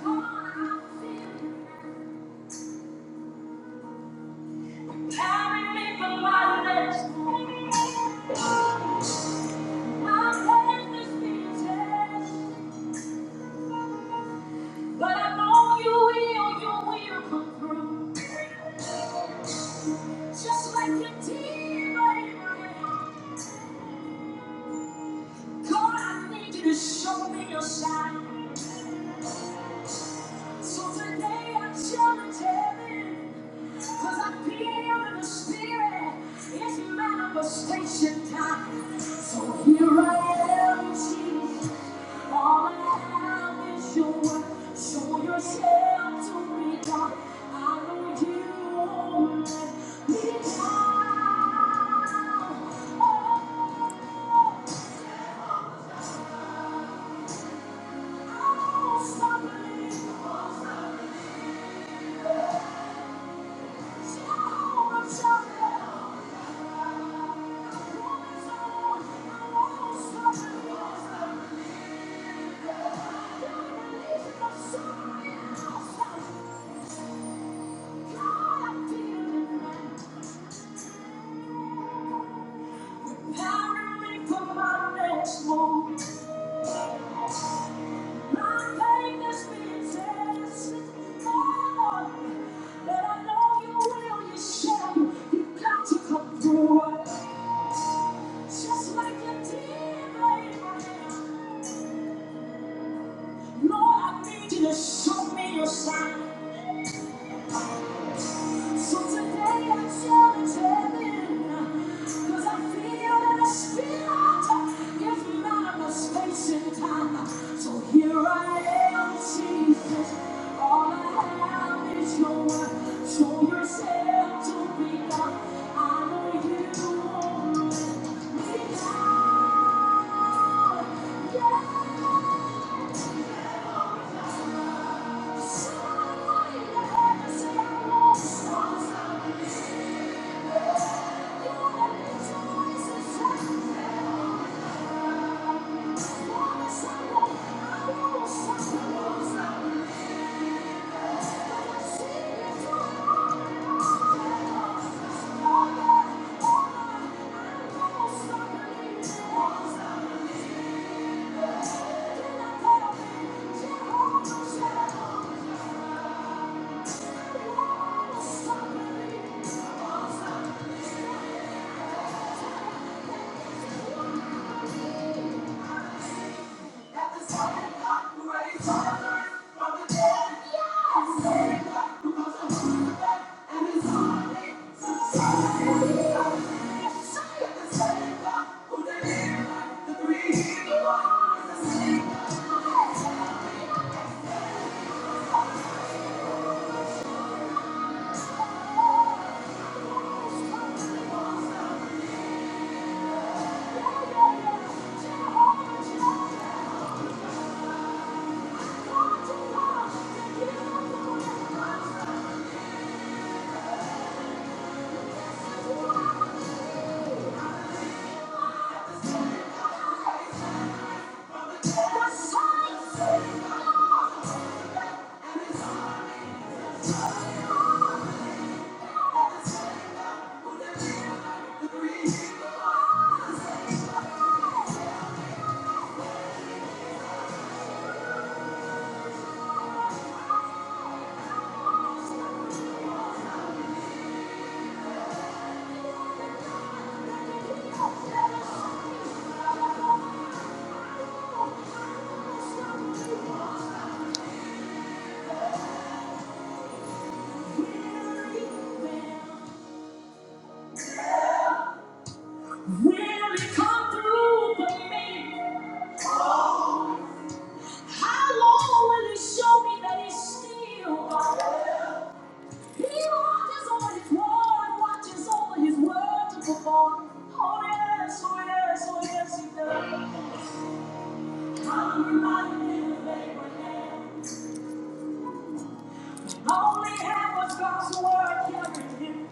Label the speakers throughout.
Speaker 1: But I know you will, you will come through. Just like you did, baby. God, I need you to show me your sign. So today I'm challenging, cause I feel in the spirit, it's manifestation time. So here I am, Jesus, all I have is your word. Show yourself to me, God, I know you won't let me down. Oh, I won't stop believing. That I know you will, you shall, you have got to come through. Just like you did, Abraham. Lord, I need you to show me your sign. So today I challenge heaven, I feel in the spirit, if manifestation time. So here I am, Jesus, all I have is your word. Show yourself to me, God. I know you won't let me down. Yeah. Thank you. Thank you. Will it come through for me? How long will he show me that he's still? He watches over his word, watches over his word to perform. Oh yes, oh yes, oh yes, he does. I'm reminded of Abraham. Only half of God's word carried him.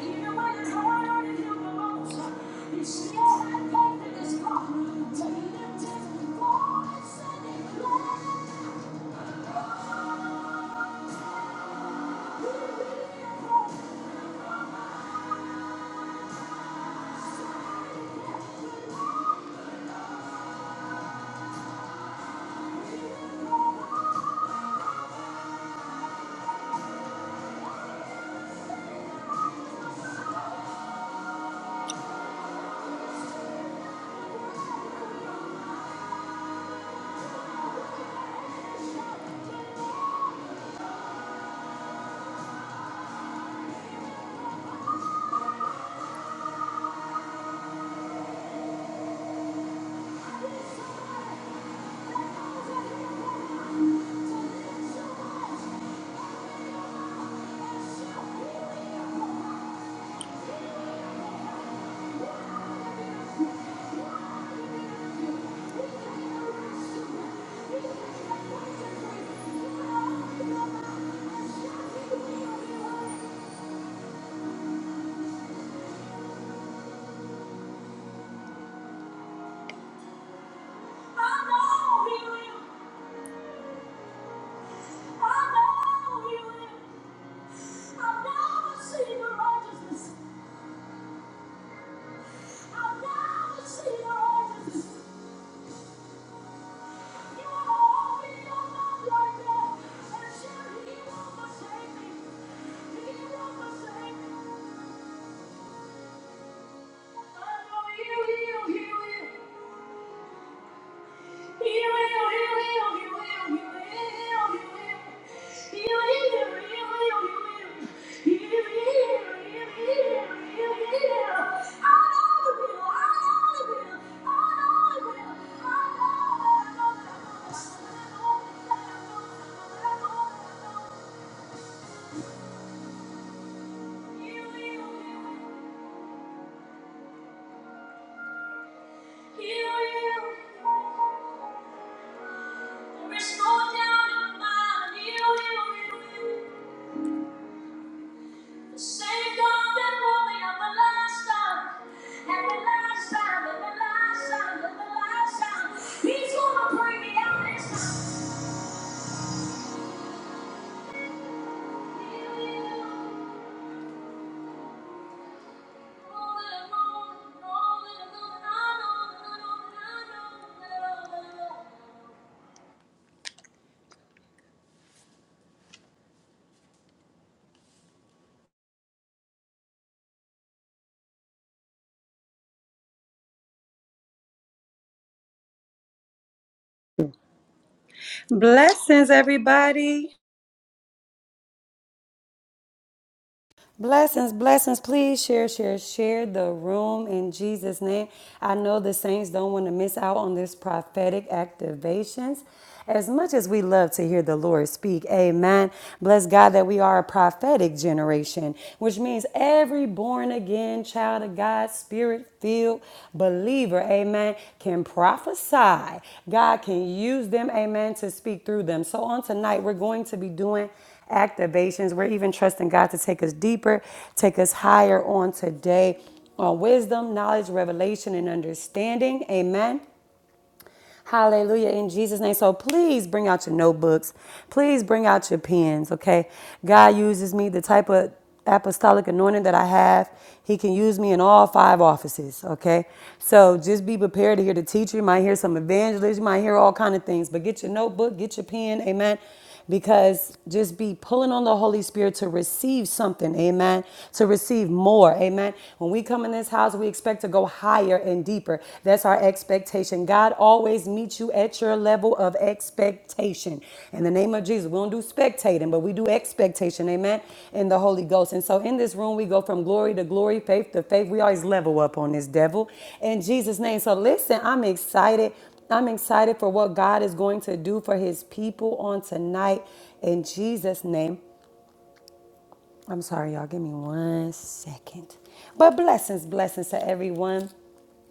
Speaker 1: Even when it hurted him the most, he still had faith in his God to lift his voice and declare, "Who will be I'll never see the righteousness. I'll never see the righteousness. I know. Blessings, everybody. Blessings, blessings. Please share, share, share the room in Jesus' name. I know the saints don't want to miss out on this prophetic activations. As much as we love to hear the Lord speak, amen. Bless God that we are a prophetic generation, which means every born again child of God, spirit filled believer, amen, can prophesy. God can use them, amen, to speak through them. So on tonight, we're going to be doing activations. We're even trusting God to take us deeper, take us higher on today on wisdom, knowledge, revelation, and understanding. Amen. Hallelujah in Jesus' name. So please bring out your notebooks. Please bring out your pens, okay? God uses me the type of apostolic anointing that I have. He can use me in all five offices, okay? So just be prepared to hear the teacher. You might hear some evangelists. You might hear all kind of things. But get your notebook, get your pen, amen because just be pulling on the Holy Spirit to receive something, amen, to receive more, amen. When we come in this house, we expect to go higher and deeper. That's our expectation. God always meets you at your level of expectation. In the name of Jesus, we don't do spectating, but we do expectation, amen, in the Holy Ghost. And so in this room, we go from glory to glory, faith to faith. We always level up on this devil in Jesus' name. So listen, I'm excited I'm excited for what God is going to do for his people on tonight in Jesus' name. I'm sorry, y'all. Give me one second. But blessings, blessings to everyone.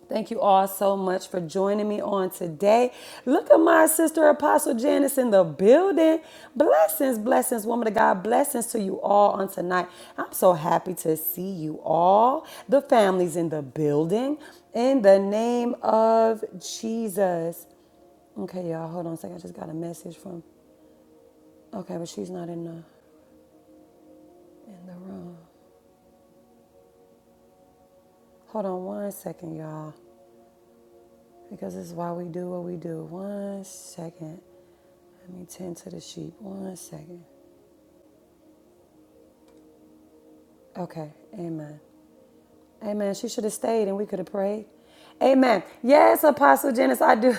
Speaker 1: Thank you all so much for joining me on today. Look at my sister Apostle Janice in the building. Blessings, blessings, woman of God. Blessings to you all on tonight. I'm so happy to see you all. The families in the building. In the name of Jesus. Okay, y'all, hold on a second. I just got a message from. Okay, but she's not in the in the room. Hold on one second, y'all, because this is why we do what we do. One second. Let me tend to the sheep. One second. Okay, amen. Amen. She should have stayed and we could have prayed. Amen. Yes, Apostle Janice, I do.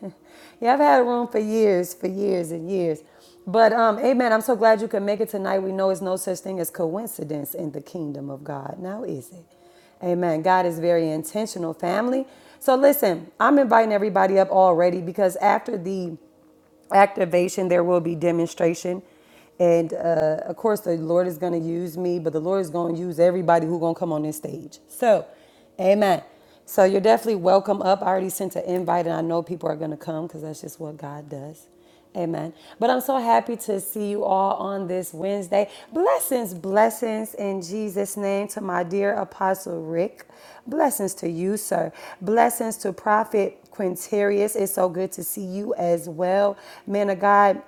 Speaker 1: yeah, I've had a room for years, for years and years. But um, amen. I'm so glad you could make it tonight. We know it's no such thing as coincidence in the kingdom of God. Now is it? Amen. God is very intentional, family. So listen, I'm inviting everybody up already because after the activation, there will be demonstration. And uh, of course, the Lord is going to use me, but the Lord is going to use everybody who's going to come on this stage. So, amen. So, you're definitely welcome up. I already sent an invite, and I know people are going to come because that's just what God does. Amen. But I'm so happy to see you all on this Wednesday. Blessings, blessings in Jesus' name to my dear Apostle Rick. Blessings to you, sir. Blessings to Prophet Quinterius. It's so good to see you as well, man of God.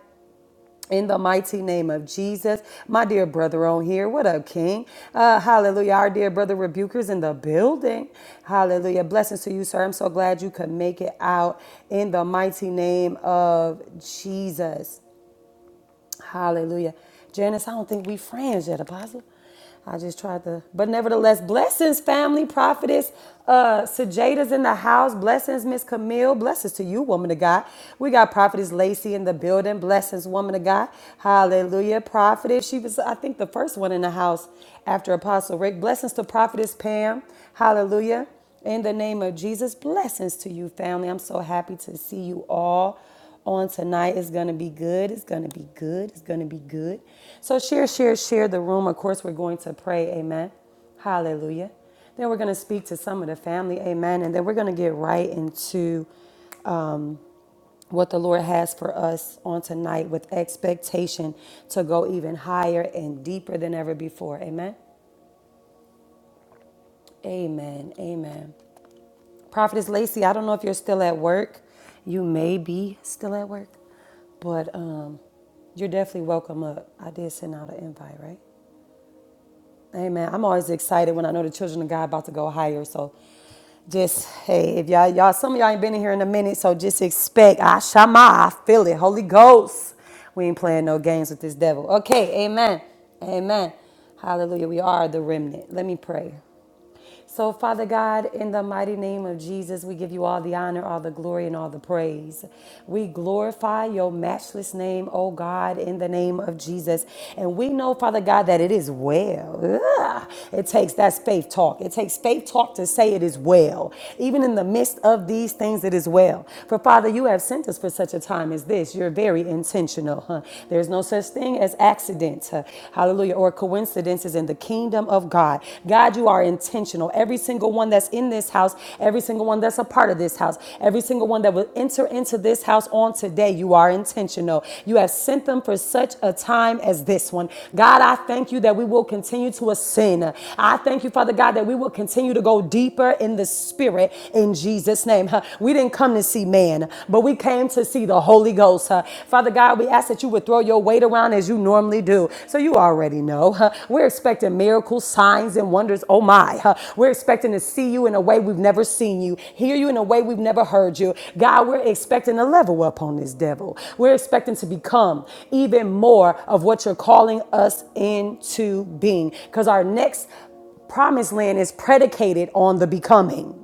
Speaker 1: In the mighty name of Jesus, my dear brother on here, what up, King? Uh, hallelujah. Our dear brother Rebuker's in the building. Hallelujah. Blessings to you, sir. I'm so glad you could make it out in the mighty name of Jesus. Hallelujah. Janice, I don't think we friends yet, Apostle. I just tried to, but nevertheless, blessings, family, prophetess, uh, Sajada's in the house. Blessings, Miss Camille. Blessings to you, woman of God. We got prophetess Lacey in the building. Blessings, woman of God. Hallelujah. Prophetess, she was, I think, the first one in the house after Apostle Rick. Blessings to prophetess Pam. Hallelujah. In the name of Jesus, blessings to you, family. I'm so happy to see you all on tonight. It's gonna be good. It's gonna be good. It's gonna be good. So share, share, share the room. Of course, we're going to pray. Amen. Hallelujah. Then we're gonna speak to some of the family. Amen. And then we're gonna get right into what the Lord has for us on tonight with expectation to go even higher and deeper than ever before. Amen. Amen. Amen. Prophetess Lacey, I don't know if you're still at work. You may be still at work, but um, you're definitely welcome up. I did send out an invite, right? Amen. I'm always excited when I know the children of God about to go higher. So just, hey, if y'all, y'all, some of y'all ain't been in here in a minute, so just expect. I shama, I feel it. Holy Ghost. We ain't playing no games with this devil. Okay, amen. Amen. Hallelujah. We are the remnant. Let me pray. So, Father God, in the mighty name of Jesus, we give you all the honor, all the glory, and all the praise. We glorify your matchless name, oh God, in the name of Jesus. And we know, Father God, that it is well. Ugh. It takes that faith talk. It takes faith talk to say it is well. Even in the midst of these things, it is well. For Father, you have sent us for such a time as this. You're very intentional. Huh? There's no such thing as accidents. huh? Hallelujah. Or coincidences in the kingdom kingdom of God. God, you are intentional. Every single one that's in this house, every single one that's a part of this house, every single one that will enter into this house on today, you are intentional. You have sent them for such a time as this one. God, I thank you that we will continue to ascend. I thank you, Father God, that we will continue to go deeper in the spirit in Jesus' name. Huh. We didn't come to see man, but we came to see the Holy Ghost. huh. Father God, we ask that you would throw your weight around as you normally do. So you are already know. huh? We're expecting miracles, signs, and wonders. Oh my. huh? We're expecting to see you in a way we've never seen you, hear you in a way we've never heard you. God, we're expecting to level up on this devil. We're expecting to become even more of what you're calling us into being. Because our next promised land is predicated on the becoming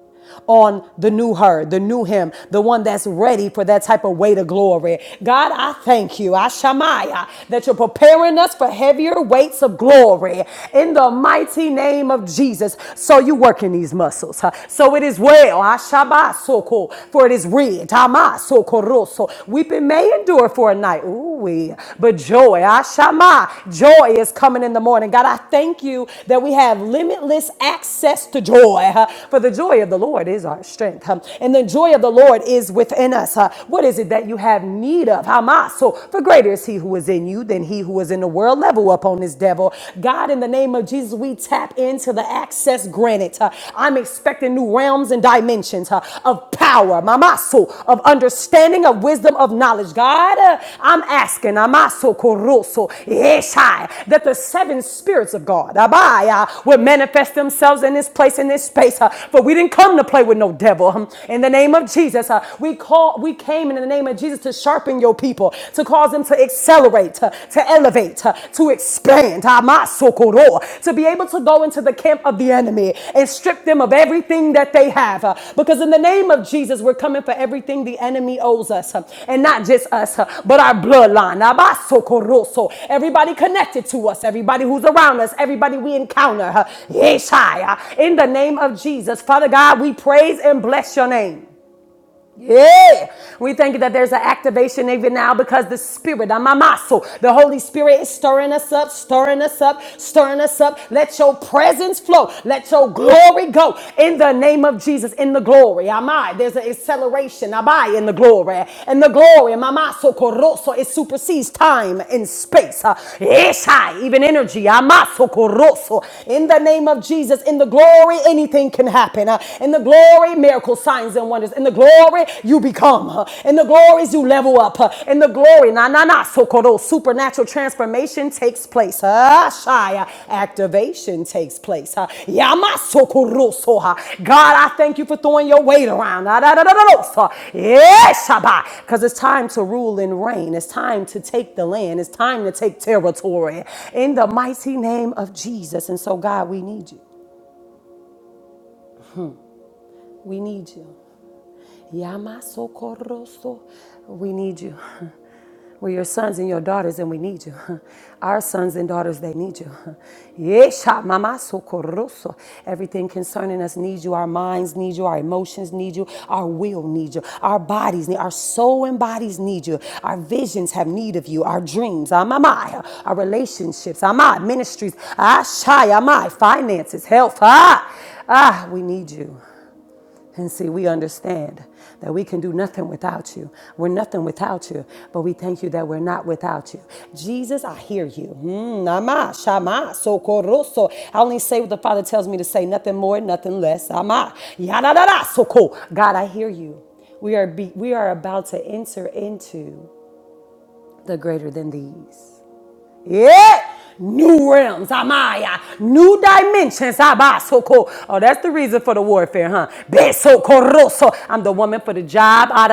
Speaker 1: on the new her, the new him, the one that's ready for that type of weight of glory. God, I thank you, Ashamaya, that you're preparing us for heavier weights of glory in the mighty name of Jesus. So you working these muscles. huh? So it is well, Ashabasoko, for it is read. Tamasokoroso. Weeping may endure for for a night. Ooh, we. But joy, Ashama, joy is coming in the morning. God, I thank you that we have limitless access to joy. huh? For the joy of the Lord is our strength. huh? And the joy of the Lord is within us. huh? What is it that you have need of? Hamas. So for greater is he who is in you than he who is in the world. Level up on this devil. God, in the name of Jesus, we tap into the access granted. huh? I'm expecting expecting new realms and dimensions huh, of power, mamaso, of understanding, of wisdom, of knowledge. God, uh, I'm asking, amaso koroso, yeshai, that the seven spirits of God, abaya, will manifest themselves in this place, in this space. huh, For we didn't come to play with no devil. hmm. In the name of Jesus, huh, we call, we came in the name of Jesus to sharpen your people, to cause them to accelerate, to, to elevate elevate, uh, to expand, ah, to be able to go into the camp of the enemy and strip them of everything that they have. uh, Because in the name of Jesus, we're coming for everything the enemy owes us, uh, and not just us, uh, but our bloodline. Ah, So Everybody connected to us, everybody who's around us, everybody we encounter. uh, Yes, uh, In the name of Jesus, Father God, we praise and bless your name. Yeah, we thank you that there's an activation even now because the Spirit, I'm muscle, the Holy Spirit is stirring us up, stirring us up, stirring us up. Let your presence flow, let your glory go in the name of Jesus. In the glory, am I? There's an acceleration, am I? In the glory, in the glory, my muscle, coroso, it supersedes time and space. Uh, yes, even energy, am muscle, coroso. In the name of Jesus, in the glory, anything can happen. Uh, In the the glory, miracles, signs, and wonders. In the glory, you become. In the glories, you level up. In the glory, na na na, So sokoro, supernatural transformation takes place. Shaya activation takes place. Ah, Yama sokoro soha. God, I thank you for throwing your weight around. Ah, so. Yes, Shabbat. Because it's time to rule and reign. It's time to take the land. It's time to take territory. In the mighty name of Jesus. And so, God, we need you. We need you. Yama socorroso. We need you. We're your sons and your daughters, and we need you. Our sons and daughters, they need you. Yesha mama socorroso. Everything concerning us needs you. Our minds need you. Our emotions need you. Our will needs you. Our bodies need our soul and bodies need you. Our visions have need of you. Our dreams, amamaya, our relationships, amai, ministries, ashai, amai, finances, health. Ah, ah, we need you. And see, we understand that we can do nothing without you. We're nothing without you, but we thank you that we're not without you. Jesus, I hear you. Mm, Nama, shama, socorroso. I only say what the Father tells me to say, nothing more, nothing less. Ama, yada, da, da, soko. God, I hear you. We are, be, we are about to enter into the greater than these. Yeah. New realms, Amaya. New dimensions, Abasoko. Oh, that's the reason for the warfare, huh? Besokoroso. I'm the woman for the job, ah,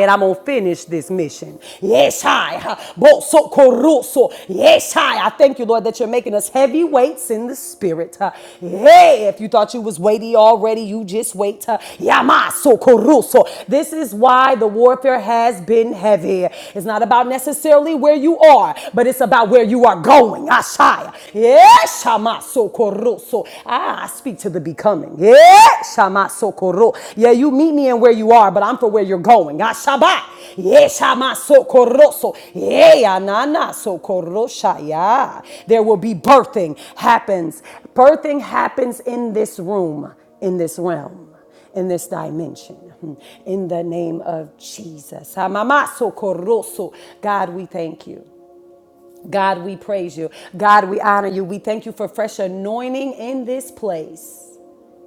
Speaker 1: and I'm going to finish this mission. Yes, I. huh? Bosokoroso. Yes, I. I thank you, Lord, that you're making us heavyweights in the spirit. huh? Hey, if you thought you was weighty already, you just wait. huh? Yamasokoroso. This is why the warfare has been heavy. It's not about necessarily where you are, but it's but it's about where you are going. Ashaya. Yeshamasokoroso. Ah, I speak to the becoming. Yeshamasokoro. Yeah, you meet me in where you are, but I'm for where you're going. Ashaba. Yeshamasokoroso. Yeah, nana sokoroshaya. There will be birthing happens. Birthing happens in this room, in this realm in this dimension. In the name of Jesus. Hamamaso God, we thank you. God, we praise you. God, we honor you. We thank you for fresh anointing in this place.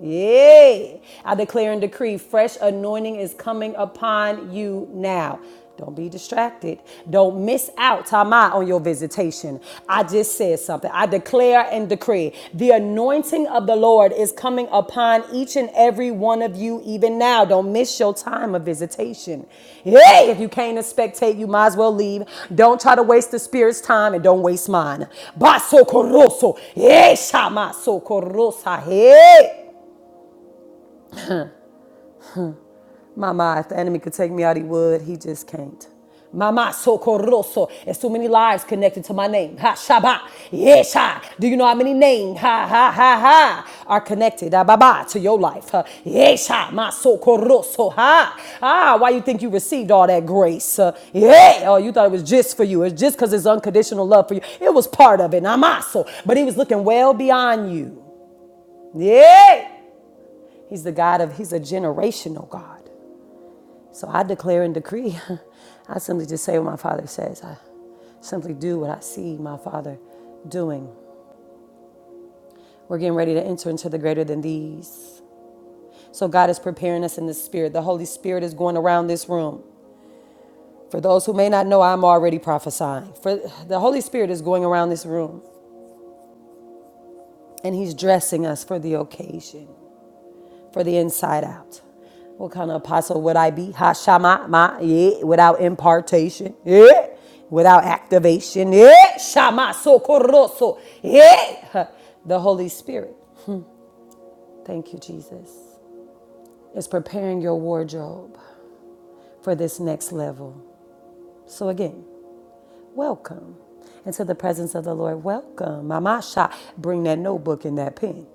Speaker 1: Yeah. I declare and decree fresh anointing is coming upon you now. Don't be distracted. Don't miss out, Tama, on your visitation. I just said something. I declare and decree the anointing of the Lord is coming upon each and every one of you, even now. Don't miss your time of visitation. Hey, if you came to spectate, you might as well leave. Don't try to waste the Spirit's time and don't waste mine. Basokoroso. Hey, Shama Sokorosa. Hey. Mama, if the enemy could take me out, he would. He just can't. Mama socorroso. There's too many lives connected to my name. Ha shaba. Yesha. Do you know how many names? Ha ha ha ha. Are connected. Ah, baba to your life. Ha. Yesha. Ma socorroso. Ha. Ah, why you think you received all that grace? Uh, yeah. Oh, you thought it was just for you. It's just because it's unconditional love for you. It was part of it. Namaso. But he was looking well beyond you. Yeah. He's the God of, he's a generational God. So I declare and decree. I simply just say what my father says. I simply do what I see my father doing. We're getting ready to enter into the greater than these. So God is preparing us in the spirit. The Holy Spirit is going around this room. For those who may not know, I'm already prophesying. For the Holy Spirit is going around this room and he's dressing us for the occasion. for the inside out. What kind of apostle would I be? Hashama, ma, yeah, without impartation, yeah, without activation, yeah, shama, socorroso, yeah. The Holy Spirit, thank you, Jesus, is preparing your wardrobe for this next level. So again, welcome into the presence of the Lord. Welcome, mamasha. Bring that notebook and that pen.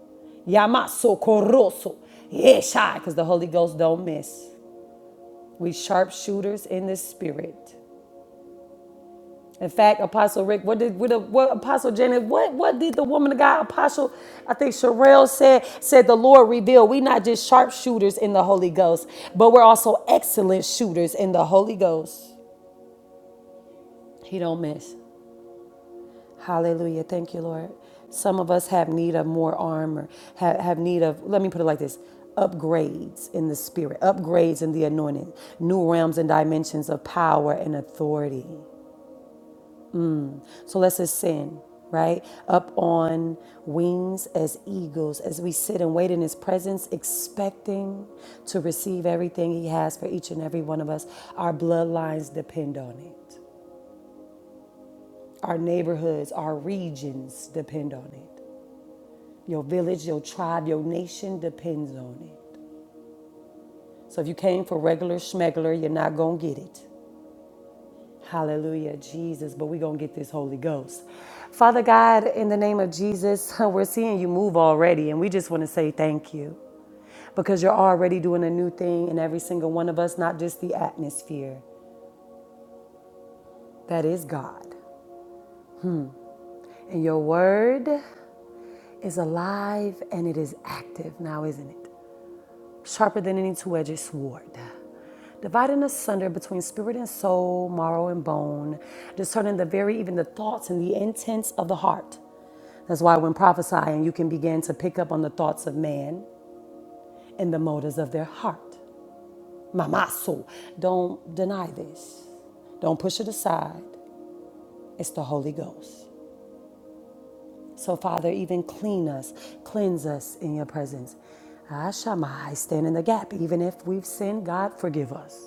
Speaker 1: Yama, socorroso, yeah, shy, because the Holy Ghost don't miss. We sharpshooters in the spirit. In fact, Apostle Rick, what did what, what Apostle Janet, what what did the woman of God, Apostle, I think Sherelle said, said the Lord revealed we not just sharpshooters in the Holy Ghost, but we're also excellent shooters in the Holy Ghost. He don't miss. Hallelujah. Thank you, Lord. Some of us have need of more armor, have, have need of, let me put it like this upgrades in the spirit, upgrades in the anointing, new realms and dimensions of power and authority. So let's ascend, right? Up on wings as eagles as we sit and wait in His presence, expecting to receive everything He has for each and every one of us. Our bloodlines depend on it, our neighborhoods, our regions depend on it. Your village, your tribe, your nation depends on it. So if you came for regular schmegler, you're not going to get it. Hallelujah, Jesus. But we're going to get this Holy Ghost. Father God, in the name of Jesus, we're seeing you move already, and we just want to say thank you because you're already doing a new thing in every single one of us, not just the atmosphere. That is God. And your word is alive and it is active now, isn't it? sharper than any two-edged sword, dividing asunder between spirit and soul, marrow and bone, discerning the very even the thoughts and the intents of the heart. That's why when prophesying, you can begin to pick up on the thoughts of man and the motives of their heart. Mamaso, don't deny this. Don't push it aside. It's the Holy Ghost. So, Father, even clean us, cleanse us in your presence. Ah, Shammai, I stand in the gap. Even if we've sinned, God, forgive us.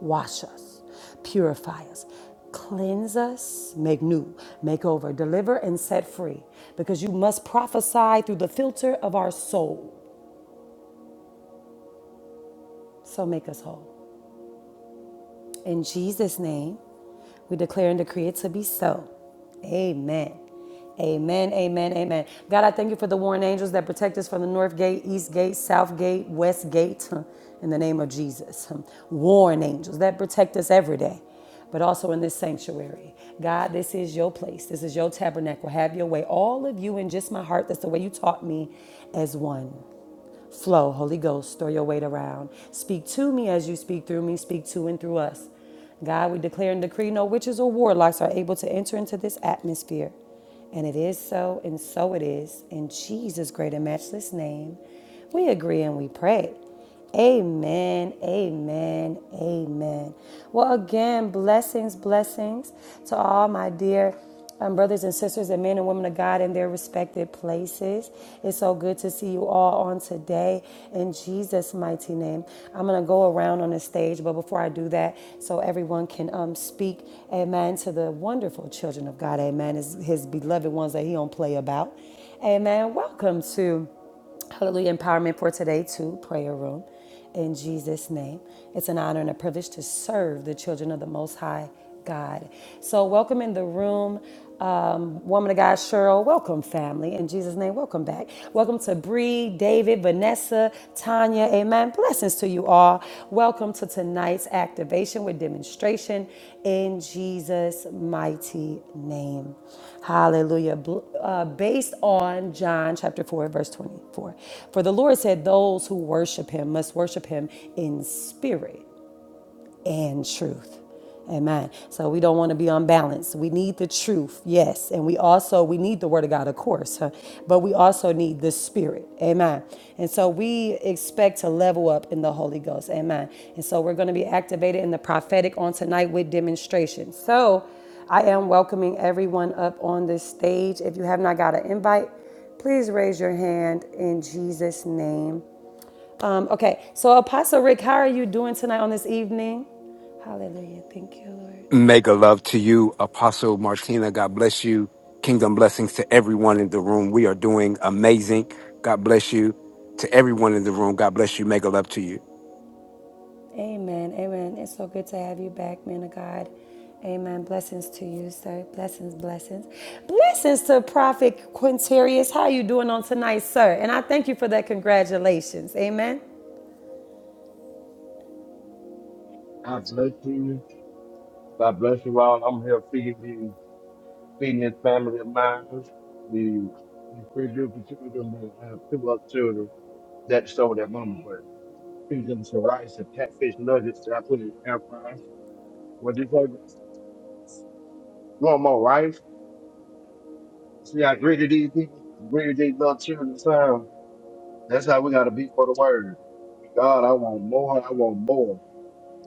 Speaker 1: Wash us, purify us, cleanse us, make new, make over, deliver, and set free. Because you must prophesy through the filter of our soul. So make us whole. In Jesus' name, we declare and decree it to be so. Amen. Amen, amen, amen. God, I thank you for the warring angels that protect us from the north gate, east gate, south gate, west gate, in the name of Jesus. Warring angels that protect us every day, but also in this sanctuary. God, this is your place. This is your tabernacle. Have your way. All of you and just my heart. That's the way you taught me as one. Flow, Holy Ghost, throw your weight around. Speak to me as you speak through me, speak to and through us. God, we declare and decree no witches or warlocks are able to enter into this atmosphere. And it is so, and so it is. In Jesus' great and matchless name, we agree and we pray. Amen, amen, amen. Well, again, blessings, blessings to all my dear um, brothers and sisters and men and women of God in their respected places. It's so good to see you all on today in Jesus' mighty name. I'm going to go around on the stage, but before I do that, so everyone can um, speak, amen, to the wonderful children of God, amen, his, his beloved ones that he don't play about. Amen. Welcome to. Hallelujah. Empowerment for today, too. Prayer room. In Jesus' name. It's an honor and a privilege to serve the children of the Most High God. So, welcome in the room. Um, woman of God, Cheryl, welcome, family. In Jesus' name, welcome back. Welcome to Bree, David, Vanessa, Tanya. Amen. Amen. Blessings to you all. Welcome to tonight's activation with demonstration in Jesus' mighty name. Hallelujah. uh, based on John chapter 4, verse 24. For the Lord said, Those who worship him must worship him in spirit and truth. Amen. So we don't want to be unbalanced. We need the truth, yes, and we also we need the Word of God, of course, huh? but we also need the Spirit. Amen. And so we expect to level up in the Holy Ghost. Amen. And so we're going to be activated in the prophetic on tonight with demonstration. So I am welcoming everyone up on this stage. If you have not got an invite, please raise your hand in Jesus' name. Um, okay, so Apostle Rick, how are you doing tonight on this evening? Hallelujah. Thank you, Lord.
Speaker 2: Mega love to you, Apostle Martina. God bless you. Kingdom blessings to everyone in the room. We are doing amazing. God bless you to everyone in the room. God bless you. Mega love to you.
Speaker 1: Amen. Amen. It's so good to have you back, man of God. Amen. Blessings to you, sir. Blessings, blessings. Blessings to Prophet Quinterius. How are you doing on tonight, sir? And I thank you for that. Congratulations. Amen.
Speaker 3: God bless you. God bless you all. I'm here feeding these, feeding this family of mine, the these three beautiful children, and I have two other children that stole that mama, but feed them some rice and catfish nuggets that I put in the air fryer. What do you want? Want more rice? See how greedy these people, greedy these little children sound. That's how we gotta be for the word. God, I want more. I want more.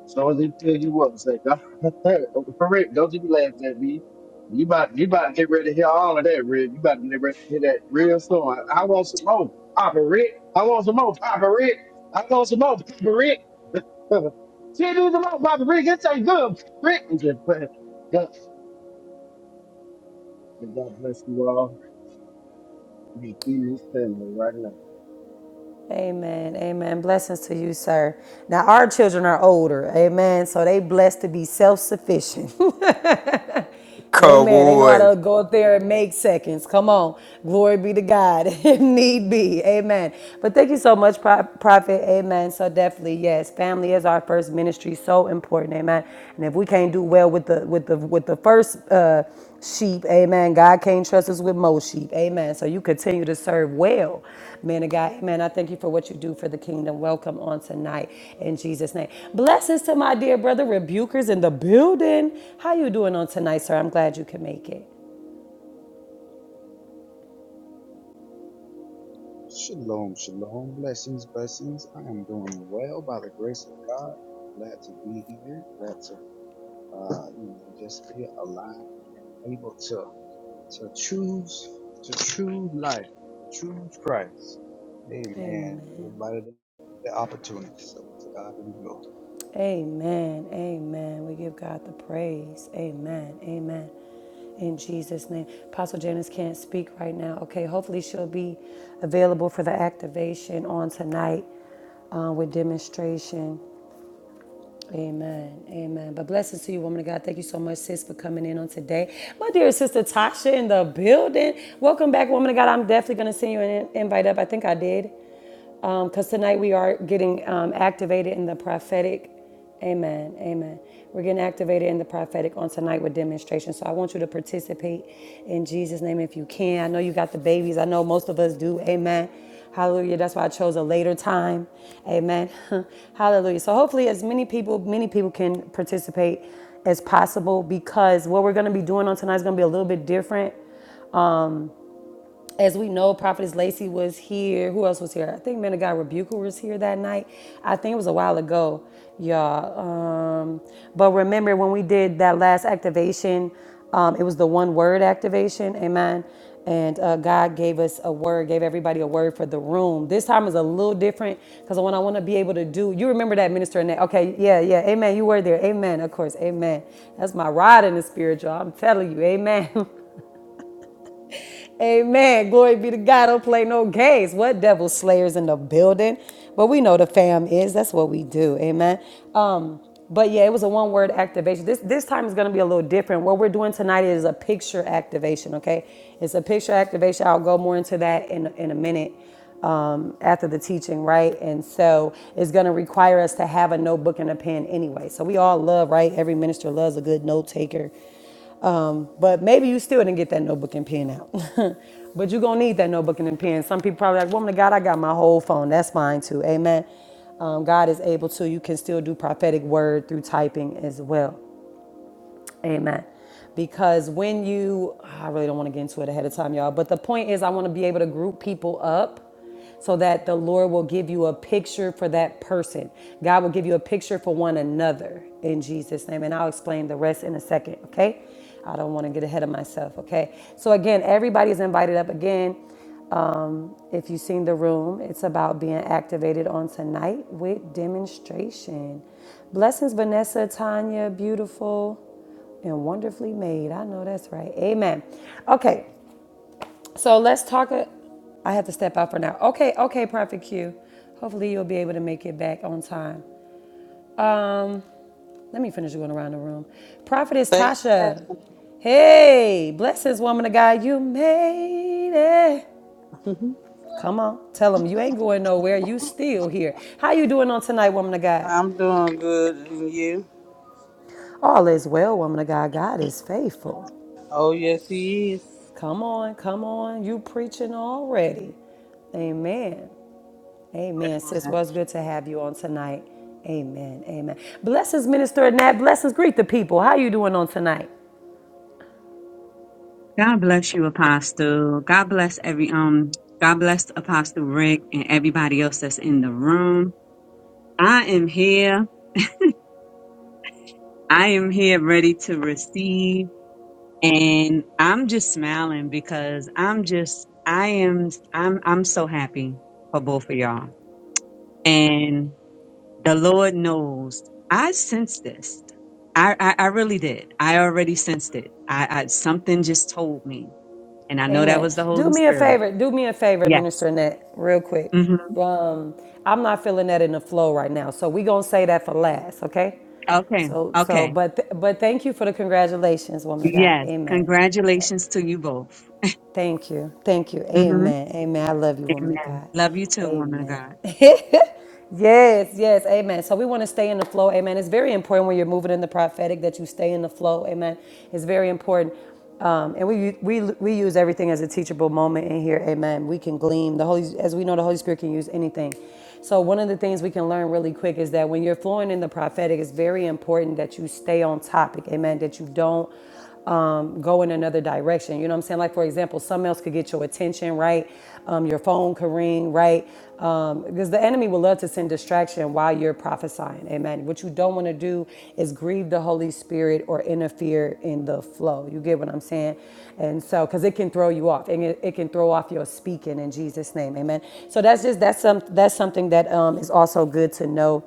Speaker 3: As long as they tell you what to say. For real, don't you be laughing at me. You about you about to get ready to hear all of that, Rick. You about to get ready to hear that real song. I, I want some more, Papa Rick. I want some more, Papa Rick. I want some more, Papa Rick. See, do some more, Papa Rick. It ain't good, Papa Rick. I'm just playing. God, God bless you all. You can see this family right now.
Speaker 1: Amen. Amen. Blessings to you, sir. Now, our children are older. Amen. So they blessed to be self sufficient.
Speaker 2: Come
Speaker 1: Amen. They know how
Speaker 2: on.
Speaker 1: to go up there and make seconds. Come on. Glory be to God if need be. Amen. But thank you so much, Pro- Prophet. Amen. So definitely, yes, family is our first ministry. So important. Amen. And if we can't do well with the with the with the first uh sheep, amen. God can't trust us with most sheep. Amen. So you continue to serve well. Man of God, amen. I thank you for what you do for the kingdom. Welcome on tonight in Jesus' name. Blessings to my dear brother rebukers in the building. How you doing on tonight, sir? I'm glad you can make it.
Speaker 4: Shalom, shalom, blessings, blessings. I am doing well by the grace of God. Glad to be here. Glad to, uh, you know, just be alive and able to to choose to choose life, to choose Christ. Amen.
Speaker 1: Amen.
Speaker 4: Everybody the the opportunity. So to God we go.
Speaker 1: Amen. Amen. We give God the praise. Amen. Amen. In Jesus' name. Apostle Janice can't speak right now. Okay, hopefully she'll be available for the activation on tonight uh, with demonstration. Amen. Amen. But blessings to you, woman of God. Thank you so much, sis, for coming in on today. My dear sister Tasha in the building. Welcome back, woman of God. I'm definitely going to send you an invite up. I think I did because um, tonight we are getting um, activated in the prophetic. Amen. Amen. We're getting activated in the prophetic on tonight with demonstration. So I want you to participate in Jesus' name if you can. I know you got the babies. I know most of us do. Amen. Hallelujah. That's why I chose a later time. Amen. Hallelujah. So hopefully as many people, many people can participate as possible because what we're going to be doing on tonight is going to be a little bit different as we know, Prophetess Lacey was here. Who else was here? I think Man of God Rebuker was here that night. I think it was a while ago, y'all. Um, but remember when we did that last activation, um, it was the one word activation, amen. And uh, God gave us a word, gave everybody a word for the room. This time is a little different because what I want to be able to do, you remember that minister in Okay, yeah, yeah, amen. You were there, amen. Of course, amen. That's my ride in the spirit, y'all. I'm telling you, amen. Amen. Glory be to God. Don't play no games. What devil slayers in the building? But we know the fam is. That's what we do. Amen. Um, but yeah, it was a one word activation. This this time is gonna be a little different. What we're doing tonight is a picture activation, okay? It's a picture activation. I'll go more into that in in a minute um, after the teaching, right? And so it's going to require us to have a notebook and a pen anyway. So we all love, right? Every minister loves a good note taker. Um, but maybe you still didn't get that notebook and pen out. but you're going to need that notebook and pen. Some people probably like, woman of God, I got my whole phone. That's fine too. Amen. Um, God is able to. You can still do prophetic word through typing as well. Amen. because when you i really don't want to get into it ahead of time y'all but the point is i want to be able to group people up so that the lord will give you a picture for that person god will give you a picture for one another in jesus name and i'll explain the rest in a second okay i don't want to get ahead of myself okay so again everybody is invited up again um, if you've seen the room, it's about being activated on tonight with demonstration. Blessings, Vanessa, Tanya, beautiful and wonderfully made. I know that's right. Amen. Okay, so let's talk. A, I have to step out for now. Okay, okay, Prophet Q. Hopefully you'll be able to make it back on time. Um, let me finish going around the room. Prophetess
Speaker 5: Thank
Speaker 1: Tasha. Hey, blessings, woman of God. You made it.
Speaker 5: hmm
Speaker 1: Come on, tell them you ain't going nowhere. You still here. How you doing on tonight, woman of God?
Speaker 5: I'm doing good, and you?
Speaker 1: All is well, woman of God. God is faithful.
Speaker 5: Oh, yes, he is.
Speaker 1: Come on, come on. You preaching already. Amen. Amen. Sis, well, it's good to have you on tonight. Amen. Amen. Blessings, Minister Nat. Blessings. Greet the people. How you doing on tonight?
Speaker 6: God bless you, Apostle. God bless every um. God bless Apostle Rick and everybody else that's in the room. I am here. I am here ready to receive, and I'm just smiling because I'm just I am I'm I'm so happy for both of y'all. And the Lord knows I sensed this. I I, I really did. I already sensed it. I, I something just told me, and I know that
Speaker 1: Amen.
Speaker 6: was the
Speaker 1: Do
Speaker 6: Holy
Speaker 1: me a
Speaker 6: Spirit.
Speaker 1: favor. Do me a favor,
Speaker 6: Yes.
Speaker 1: Minister Nat, real quick.
Speaker 6: Mm-hmm.
Speaker 1: Um, I'm not feeling that in the flow right now. So we gonna say that for last, okay?
Speaker 6: Okay.
Speaker 1: So so
Speaker 6: Okay.
Speaker 1: but th- but thank you for the congratulations, woman of God.
Speaker 6: Yes.
Speaker 1: Amen.
Speaker 6: Congratulations to you both.
Speaker 1: Thank you. Thank you.
Speaker 6: hmm
Speaker 1: Amen. Amen. I love you, woman of
Speaker 6: Amen.
Speaker 1: God.
Speaker 6: Love you too, woman of
Speaker 1: Amen.
Speaker 6: God.
Speaker 1: yes, yes. Amen. So we want to stay in the flow. Amen. It's very important when you're moving in the prophetic that you stay in the flow. Amen. It's very important. Um, and we, we we use everything as a teachable moment in here. Amen. We can glean the Holy as we know the Holy Spirit can use anything. So one of the things we can learn really quick is that when you're flowing in the prophetic, it's very important that you stay on topic. Amen. That you don't um, go in another direction. You know what I'm saying? Like, for example, something else could get your attention, right? Um, your phone could ring, right? Um, because the enemy will love to send distraction while you're prophesying. Amen. What you don't want to do is grieve the Holy Spirit or interfere in the flow. You get what I'm saying? And so, because it can throw you off, and it, it can throw off your speaking in Jesus' name. Amen. So that's just that's some that's something that um, is also good to know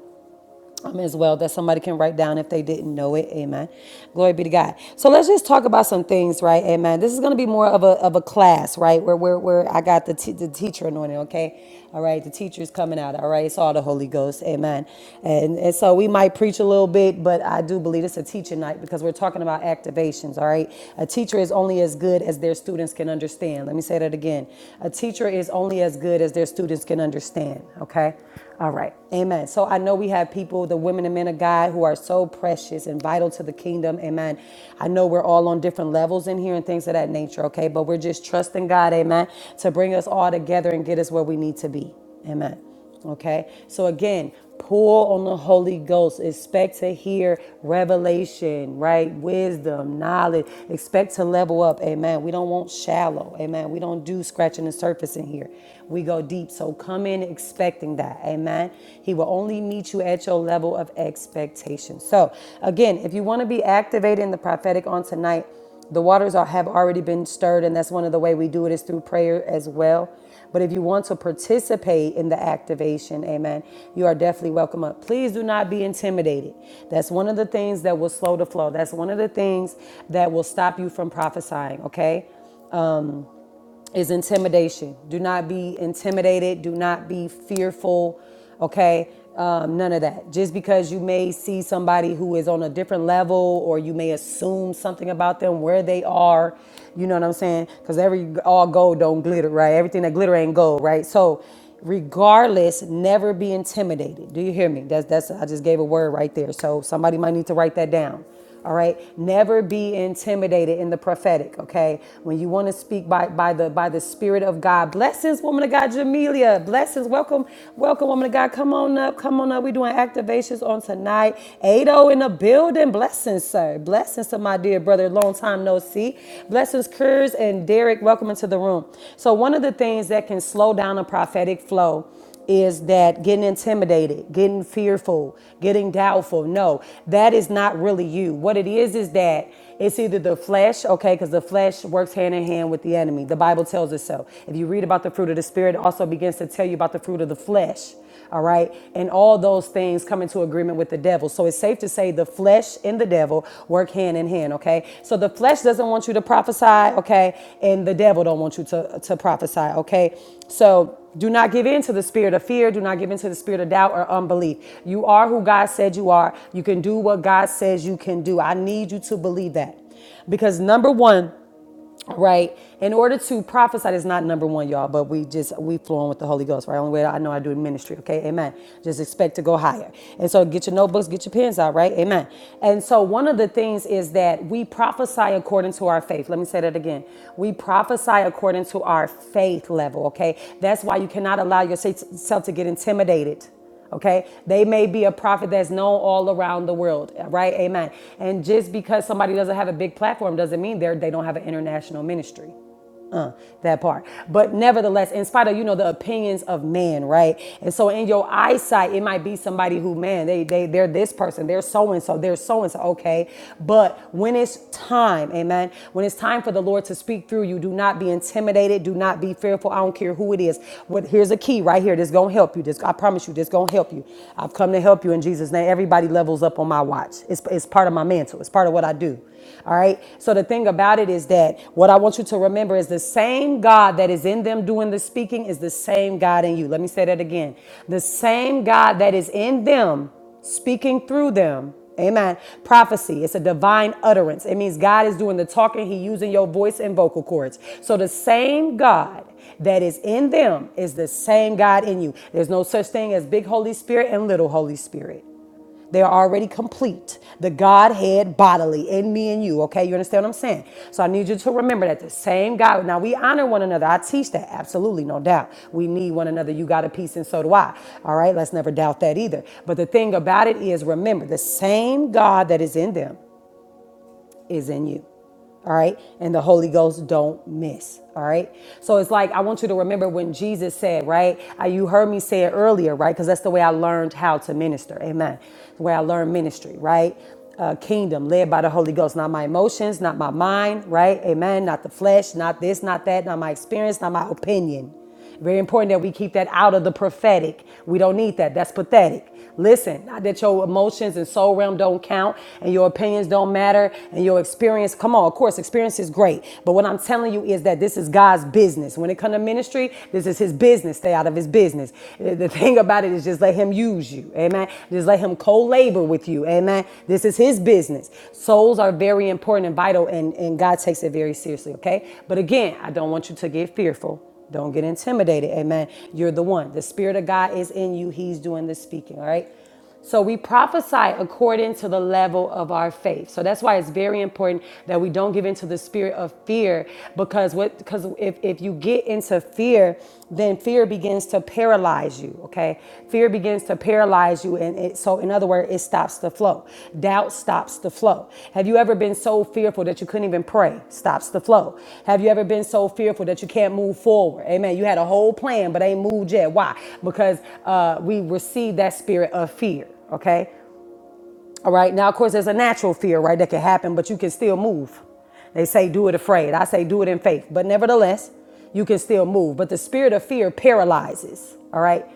Speaker 1: um, as well that somebody can write down if they didn't know it. Amen. Glory be to God. So let's just talk about some things, right? Amen. This is going to be more of a, of a class, right? Where, where, where I got the, t- the teacher anointing, okay? All right. The teacher's coming out, all right? It's all the Holy Ghost. Amen. And, and so we might preach a little bit, but I do believe it's a teacher night because we're talking about activations, all right? A teacher is only as good as their students can understand. Let me say that again. A teacher is only as good as their students can understand, okay? All right. Amen. So I know we have people, the women and men of God, who are so precious and vital to the kingdom. Amen. I know we're all on different levels in here and things of that nature, okay? But we're just trusting God, amen, to bring us all together and get us where we need to be. Amen. Okay. So again, Pour on the Holy Ghost. Expect to hear revelation, right? Wisdom, knowledge. Expect to level up. Amen. We don't want shallow. Amen. We don't do scratching the surface in here. We go deep. So come in expecting that. Amen. He will only meet you at your level of expectation. So, again, if you want to be activated in the prophetic on tonight, the waters are, have already been stirred, and that's one of the way we do it is through prayer as well. But if you want to participate in the activation, amen, you are definitely welcome up. Please do not be intimidated. That's one of the things that will slow the flow. That's one of the things that will stop you from prophesying, okay? Um, is intimidation. Do not be intimidated. Do not be fearful. Okay. Um, none of that. Just because you may see somebody who is on a different level or you may assume something about them, where they are, you know what I'm saying? Because every all gold don't glitter, right? Everything that glitter ain't gold, right? So regardless, never be intimidated. Do you hear me? That's that's I just gave a word right there. So somebody might need to write that down. All right. Never be intimidated in the prophetic. Okay. When you want to speak by, by the by the Spirit of God. Blessings, woman of God, Jamelia. Blessings. Welcome, welcome, woman of God. Come on up. Come on up. We're doing activations on tonight. Ado in the building. Blessings, sir. Blessings to my dear brother. Long time no see. Blessings, Kurz and Derek. Welcome into the room. So one of the things that can slow down a prophetic flow is that getting intimidated, getting fearful, getting doubtful. No, that is not really you. What it is is that it's either the flesh, okay, because the flesh works hand in hand with the enemy. The Bible tells us so. If you read about the fruit of the spirit, it also begins to tell you about the fruit of the flesh. All right. And all those things come into agreement with the devil. So it's safe to say the flesh and the devil work hand in hand. Okay. So the flesh doesn't want you to prophesy. Okay. And the devil don't want you to, to prophesy. Okay. So do not give in to the spirit of fear. Do not give in to the spirit of doubt or unbelief. You are who God said you are. You can do what God says you can do. I need you to believe that. Because number one, right? In order to prophesy, is not number one, y'all, but we just, we flowing with the Holy Ghost, right? Only way I know I do in ministry, okay? Amen. Just expect to go higher. And so get your notebooks, get your pens out, right? Amen. And so one of the things is that we prophesy according to our faith. Let me say that again. We prophesy according to our faith level, okay? That's why you cannot allow yourself to get intimidated Okay, they may be a prophet that's known all around the world, right? Amen. And just because somebody doesn't have a big platform doesn't mean they're they don't have an international ministry uh, that part. But nevertheless, in spite of you know the opinions of man, right? And so in your eyesight, it might be somebody who, man, they they they're this person, they're so and so, they're so and so. Okay, but when it's time, amen. When it's time for the Lord to speak through you, do not be intimidated, do not be fearful. I don't care who it is. What here's a key right here. This gonna help you. This I promise you. This gonna help you. I've come to help you in Jesus' name. Everybody levels up on my watch. It's it's part of my mantle. It's part of what I do. All right. So the thing about it is that what I want you to remember is the same God that is in them doing the speaking is the same God in you. Let me say that again. The same God that is in them speaking through them. Amen. Prophecy, it's a divine utterance. It means God is doing the talking, He using your voice and vocal cords. So the same God that is in them is the same God in you. There's no such thing as big Holy Spirit and little Holy Spirit. They are already complete. The Godhead bodily in me and you. Okay, you understand what I'm saying? So I need you to remember that the same God. Now we honor one another. I teach that absolutely, no doubt. We need one another. You got a piece, and so do I. All right, let's never doubt that either. But the thing about it is, remember the same God that is in them is in you. All right. And the Holy Ghost don't miss. All right. So it's like, I want you to remember when Jesus said, right? Uh, You heard me say it earlier, right? Because that's the way I learned how to minister. Amen. The way I learned ministry, right? Uh, kingdom led by the Holy Ghost, not my emotions, not my mind, right? Amen. Not the flesh, not this, not that, not my experience, not my opinion. Very important that we keep that out of the prophetic. We don't need that. That's pathetic. Listen, not that your emotions and soul realm don't count and your opinions don't matter and your experience. Come on, of course, experience is great. But what I'm telling you is that this is God's business. When it comes to ministry, this is his business. Stay out of his business. The the thing about it is just let him use you. Amen. Just let him co-labor with you. Amen. This is his business. Souls are very important and vital, and, and God takes it very seriously. Okay. But again, I don't want you to get fearful. Don't get intimidated. Amen. You're the one. The Spirit of God is in you. He's doing the speaking. All right. So we prophesy according to the level of our faith. So that's why it's very important that we don't give into the spirit of fear because what because if, if you get into fear, then fear begins to paralyze you okay? Fear begins to paralyze you, and it, so in other words, it stops the flow. Doubt stops the flow. Have you ever been so fearful that you couldn't even pray? Stops the flow. Have you ever been so fearful that you can't move forward? Amen. You had a whole plan, but ain't moved yet. Why? Because uh, we received that spirit of fear. Okay, all right. Now, of course, there's a natural fear, right, that can happen, but you can still move. They say do it afraid. I say do it in faith. But nevertheless, you can still move. But the spirit of fear paralyzes. All right.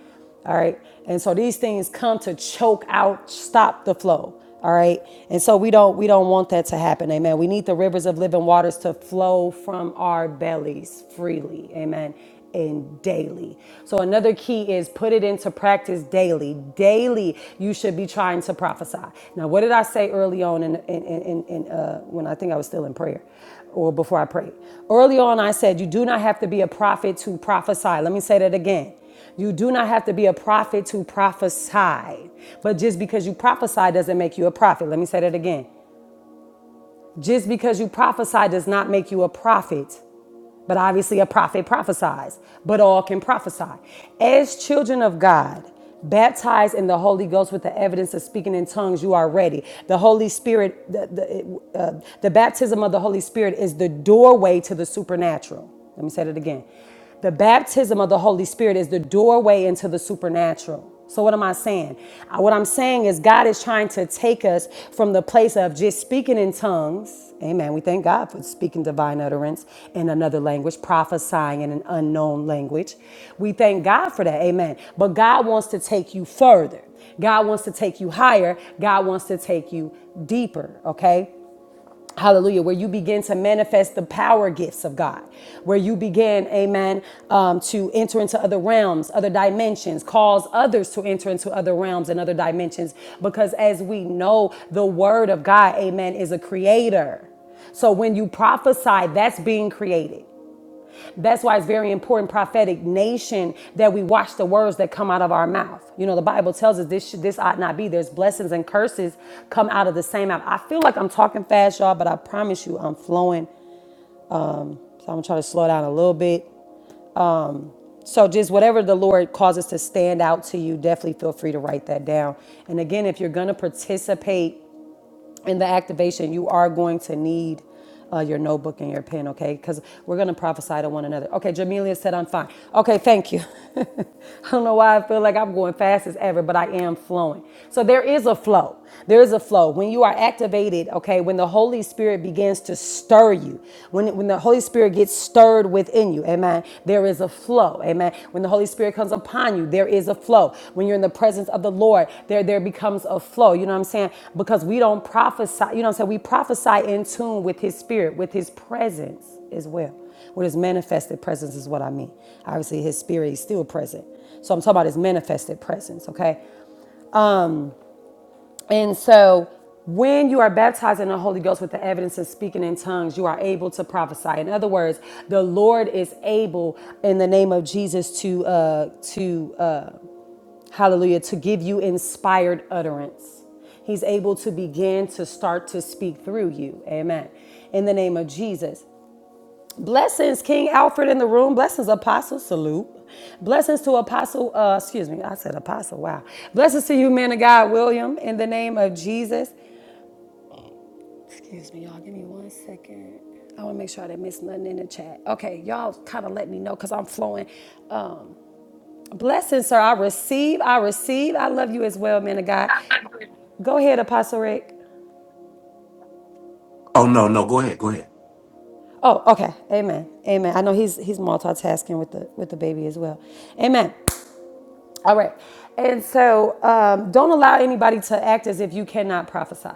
Speaker 1: All right. And so these things come to choke out, stop the flow. All right. And so we don't we don't want that to happen. Amen. We need the rivers of living waters to flow from our bellies freely. Amen and daily. So another key is put it into practice daily. Daily, you should be trying to prophesy. Now, what did I say early on in, in, in, in uh, when I think I was still in prayer or before I prayed? Early on, I said, you do not have to be a prophet to prophesy. Let me say that again. You do not have to be a prophet to prophesy. But just because you prophesy doesn't make you a prophet. Let me say that again. Just because you prophesy does not make you a prophet. But obviously, a prophet prophesies, but all can prophesy. As children of God, baptized in the Holy Ghost with the evidence of speaking in tongues, you are ready. The Holy Spirit, the, the, uh, the baptism of the Holy Spirit is the doorway to the supernatural. Let me say that again. The baptism of the Holy Spirit is the doorway into the supernatural. So, what am I saying? Uh, What I'm saying is, God is trying to take us from the place of just speaking in tongues. Amen. We thank God for speaking divine utterance in another language, prophesying in an unknown language. We thank God for that. Amen. But God wants to take you further. God wants to take you higher. God wants to take you deeper, okay? Hallelujah, where you begin to manifest the power gifts of God, where you begin, amen, um, to enter into other realms, other dimensions, cause others to enter into other realms and other dimensions. Because as we know, the word of God, amen, is a creator. So when you prophesy, that's being created. That's why it's very important, prophetic nation, that we watch the words that come out of our mouth. You know, the Bible tells us this should, this ought not be. There's blessings and curses come out of the same mouth. I feel like I'm talking fast, y'all, but I promise you, I'm flowing. So I'm gonna try to slow down a little bit. So just whatever the Lord causes to stand out to you, definitely feel free to write that down. And again, if you're gonna participate in the activation, you are going to need uh, your notebook and your pen, okay? Because we're going to prophesy to one another. Okay, Jamelia said, I'm fine. Okay, thank you. I don't know why I feel like I'm going fast as ever, but I am flowing. So there is a flow. There is a flow. When you are activated, okay, when the Holy Spirit begins to stir you, when, when the Holy Spirit gets stirred within within you. Amen. There is a flow. Amen. When the Holy Spirit comes upon you, there is a flow. When you're in the presence of the Lord, there there becomes a flow. You know what I'm saying? Because we don't prophesy, you know what I'm saying? We prophesy in tune with his spirit, with his presence as well. With his manifested presence is what I mean. Obviously, his spirit is still present. So I'm talking about his manifested presence, okay? And so when you are baptized in the Holy Ghost with the evidence of speaking in tongues, you are able to prophesy. In other words, the Lord is able in the name of Jesus to uh to uh hallelujah to give you inspired utterance. He's able to begin to start to speak through you. Amen. In the name of Jesus. Blessings, King Alfred in the room. Blessings, Apostle. Salute. Blessings to Apostle, uh, excuse me, I said Apostle, wow. Blessings to you, man of God, William, in the name of Jesus. Excuse me, y'all. Give me one second. I want to make sure I didn't miss nothing in the chat. Okay, y'all kind of let me know because I'm flowing. Um, blessing, sir. I receive. I receive. I love you as well, man of God. Go ahead, Apostle Rick.
Speaker 2: Oh no, no, go ahead, go ahead.
Speaker 1: Oh, okay. Amen. Amen. I know he's he's multitasking with the with the baby as well. Amen. All right. And so um, don't allow anybody to act as if you cannot prophesy,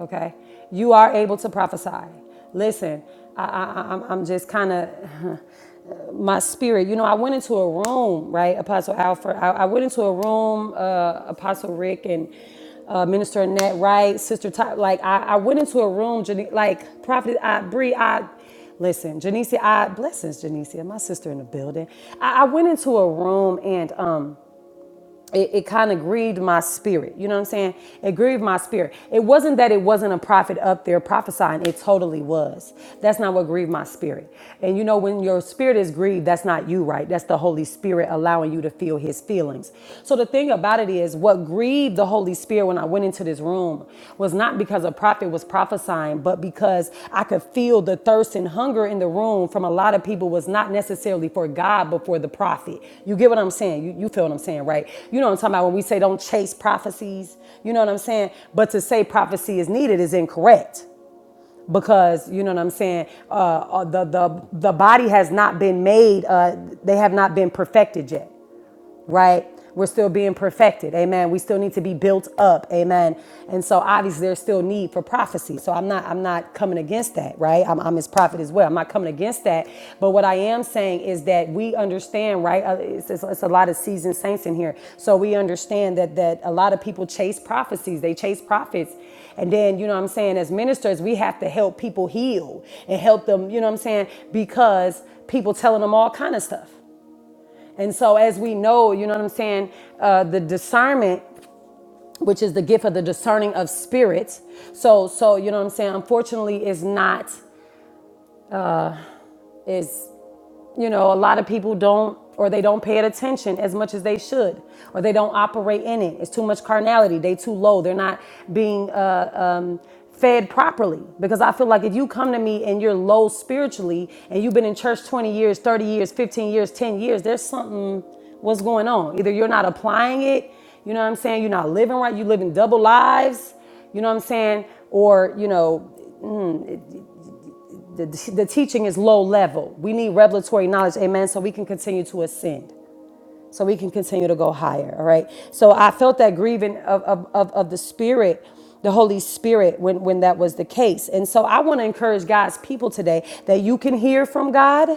Speaker 1: okay? You are able to prophesy. Listen, I, I, I- am I'm just kind of, my spirit, you know, I went into a room, right, Apostle Alfred? I, I went into a room, uh, Apostle Rick and uh, Minister Annette Wright, Sister Top. Like, I, I went into a room, Jani- like, Prophet I, Bree, I, Listen, Janicia, I blessings, Janicia, my sister in the building. I, I went into a room and um it, it kind of grieved my spirit. You know what I'm saying? It grieved my spirit. It wasn't that it wasn't a prophet up there prophesying, it totally was. That's not what grieved my spirit. And you know, when your spirit is grieved, that's not you, right? That's the Holy Spirit allowing you to feel his feelings. So the thing about it is, what grieved the Holy Spirit when I went into this room was not because a prophet was prophesying, but because I could feel the thirst and hunger in the room from a lot of people was not necessarily for God, but for the prophet. You get what I'm saying? You, you feel what I'm saying, right? You know what I'm talking about when we say don't chase prophecies. You know what I'm saying? But to say prophecy is needed is incorrect because you know what I'm saying. Uh, uh, the the the body has not been made. Uh, they have not been perfected yet right? We're still being perfected. Amen. We still need to be built up. Amen. And so obviously there's still need for prophecy. So I'm not I'm not coming against that, right? I'm, I'm his prophet as well. I'm not coming against that. But what I am saying is that we understand, right? Uh, It's, it's, it's a lot of seasoned saints in here. So we understand that that a lot of people chase prophecies. They chase prophets. And then, you know what I'm saying, as ministers, we have to help people heal and help them, you know what I'm saying, because people telling them all kind of stuff. And so, as we know, you know what I'm saying, uh, the discernment, which is the gift of the discerning of spirits. So, so you know what I'm saying. Unfortunately, is not is. you know, a lot of people don't or they don't pay it attention as much as they should or they don't operate in it. It's too much carnality. They too low. They're not being uh, um, fed properly because I feel like if you come to me and you're low spiritually and you've been in church 20 years, 30 years, 15 years, 10 years, there's something what's going on. Either you're not applying it, you know what I'm saying? You're not living right. You're living double lives. You know what I'm saying? Or, you know, the, the teaching is low level. We need revelatory knowledge, amen, so we can continue to ascend so we can continue to go higher. All right. So I felt that grieving of, of, of, of the spirit, the Holy Spirit, when, when that was the case. And so I want to encourage God's people today that you can hear from God.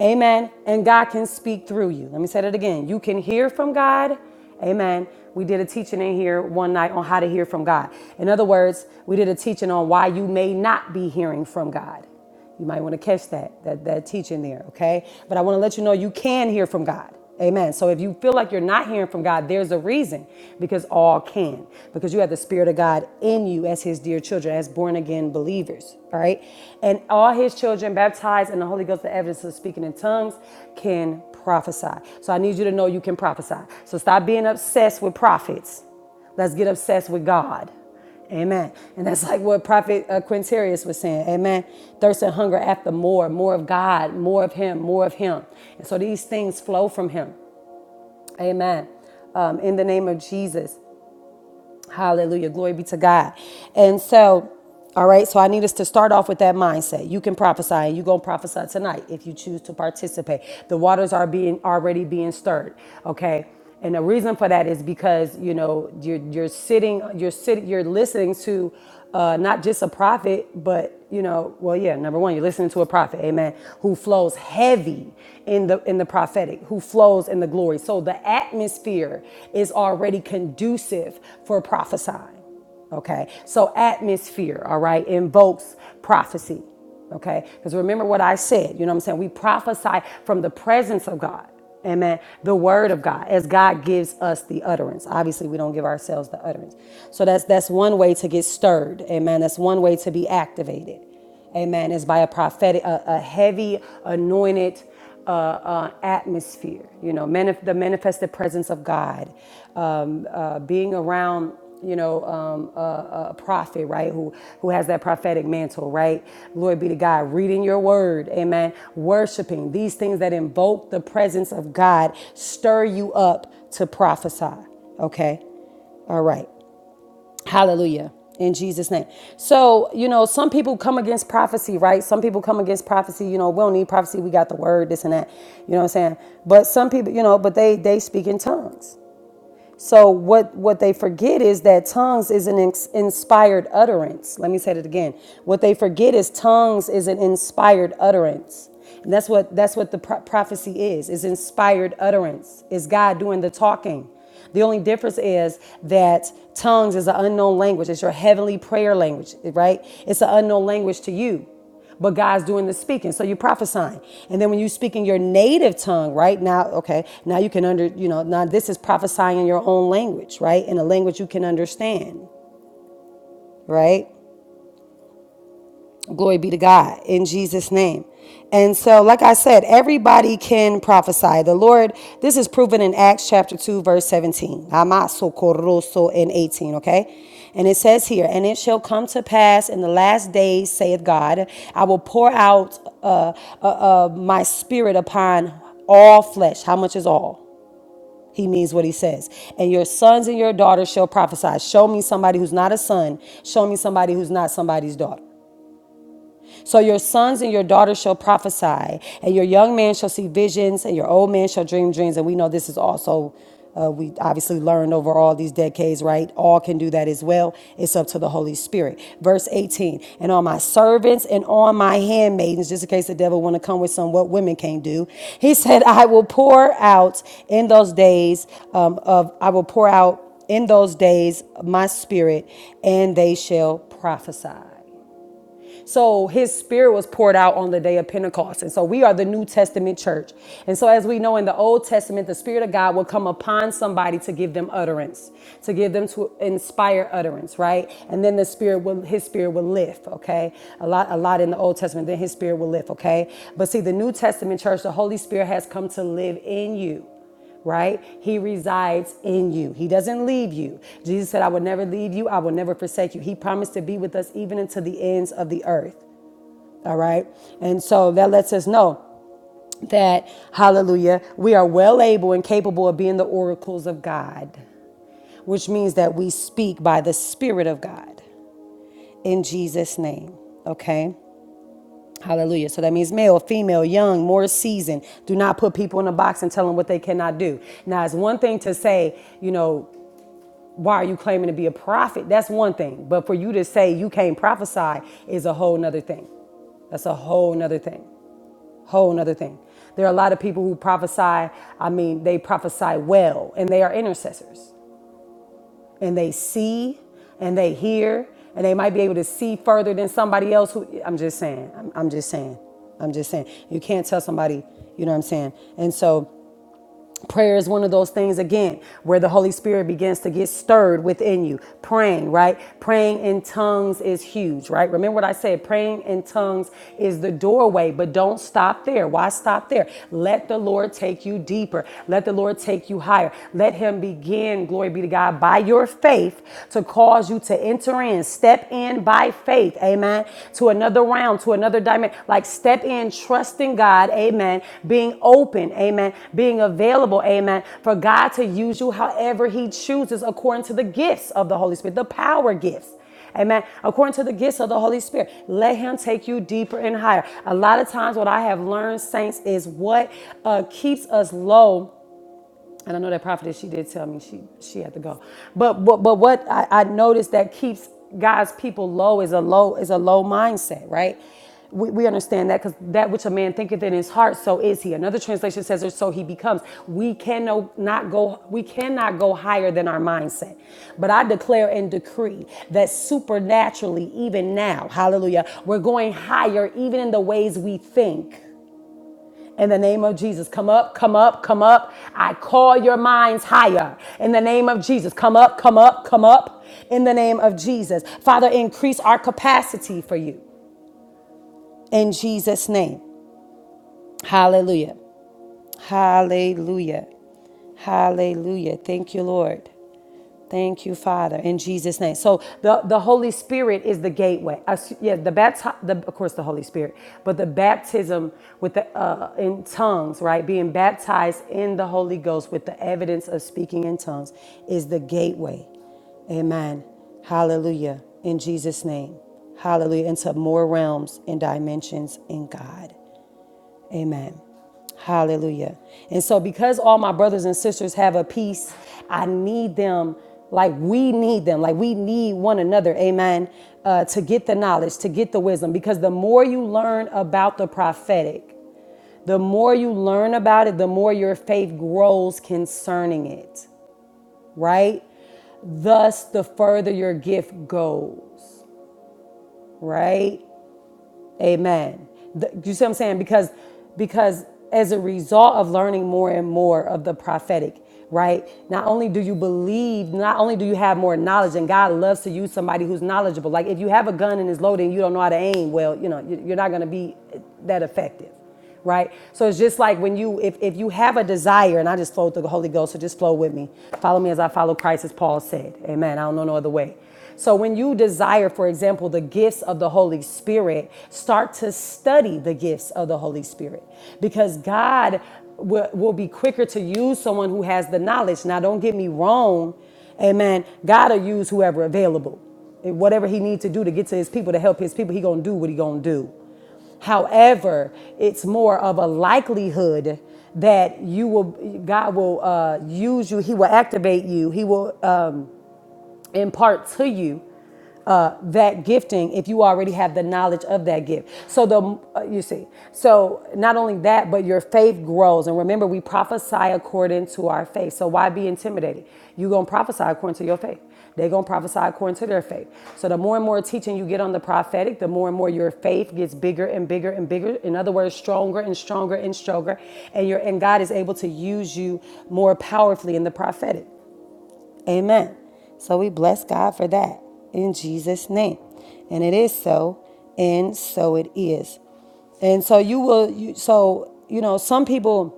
Speaker 1: Amen. And God can speak through you. Let me say that again. You can hear from God. Amen. We did a teaching in here one night on how to hear from God. In other words, we did a teaching on why you may not be hearing from God. You might want to catch that, that, that teaching there, okay? But I want to let you know you can hear from God. Amen. So if you feel like you're not hearing from God, there's a reason because all can, because you have the Spirit of God in you as His dear children, as born again believers, all right? And all His children baptized in the Holy Ghost, the evidence of speaking in tongues, can prophesy. So I need you to know you can prophesy. So stop being obsessed with prophets. Let's get obsessed with God. Amen. And that's like what Prophet uh, Quintarius was saying. Amen. Thirst and hunger after more, more of God, more of Him, more of Him. And so these things flow from Him. Amen. Um, in the name of Jesus. Hallelujah. Glory be to God. And so, all right, so I need us to start off with that mindset. You can prophesy and you're gonna prophesy tonight if you choose to participate. The waters are being already being stirred, okay? And the reason for that is because you know you're you're sitting, you're sitting, you're listening to uh, not just a prophet, but you know, well, yeah, number one, you're listening to a prophet, amen, who flows heavy in the in the prophetic, who flows in the glory. So the atmosphere is already conducive for prophesying. Okay. So atmosphere, all right, invokes prophecy. Okay? Because remember what I said, you know what I'm saying? We prophesy from the presence of God. Amen. The word of God, as God gives us the utterance. Obviously, we don't give ourselves the utterance. So that's that's one way to get stirred. Amen. That's one way to be activated. Amen. Is by a prophetic, a, a heavy, anointed uh, uh, atmosphere, you know, manif- the manifested presence of God, um, uh, being around, you know, um, a, a prophet, right, who who has that prophetic mantle, right? Glory be to God. Reading your word, amen. Worshiping these things that invoke the presence of God stir you up to prophesy. Okay, all right. Hallelujah. In Jesus' name. So, you know, some people come against prophecy, right? Some people come against prophecy, you know, we don't need prophecy, we got the word, this and that. You know what I'm saying? But some people, you know, but they they speak in tongues. So what what they forget is that tongues is an ins- inspired utterance. Let me say it again. What they forget is tongues is an inspired utterance. And that's what that's what the pro- prophecy is. Is inspired utterance. It's God doing the talking? The only difference is that tongues is an unknown language. It's your heavenly prayer language, right? It's an unknown language to you but God's doing the speaking. So you're prophesying. And then when you speak in your native tongue, right? Now, okay, now you can under, you know, now this is prophesying in your own language, right? In a language you can understand, right? Glory be to God in Jesus' name. And so, like I said, everybody can prophesy. The Lord, this is proven in Acts chapter 2, verse 17. and 18, okay? And it says here, and it shall come to pass in the last days, saith God, I will pour out uh, uh, uh, my spirit upon all flesh. How much is all? He means what he says. And your sons and your daughters shall prophesy. Show me somebody who's not a son. Show me somebody who's not somebody's daughter. So your sons and your daughters shall prophesy, and your young man shall see visions, and your old man shall dream dreams. And we know this is also uh, we obviously learned over all these decades, right? All can do that as well. It's up to the Holy Spirit. Verse 18, and on my servants and on my handmaidens, just in case the devil want to come with some what women can't do. He said, I will pour out in those days um, of, I will pour out in those days my spirit, and they shall prophesy. So his spirit was poured out on the day of Pentecost. And so we are the New Testament church. And so as we know in the Old Testament, the spirit of God will come upon somebody to give them utterance, to give them to inspire utterance, right? And then the spirit will his spirit will lift, okay? A lot a lot in the Old Testament, then his spirit will lift, okay? But see the New Testament church, the Holy Spirit has come to live in you right? He resides in you. He doesn't leave you. Jesus said, I will never leave you. I will never forsake you. He promised to be with us even until the ends of the earth, all right? And so that lets us know that, hallelujah, we are well able and capable of being the oracles of God, which means that we speak by the Spirit of God in Jesus' name, okay? Hallelujah. So that means male, female, young, more seasoned. Do not put people in a box and tell them what they cannot do. Now, it's one thing to say, you know, why are you claiming to be a prophet? That's one thing. But for you to say you can't prophesy is a whole nother thing. That's a whole nother thing. Whole nother thing. There are a lot of people who prophesy, I mean, they prophesy well and they are intercessors and they see and they hear and they might be able to see further than somebody else who I'm just saying. I'm, I'm just saying. I'm just saying. You can't tell somebody, you know what I'm saying? And so Prayer is one of those things, again, where the Holy Spirit begins to get stirred within you. Praying, right? Praying in tongues is huge, right? Remember what I said praying in tongues is the doorway, but don't stop there. Why stop there? Let the Lord take you deeper. Let the Lord take you higher. Let Him begin, glory be to God, by your faith to cause you to enter in. Step in by faith faith, amen, to another realm, to another dimension. Like step in, trusting God, amen, being open, amen, being available, amen, for God to use you however He chooses according to the gifts of the Holy Spirit, the power gifts. Amen. According to the gifts of the Holy Spirit, let Him take you deeper and higher. A lot of times, what I have learned, saints, is what uh, keeps us low and I know that prophetess she did tell me she she had to go. But but but what I, I noticed that keeps God's people low is a low is a low mindset, right? We, we understand that because that which a man thinketh in his heart, so is he. Another translation says, or so he becomes. We cannot not go, we cannot go higher than our mindset. But I declare and decree that supernaturally, even now, hallelujah, we're going higher even in the ways we think. In the name of Jesus, come up, come up, come up. I call your minds higher. In the name of Jesus, come up, come up, come up. In the name of Jesus. Father, increase our capacity for you. In Jesus' name. Hallelujah. Hallelujah. Hallelujah. Thank you, Lord. Thank you, Father, in Jesus' name. So the, the Holy Spirit is the gateway. I s- yeah, the bapti- the of course the Holy Spirit, but the baptism with the uh, in tongues, right? Being baptized in the Holy Ghost with the evidence of speaking in tongues is the gateway. Amen. Hallelujah. In Jesus' name. Hallelujah. Into more realms and dimensions in God. Amen. Hallelujah. And so, because all my brothers and sisters have a peace, I need them like we need them, like we need one another. Amen. Uh, to get the knowledge, to get the wisdom, because the more you learn about the prophetic, the more you learn about it, the more your faith grows concerning it, right? Thus, the further your gift goes, right? Amen. The- you see what I'm saying? Because because as a result of learning more and more of the prophetic, right? Not only do you believe, not only do you have more knowledge, and God loves to use somebody who's knowledgeable. Like if you have a gun and it's loaded and you don't know how to aim, well, you know, you- you're not going to be that effective right? So it's just like when you, if, if you have a desire, and I just flowed through the Holy Ghost, so just flow with me. Follow me as I follow Christ, as Paul said. Amen. I don't know no other way. So when you desire, for example, the gifts of the Holy Spirit, start to study the gifts of the Holy Spirit because God will, will be quicker to use someone who has the knowledge. Now, don't get me wrong. Amen. God will use whoever available. Whatever he needs to do to get to his people, to help his people, he going to do what he going to do However, it's more of a likelihood that you will, God will uh, use you. He will activate you. He will impart to you uh, that gifting if you already have the knowledge of that gift. So the uh, you see, so not only that, but your faith grows. And remember, we prophesy according to our faith. So why be intimidated? You gonna prophesy according to your faith. They gonna prophesy according to their faith. So the more and more teaching you get on the prophetic, the more and more your faith gets bigger and bigger and bigger. In other words, stronger and stronger and stronger. And your and God is able to use you more powerfully in the prophetic. Amen. So we bless God for that in Jesus' name. And it is so, and so it is. And so you will you so you know some people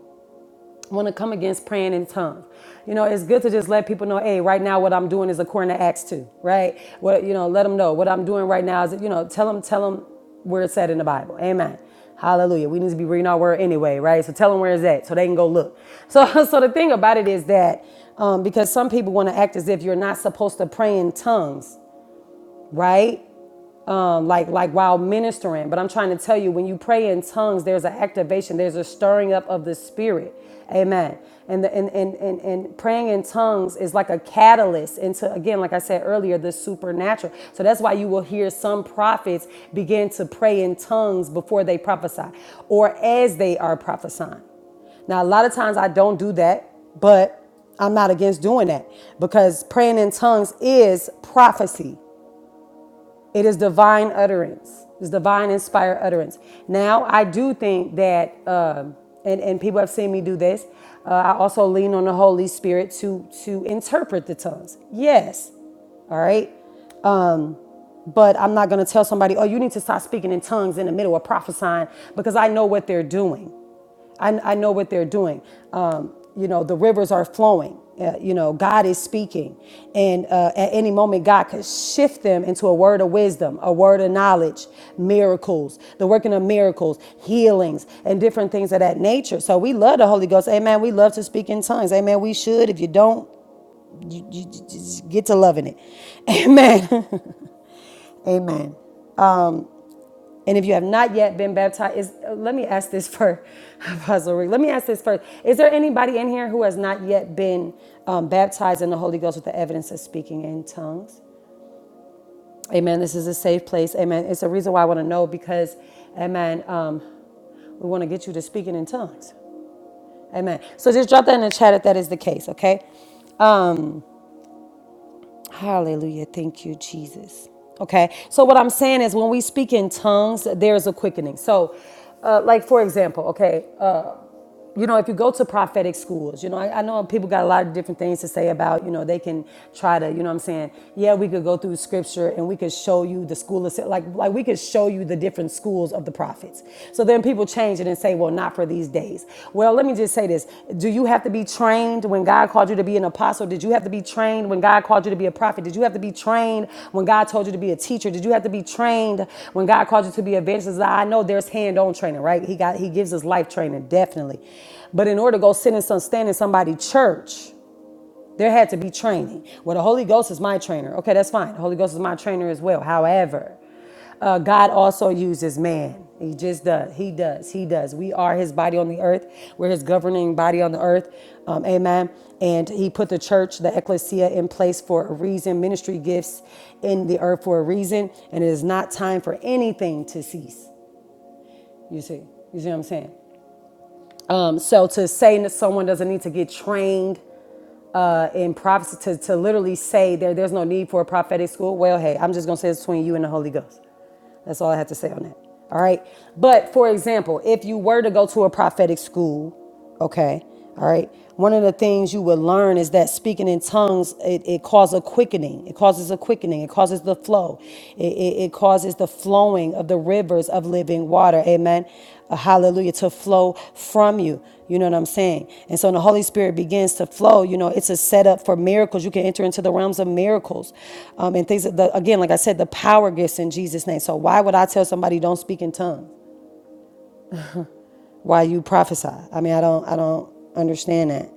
Speaker 1: want to come against praying in tongues. You know, it's good to just let people know, hey, right now what I'm doing is according to Acts 2, right? What you know, let them know what I'm doing right now is, you know, tell them, tell them where it's at in the Bible. Amen. Hallelujah. We need to be reading our word anyway, right? So tell them where it's at so they can go look. So, so the thing about it is that um, because some people want to act as if you're not supposed to pray in tongues, right? um, like like while ministering. But I'm trying to tell you, when you pray in tongues, there's an activation, there's a stirring up of the spirit. Amen. And, the, and, and, and, and praying in tongues is like a catalyst into, again, like I said earlier, the supernatural. So that's why you will hear some prophets begin to pray in tongues before they prophesy or as they are prophesying. Now, a lot of times I don't do that, but I'm not against doing that because praying in tongues is prophecy. It is divine utterance. It's divine inspired utterance. Now, I do think that, um, and, and people have seen me do this, uh, I also lean on the Holy Spirit to, to interpret the tongues. Yes. All right. Um, but I'm not going to tell somebody, oh, you need to start speaking in tongues in the middle of prophesying because I know what they're doing. I, I know what they're doing. Um, you know, the rivers are flowing. Uh, you know, God is speaking. And uh, at any moment, God could shift them into a word of wisdom, a word of knowledge, miracles, the working of miracles, healings, and different things of that nature. So we love the Holy Ghost. Amen. We love to speak in tongues. Amen. We should. If you don't, you, you, you just get to loving it. Amen. Amen. And if you have not yet been baptized, is, uh, let me ask this first, Apostle Rick. Let me ask this first. Is there anybody in here who has not yet been um, baptized in the Holy Ghost with the evidence of speaking in tongues? Amen. This is a safe place. Amen. It's a reason why I want to know because, amen, um, we want to get you to speaking in tongues. Amen. So just drop that in the chat if that is the case, okay? Um, Hallelujah. Thank you, Jesus. Okay. So, what I'm saying is, when we speak in tongues, there's a quickening. So, uh, like, for example, okay, uh, you know, if you go to prophetic schools, you know, I, I know people got a lot of different things to say about, you know, they can try to, you know what I'm saying? Yeah, we could go through scripture and we could show you the school of, like, like we could show you the different schools of the prophets. So then people change it and say, well, not for these days. Well, let me just say this. Do you have you have to be trained when God called you to be an apostle? Did you have to be trained when God called you to be a prophet? Did you have to be trained when God told you to be a teacher? Did you have to be trained when God called you to be a evangelist? I know there's hand-on training, right? He got he gives us life training, definitely. But in order to go sit in some stand in somebody's church, there had to be training. Well, the Holy Ghost is my trainer. Okay, that's fine. The Holy Ghost is my trainer as well. However, uh, God also uses man. He just does. He does. He does. We are his body on the earth. We're his governing body on the earth. Um, amen. And he put the church, the ecclesia, in place for a reason, ministry gifts in the earth for a reason. And it is not time for anything to cease. You see? You see what I'm saying? Um, so to say that someone doesn't need to get trained uh, in prophecy, to, to literally say there, there's no need for a prophetic school, well, hey, I'm just going to say it's between you and the Holy Ghost. That's all I have to say on that. All right. But for example, if you were to go to a prophetic school, okay, all right, one of the things you would learn is that speaking in tongues, it, it causes a quickening. It causes a quickening. It causes the flow. It, it, it causes the flowing of the rivers of living water. Amen. Uh, hallelujah. To flow from you. You know what I'm saying? And so when the Holy Spirit begins to flow, you know, it's a setup for miracles. You can enter into the realms of miracles um, and things. the, again, like I said, the power gifts in Jesus' name. So why would I tell somebody don't speak in tongues? Why you prophesy? I mean, I don't, I don't understand that.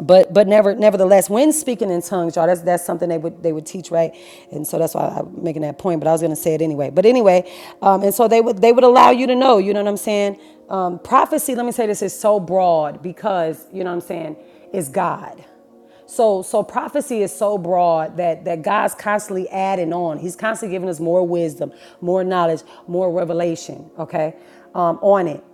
Speaker 1: but but never nevertheless, when speaking in tongues, y'all, that's that's something they would they would teach, right? And so that's why I'm making that point. But I was gonna say it anyway. But anyway, um, and so they would they would allow you to know. You know what I'm saying? Um, prophecy. Let me say this is so broad because you know what I'm saying is God. So so prophecy is so broad that that God's constantly adding on. He's constantly giving us more wisdom, more knowledge, more revelation. Okay, um, on it.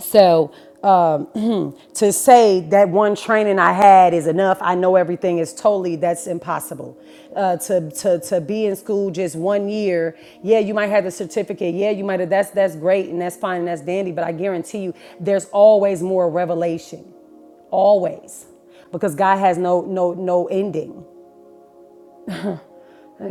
Speaker 1: So um, to say that one training I had is enough, I know everything is totally that's impossible. Uh, to to to be in school just one year, yeah, you might have the certificate, yeah, you might have that's that's great and that's fine and that's dandy, but I guarantee you, there's always more revelation, always, because God has no no no ending.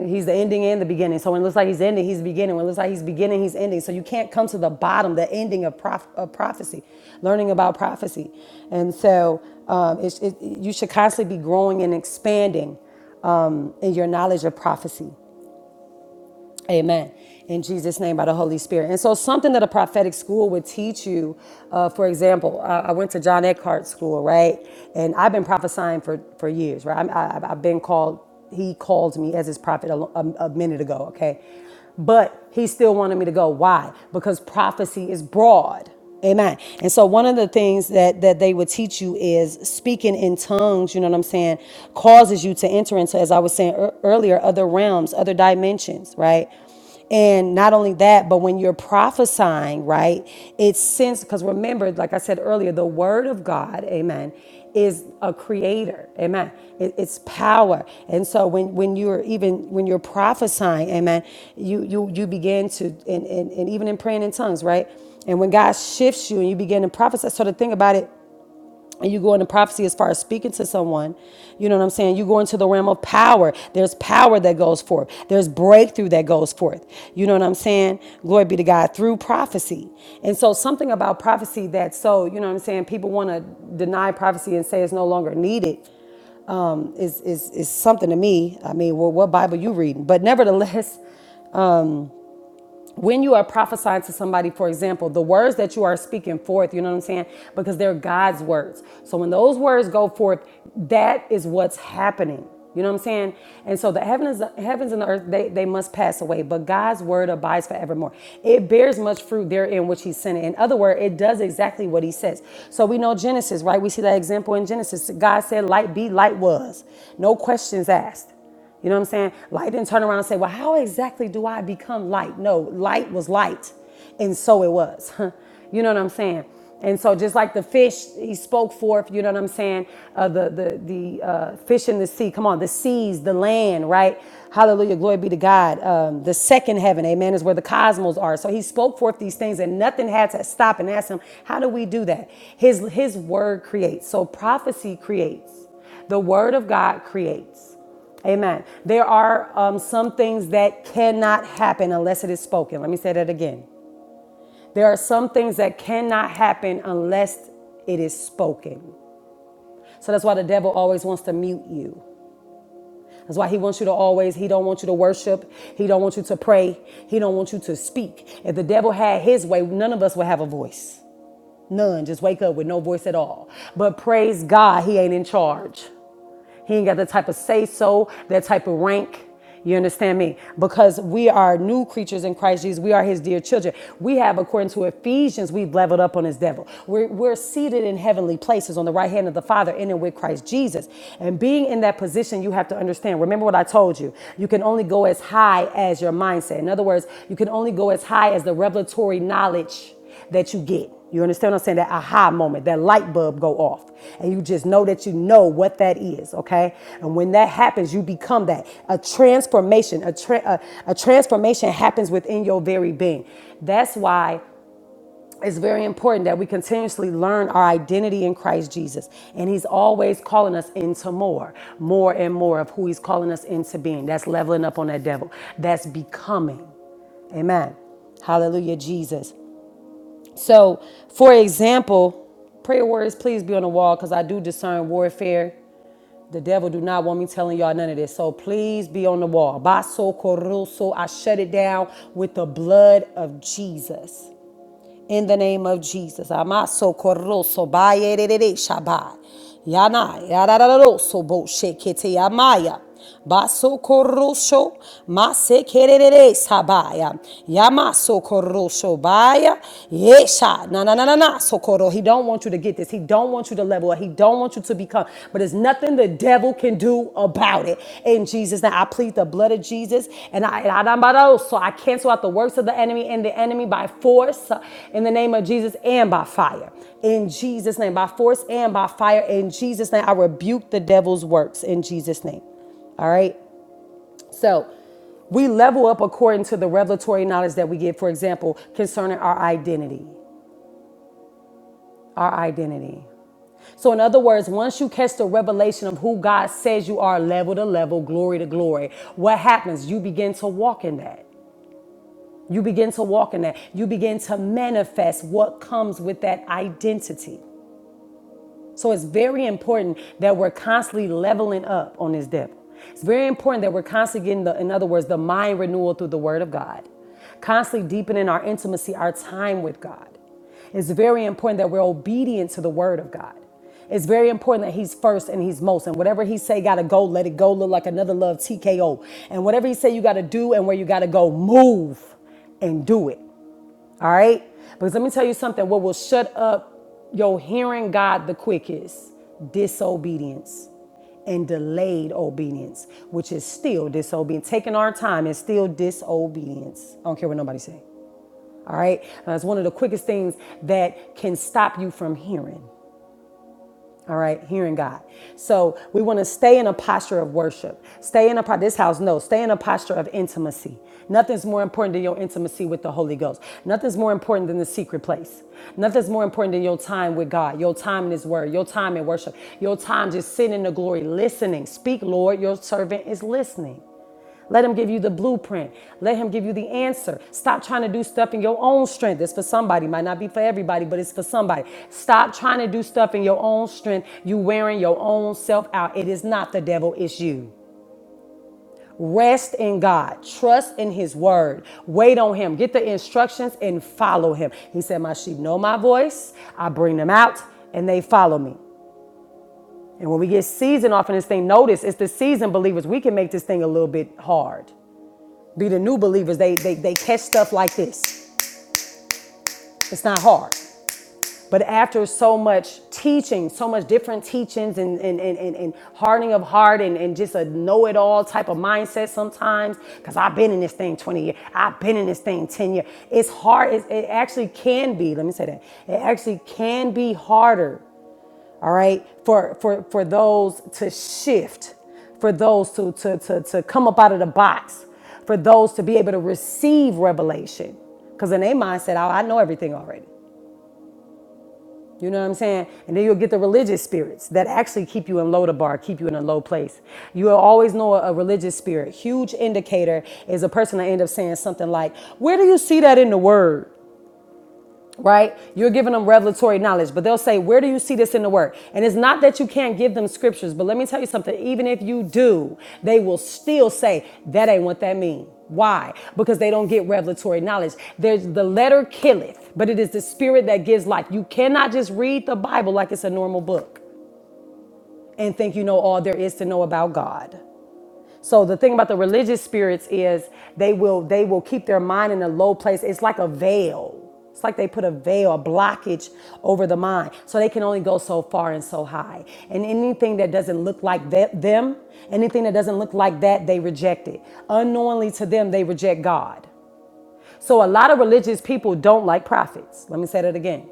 Speaker 1: He's the ending and the beginning. So when it looks like he's ending, he's beginning. When it looks like he's beginning, he's ending. So you can't come to the bottom, the ending of, prof- of prophecy, learning about prophecy. And so um, it's- it, you should constantly be growing and expanding um, in your knowledge of prophecy. Amen. In Jesus' name, by the Holy Spirit. And so, something that a prophetic school would teach you, uh, for example, I, I went to John Eckhart School, right? And I've been prophesying for, for years, right? I'm, I, I've been called, he called me as his prophet a, lo- a a minute ago, okay? But he still wanted me to go. Why? Because prophecy is broad Amen. And so one of the things that that they would teach you is speaking in tongues, you know what I'm saying, causes you to enter into as I was saying ear- earlier other realms, other dimensions, right? And not only that, but when you're prophesying, right? It's since because remember like I said earlier, the word of God, amen, is a creator. Amen. It- it's power. And so when when you're even when you're prophesying, amen, you you you begin to and, and, and even in praying in tongues, right? And when God shifts you and you begin to prophesy, so the thing about it, and you go into prophecy as far as speaking to someone, you know what I'm saying? You go into the realm of power. There's power that goes forth, there's breakthrough that goes forth. You know what I'm saying? Glory be to God through prophecy. And so, something about prophecy that so, you know what I'm saying? People want to deny prophecy and say it's no longer needed is, is, is something to me. I mean, well, what Bible you reading? But nevertheless, when you are prophesying to somebody, for example, the words that you are speaking forth, you know what I'm saying? Because they're God's words. So when those words go forth, that is what's happening. You know what I'm saying? And so the heavens, heavens and the earth, they, they must pass away, but God's word abides forevermore. It bears much fruit therein which he sent it. In other words, it does exactly what he says. So we know Genesis, right? We see that example in Genesis. God said, Light be, light was. No questions asked. You know what I'm saying? Light didn't turn around and say, Well, how exactly do I become light? No, light was light. And so it was. you know what I'm saying? And so just like the fish, he spoke forth, you know what I'm saying? Uh, the the, the uh, fish in the sea, come on, the seas, the land, right? Hallelujah, glory be to God. Um, the second heaven, amen, is where the cosmos are. So he spoke forth these things and nothing had to stop and ask him, how do we do that? His, his word creates. So prophecy creates. The word of God creates. Amen. There are um, some things that cannot happen unless it is spoken. Let me say that again. There are some things that cannot happen unless it is spoken. So that's why the devil always wants to mute you. That's why he wants you to always, he don't want you to worship. He don't want you to pray. He don't want you to speak. If the devil had his way, none of us would have a voice. None. Just wake up with no voice at all. But praise God, he ain't in charge. He ain't got the type of say so, that type of rank. You understand me? Because we are new creatures in Christ Jesus. We are his dear children. We have, according to Ephesians, we've leveled up on his devil. We're, we're seated in heavenly places on the right hand of the Father in and with Christ Jesus. And being in that position, you have to understand. Remember what I told you. You can only go as high as your mindset. In other words, you can only go as high as the revelatory knowledge that you get. You understand what I'm saying? That aha moment, that light bulb go off. And you just know that you know what that is, okay? And when that happens, you become that. A transformation, a, tra- a, a transformation happens within your very being. That's why it's very important that we continuously learn our identity in Christ Jesus. And He's always calling us into more, more and more of who He's calling us into being. That's leveling up on that devil, that's becoming. Amen. Hallelujah, Jesus. So, for example, prayer words, please be on the wall because I do discern warfare. The devil do not want me telling y'all none of this. So please be on the wall. Baso koruso. I shut it down with the blood of Jesus in the name of Jesus. Amaso corroso bayerere shabai. Yana yarararoso bo shekete yamaya. Baso corroso mase kerere sabaya. Yamaso corroso baya. Yesha na na na na na so koro. He don't want you to get this. He don't want you to level up. He don't don't want you to become, but there's nothing the devil can do about it. In Jesus' name, I plead the blood of Jesus, and I, and I so I cancel out the works of the enemy and the enemy by force, uh, in the name of Jesus, and by fire. In Jesus' name, by force and by fire. In Jesus' name, I rebuke the devil's works. In Jesus' name, all right. So we level up according to the revelatory knowledge that we get, for example, concerning our identity. Our identity. So, in other words, once you catch the revelation of who God says you are, level to level, glory to glory, what happens? You begin to walk in that. You begin to walk in that. You begin to manifest what comes with that identity. So it's very important that we're constantly leveling up on this devil. It's very important that we're constantly getting the, in other words, the mind renewal through the word of God, constantly deepening our intimacy, our time with God. It's very important that we're obedient to the word of God. It's very important that he's first and he's most. And whatever he say gotta go, let it go, look like another love TKO. And whatever he say you gotta do and where you gotta go, move and do it. All right? Because let me tell you something what will shut up your hearing God the quickest? Disobedience and delayed obedience, which is still disobedience. Taking our time is still disobedience. I don't care what nobody say. All right? That's one of the quickest things that can stop you from hearing. All right, hearing God. So we want to stay in a posture of worship. Stay in a pro- this house. No, stay in a posture of intimacy. Nothing's more important than your intimacy with the Holy Ghost. Nothing's more important than the secret place. Nothing's more important than your time with God, your time in His Word, your time in worship, your time just sitting in the glory, listening. Speak, Lord. Your servant is listening. Let him give you the blueprint. Let him give you the answer. Stop trying to do stuff in your own strength. It's for somebody. Might not be for everybody, but it's for somebody. Stop trying to do stuff in your own strength. You wearing your own self out. It is not the devil, it's you. Rest in God. Trust in his word. Wait on him. Get the instructions and follow him. He said, My sheep know my voice. I bring them out and they follow me. And when we get seasoned off in this thing, notice it's the seasoned believers. We can make this thing a little bit hard be the new believers. They, they, they catch stuff like this. It's not hard. But after so much teaching, so much different teachings and, and, and, and, and hardening of heart and, and just a know it all type of mindset sometimes, because I've been in this thing 20 years, I've been in this thing 10 years. It's hard, it, it actually can be, let me say that, it actually can be harder all right for for for those to shift for those to to to, to come up out of the box for those to be able to receive revelation because in their mindset oh, i know everything already you know what i'm saying and then you'll get the religious spirits that actually keep you in low to bar keep you in a low place you'll always know a religious spirit huge indicator is a person that end up saying something like where do you see that in the word right? You're giving them revelatory knowledge, but they'll say, Where do you see this in the word? And it's not that you can't give them scriptures, but let me tell you something. Even if you do, they will still say, That ain't what that means. Why? Because they don't get revelatory knowledge. There's the letter killeth, but it is the spirit that gives life. You cannot just read the Bible like it's a normal book and think you know all there is to know about God. So the thing about the religious spirits is they will they will keep their mind in a low place. It's like a veil. It's like they put a veil, a blockage over the mind. So they can only go so far and so high. And anything that doesn't look like that, them, anything that doesn't look like that, they reject it. Unknowingly to them, they reject God. So a lot of religious people don't like prophets. Let me say that again.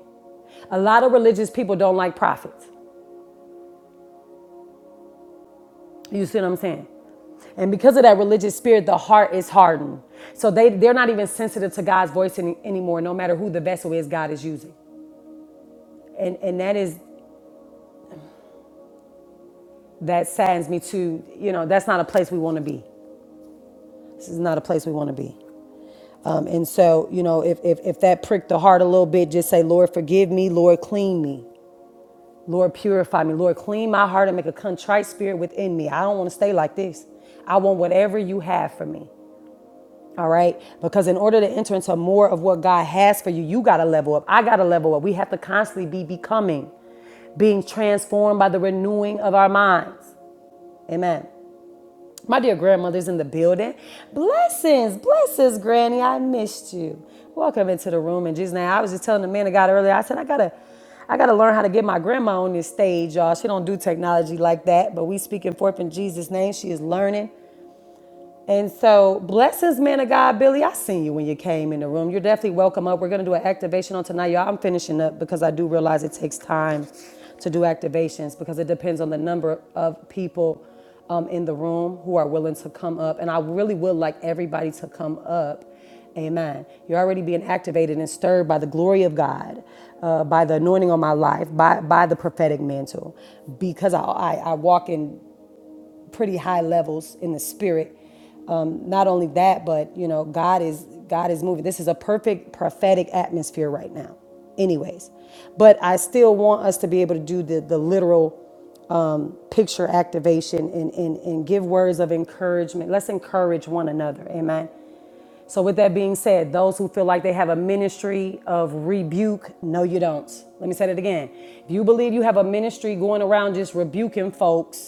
Speaker 1: A lot of religious people don't like prophets. You see what I'm saying? And because of that religious spirit, the heart is hardened. So they, they're not even sensitive to God's voice any, anymore, no matter who the vessel is God is using. And, and that is, that saddens me too. You know, that's not a place we want to be. This is not a place we want to be. Um, and so, you know, if, if, if that pricked the heart a little bit, just say, Lord, forgive me. Lord, clean me. Lord, purify me. Lord, clean my heart and make a contrite spirit within me. I don't want to stay like this. I want whatever you have for me. All right. Because in order to enter into more of what God has for you, you got to level up. I got to level up. We have to constantly be becoming, being transformed by the renewing of our minds. Amen. My dear grandmother's in the building. Blessings, blessings, Granny. I missed you. Welcome into the room in Jesus' name. I was just telling the man of God earlier, I said, I gotta, I gotta learn how to get my grandma on this stage, y'all. She don't do technology like that, but we speaking forth in Jesus' name. She is learning. And so, blessings, man of God, Billy. I seen you when you came in the room. You're definitely welcome up. We're gonna do an activation on tonight, y'all. I'm finishing up because I do realize it takes time to do activations because it depends on the number of people um, in the room who are willing to come up. And I really would like everybody to come up. Amen. You're already being activated and stirred by the glory of God, uh, by the anointing on my life, by, by the prophetic mantle, because I, I, I walk in pretty high levels in the spirit. Um, not only that, but you know, God is God is moving. This is a perfect prophetic atmosphere right now. Anyways, but I still want us to be able to do the the literal um, picture activation and, and and give words of encouragement. Let's encourage one another. Amen. So with that being said, those who feel like they have a ministry of rebuke, no, you don't. Let me say that again. If you believe you have a ministry going around just rebuking folks,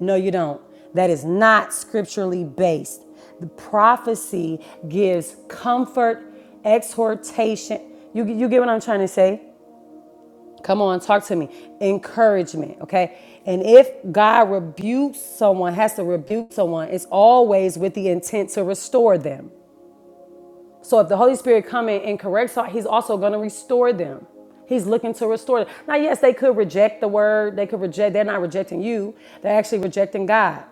Speaker 1: no, you don't. That is not scripturally based. The prophecy gives comfort, exhortation. You, you get what I'm trying to say? Come on, talk to me. Encouragement, okay? And if God rebukes someone, has to rebuke someone, it's always with the intent to restore them. So if the Holy Spirit come in and corrects, he's also going to restore them. He's looking to restore them. Now, yes, they could reject the word. They could reject. They're not rejecting you. They're actually rejecting God.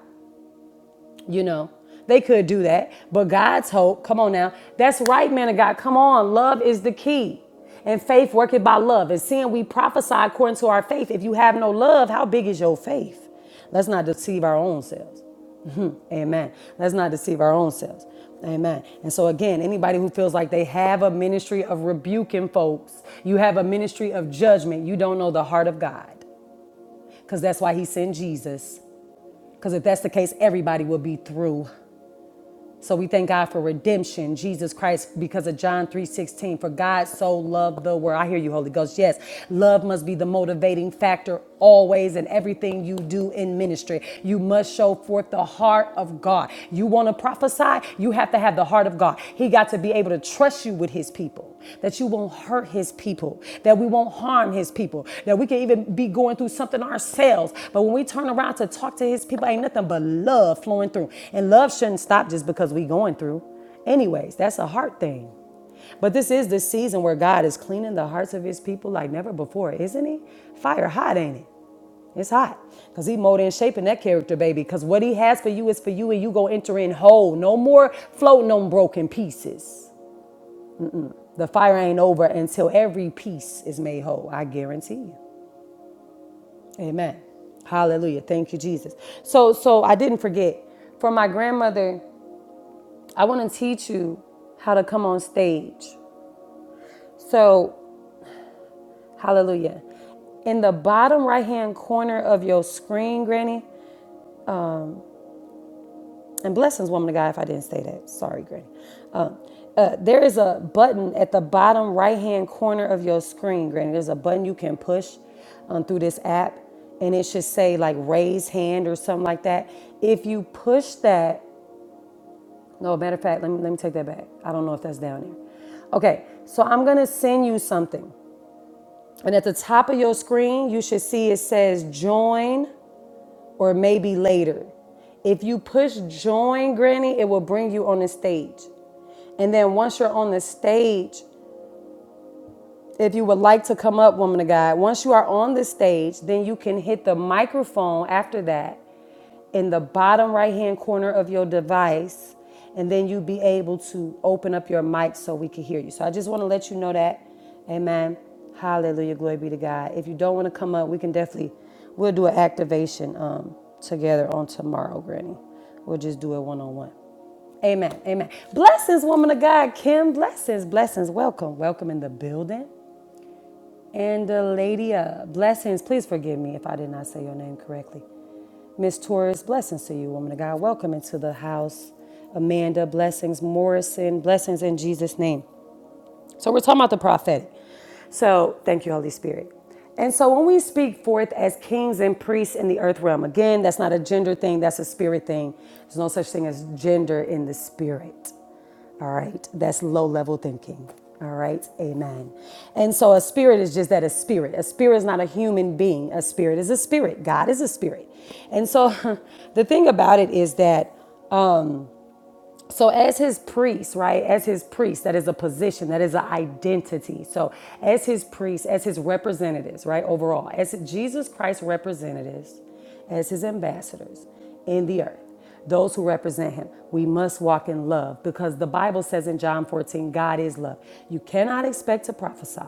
Speaker 1: You know, they could do that. But God's hope, come on now. That's right, man of God. Come on. Love is the key. And faith worketh by love. And seeing we prophesy according to our faith. If you have no love, how big is your faith? Let's not deceive our own selves. Amen. Let's not deceive our own selves. Amen. And so, again, anybody who feels like they have a ministry of rebuking folks, you have a ministry of judgment, you don't know the heart of God because that's why he sent Jesus. Because if that's the case, everybody will be through. So we thank God for redemption, Jesus Christ, because of John 3:16. For God so loved the world. I hear you, Holy Ghost. Yes, love must be the motivating factor always in everything you do in ministry. You must show forth the heart of God. You want to prophesy, you have to have the heart of God. He got to be able to trust you with his people. That you will won't hurt his people, that we won't harm his people, that we can even be going through something ourselves. But when we turn around to talk to his people, ain't nothing but love flowing through. And love shouldn't stop just because we going through. Anyways, that's a heart thing. But this is the season where God is cleaning the hearts of his people like never before, isn't he? Fire hot, ain't it? It's hot. Because he molding and shaping that character, baby. Because what he has for you is for you and you go enter in whole. No more floating on broken pieces. The fire ain't over until every piece is made whole. I guarantee you. Amen. Hallelujah. Thank you, Jesus. So, so I didn't forget. For my grandmother, I want to teach you how to come on stage. So, hallelujah. In the bottom right hand corner of your screen, Granny, and blessings, woman of God, if I didn't say that. Sorry, Granny. Um, uh, there is a button at the bottom right hand corner of your screen, Granny. There's a button you can push um, through this app, and it should say like raise hand or something like that. If you push that, no, matter of fact, let me, let me take that back. I don't know if that's down there. Okay, so I'm gonna send you something. And at the top of your screen, you should see it says join or maybe later. If you push join, Granny, it will bring you on the stage. And then once you're on the stage, if you would like to come up, woman of God, once you are on the stage, then you can hit the microphone after that in the bottom right hand corner of your device, and then you'll be able to open up your mic so we can hear you. So I just want to let you know that. Amen. Hallelujah. Glory be to God. If you don't want to come up, we can definitely we'll do an activation um, together on tomorrow, Granny. We'll just do it one on one. Amen. Amen. Blessings, woman of God, Kim. Blessings, blessings. Welcome. Welcome in the building. And the lady, uh, blessings, please forgive me if I did not say your name correctly. Miss Torres, blessings to you, woman of God. Welcome into the house. Amanda, blessings. Morrison, blessings in Jesus' name. So we're talking about the prophetic. So thank you, Holy Spirit. And so when we speak forth as kings and priests in the earth realm, again, that's not a gender thing, that's a spirit thing. There's no such thing as gender in the spirit. All right. That's low level thinking. All right. Amen. And so a spirit is just that a spirit. A spirit is not a human being. A spirit is a spirit. God is a spirit. And so the thing about it is that so, as his priest, right, as his priest, that is a position, that is an identity. So, as his priest, as his representatives, right, overall, as Jesus Christ's representatives, as his ambassadors in the earth, those who represent him, we must walk in love because the Bible says in John 14, God is love. You cannot expect to prophesy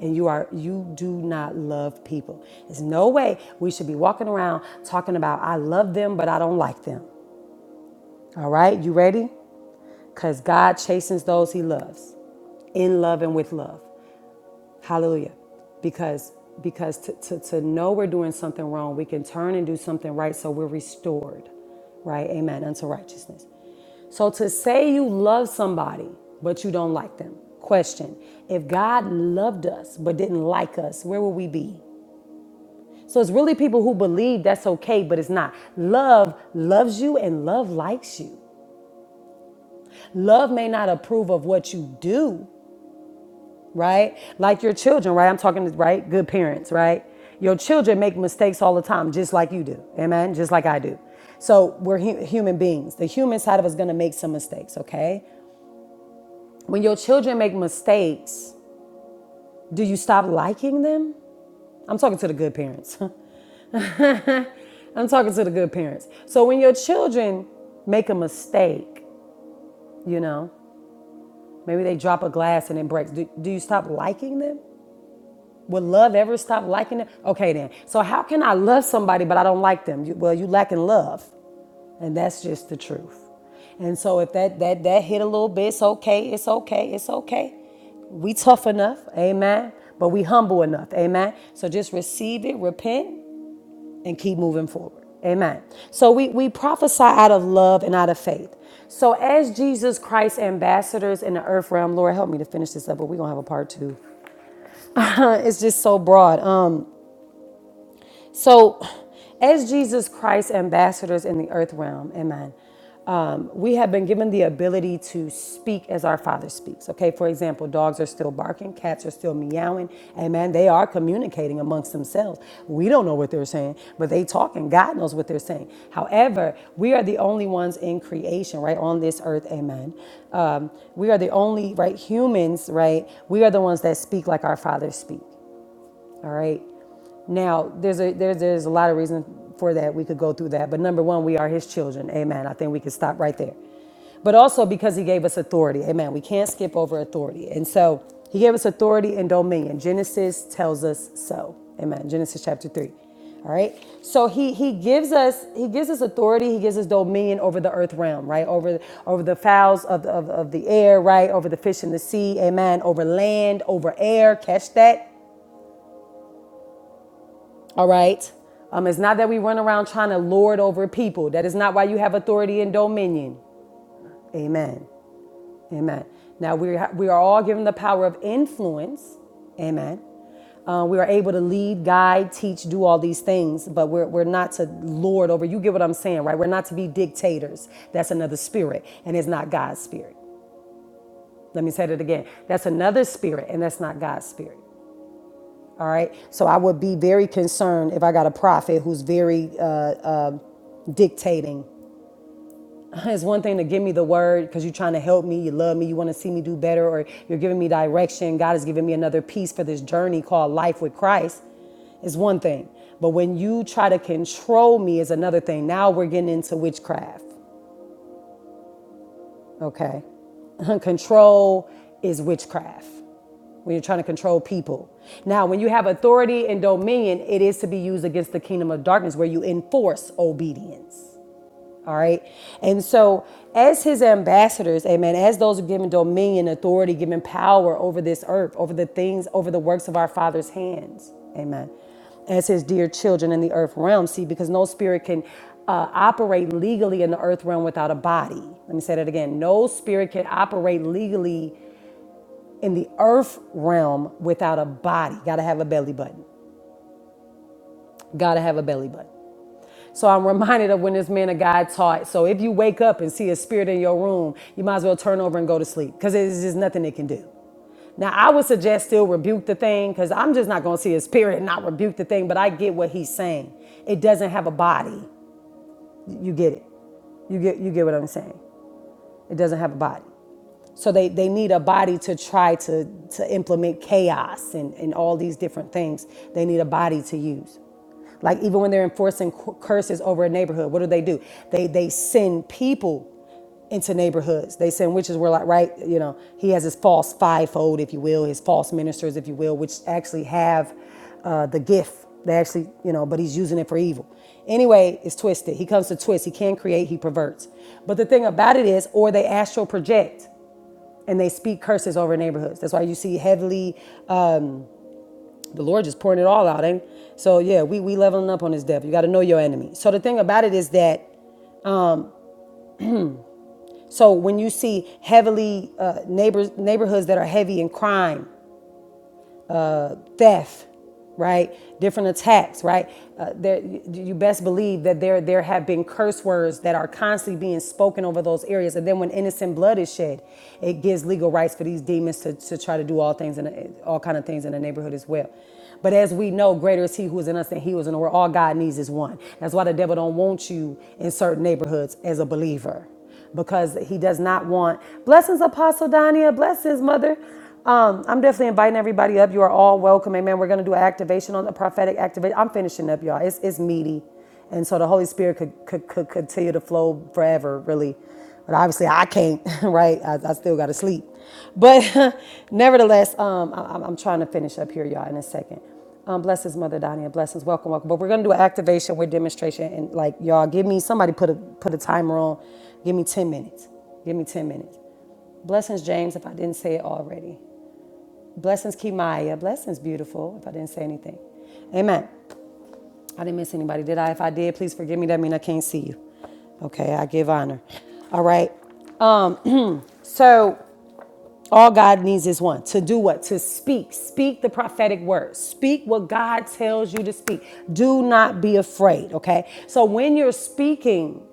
Speaker 1: and you are you do not love people. There's no way we should be walking around talking about I love them but I don't like them. All right? You ready? Because God chastens those he loves in love and with love. Hallelujah. Because because to, to, to know we're doing something wrong, we can turn and do something right so we're restored. Right? Amen. Unto righteousness. So to say you love somebody, but you don't like them. Question If God loved us but didn't like us, where would we be? So it's really people who believe that's okay, but it's not. Love loves you and love likes you. Love may not approve of what you do, right? Like your children, right? I'm talking to, right? Good parents, right? Your children make mistakes all the time, just like you do. Amen? Just like I do. So we're hu- human beings. The human side of us is going to make some mistakes, okay? When your children make mistakes, do you stop liking them? I'm talking to the good parents. I'm talking to the good parents. So when your children make a mistake, you know, maybe they drop a glass and it breaks, do, do you stop liking them? Would love ever stop liking them? Okay, then. So, how can I love somebody but I don't like them? You- Well, you lacking love, and that's just the truth. And so, if that that that hit a little bit, it's okay. It's okay. It's okay. We tough enough, amen. But we humble enough, amen. So just receive it, repent, and keep moving forward, amen. So we we prophesy out of love and out of faith. So as Jesus Christ ambassadors in the earth realm, Lord, help me to finish this up, but we're gonna have a part two. it's just so broad. Um. So, as Jesus Christ ambassadors in the earth realm, amen, um, we have been given the ability to speak as our Father speaks. Okay, for example, dogs are still barking, cats are still meowing, amen. They are communicating amongst themselves. We don't know what they're saying, but they talking. God knows what they're saying. However, we are the only ones in creation, right, on this earth, amen. Um, we are the only, right, humans, right, we are the ones that speak like our Father speaks. All right. Now, there's a there's there's a lot of reason for that. We could go through that, but number one, we are His children. Amen. I think we could stop right there. But also because He gave us authority. Amen. We can't skip over authority, and so He gave us authority and dominion. Genesis tells us so. Amen. Genesis chapter three. All right. So he he gives us he gives us authority. He gives us dominion over the earth realm, right? Over over the fowls of, of, of the air, right? Over the fish in the sea. Amen. Over land, over air. Catch that. All right. Um, it's not that we run around trying to lord over people. That is not why you have authority and dominion. Amen. Amen. Now we ha- we are all given the power of influence. Amen. Uh, we are able to lead, guide, teach, do all these things, but we're, we're not to lord over. You get what I'm saying, right? We're not to be dictators. That's another spirit, and it's not God's spirit. Let me say that again. That's another spirit, and that's not God's spirit. All right. So I would be very concerned if I got a prophet who's very uh, uh, dictating. It's one thing to give me the word because you're trying to help me, you love me, you want to see me do better, or you're giving me direction. God is giving me another piece for this journey called life with Christ. It's one thing. But when you try to control me, is another thing. Now we're getting into witchcraft. Okay. control is witchcraft. When you're trying to control people. Now, when you have authority and dominion, it is to be used against the kingdom of darkness where you enforce obedience. All right. And so, as his ambassadors, amen, as those who are given dominion, authority, given power over this earth, over the things, over the works of our Father's hands, amen, as his dear children in the earth realm. See, because no spirit can uh, operate legally in the earth realm without a body. Let me say that again. No spirit can operate legally in the earth realm without a body. Got to have a belly button. Gotta have a belly button. So I'm reminded of when this man of God taught. So if you wake up and see a spirit in your room, you might as well turn over and go to sleep because there's just nothing it can do. Now, I would suggest still rebuke the thing because I'm just not going to see a spirit and not rebuke the thing, but I get what he's saying. It doesn't have a body. You get it. You get, you get what I'm saying. It doesn't have a body. So they, they need a body to try to, to implement chaos and, and all these different things. They need a body to use. Like even when they're enforcing cu- curses over a neighborhood, what do they do? They they send people into neighborhoods. They send witches were like right, you know, he has his false fivefold, if you will, his false ministers, if you will, which actually have uh, the gift. They actually, you know, but he's using it for evil. Anyway, it's twisted. He comes to twist. He can create. He perverts. But the thing about it is, or they astral project and they speak curses over neighborhoods. That's why you see heavily um, the Lord just pouring it all out. Ain't so yeah, we we leveling up on this devil. You got to know your enemy. So the thing about it is that so when you see heavily uh, neighbors neighborhoods that are heavy in crime, theft, right? Different attacks, right? Uh, there, you best believe that there there have been curse words that are constantly being spoken over those areas, and then when innocent blood is shed, it gives legal rights for these demons to, to try to do all things and all kind of things in the neighborhood as well. But as we know, greater is He who is in us than He who is in the world. All God needs is one. That's why the devil don't want you in certain neighborhoods as a believer because he does not want blessings, Apostle Dania, blessings, Mother. Um, I'm definitely inviting everybody up. You are all welcome. Amen. We're going to do an activation on the prophetic activation. I'm finishing up, y'all. It's, it's meaty. And so the Holy Spirit could, could, could continue to flow forever, really. But obviously, I can't, right? I, I still got to sleep. But nevertheless, um, I, I'm I'm trying to finish up here, y'all, in a second. Um, blessings, Mother Donia. Blessings, welcome, welcome. But we're gonna do an activation with demonstration, and like y'all, give me somebody put a put a timer on. Give me ten minutes. Give me ten minutes. Blessings, James. If I didn't say it already. Blessings, Kimaya. Blessings, beautiful. If I didn't say anything, Amen. I didn't miss anybody, did I? If I did, please forgive me. That means I can't see you. Okay, I give honor. All right. So All God needs is one. To do what? To speak. Speak the prophetic word. Speak what God tells you to speak. Do not be afraid, okay? So when you're speaking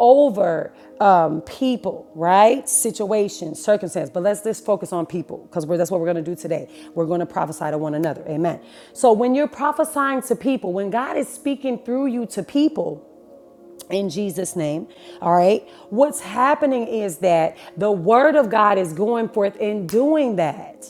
Speaker 1: over um, people, right? Situations, circumstances. but let's just focus on people because that's what we're going to do today. We're going to prophesy to one another. Amen. So when you're prophesying to people, when God is speaking through you to people, in Jesus' name. All right. What's happening is that the word of God is going forth in doing that.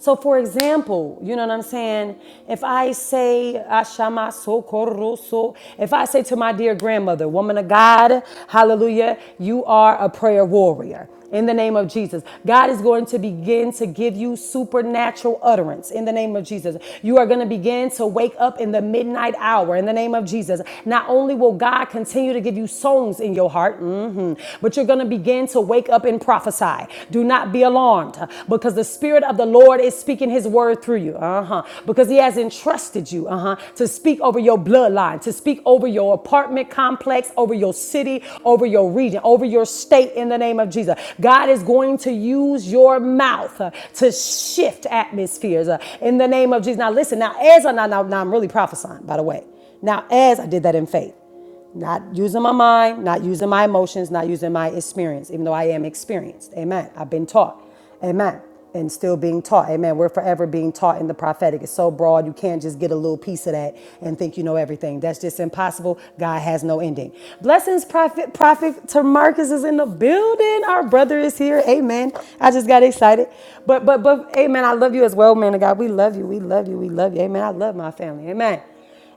Speaker 1: So, for example, you know what I'm saying? If I say, Ashama socorro so, if I say to my dear grandmother, woman of God, hallelujah, you are a prayer warrior. In the name of Jesus, God is going to begin to give you supernatural utterance. In the name of Jesus, you are going to begin to wake up in the midnight hour. In the name of Jesus, not only will God continue to give you songs in your heart, mhm, but you're going to begin to wake up and prophesy. Do not be be alarmed uh, because the Spirit of the Lord is speaking His word through you. Uh huh. Because He has entrusted you, uh huh, to speak over your bloodline, to speak over your apartment complex, over your city, over your region, over your state in the name of Jesus. God is going to use your mouth uh, to shift atmospheres uh, in the name of Jesus. Now, listen, now, as I, now now I'm really prophesying, by the way. Now, as I did that in faith. Not using my mind, not using my emotions, not using my experience, even though I am experienced. Amen. I've been taught. Amen. And still being taught. Amen. We're forever being taught in the prophetic. It's so broad, you can't just get a little piece of that and think you know everything. That's just impossible. God has no ending. Blessings, Prophet, Prophet Tamarcus is in the building. Our brother is here. Amen. I just got excited. But, but, but, amen. I love you as well, man of God. We love you. We love you. We love you. Amen. I love my family. Amen.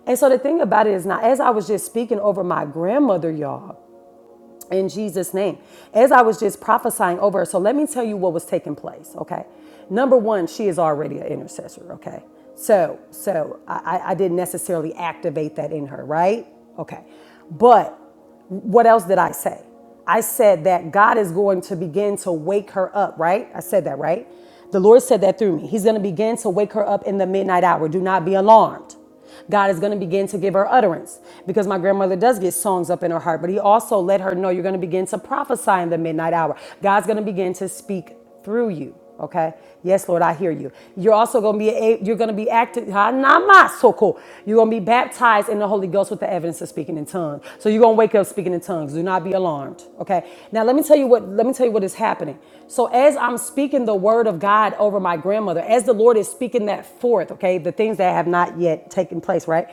Speaker 1: And so the thing about it is now, as I was just speaking over my grandmother, y'all, in Jesus' name, as I was just prophesying over her, so let me tell you what was taking place, okay? Number one, she is already an intercessor, okay? So, so I, I I didn't necessarily activate that in her, right? Okay. But what else did I say? I said that God is going to begin to wake her up, right? I said that, right? The Lord said that through me. He's going to begin to wake her up in the midnight hour. Do not be alarmed. God is going to begin to give her utterance because my grandmother does get songs up in her heart, but He also let her know you're going to begin to prophesy in the midnight hour. God's going to begin to speak through you. Okay. Yes, Lord, I hear you. You're also going to be a, you're going to be active. ha, na, ma, so cool. You're going to be baptized in the Holy Ghost with the evidence of speaking in tongues. So you're going to wake up speaking in tongues. Do not be alarmed. Okay. Now let me tell you what let me tell you what is happening. So as I'm speaking the word of God over my grandmother, as the Lord is speaking that forth, okay, the things that have not yet taken place, right?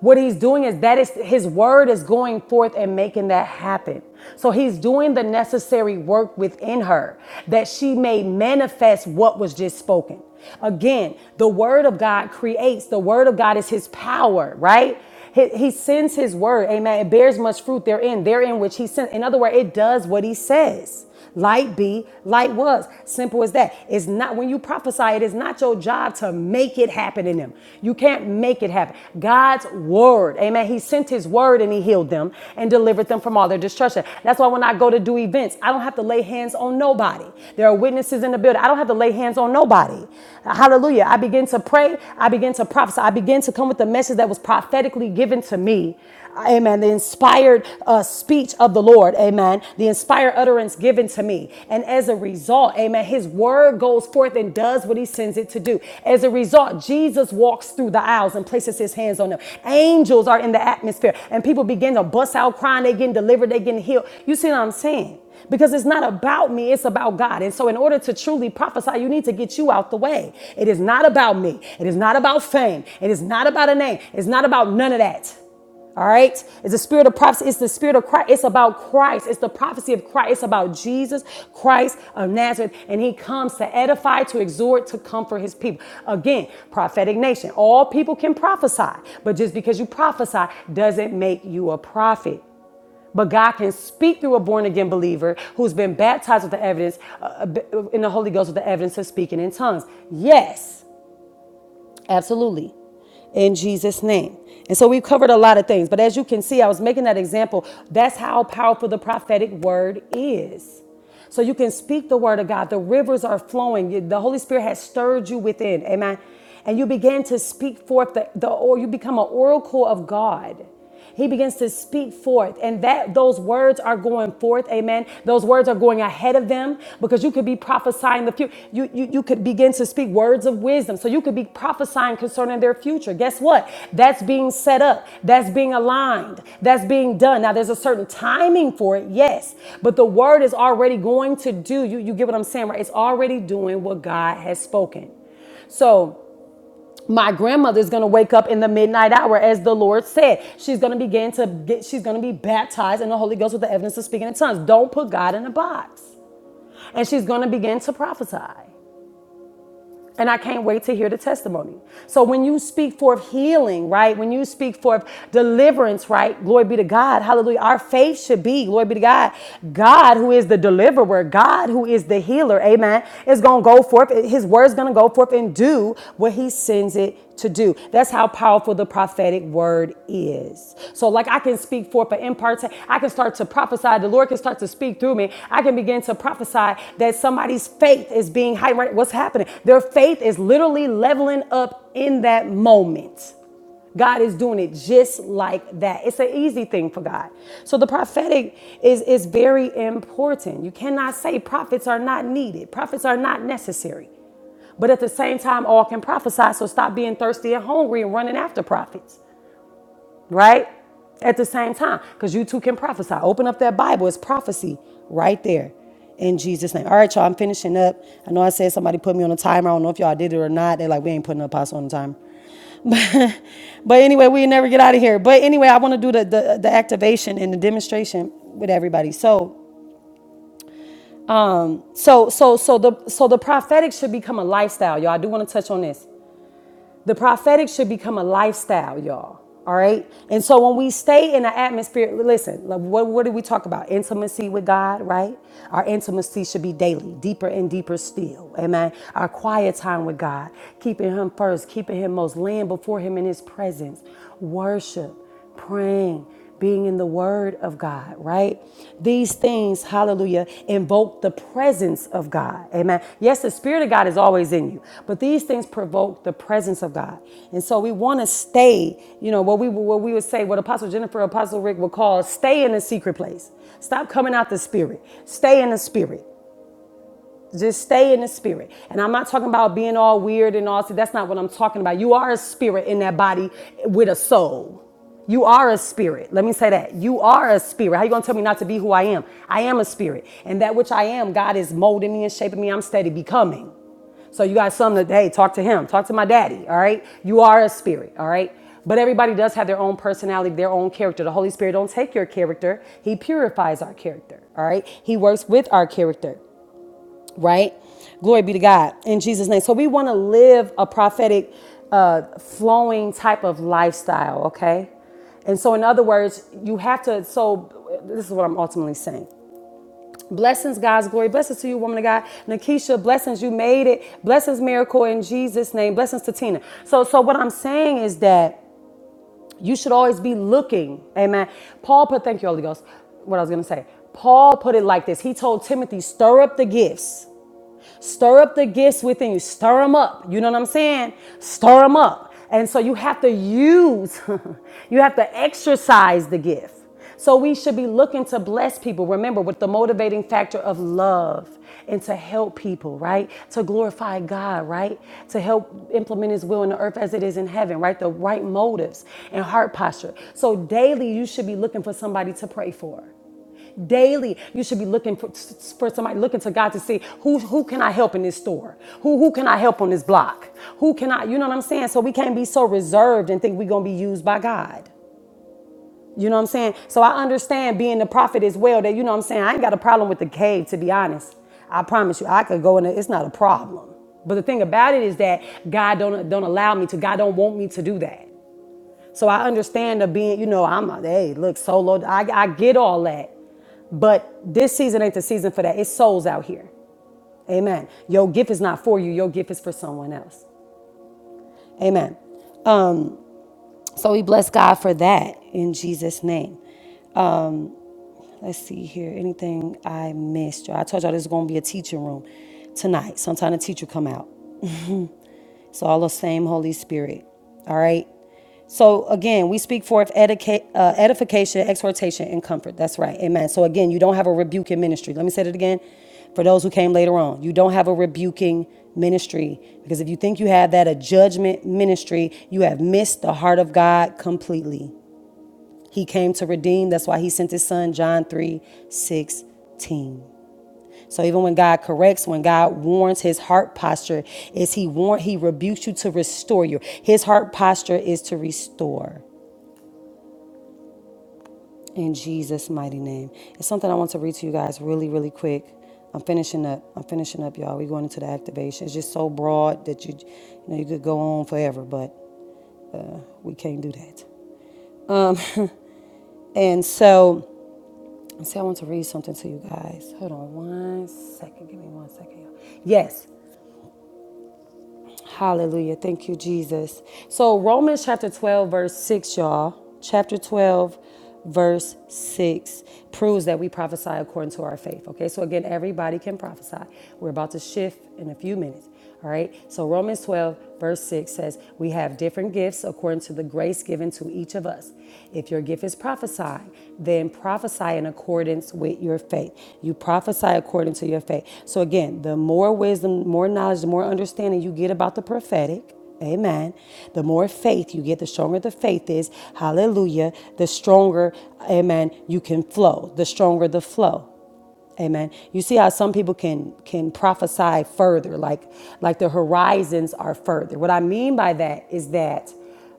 Speaker 1: What he's doing is that is his word is going forth and making that happen. So he's doing the necessary work within her that she may manifest what was just spoken. Again, the word of God creates, the word of God is his power, right? He, he sends his word, amen. It bears much fruit therein, therein which he sent. In other words, it does what he says. Light be, light was. Simple as that. It's not when you prophesy, it is not your job to make it happen in them. You can't make it happen. God's word, amen. He sent his word and he healed them and delivered them from all their destruction. That's why when I go to do events, I don't have to lay hands on nobody. There are witnesses in the building. I don't have to lay hands on nobody. Hallelujah. I begin to pray. I begin to prophesy. I begin to come with the message that was prophetically given to me Amen. The inspired uh, speech of the Lord. Amen. The inspired utterance given to me. And as a result, amen, his word goes forth and does what he sends it to do. As a result, Jesus walks through the aisles and places his hands on them. Angels are in the atmosphere and people begin to bust out crying. They getting delivered. They getting healed. You see what I'm saying? Because it's not about me, it's about God. And so, in order to truly prophesy, you need to get you out the way. It is not about me. It is not about fame. It is not about a name. It's not about none of that. All right. It's the spirit of prophecy. It's the spirit of Christ. It's about Christ. It's the prophecy of Christ. It's about Jesus Christ of Nazareth. And he comes to edify, to exhort, to comfort his people. Again, prophetic nation. All people can prophesy, but just because you prophesy doesn't make you a prophet. But God can speak through a born again believer who's been baptized with the evidence, uh, uh, in the Holy Ghost with the evidence of speaking in tongues. Yes. Absolutely. In Jesus' name. And so we've covered a lot of things, but as you can see, I was making that example. That's how powerful the prophetic word is. So you can speak the word of God. The rivers are flowing. The Holy Spirit has stirred you within. Amen. And you begin to speak forth the, the or you become an oracle of God. He begins to speak forth, and that those words are going forth, amen. Those words are going ahead of them because you could be prophesying in the future. You, you, you could begin to speak words of wisdom. So you could be prophesying concerning their future. Guess what? That's being set up. That's being aligned. That's being done. Now, there's a certain timing for it, yes, but the word is already going to do. You, you get what I'm saying, right? It's already doing what God has spoken. So my grandmother is going to wake up in the midnight hour, as the Lord said. She's going to begin to get, she's going to be baptized in the Holy Ghost with the evidence of speaking in tongues. Don't put God in a box. And she's going to begin to prophesy. And I can't wait to hear the testimony. So when you speak forth healing, right? When you speak forth deliverance, right? Glory be to God. Hallelujah. Our faith should be, glory be to God. God who is the deliverer, God who is the healer, amen, is going to go forth. His word's going to go forth and do what he sends it to do. That's how powerful the prophetic word is. So, like, I can speak forth an impartation. I can start to prophesy. The Lord can start to speak through me. I can begin to prophesy that somebody's faith is being heightened. What's happening? Their faith is literally leveling up in that moment. God is doing it just like that. It's an easy thing for God. So the prophetic is, is very important. You cannot say prophets are not needed, prophets are not necessary. But at the same time, all can prophesy. So stop being thirsty and hungry and running after prophets right? At the same time, because you two can prophesy. Open up that Bible, it's prophecy right there in Jesus' name. All right, y'all, I'm finishing up. I know I said somebody put me on a timer. I don't know if y'all did it or not. They're like, we ain't putting an apostle on the timer. But, but anyway, we never get out of here. But anyway, I want to do the, the the activation and the demonstration with everybody. So um so so so the so the prophetic should become a lifestyle, y'all. I do want to touch on this. The prophetic should become a lifestyle, y'all. All right. And so when we stay in the atmosphere, listen, like, what, what did we talk about? Intimacy with God, right? Our intimacy should be daily, deeper and deeper still. Amen. Our quiet time with God, keeping Him first, keeping Him most, laying before Him in His presence, worship praying, being in the Word of God, right? These things, hallelujah, invoke the presence of God. Amen. Yes, the Spirit of God is always in you, but these things provoke the presence of God. And so we want to stay, you know, what we, what we would say, what Apostle Jennifer, Apostle Rick would call stay in the secret place. Stop coming out the Spirit. Stay in the Spirit. Just stay in the spirit. And I'm not talking about being all weird and all. See, that's not what I'm talking about. You are a spirit in that body with a soul. You are a spirit. Let me say that. You are a spirit. How you gonna tell me not to be who I am? I am a spirit. And that which I am, God is molding me and shaping me. I'm steady becoming. So you got something to, hey, talk to him, talk to my daddy, all right? You are a spirit, all right? But everybody does have their own personality, their own character. The Holy Spirit don't take your character. He purifies our character, all right? He works with our character right? Glory be to God in Jesus' name. So we want to live a prophetic, uh, flowing type of lifestyle, okay? And so, in other words, you have to. So, this is what I'm ultimately saying. Blessings, God's glory. Blessings to you, woman of God. Nakisha, blessings, you made it. Blessings, miracle in Jesus' name. Blessings to Tina. So, so what I'm saying is that you should always be looking. Amen. Paul put, thank you, Holy Ghost. What I was going to say. Paul put it like this. He told Timothy, stir up the gifts Stir up the gifts within you. Stir them up. You know what I'm saying? Stir them up. And so you have to use, you have to exercise the gift. So we should be looking to bless people, remember, with the motivating factor of love and to help people, right? To glorify God, right? To help implement His will in the earth as it is in heaven, right? The right motives and heart posture. So daily, you should be looking for somebody to pray for. Daily, you should be looking for, for somebody, looking to God to see who, who can I help in this store? Who, who can I help on this block? Who can I, you know what I'm saying? So we can't be so reserved and think we're going to be used by God. You know what I'm saying? So I understand being the prophet as well that, you know what I'm saying? I ain't got a problem with the cave, to be honest. I promise you, I could go in there. It's not a problem. But the thing about it is that God don't, don't allow me to, God don't want me to do that. So I understand of being, you know, I'm a, hey, look, solo. I, I get all that. But this season ain't the season for that. It's souls out here. Amen. Your gift is not for you, your gift is for someone else. Amen. So we bless God for that in Jesus' name. Let's see here. Anything I missed. I told y'all this is gonna be a teaching room tonight. Sometime the teacher come out. It's all the same Holy Spirit. All right. So again, we speak forth edica- uh, edification, exhortation, and comfort. That's right. Amen. So again, you don't have a rebuking ministry. Let me say it again for those who came later on. You don't have a rebuking ministry because if you think you have that, a judgment ministry, you have missed the heart of God completely. He came to redeem. That's why he sent his son, John 3 16. So even when God corrects, when God warns his heart posture is he warn he rebukes you to restore you. His heart posture is to restore in Jesus mighty name. It's something I want to read to you guys really really quick. I'm finishing up. I'm finishing up y'all. We're going into the activation. It's just so broad that you you know you could go on forever, but uh, we can't do that. Um, And so, see, I want to read something to you guys. Hold on one second. Give me one second, y'all. Yes. Hallelujah. Thank you, Jesus. So, Romans chapter 12, verse 6, y'all. Chapter 12, verse 6 proves that we prophesy according to our faith. Okay, so again, everybody can prophesy. We're about to shift in a few minutes. All right, so Romans 12, verse 6 says, We have different gifts according to the grace given to each of us. If your gift is prophesy, then prophesy prophesy in accordance with your faith. You prophesy according to your faith. So again, the more wisdom, more knowledge, the more understanding you get about the prophetic, Amen. The more faith you get, the stronger the faith is. Hallelujah. The stronger, amen, you can flow. The stronger the flow. Amen. You see how some people can can prophesy further, like like the horizons are further. What I mean by that is that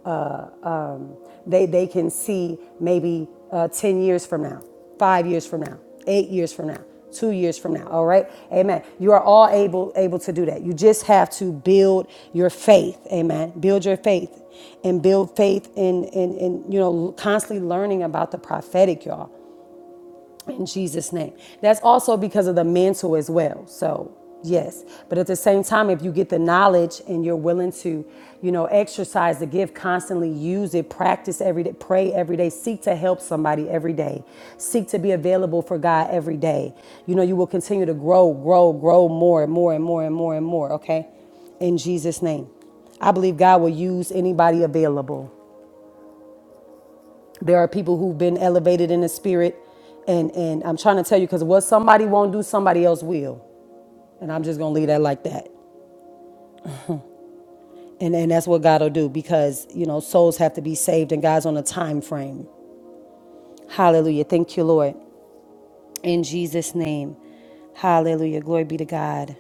Speaker 1: uh, um, they they can see maybe uh, ten years from now, five years from now, eight years from now, two years from now. All right, Amen. You are all able able to do that. You just have to build your faith. Amen. Build your faith and build faith in in in you know constantly learning about the prophetic, y'all in Jesus' name. That's also because of the mantle as well. So, yes. But at the same time, if you get the knowledge and you're willing to, you know, exercise the gift, constantly use it, practice every day, pray every day, seek to help somebody every day, seek to be available for God every day, you know, you will continue to grow, grow, grow more and more and more and more and more, okay? In Jesus' name. I believe God will use anybody available there are people who've been elevated in the spirit and and i'm trying to tell you because what somebody won't do somebody else will and i'm just gonna leave that like that and and that's what god'll do because you know souls have to be saved and god's on a time frame hallelujah thank you lord in jesus name hallelujah glory be to god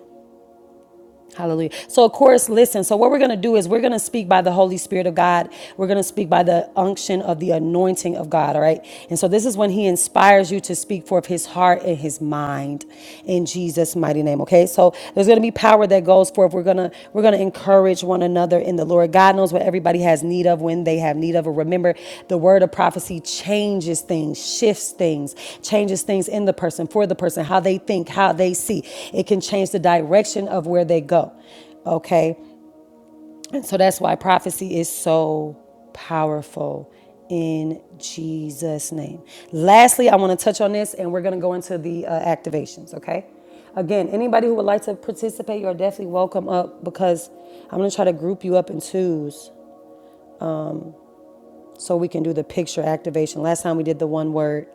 Speaker 1: Hallelujah. So, of course, listen. So, what we're going to do is we're going to speak by the Holy Spirit of God. We're going to speak by the unction of the anointing of God. All right. And so, this is when He inspires you to speak forth His heart and His mind in Jesus' mighty name. Okay. So, there's going to be power that goes forth. We're going to gonna we're gonna encourage one another in the Lord. God knows what everybody has need of when they have need of it. Remember, the word of prophecy changes things, shifts things, changes things in the person, for the person, how they think, how they see. It can change the direction of where they go. Okay. And so that's why prophecy is so powerful in Jesus' name. Lastly, I want to touch on this and we're going to go into the uh, activations, okay? Again, anybody who would like to participate, you're definitely welcome up because I'm going to try to group you up in twos so we can do the picture activation. Last time we did the one word,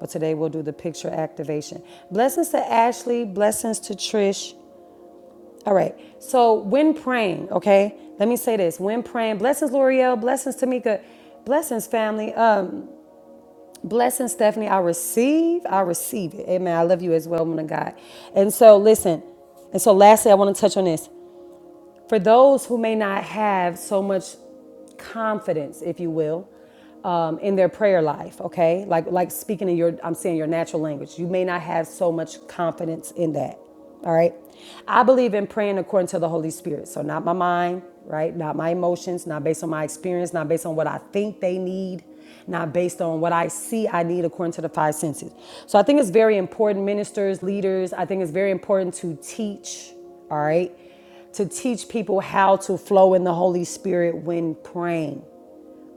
Speaker 1: but today we'll do the picture activation. Blessings to Ashley, blessings to Trish. All right. So when praying, okay, let me say this. When praying, blessings, L'Oreal, blessings, Tamika, blessings, family, um, blessings, Stephanie. I receive, I receive it. Amen. I love you as well, woman of God. And so listen, and so lastly, I want to touch on this. For those who may not have so much confidence, if you will, um, in their prayer life, okay? Like like speaking in your I'm saying your natural language. You may not have so much confidence in that. All right. I believe in praying according to the Holy Spirit. So not my mind, right? Not my emotions, not based on my experience, not based on what I think they need, not based on what I see I need according to the five senses. So I think it's very important, ministers, leaders, I think it's very important to teach, all right? to teach people how to flow in the Holy Spirit when praying.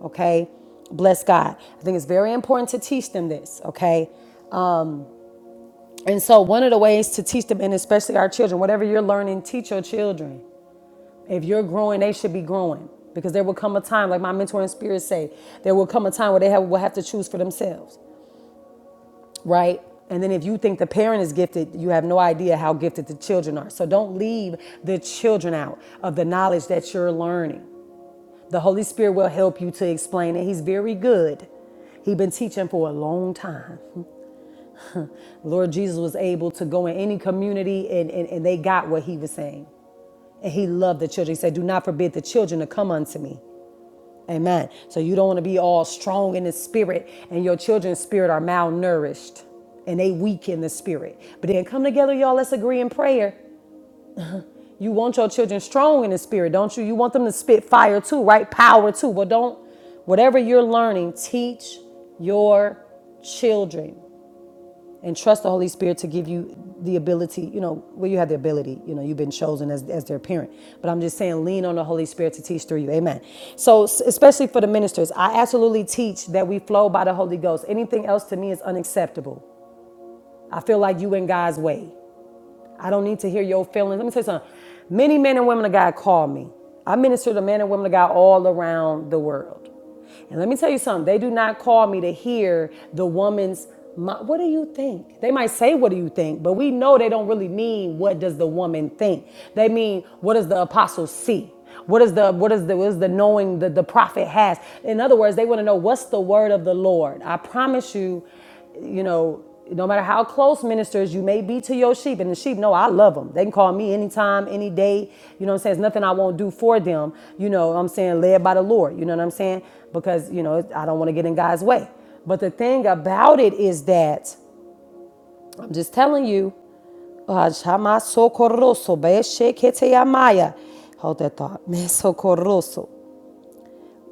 Speaker 1: Okay? Bless God. I think it's very important to teach them this. Okay? And so, one of the ways to teach them, and especially our children, whatever you're learning, teach your children. If you're growing, they should be growing because there will come a time, like my mentor and spirit say, there will come a time where they have, will have to choose for themselves, right? And then if you think the parent is gifted, you have no idea how gifted the children are. So don't leave the children out of the knowledge that you're learning. The Holy Spirit will help you to explain it. He's very good. He's been teaching for a long time. Lord Jesus was able to go in any community and, and, and they got what he was saying. And he loved the children. He said, Do not forbid the children to come unto me. Amen. So you don't want to be all strong in the spirit and your children's spirit are malnourished and they weak in the spirit. But then come together, y'all. Let's agree in prayer. You want your children strong in the spirit, don't you? You want them to spit fire too, right? Power too. Well, don't, whatever you're learning, teach your children and trust the Holy Spirit to give you the ability, you know, well, you have the ability, you know, you've been chosen as, as their parent. But I'm just saying, lean on the Holy Spirit to teach through you. Amen. So, especially for the ministers, I absolutely teach that we flow by the Holy Ghost. Anything else to me is unacceptable. I feel like you in God's way. I don't need to hear your feelings. Let me tell you something. Many men and women of God call me. I minister to men and women of God all around the world. And let me tell you something. They do not call me to hear the woman's. What do you think? They might say, "What do you think?" But we know they don't really mean what does the woman think. They mean what does the apostle see. What is the what is the what is the knowing that the prophet has? In other words, they want to know what's the word of the Lord. I promise you, you know, no matter how close ministers you may be to your sheep, and the sheep know I love them. They can call me anytime, any day. You know what I'm saying? it's nothing I won't do for them. You know what I'm saying? Led by the Lord. You know what I'm saying? Because, you know, I don't want to get in God's way. But the thing about it is that, I'm just telling you, Ajama sokoroso, be shekete yamaya. Hold that thought. Me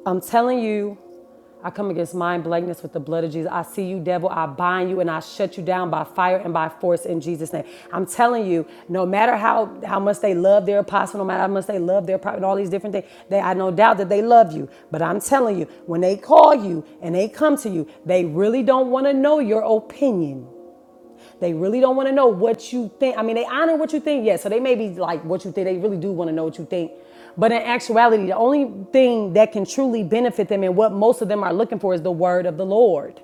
Speaker 1: I'm telling you, I come against mind blankness with the blood of Jesus. I see you, devil. I bind you and I shut you down by fire and by force in Jesus' name. I'm telling you, no matter how, how much they love their apostle, no matter how much they love their prophet, all these different things, they I no doubt that they love you. But I'm telling you, when they call you and they come to you, they really don't want to know your opinion. They really don't want to know what you think. I mean, they honor what you think, yes. yeah, So they may be like what you think. They really do want to know what you think. But in actuality, the only thing that can truly benefit them and what most of them are looking for is the word of the Lord.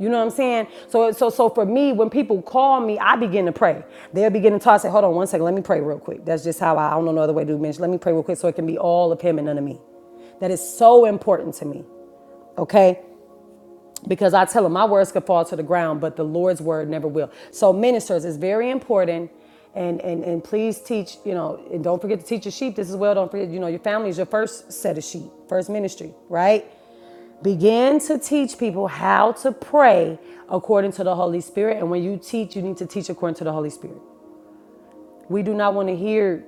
Speaker 1: You know what I'm saying? So, so, so for me, when people call me, I begin to pray. They'll begin to talk. Say, hold on one second. Let me pray real quick. That's just how I. I don't know no other way to do ministry. Let me pray real quick so it can be all of Him and none of me. That is so important to me. Okay because I tell them my words could fall to the ground, but the Lord's word never will. So ministers it's very important. And, and and please teach, you know, and don't forget to teach your sheep this as well. Don't forget, you know, your family is your first set of sheep, first ministry, right? Begin to teach people how to pray according to the Holy Spirit. And when you teach, you need to teach according to the Holy Spirit. We do not want to hear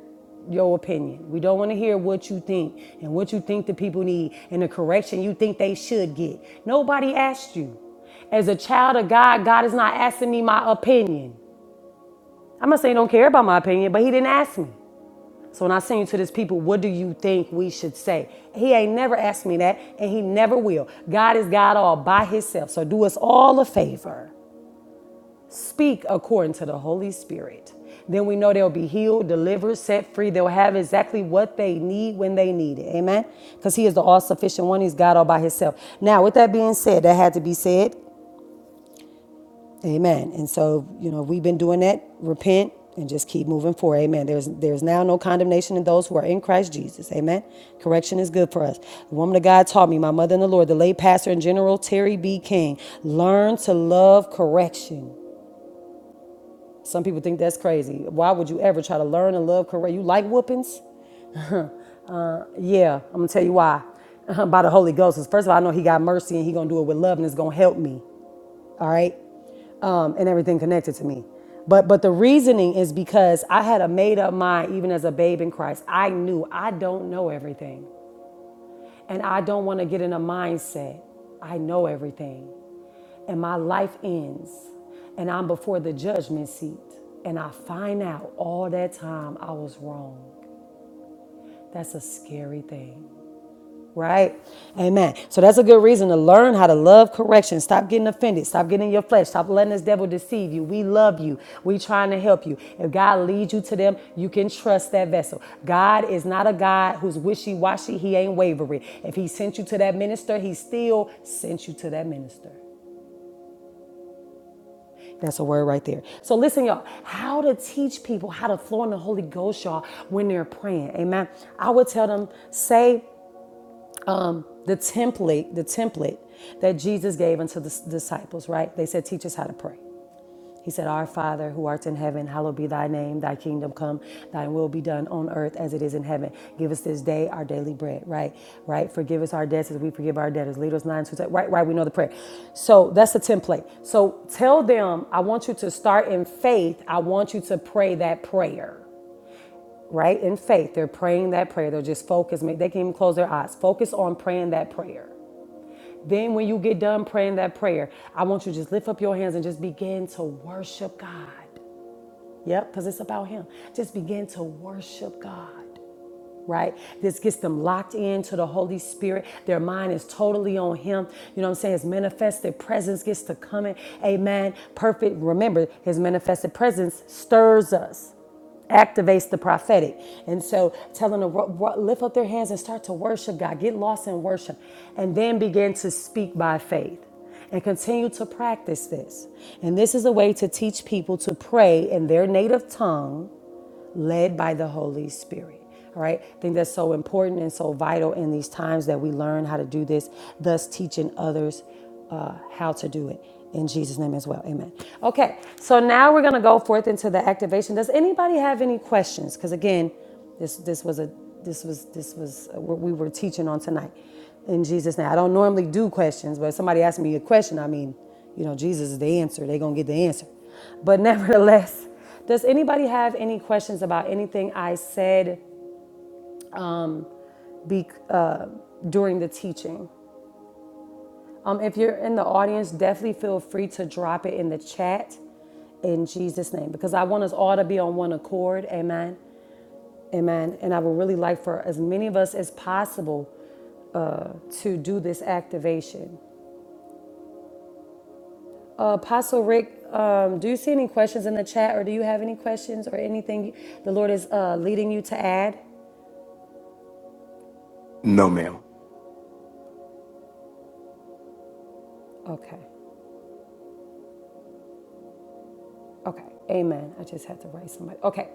Speaker 1: your opinion. We don't want to hear what you think and what you think the people need and the correction you think they should get. Nobody asked you. As a child of God, God is not asking me my opinion. I'm not saying he don't care about my opinion, but he didn't ask me. So when I send you to this people, what do you think we should say? He ain't never asked me that, and he never will. God is God all by himself. So do us all a favor. Speak according to the Holy Spirit. Then we know they'll be healed, delivered, set free. They'll have exactly what they need when they need it. Amen. Because He is the all sufficient one. He's God all by Himself. Now, with that being said, that had to be said. Amen. And so, you know, we've been doing that. Repent and just keep moving forward. Amen. There's there's now no condemnation in those who are in Christ Jesus. Amen. Correction is good for us. The woman of God taught me, my mother in the Lord, the late pastor and general Terry B. King, learn to love correction. Some people think that's crazy. Why would you ever try to learn and love Korea? You like whoopings? Uh, yeah, I'm gonna tell you why. By the Holy Ghost. 'Cause first of all, I know He got mercy and He gonna do it with love and it's gonna help me. All right, um, and everything connected to me. But but the reasoning is because I had a made up mind even as a babe in Christ. I knew I don't know everything. And I don't want to get in a mindset. I know everything. And my life ends. And I'm before the judgment seat. And I find out all that time I was wrong. That's a scary thing. Right? Amen. So that's a good reason to learn how to love correction. Stop getting offended. Stop getting in your flesh. Stop letting this devil deceive you. We love you. We trying to help you. If God leads you to them, you can trust that vessel. God is not a God who's wishy-washy. He ain't wavering. If he sent you to that minister, he still sent you to that minister. That's a word right there. So listen, y'all, how to teach people how to flow in the Holy Ghost, y'all, when they're praying. Amen. I would tell them, say the template the template that jesus gave unto the s- disciples right they said teach us how to pray he said our father who art in heaven hallowed be thy name thy kingdom come thy will be done on earth as it is in heaven give us this day our daily bread right right forgive us our debts as we forgive our debtors lead us not into temptation. right right we know the prayer so that's the template so tell them i want you to start in faith i want you to pray that prayer right in faith they're praying that prayer they're just focused they can even close their eyes focus on praying that prayer then, when you get done praying that prayer, I want you to just lift up your hands and just begin to worship God. Yep, because it's about Him. Just begin to worship God right? This gets them locked into the Holy Spirit. Their mind is totally on Him. You know what I'm saying? His manifested presence gets to come in. Amen. Perfect. Remember, His manifested presence stirs us. Activates the prophetic. And so tell them to ro- ro- lift up their hands and start to worship God. Get lost in worship. And then begin to speak by faith and continue to practice this. And this is a way to teach people to pray in their native tongue led by the Holy Spirit. All right. I think that's so important and so vital in these times that we learn how to do this, thus teaching others uh, how to do it in Jesus' name as well. Amen. Okay. So now we're going to go forth into the activation. Does anybody have any questions? Because again, this this was a this was this was what we were teaching on tonight in Jesus' name. I don't normally do questions, but if somebody asked me a question, I mean, you know, Jesus is the answer. They're gonna get the answer. But nevertheless. Does anybody have any questions about anything I said be, uh, during the teaching? Um, if you're in the audience, definitely feel free to drop it in the chat in Jesus' name because I want us all to be on one accord. Amen. Amen. And I would really like for as many of us as possible uh, to do this activation. Uh, Apostle Rick, um, do you see any questions in the chat or do you have any questions or anything the Lord is uh, leading you to add?
Speaker 2: No, ma'am.
Speaker 1: Okay. Okay, amen. I just had to write somebody. Okay,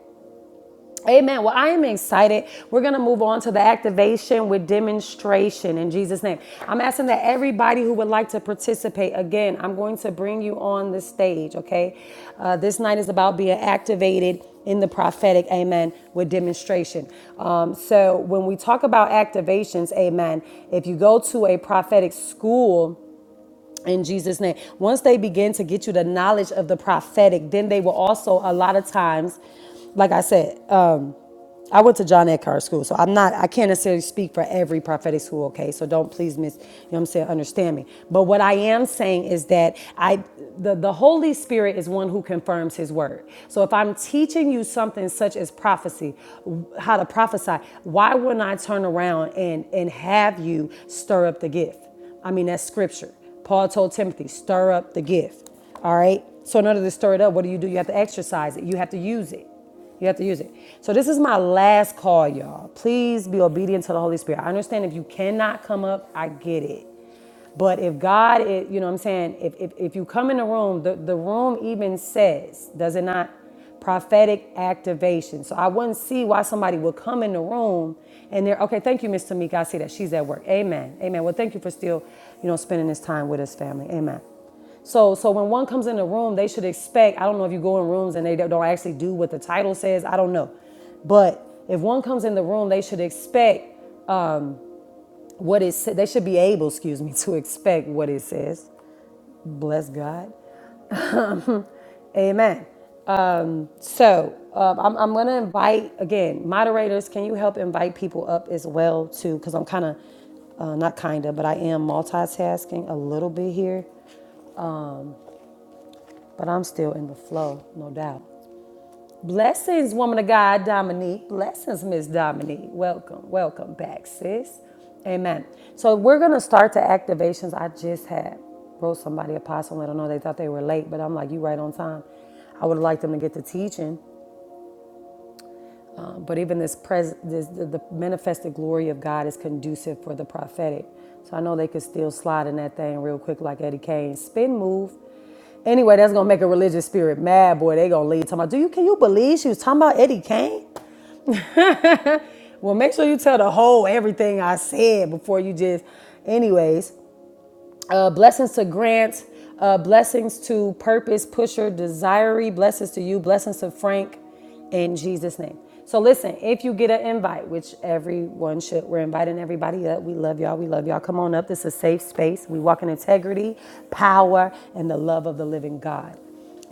Speaker 1: amen. Well, I am excited. We're going to move on to the activation with demonstration in Jesus' name. I'm asking that everybody who would like to participate, again, I'm going to bring you on the stage, okay? Uh, this night is about being activated in the prophetic, amen, with demonstration. Um, so when we talk about activations, amen, if you go to a prophetic school, in Jesus' name. Once they begin to get you the knowledge of the prophetic, then they will also, a lot of times, like I said, I went to John Eckhart School, so I'm not, I can't necessarily speak for every prophetic school, okay? So don't please miss, you know what I'm saying, understand me. But what I am saying is that I, the, the Holy Spirit is one who confirms his word. So if I'm teaching you something such as prophecy, how to prophesy, why wouldn't I turn around and, and have you stir up the gift? I mean, that's scripture. Paul told Timothy, stir up the gift, all right? So in order to stir it up, what do you do? You have to exercise it, you have to use it. You have to use it. So this is my last call, y'all. Please be obedient to the Holy Spirit. I understand if you cannot come up, I get it. But if God, is, you know what I'm saying, if, if, if you come in the room, the, the room even says, does it not? Prophetic activation. So I wouldn't see why somebody would come in the room and they're, okay, thank you, Miss Tamika. I see that she's at work. Amen. Amen. Well, thank you for still, you know, spending this time with us, family. Amen. So, so when one comes in the room, they should expect. I don't know if you go in rooms and they don't actually do what the title says. I don't know, but if one comes in the room, they should expect what it. sa- They should be able, excuse me, to expect what it says. Bless God, Amen. Um, so um, I'm, I'm gonna invite again moderators. Can you help invite people up as well too? Because I'm kind of uh, not kinda, but I am multitasking a little bit here. But I'm still in the flow, no doubt. Blessings, woman of God, Dominique. Blessings, Miss Dominique. Welcome, welcome back, sis. Amen. So we're gonna start the activations. I just had wrote somebody apostle. and I don't know. They thought they were late, but I'm like, you right on time. I would like them to get to teaching, um, but even this, pres- this the, the manifested glory of God is conducive for the prophetic. So I know they could still slide in that thing real quick, like Eddie Kane. Spin move. Anyway, that's gonna make a religious spirit mad, boy. They gonna leave talking about, do you can you believe she was talking about Eddie Kane? well, make sure you tell the whole everything I said before you just, anyways. Uh, blessings to Grant. Uh, blessings to Purpose Pusher Desiree. Blessings to you. Blessings to Frank. In Jesus' name. So listen, if you get an invite, which everyone should, we're inviting everybody up. We love y'all. We love y'all. Come on up. This is a safe space. We walk in integrity, power, and the love of the living God.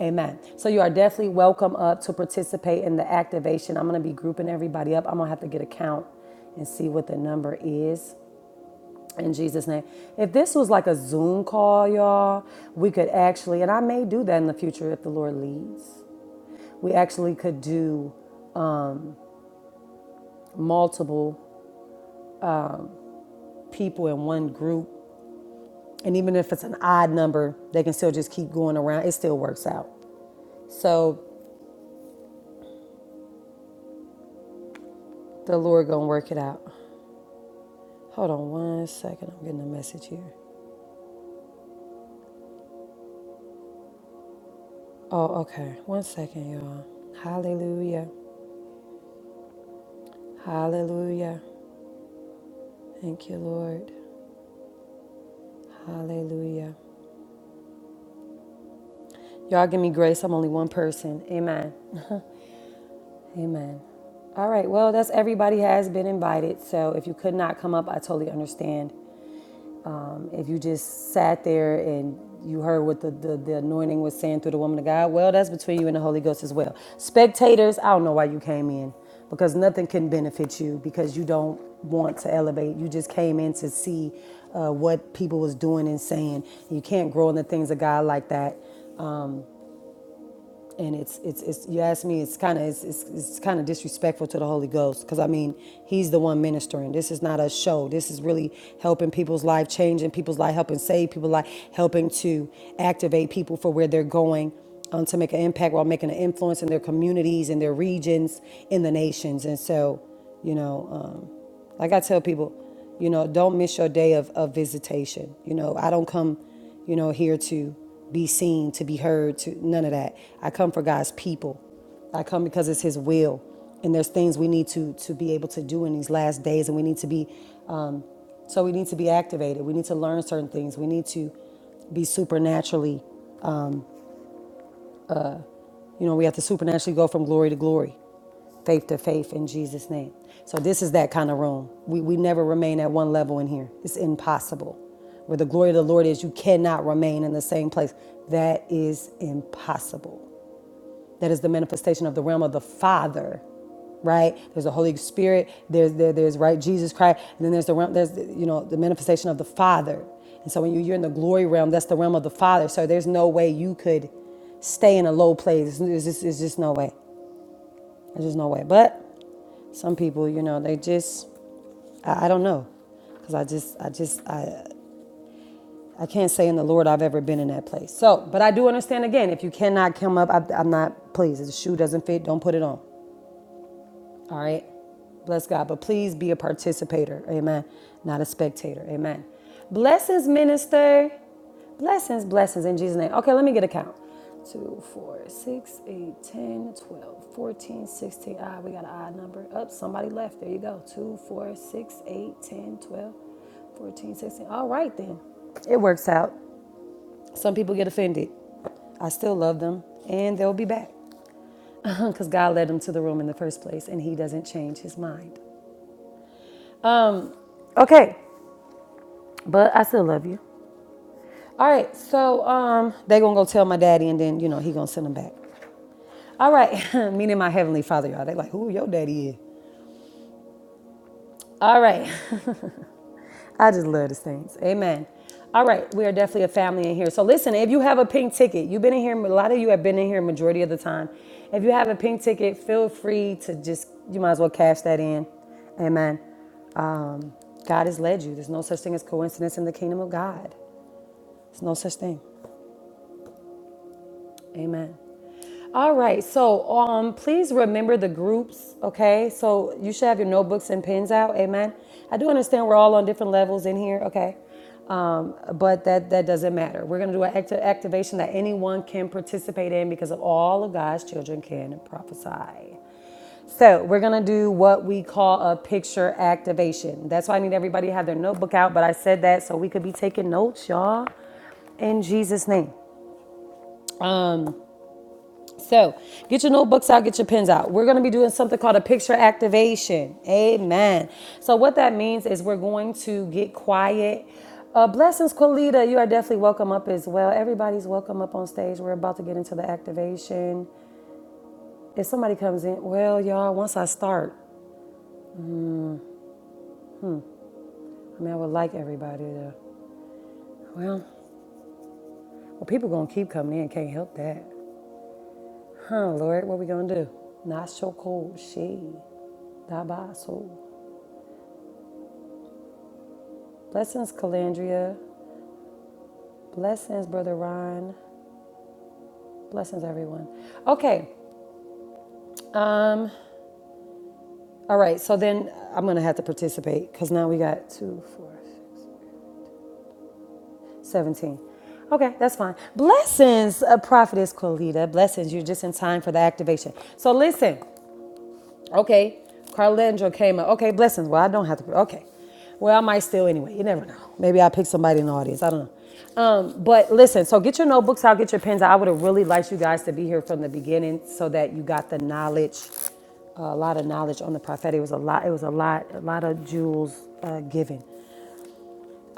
Speaker 1: Amen. So you are definitely welcome up to participate in the activation. I'm going to be grouping everybody up. I'm going to have to get a count and see what the number is. In Jesus' name. If this was like a Zoom call, y'all, we could actually, and I may do that in the future if the Lord leads, we actually could do multiple people in one group. And even if it's an odd number, they can still just keep going around. It still works out. So the Lord gonna work it out. Hold on one second. I'm getting a message here. Oh, okay. One second, y'all. Hallelujah. Hallelujah. Thank you, Lord. Hallelujah. Y'all give me grace. I'm only one person. Amen. Amen. All right. Well, that's everybody has been invited. So if you could not come up, I totally understand. Um, if you just sat there and you heard what the, the, the anointing was saying through the woman of God, well, that's between you and the Holy Ghost as well. Spectators, I don't know why you came in because nothing can benefit you because you don't want to elevate. You just came in to see uh, what people was doing and saying. You can't grow in the things of God like that. and it's it's it's you ask me it's kind of it's, it's, it's kind of disrespectful to the holy ghost because i mean he's the one ministering this is not a show this is really helping people's life changing people's life helping save people's life helping to activate people for where they're going um, to make an impact while making an influence in their communities in their regions in the nations and so you know um, like i tell people you know, don't miss your day of, of visitation. You know, I don't come, you know, here to be seen, to be heard, to none of that. I come for God's people. I come because it's His will. And there's things we need to to be able to do in these last days, and we need to be, um, so we need to be activated. We need to learn certain things. We need to be supernaturally you know, we have to supernaturally go from glory to glory, faith to faith in Jesus' name. So this is that kind of room. We, we never remain at one level in here. It's impossible. Where the glory of the Lord is, you cannot remain in the same place. That is impossible that is the manifestation of the realm of the Father, right? There's the Holy Spirit. There's there, there's right Jesus Christ, and then there's the realm. There's you know the manifestation of the Father. And so when you, you're in the glory realm, that's the realm of the Father. So there's no way you could stay in a low place. There's just, there's just no way. There's just no way. But some people, you know, they just I, I don't know, because I just I just I. I can't say in the Lord I've ever been in that place. So, but I do understand again, if you cannot come up, I, I'm not, please, if the shoe doesn't fit, don't put it on. All right. Bless God. But please be a participator. Amen. Not a spectator. Amen. Blessings, minister. Blessings, blessings in Jesus' name. Okay, let me get a count. 2, 4, 6, 8, 10, 12, 14, 16. Ah, we got an odd number. Up, somebody left. There you go. two, four, six, eight, ten, twelve, fourteen, sixteen. All right, then. It works out. Some people get offended. I still love them, and they'll be back because God led them to the room in the first place, and He doesn't change His mind. Um, Okay, but I still love you. All right, so um, they gonna go tell my daddy, and then you know he gonna send them back. All right, meaning my heavenly father, y'all. They like who your daddy is. All right, I just love the saints. Amen. All right, we are definitely a family in here. So listen, if you have a pink ticket, you've been in here. A lot of you have been in here majority of the time. If you have a pink ticket, feel free to just you might as well cash that in. Amen. Um, God has led you. There's no such thing as coincidence in the kingdom of God. There's no such thing. Amen. All right. So, um, please remember the groups. Okay. So you should have your notebooks and pens out. Amen. I do understand we're all on different levels in here. Okay. Um, but that that doesn't matter. We're gonna do an acti- activation that anyone can participate in because of all of God's children can prophesy. So we're gonna do what we call a picture activation. That's why I need everybody to have their notebook out. But I said that so we could be taking notes, y'all in Jesus' name. Um, so get your notebooks out, get your pens out. We're going to be doing something called a picture activation. Amen. So what that means is we're going to get quiet. Uh, blessings, Kalita. You are definitely welcome up as well. Everybody's welcome up on stage. We're about to get into the activation. If somebody comes in, well, y'all, once I start, I mean, I would like everybody to, well, well, people going to keep coming in. Can't help that. Huh, Lord, what we going to do? Not so cold. She. Dabaso. Blessings, Calandria. Blessings, Brother Ron. Blessings, everyone. Okay. Um, all right. So then I'm going to have to participate because now we got two, four, seventeen. Okay, that's fine. Blessings, uh, Prophetess Colita. Blessings. You're just in time for the activation. So listen, Okay, Carlangelo came up. Okay, blessings. Well, I don't have to. Okay. Well, I might still anyway. You never know. Maybe I'll pick somebody in the audience. I don't know. Um, but listen, so get your notebooks out, get your pens out. I would have really liked you guys to be here from the beginning so that you got the knowledge, a lot of knowledge on the prophetic. It was a lot, it was a lot, a lot of jewels uh, given.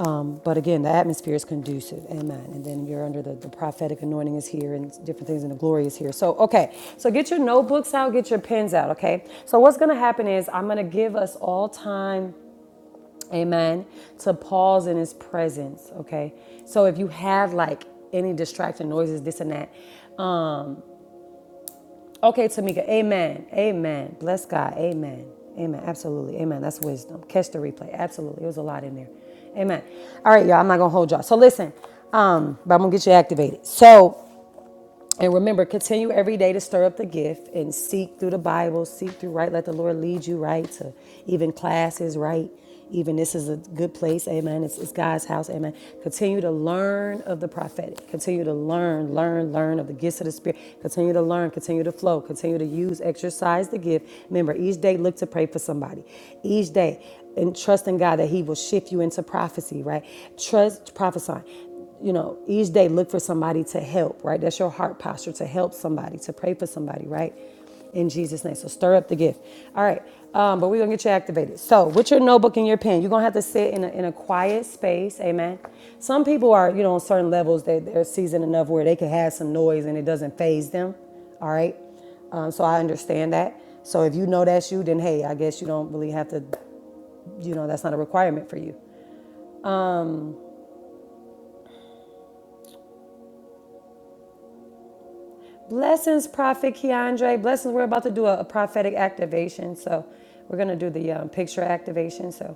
Speaker 1: Um, but again, the atmosphere is conducive. Amen. And then you're under the, the prophetic anointing is here and different things and the glory is here. So, okay. So get your notebooks out, get your pens out. Okay. So what's going to happen is I'm going to give us all time. Amen. To pause in his presence. Okay. So if you have like any distracting noises, this and that, Okay, Tamika. Amen. Amen. Bless God. Amen. Amen. Absolutely. Amen. That's wisdom. Catch the replay. Absolutely. It was a lot in there. Amen. All right, y'all. I'm not gonna hold y'all. So listen, um, but I'm gonna get you activated. So and remember, continue every day to stir up the gift and seek through the Bible, seek through right. Let the Lord lead you right to even classes, right? Even this is a good place, amen. It's, it's God's house, amen. Continue to learn of the prophetic. Continue to learn, learn, learn of the gifts of the Spirit. Continue to learn, continue to flow, continue to use, exercise the gift. Remember, each day look to pray for somebody. Each day, and trust in God that He will shift you into prophecy, right? Trust prophesying you know, each day look for somebody to help, right? That's your heart posture to help somebody, to pray for somebody, right? In Jesus' name. So stir up the gift. All right. Um, but we're going to get you activated. So with your notebook and your pen, you're going to have to sit in a, in a quiet space. Amen. Some people are, you know, on certain levels, they, they're seasoned enough where they can have some noise and it doesn't phase them. All right. Um, so I understand that. So if you know that's you, then hey, I guess you don't really have to, you know, that's not a requirement for you. Blessings, Prophet Keandre. Blessings. We're about to do a, a prophetic activation. So we're going to do the um, picture activation. So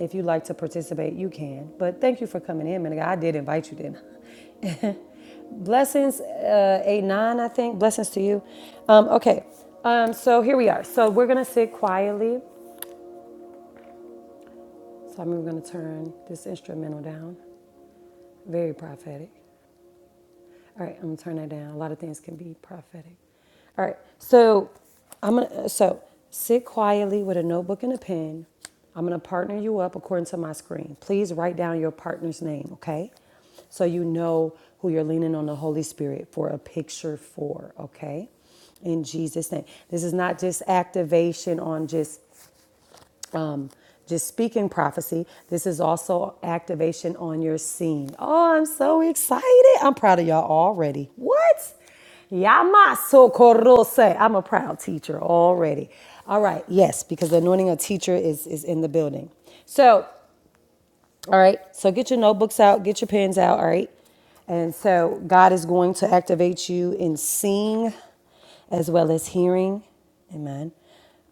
Speaker 1: if you'd like to participate, you can. But thank you for coming in, man. God. I did invite you, didn't I? Blessings, uh, 8 9, I think. Blessings to you. Um, okay. Um, so here we are. So we're going to sit quietly. So I'm going to turn this instrumental down. Very prophetic. All right, I'm gonna turn that down. A lot of things can be prophetic. All right, so I'm gonna so sit quietly with a notebook and a pen. I'm gonna partner you up according to my screen. Please write down your partner's name, okay? So you know who you're leaning on the Holy Spirit for a picture for, okay? In Jesus' name. This is not just activation on just um, just speaking prophecy. This is also activation on your scene. Oh, I'm so excited. I'm proud of y'all already. What? Yamaso korose. I'm a proud teacher already. All right, yes, because the anointing of teacher is, is in the building. So all right. So get your notebooks out, get your pens out. All right. And so God is going to activate you in seeing as well as hearing. Amen.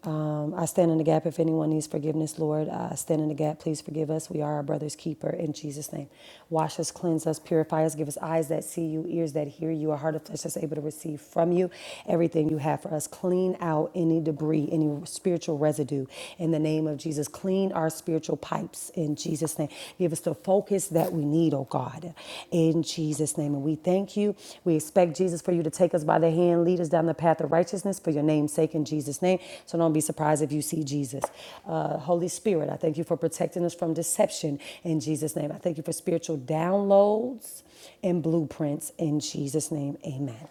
Speaker 1: Um, I stand in the gap if anyone needs forgiveness, Lord. I stand in the gap. Please forgive us. We are our brother's keeper in Jesus' name. Wash us, cleanse us, purify us, give us eyes that see you, ears that hear you, a heart of flesh that's able to receive from you everything you have for us. Clean out any debris, any spiritual residue in the name of Jesus. Jesus, clean our spiritual pipes in Jesus' name. Give us the focus that we need, oh God, in Jesus' name. And we thank you. We expect, Jesus, for you to take us by the hand, lead us down the path of righteousness for your name's sake in Jesus' name. So don't be surprised if you see Jesus. Uh, Holy Spirit, I thank you for protecting us from deception in Jesus' name. I thank you for spiritual downloads and blueprints in Jesus' name. Amen.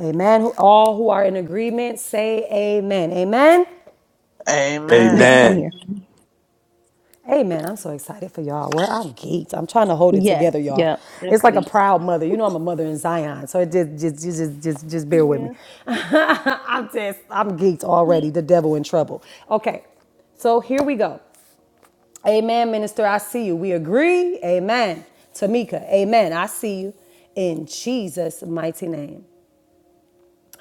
Speaker 1: Amen. All who are in agreement, say amen. Amen.
Speaker 5: Amen.
Speaker 7: Yes, I'm
Speaker 2: Amen.
Speaker 7: here.
Speaker 8: Amen.
Speaker 1: Hey man, I'm so excited for y'all. Well, I'm geeked. I'm trying to hold it
Speaker 7: Yes,
Speaker 1: together, y'all.
Speaker 7: yep, they're
Speaker 1: It's like a proud mother. You know I'm a mother in Zion, so it just just just just just, just bear with me.
Speaker 7: Yeah.
Speaker 1: I'm just I'm geeked already. The devil in trouble. Okay, so here we go. Amen, minister. I see you. We agree. Amen. Tamika. Amen. I see you. In Jesus' mighty name.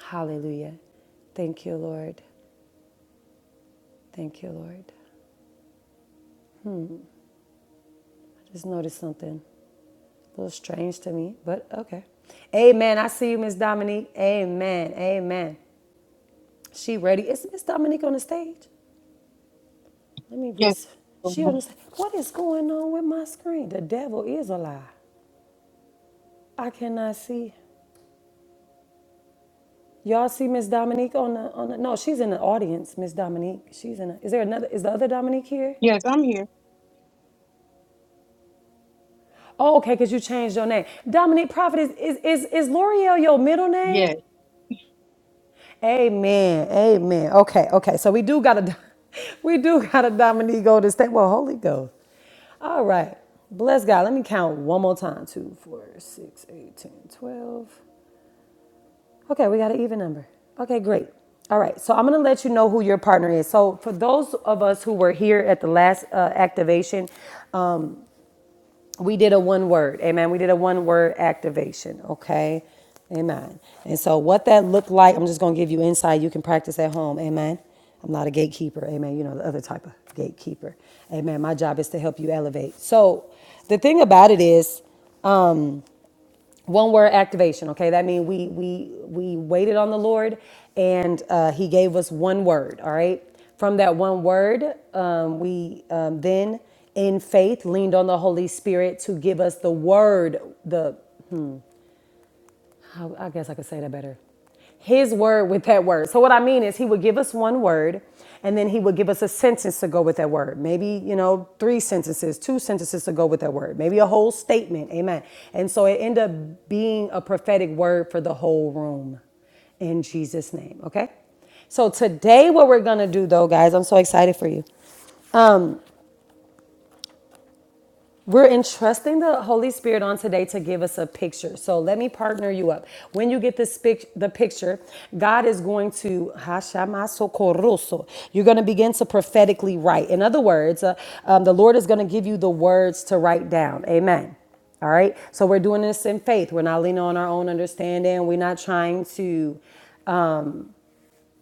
Speaker 1: Hallelujah. Thank you, Lord. Thank you, Lord. I just noticed something. A little strange to me, but okay. Amen. I see you, Miss Dominique. Amen. Amen. She ready. Is Miss Dominique on the stage? Let me re.
Speaker 9: Yes.
Speaker 1: She
Speaker 9: um,
Speaker 1: on the stage. What is going on with my screen? The devil is a lie. I cannot see. Y'all see Miss Dominique on the on the no, she's in the audience, Miss Dominique. She's in a, is there another is the other Dominique here?
Speaker 9: Yes, I'm here.
Speaker 1: Oh, okay, because you changed your name. Dominique Prophet is is is, is L'Oreal your middle name?
Speaker 9: Yes.
Speaker 1: Amen. Amen. Okay. Okay. So we do got a, we do got a Dominique Golden State. Well, Holy Ghost. All right. Bless God. Let me count one more time. Two, four, six, eight, ten, twelve. Okay, we got an even number. Okay, great. All right. So I'm gonna let you know who your partner is. So for those of us who were here at the last uh, activation, we did a one word amen we did a one word activation okay amen and so what that looked like i'm just going to give you insight you can practice at home amen i'm not a gatekeeper amen you know the other type of gatekeeper amen my job is to help you elevate so the thing about it is one word activation okay that means we we we waited on the lord and uh, he gave us one word all right from that one word um, we um, then in faith leaned on the holy spirit to give us the word the how I guess I could say that better. His word with that word. So what I mean is he would give us one word and then he would give us a sentence to go with that word. Maybe, you know, three sentences, two sentences to go with that word. Maybe a whole statement. Amen. And so it ended up being a prophetic word for the whole room in Jesus name, okay? So today what we're going to do though, guys, I'm so excited for you. We're entrusting the Holy Spirit on today to give us a picture. So let me partner you up. When you get this pic- the picture, God is going to Hashamasokoroso. You're going to begin to prophetically write. In other words, uh, um, the Lord is going to give you the words to write down. Amen. All right. So we're doing this in faith. We're not leaning on our own understanding. We're not trying to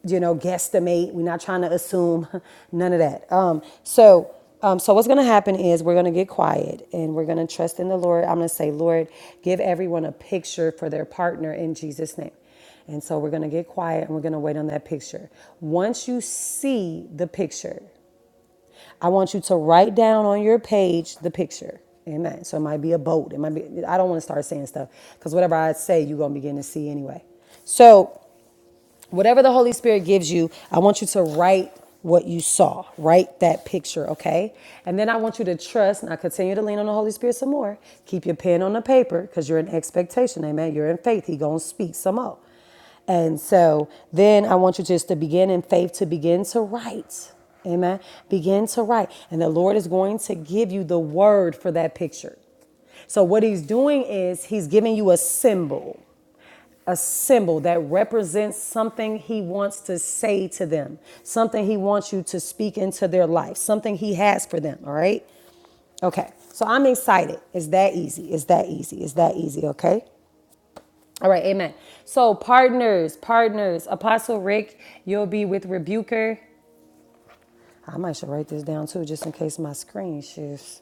Speaker 1: you know, guesstimate. We're not trying to assume none of that. Um, so, um, so what's going to happen is we're going to get quiet and we're going to trust in the Lord. I'm going to say, Lord, give everyone a picture for their partner in Jesus' name. And so we're going to get quiet and we're going to wait on that picture. Once you see the picture, I want you to write down on your page the picture. Amen. So it might be a boat. It might be, I don't want to start saying stuff because whatever I say, you're going to begin to see anyway. So whatever the Holy Spirit gives you, I want you to write what you saw, write that picture, okay? And then I want you to trust, and I continue to lean on the Holy Spirit some more. Keep your pen on the paper because you're in expectation, amen. You're in faith. He gonna speak some more. And so then I want you just to begin in faith to begin to write. Amen. Begin to write. And the Lord is going to give you the word for that picture. So what he's doing is he's giving you a symbol a symbol that represents something he wants to say to them, something he wants you to speak into their life, something he has for them, all right? Okay, so I'm excited. It's that easy. It's that easy. It's that easy, okay? All right, amen. So, partners, partners, Apostle Rick, you'll be with Rebuker. I might should write this down too, just in case my screen shifts.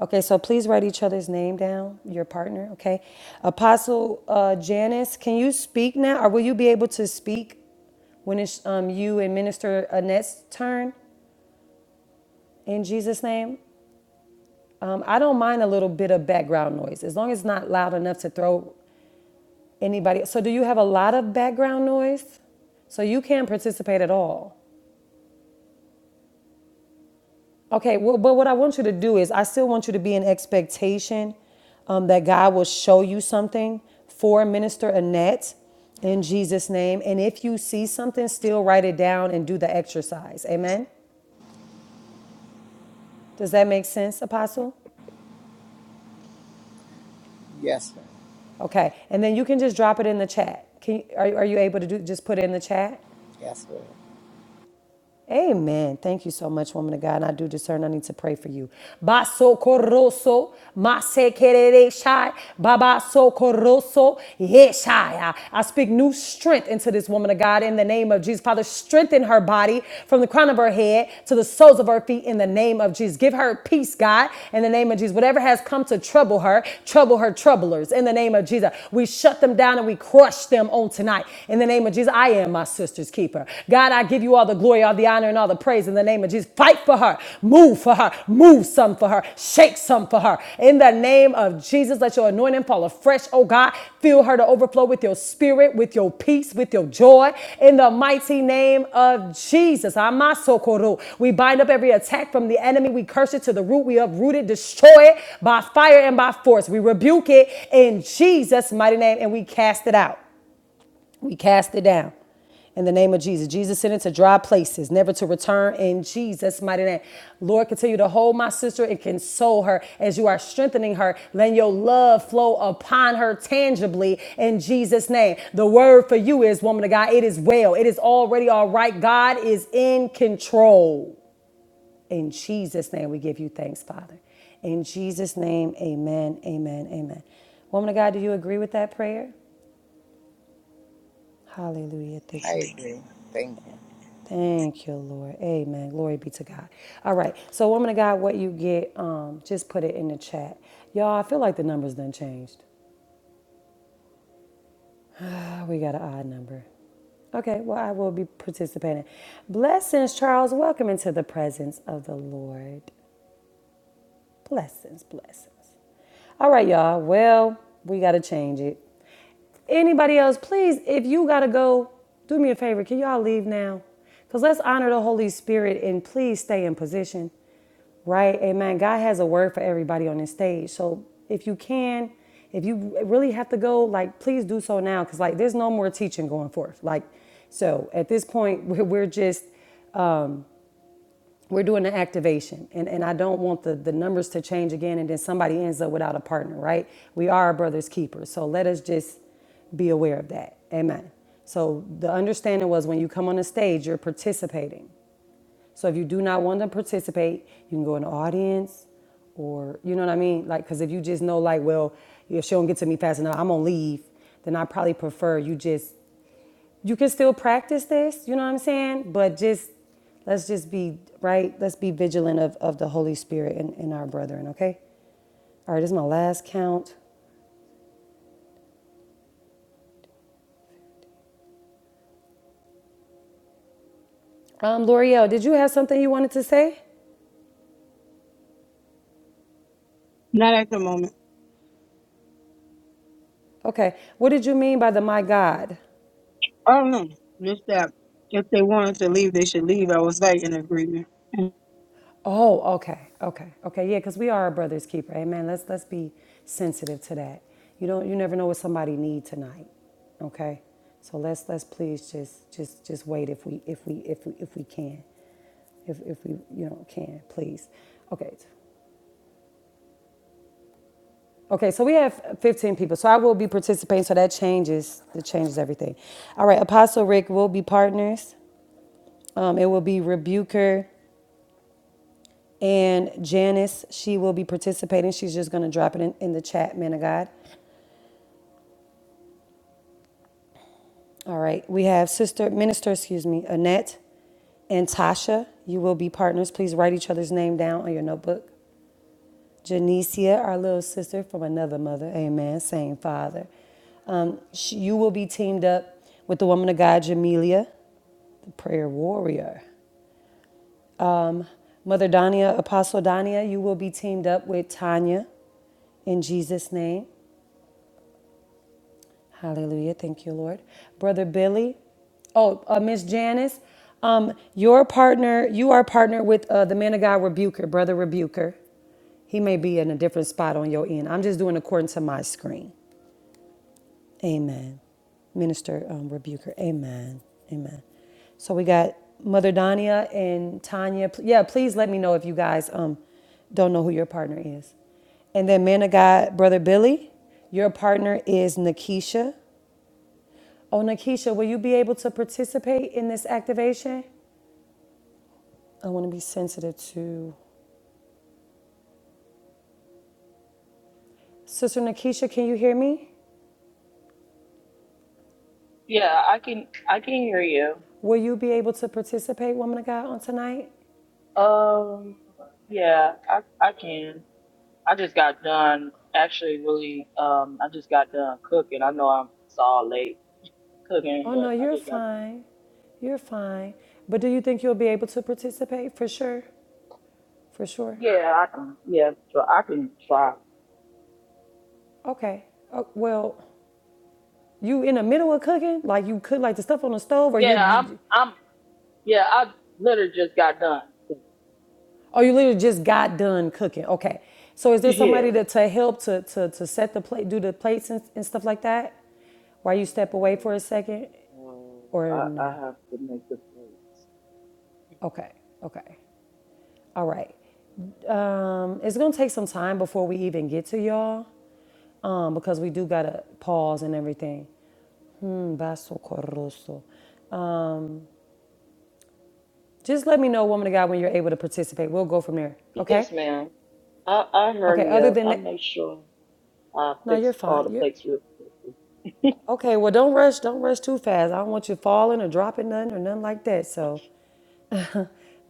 Speaker 1: Okay, so please write each other's name down, your partner, okay? Apostle uh, Janice, can you speak now, or will you be able to speak when it's um, you and Minister Annette's turn in Jesus' name? Um, I don't mind a little bit of background noise, as long as it's not loud enough to throw anybody. So, do you have a lot of background noise? So, you can not participate at all. Okay, well, but what I want you to do is, I still want you to be in expectation um, that God will show you something for Minister Annette in Jesus' name. And if you see something, still write it down and do the exercise. Amen? Does that make sense, Apostle?
Speaker 10: Yes, ma'am.
Speaker 1: Okay, and then you can just drop it in the chat. Can you, are, are you able to do, just put it in the chat?
Speaker 10: Yes, ma'am.
Speaker 1: Amen. Thank you so much, woman of God. And I do discern I need to pray for you. Baso koroso, mase kerere shai, baba so koroso, yeshaya. I speak new strength into this woman of God in the name of Jesus. Father, strengthen her body from the crown of her head to the soles of her feet in the name of Jesus. Give her peace, God, in the name of Jesus. Whatever has come to trouble her, trouble her troublers in the name of Jesus. We shut them down and we crush them on tonight in the name of Jesus. I am my sister's keeper. God, I give you all the glory, all the honor, and all the praise in the name of Jesus. Fight for her. Move for her. Move some for her. Shake some for her. In the name of Jesus, let your anointing fall afresh, oh God. Fill her to overflow with your spirit, with your peace, with your joy. In the mighty name of Jesus. Amasokoro. We bind up every attack from the enemy. We curse it to the root. We uproot it, destroy it by fire and by force. We rebuke it in Jesus' mighty name and we cast it out. We cast it down in the name of Jesus. Jesus sent it to dry places, never to return in Jesus' mighty name. Lord, continue to hold my sister and console her as you are strengthening her. Let your love flow upon her tangibly in Jesus' name. The word for you is, woman of God, it is well. It is already all right. God is in control. In Jesus' name, we give you thanks, Father. In Jesus' name, amen, amen, amen. Woman of God, do you agree with that prayer? Hallelujah. Thank you,
Speaker 10: I
Speaker 1: Lord.
Speaker 10: agree. Thank you.
Speaker 1: Thank you, Lord. Amen. Glory be to God. All right. So, woman of God, what you get, um, just put it in the chat. Y'all, I feel like the numbers done changed. Ah, we got an odd number. Okay, well, I will be participating. Blessings, Charles. Welcome into the presence of the Lord. Blessings, blessings. All right, y'all. Well, we got to change it. Anybody else, please, if you got to go, do me a favor. Can y'all leave now? Because let's honor the Holy Spirit and please stay in position, right? Amen. God has a word for everybody on this stage. So if you can, if you really have to go, like, please do so now. Because, like, there's no more teaching going forth. Like, so at this point, we're just we're doing an activation and, and i don't want the, the numbers to change again and then somebody ends up without a partner right we are our brother's keepers so let us just be aware of that amen so the understanding was when you come on the stage you're participating so if you do not want to participate you can go in the audience or you know what i mean like because if you just know like well if she don't get to me fast enough i'm gonna leave then i probably prefer you just you can still practice this, you know what I'm saying? But just let's just be right, let's be vigilant of, of the Holy Spirit and, and our brethren, okay? All right, this is my last count. Um, L'Oreal, did you have something you wanted to say?
Speaker 9: Not at the moment.
Speaker 1: Okay. What did you mean by the my God?
Speaker 9: I don't know. Just that if they wanted to leave, they should leave. I was like in agreement.
Speaker 1: Oh, okay, okay, okay. Yeah, because we are a brother's keeper. Amen. Let's let's be sensitive to that. You don't you never know what somebody need tonight. Okay, so let's let's please just just just wait if we if we if we if we can, if if we you know can please. Okay, okay. So we have 15 people. So I will be participating. So that changes that changes everything. All right, Apostle Rick will be partners. Um, it will be rebuker. And Janice, she will be participating. She's just going to drop it in, in the chat, man of God. All right. We have Sister Minister, excuse me, Annette and Tasha. You will be partners. Please write each other's name down on your notebook. Janicia, our little sister from another mother. Amen. Same father. Um, she, you will be teamed up with the woman of God, Jamelia the prayer warrior. Mother Dania, Apostle Dania, you will be teamed up with Tanya in Jesus' name. Hallelujah. Thank you, Lord. Brother Billy. Oh, uh, Miss Janice. Um, your partner, you are partnered with uh, the man of God, Rebuker, Brother Rebuker. He may be in a different spot on your end. I'm just doing according to my screen. Amen. Minister um, Rebuker. Amen. Amen. So we got Mother Dania and Tanya. P- Yeah, please let me know if you guys um, don't know who your partner is. And then man of God, Brother Billy, your partner is Nakisha. Oh, Nakeisha, will you be able to participate in this activation? I want to be sensitive to. Sister Nakeisha. can you hear me?
Speaker 11: Yeah, I can I can hear you.
Speaker 1: Will you be able to participate, woman of God, on tonight?
Speaker 11: Um, yeah, I I can. I just got done actually really um I just got done cooking. I know I'm it's all late cooking,
Speaker 1: Oh, no,
Speaker 11: but I
Speaker 1: you're
Speaker 11: just got done.
Speaker 1: fine. You're fine. But do you think you'll be able to participate? For sure. For sure.
Speaker 11: Yeah, I can. Yeah, so I can try.
Speaker 1: Okay. Oh, well, you in the middle of cooking? Like you cook like the stuff on the stove or you're
Speaker 11: Yeah,
Speaker 1: you,
Speaker 11: I'm I'm yeah, I literally just got done.
Speaker 1: Oh, you literally just got done cooking. Okay. So is there
Speaker 11: Yeah.
Speaker 1: somebody to, to help to, to, to set the plate, do the plates and, and stuff like that? While you step away
Speaker 11: No,
Speaker 1: for a second?
Speaker 11: no,
Speaker 1: Or
Speaker 11: I, I
Speaker 1: no?
Speaker 11: have to make the plate.
Speaker 1: Okay. Okay. All right. Um, it's going to take some time before we even get to y'all um, because we do got to pause and everything. Mm, Basso corroso. Um, just let me know, woman of God, when you're able to participate. We'll go from there. Okay?
Speaker 11: Yes, ma'am. I I
Speaker 1: Okay.
Speaker 11: hurry
Speaker 1: Other
Speaker 11: up.
Speaker 1: than
Speaker 11: I
Speaker 1: that,
Speaker 11: make sure. I
Speaker 1: no,
Speaker 11: fix
Speaker 1: you're
Speaker 11: all the
Speaker 1: fine. You're
Speaker 11: plates real quick.
Speaker 1: Okay, well, don't rush. Don't rush too fast. I don't want you falling or dropping nothing or nothing like that. So, but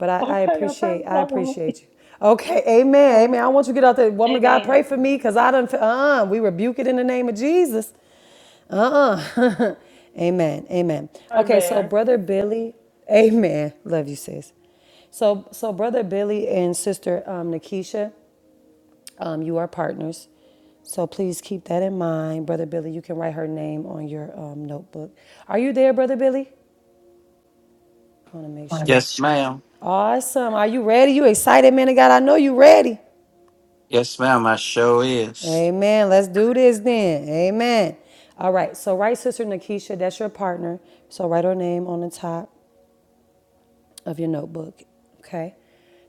Speaker 1: I, I
Speaker 11: Okay, I
Speaker 1: appreciate,
Speaker 11: promise
Speaker 1: I
Speaker 11: I won't.
Speaker 1: appreciate you. Okay,
Speaker 11: All
Speaker 1: amen,
Speaker 11: right.
Speaker 1: amen. I want you to get out there. Woman of God, pray
Speaker 11: Amen.
Speaker 1: for me because I done, uh, we rebuke it in the name of Jesus. Uh-uh. amen. Amen. Okay, so
Speaker 11: Amen.
Speaker 1: brother Billy, amen. Love you, sis. So so brother Billy and sister um Nakisha. Um, you are partners. So please keep that in mind. Brother Billy, you can write her name on your um, notebook. Are you there, Brother Billy? I want to make
Speaker 12: One of
Speaker 1: sure.
Speaker 12: Yes, ma'am.
Speaker 1: Awesome. Are you ready? You excited, man of God? I know you ready.
Speaker 12: Yes, ma'am. I sure is.
Speaker 1: Amen. Let's do this then. Amen. All right. So write Sister Nakisha. That's your partner. So write her name on the top of your notebook. Okay.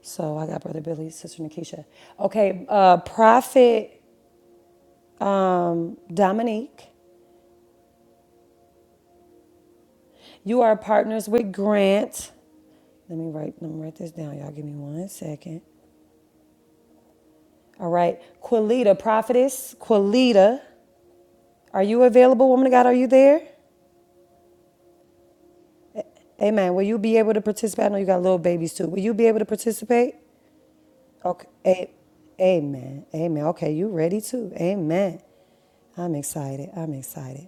Speaker 1: So I got Brother Billy, Sister Nakisha. Okay. Uh, Prophet um, Dominique. You are partners with Grant. Let me write. Let me write this down. Y'all, give me one second. All right, Quilita, prophetess Quilita, are you available, woman of God? Are you there? Amen. Will you be able to participate? I know you got little babies too. Will you be able to participate? Okay. A- Amen. Amen. Okay, you ready too? Amen. I'm excited. I'm excited.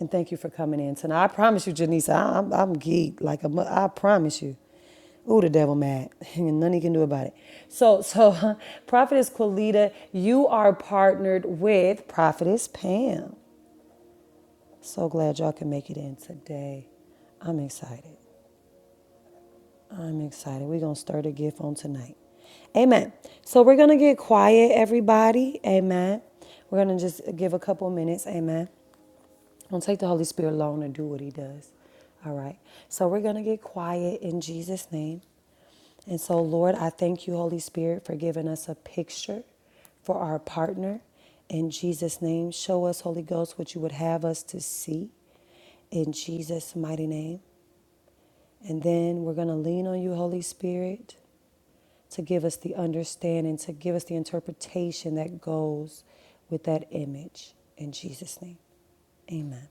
Speaker 1: And thank you for coming in tonight. I promise you, Janice, I, I'm, I'm geeked. Like, a. I promise you. Ooh, the devil mad. And nothing he can do about it. So, so Prophetess Quilita, you are partnered with Prophetess Pam. So glad y'all can make it in today. I'm excited. I'm excited. We're going to start the gift on tonight. Amen. So we're going to get quiet, everybody. Amen. We're going to just give a couple minutes. Amen. Don't take the Holy Spirit alone and do what he does. All right. So we're going to get quiet in Jesus' name. And so, Lord, I thank you, Holy Spirit, for giving us a picture for our partner. In Jesus' name, show us, Holy Ghost, what you would have us to see. In Jesus' mighty name. And then we're going to lean on you, Holy Spirit, to give us the understanding, to give us the interpretation that goes with that image. In Jesus' name, amen.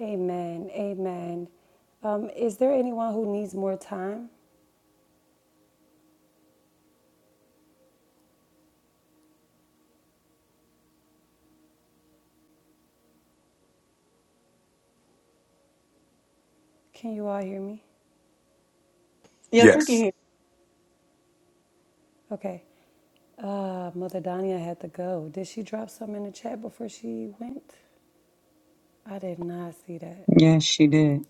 Speaker 1: Amen. Amen. Um, is there anyone who needs more time? Can you all hear me?
Speaker 9: Yes, we can
Speaker 2: Yes.
Speaker 9: hear.
Speaker 1: Okay. Uh, Mother Dania had to go. Did she drop some in the chat before she went? I did not see that.
Speaker 6: Yes, she did.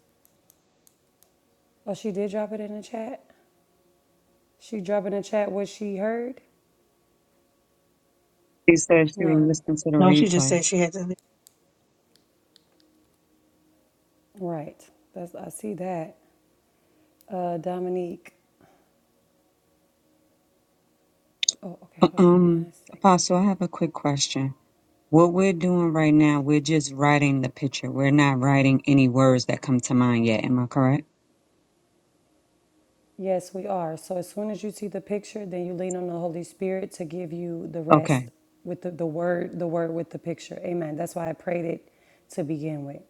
Speaker 1: Oh, she did drop it in the chat. She dropped in the chat what she heard.
Speaker 6: She said she would
Speaker 1: No.
Speaker 6: listen to the
Speaker 9: No, she just
Speaker 6: replay.
Speaker 9: said she had to leave.
Speaker 1: Right. That's I see that. Uh, Dominique. Oh, okay.
Speaker 6: Uh,
Speaker 1: Hold on
Speaker 6: Um,
Speaker 1: one second.
Speaker 6: Apostle, I have a quick question. What we're doing right now, we're just writing the picture. We're not writing any words that come to mind yet. Am I correct?
Speaker 1: Yes, we are. So as soon as you see the picture, then you lean on the Holy Spirit to give you the rest
Speaker 6: Okay.
Speaker 1: with the, the word, the word with the picture. Amen. That's why I prayed it to begin with.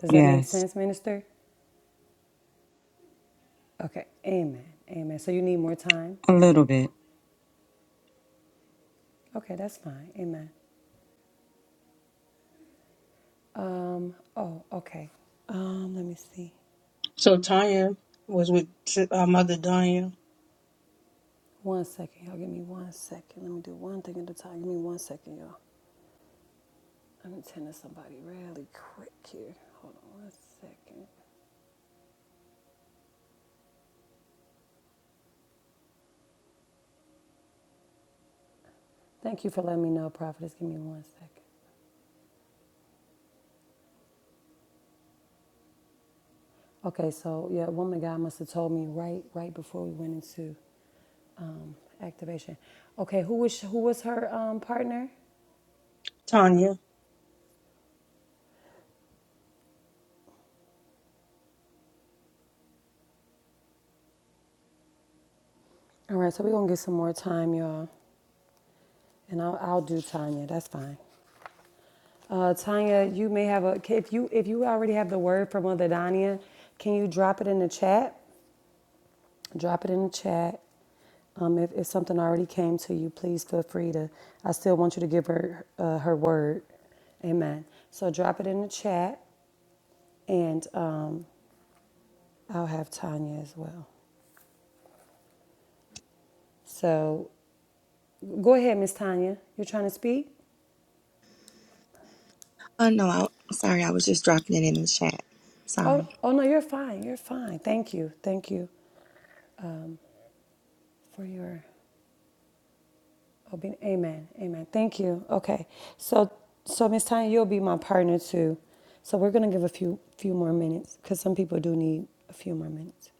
Speaker 1: Does that make
Speaker 6: Yes,
Speaker 1: sense, minister? Okay. Amen. Amen. So you need more time?
Speaker 6: a little bit.
Speaker 1: Okay, that's fine. Amen. Um, oh, okay. Um, let me see.
Speaker 9: So Tanya was with uh, Mother Danya.
Speaker 1: One second, y'all. Give me one second. Let me do one thing at a time. Give me one second, y'all. I'm attending somebody really quick here. Hold on one second. Thank you for letting me know, Prophetess. Give me one second. Okay, so yeah, woman of God must have told me right right before we went into activation. Okay, who was who was her um, partner?
Speaker 9: Tanya.
Speaker 1: All right, so we're gonna get some more time, y'all, and I'll, I'll do Tanya. That's fine. Uh, Tanya, you may have a if you if you already have the word for Mother Dania, can you drop it in the chat? drop it in the chat. Um, if, if something already came to you, please feel free to. I still want you to give her uh, her word. Amen. So drop it in the chat, and um, I'll have Tanya as well. So go ahead, Miss Tanya. You're trying to speak?
Speaker 13: Oh no, I, sorry, I was just dropping it in the chat.
Speaker 1: Oh,
Speaker 13: Sorry.
Speaker 1: oh no, you're fine. You're fine. Thank you. Thank you for your I'll be, amen, amen. Thank you. Okay, so so Miss Tanya, you'll be my partner too. So we're gonna give a few few more minutes because some people do need a few more minutes.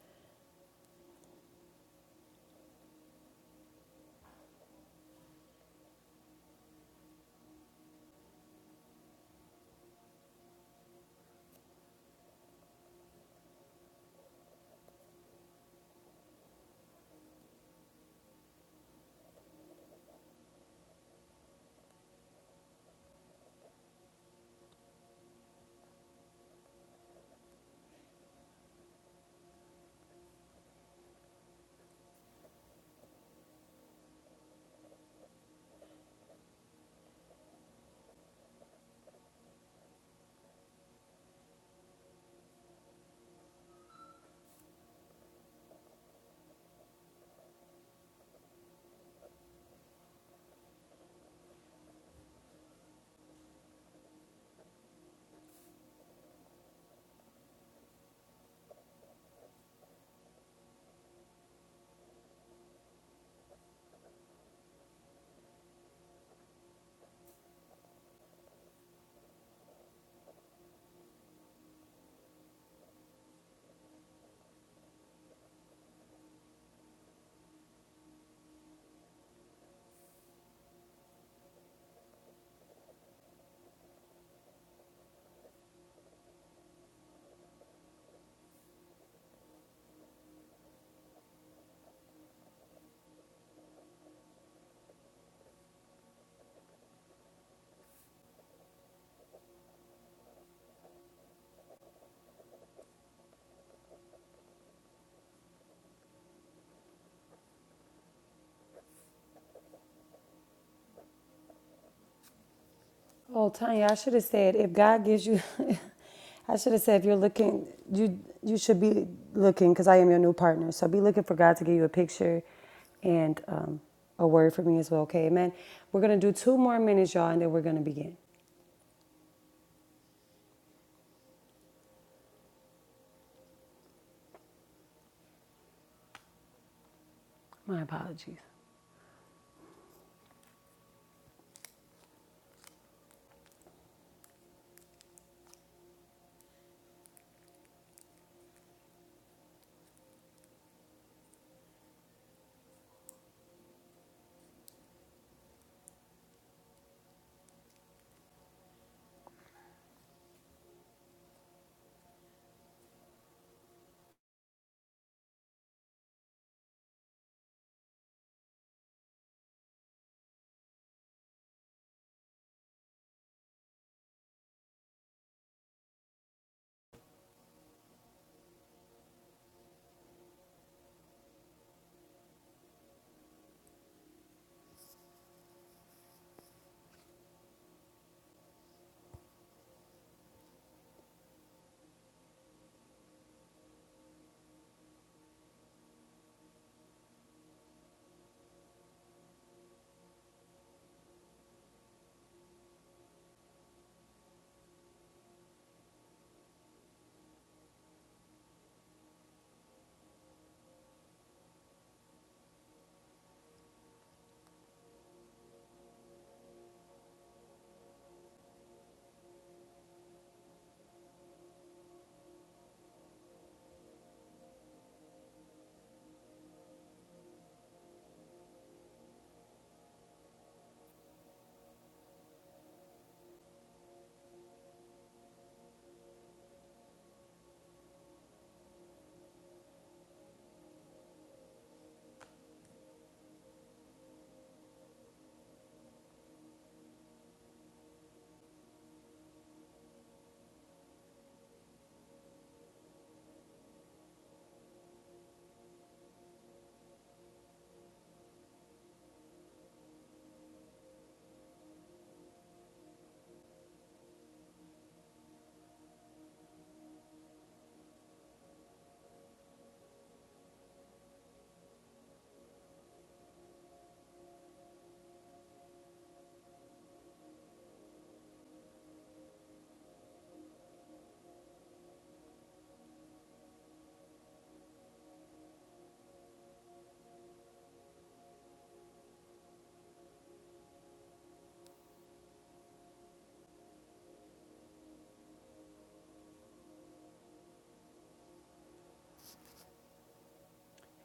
Speaker 1: Oh, Tanya, I should have said if God gives you, I should have said if you're looking, you you should be looking because I am your new partner. So be looking for God to give you a picture and um, a word for me as well. Okay, amen. We're gonna do two more minutes, y'all, and then we're gonna begin. My apologies.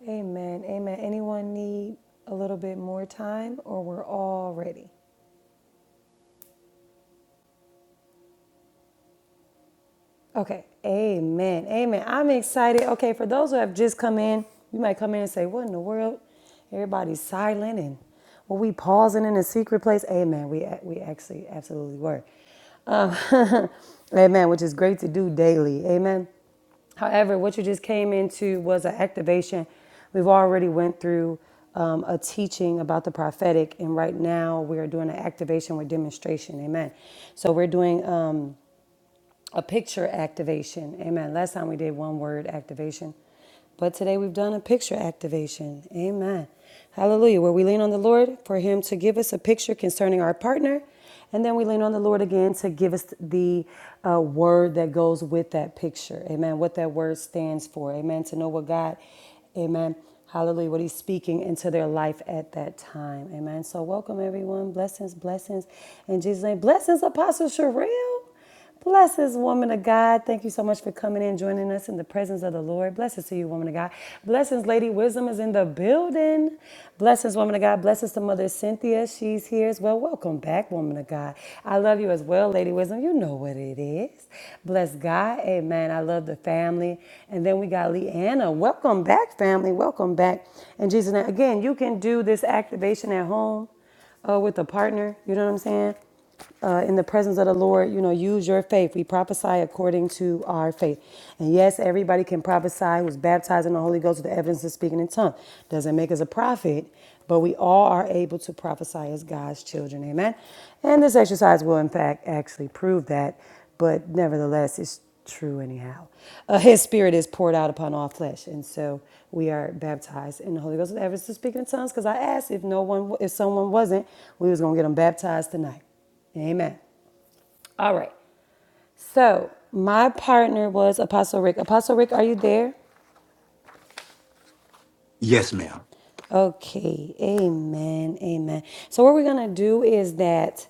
Speaker 1: Amen. Amen. Anyone need a little bit more time or we're all ready? Okay. Amen. Amen. I'm excited. Okay, for those who have just come in, you might come in and say, What in the world? Everybody's silent and were we pausing in a secret place? Amen. We we actually absolutely were. Um, amen, which is great to do daily. Amen. However, what you just came into was an activation. We've already went through um, a teaching about the prophetic, and right now we are doing an activation with demonstration. Amen. So we're doing. um, a picture activation. Amen. Last time we did one word activation, but today we've done a picture activation. Amen. Hallelujah. Where we lean on the Lord for Him to give us a picture concerning our partner, and then we lean on the Lord again to give us the uh, word that goes with that picture. Amen. What that word stands for. Amen. To know what God, Amen. Hallelujah. What He's speaking into their life at that time. Amen. So welcome everyone. Blessings, blessings. In Jesus' name. Blessings, Apostle Sherelle. Bless this woman of God. Thank you so much for coming in, joining us in the presence of the Lord. Blessings to you, woman of God. Blessings, Lady Wisdom is in the building. Blessings, woman of God. Blessings to Mother Cynthia. She's here as well. Welcome back, woman of God. I love you as well, Lady Wisdom. You know what it is. Bless God. Amen. I love the family. And then we got Leanna. Welcome back, family. Welcome back. And Jesus' name. Again, you can do this activation at home uh, with a partner, you know what I'm saying? Uh, in the presence of the Lord, you know, use your faith. We prophesy according to our faith. And yes, everybody can prophesy who's baptized in the Holy Ghost with the evidence of speaking in tongues. Doesn't make us a prophet, but we all are able to prophesy as God's children. Amen. And this exercise will, in fact, actually prove that but nevertheless, it's true anyhow. Uh, his spirit is poured out upon all flesh, and so we are baptized in the Holy Ghost with evidence to speaking in tongues. Because I asked if no one, if someone wasn't, we was gonna get them baptized tonight. Amen. All right. So my partner was Apostle Rick. Apostle Rick, are you there?
Speaker 2: Yes, ma'am.
Speaker 1: Okay. Amen. Amen. So what we're gonna do is that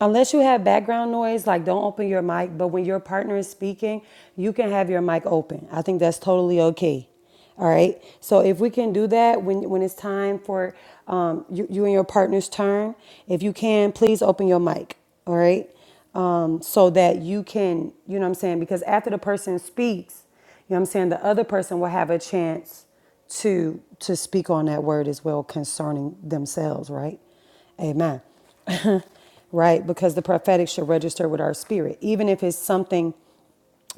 Speaker 1: Unless you have background noise, like don't open your mic, but when your partner is speaking, you can have your mic open. I think that's totally okay. All right. So if we can do that when when it's time for um, you, you and your partner's turn, if you can, please open your mic. All right. Um, so that you can, you know what I'm saying? Because after the person speaks, you know what I'm saying, the other person will have a chance to to speak on that word as well concerning themselves, right? Amen. right? Because the prophetic should register with our spirit, even if it's something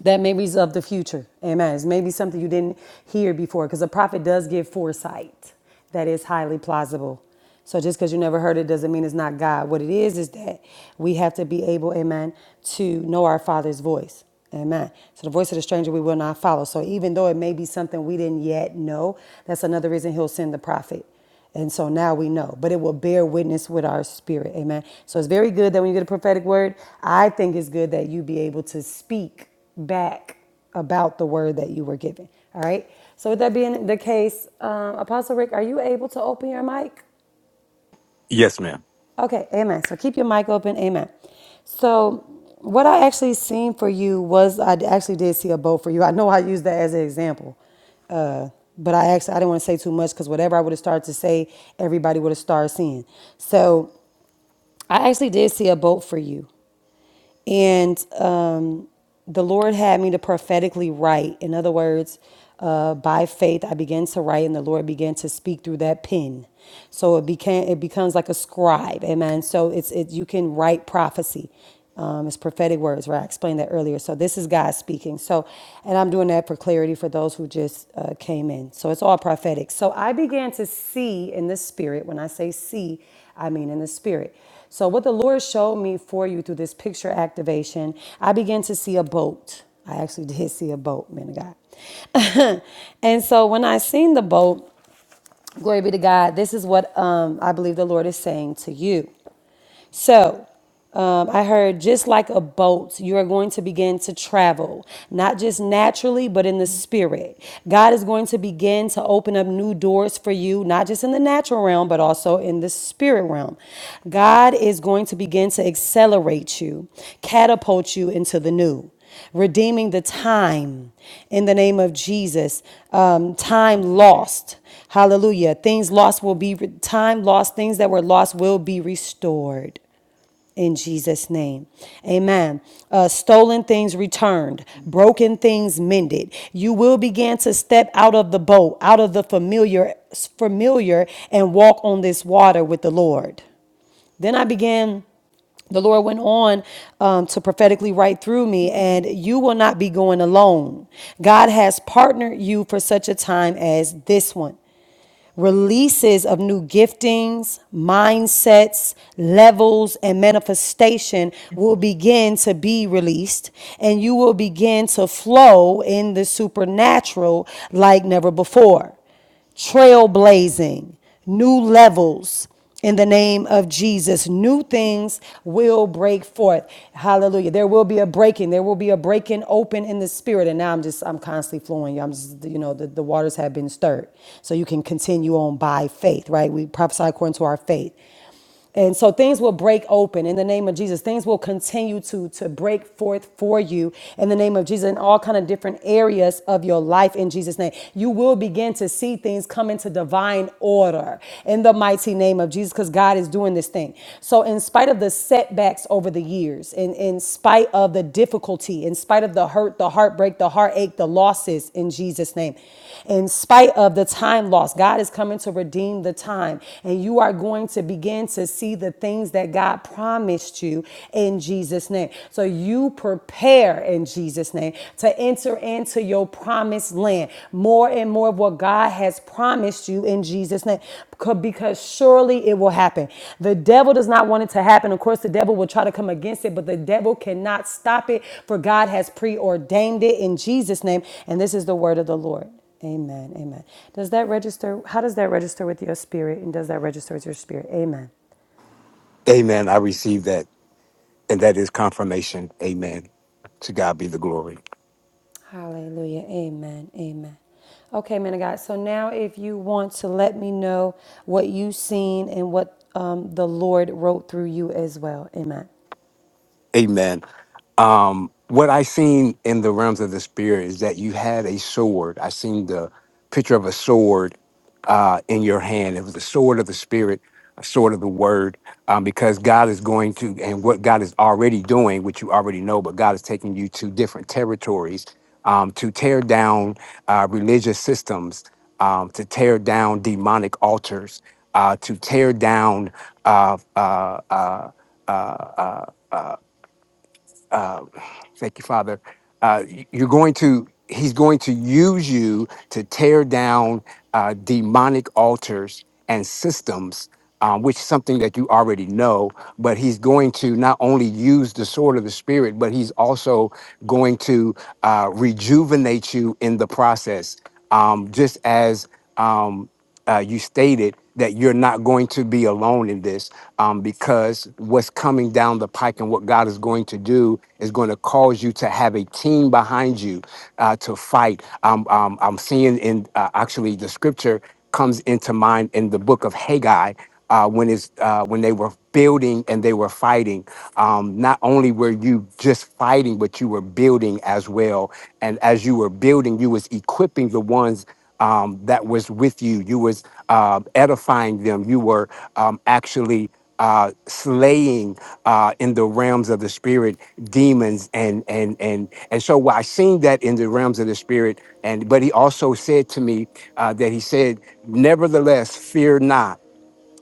Speaker 1: that maybe is of the future. Amen. It's maybe something you didn't hear before, because a prophet does give foresight that is highly plausible. So just because you never heard it doesn't mean it's not God. What it is is that we have to be able, amen, to know our Father's voice. Amen. So the voice of the stranger we will not follow. So even though it may be something we didn't yet know, that's another reason he'll send the prophet and so now we know, but it will bear witness with our spirit. Amen. So it's very good that when you get a prophetic word, I think it's good that you be able to speak back about the word that you were given. All right. So with that being the case, um, Apostle Rick, are you able to open your mic?
Speaker 2: Yes, ma'am.
Speaker 1: Okay, amen. So keep your mic open, amen. So what I actually seen for you was I actually did see a bow for you. I know I used that as an example, uh, but I actually I didn't want to say too much because whatever I would have started to say, everybody would have started seeing. So I actually did see a boat for you and um, the Lord had me to prophetically write. In other words, uh, by faith, I began to write, and the Lord began to speak through that pen. So it became it becomes like a scribe, amen. So it's it you can write prophecy. Um, it's prophetic words, right? I explained that earlier. So this is God speaking. So, and I'm doing that for clarity for those who just uh, came in. So it's all prophetic. So I began to see in the spirit. When I say see, I mean, in the spirit. So, what the Lord showed me for you through this picture activation, I began to see a boat. I actually did see a boat, man of God. and so, when I seen the boat, glory be to God, this is what um, I believe the Lord is saying to you. So um, I heard just like a boat, you are going to begin to travel, not just naturally, but in the spirit. God is going to begin to open up new doors for you, not just in the natural realm, but also in the spirit realm. God is going to begin to accelerate you, catapult you into the new redeeming the time in the name of Jesus, um, time lost. Hallelujah. Things lost will be, time lost, things that were lost will be restored in Jesus' name. Amen. Uh, stolen things returned, broken things mended. You will begin to step out of the boat, out of the familiar, familiar, and walk on this water with the Lord. Then I began. The Lord went on um, to prophetically write through me, and you will not be going alone. God has partnered you for such a time as this one releases of new giftings, mindsets, levels, and manifestation will begin to be released, and you will begin to flow in the supernatural like never before. Trailblazing, new levels, in the name of Jesus. New things will break forth. Hallelujah. There will be a breaking. There will be a breaking open in the spirit. And now I'm just, I'm constantly flowing. I'm just, you know, the, the waters have been stirred. So you can continue on by faith, right? We prophesy according to our faith. And so things will break open in the name of Jesus. Things will continue to, to break forth for you in the name of Jesus in all kind of different areas of your life in Jesus' name. You will begin to see things come into divine order in the mighty name of Jesus because God is doing this thing. So in spite of the setbacks over the years, in, in spite of the difficulty, in spite of the hurt, the heartbreak, the heartache, the losses in Jesus' name, in spite of the time lost, God is coming to redeem the time and you are going to begin begin to see the things that God promised you in Jesus' name. So you prepare in Jesus' name to enter into your promised land. More and more of what God has promised you in Jesus' name. Because surely it will happen. The devil does not want it to happen. Of course, the devil will try to come against it, but the devil cannot stop it, for God has preordained it in Jesus' name. And this is the word of the Lord. Amen. Amen. Does that register? How does that register with your spirit? And does that register with your spirit? Amen.
Speaker 2: Amen. I receive that. And that is confirmation. Amen. To God be the glory.
Speaker 1: Hallelujah. Amen. Amen. Okay, man of God. So now, if you want to let me know what you have seen and what um, the Lord wrote through you as well. Amen.
Speaker 2: Amen. Um, what I seen in the realms of the spirit is that you had a sword. I seen the picture of a sword uh, in your hand. It was a sword of the spirit, a sword of the word, um, because God is going to, and what God is already doing, which you already know, but God is taking you to different territories um, to tear down uh, religious systems, um, to tear down demonic altars, uh, to tear down uh, uh, uh, uh, uh, uh, uh, thank you, Father. Uh, y- you're going to, he's going to use you to tear down uh, demonic altars and systems, um, which is something that you already know. But he's going to not only use the sword of the spirit, but he's also going to uh, rejuvenate you in the process. Um, just as um, uh, you stated, that you're not going to be alone in this um, because what's coming down the pike and what God is going to do is going to cause you to have a team behind you uh, to fight. Um, um, I'm seeing in uh, actually the scripture comes into mind in the book of Haggai uh, when it's uh, when they were building and they were fighting. Um, not only were you just fighting, but you were building as well. And as you were building, you was equipping the ones um, that was with you. You was uh, edifying them. You were um, actually uh, slaying uh, in the realms of the spirit demons and and and and so I seen that in the realms of the spirit and but he also said to me uh, that he said nevertheless fear not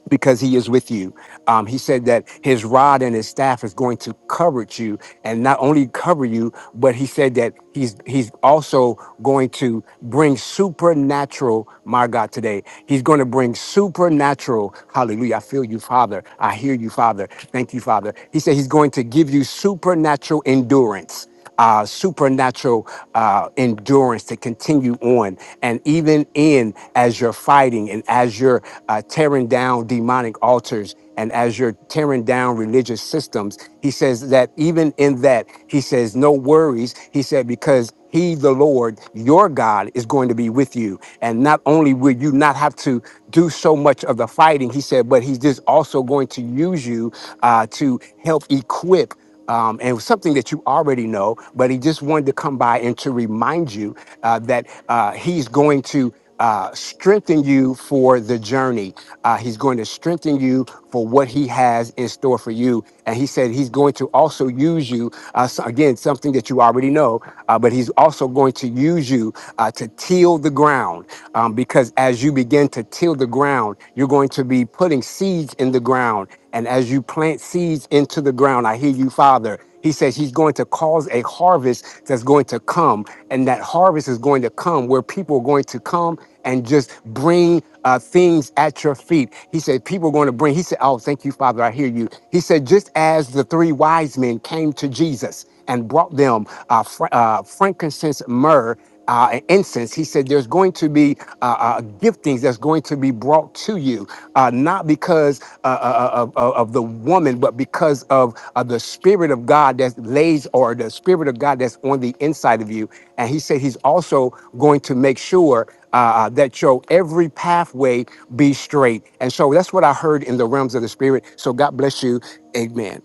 Speaker 2: because he is with you. Um, he said that his rod and his staff is going to cover you and not only cover you, but he said that he's he's also going to bring supernatural, my God, today. He's going to bring supernatural. Hallelujah. I feel you, Father. I hear you, Father. Thank you, Father. He said he's going to give you supernatural endurance uh, supernatural uh, endurance to continue on. And even in as you're fighting and as you're uh, tearing down demonic altars and as you're tearing down religious systems, he says that even in that, he says, no worries. He said, because he, the Lord, your God, is going to be with you. And not only will you not have to do so much of the fighting, he said, but he's just also going to use you uh, to help equip um, and it was something that you already know, but he just wanted to come by and to remind you uh, that uh, he's going to uh, strengthen you for the journey. Uh, he's going to strengthen you for what he has in store for you. And he said he's going to also use you, uh, so again, something that you already know, uh, but he's also going to use you uh, to till the ground. Um, because as you begin to till the ground, ground. You're going to be putting seeds in the ground. And as you plant seeds into the ground, I hear you, Father. He says he's going to cause a harvest that's going to come. And that harvest is going to come where people are going to come and just bring uh, things at your feet. He said, People are going to bring. He said, Oh, thank you, Father. I hear you. He said, Just as the three wise men came to Jesus and brought them uh, fr- uh, frankincense, myrrh, uh, and incense. He said, There's going to be uh, uh, giftings that's going to be brought to you, uh, not because uh, uh, uh, of, of of the woman, but because of uh, the Spirit of God that lays or the Spirit of God that's on the inside of you. And he said, He's also going to make sure. Uh, uh, that your every pathway be straight. And so that's what I heard in the realms of the spirit. So God bless you. Amen.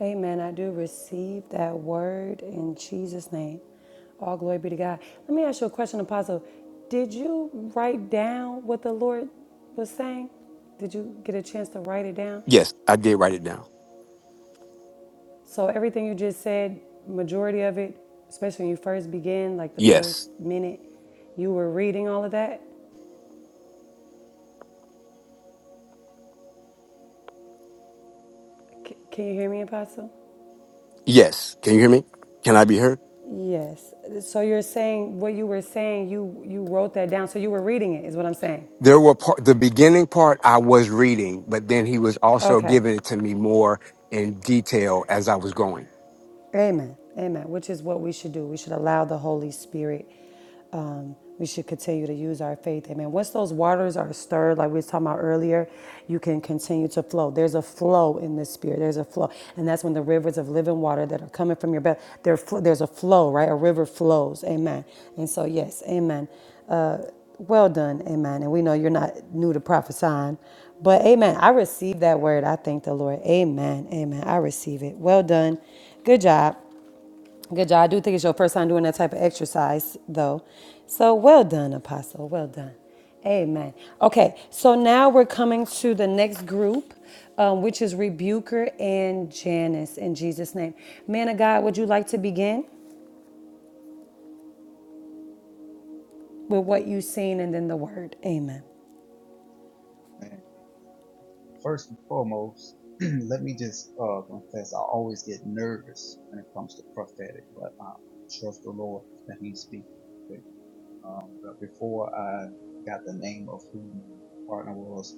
Speaker 1: Amen. I do receive that word in Jesus' name. All glory be to God. Let me ask you a question, Apostle. Did you write down what the Lord was saying? Did you get a chance to write it down?
Speaker 2: Yes, I did write it down.
Speaker 1: So everything you just said, majority of it, especially when you first begin, like the first
Speaker 2: Yes.
Speaker 1: minute, you were reading all of that. C- can you hear me, Apostle?
Speaker 2: Yes. Can you hear me? Can I be heard?
Speaker 1: Yes. So you're saying what you were saying, you you wrote that down. So you were reading it, is what I'm saying.
Speaker 2: there were part, the beginning part I was reading, but then he was also
Speaker 1: Okay.
Speaker 2: giving it to me more in detail as I was going.
Speaker 1: Amen. Amen. Which is what we should do. We should allow the Holy Spirit. Um, we should continue to use our faith. Amen. Once those waters are stirred, like we was talking about earlier, you can continue to flow. There's a flow in the spirit. There's a flow, and that's when the rivers of living water that are coming from your belly. there's a flow, right? A river flows. Amen. And so, yes, Amen. Uh, well done, amen. And we know you're not new to prophesying, but amen. I receive that word. I thank the Lord. Amen, amen. I receive it. Well done. Good job. Good job. I do think it's your first time doing that type of exercise, though. So well done, Apostle. Well done. Amen. Okay, so now we're coming to the next group, um, which is Rebuker and Janice in Jesus' name. Man of God, would you like to begin with what you've seen and then the word? Amen.
Speaker 4: Amen. Amen. First and foremost, let me just uh, confess. I always get nervous when it comes to prophetic, but uh, I trust the Lord that He speaks. Um, but before I got the name of who my partner was,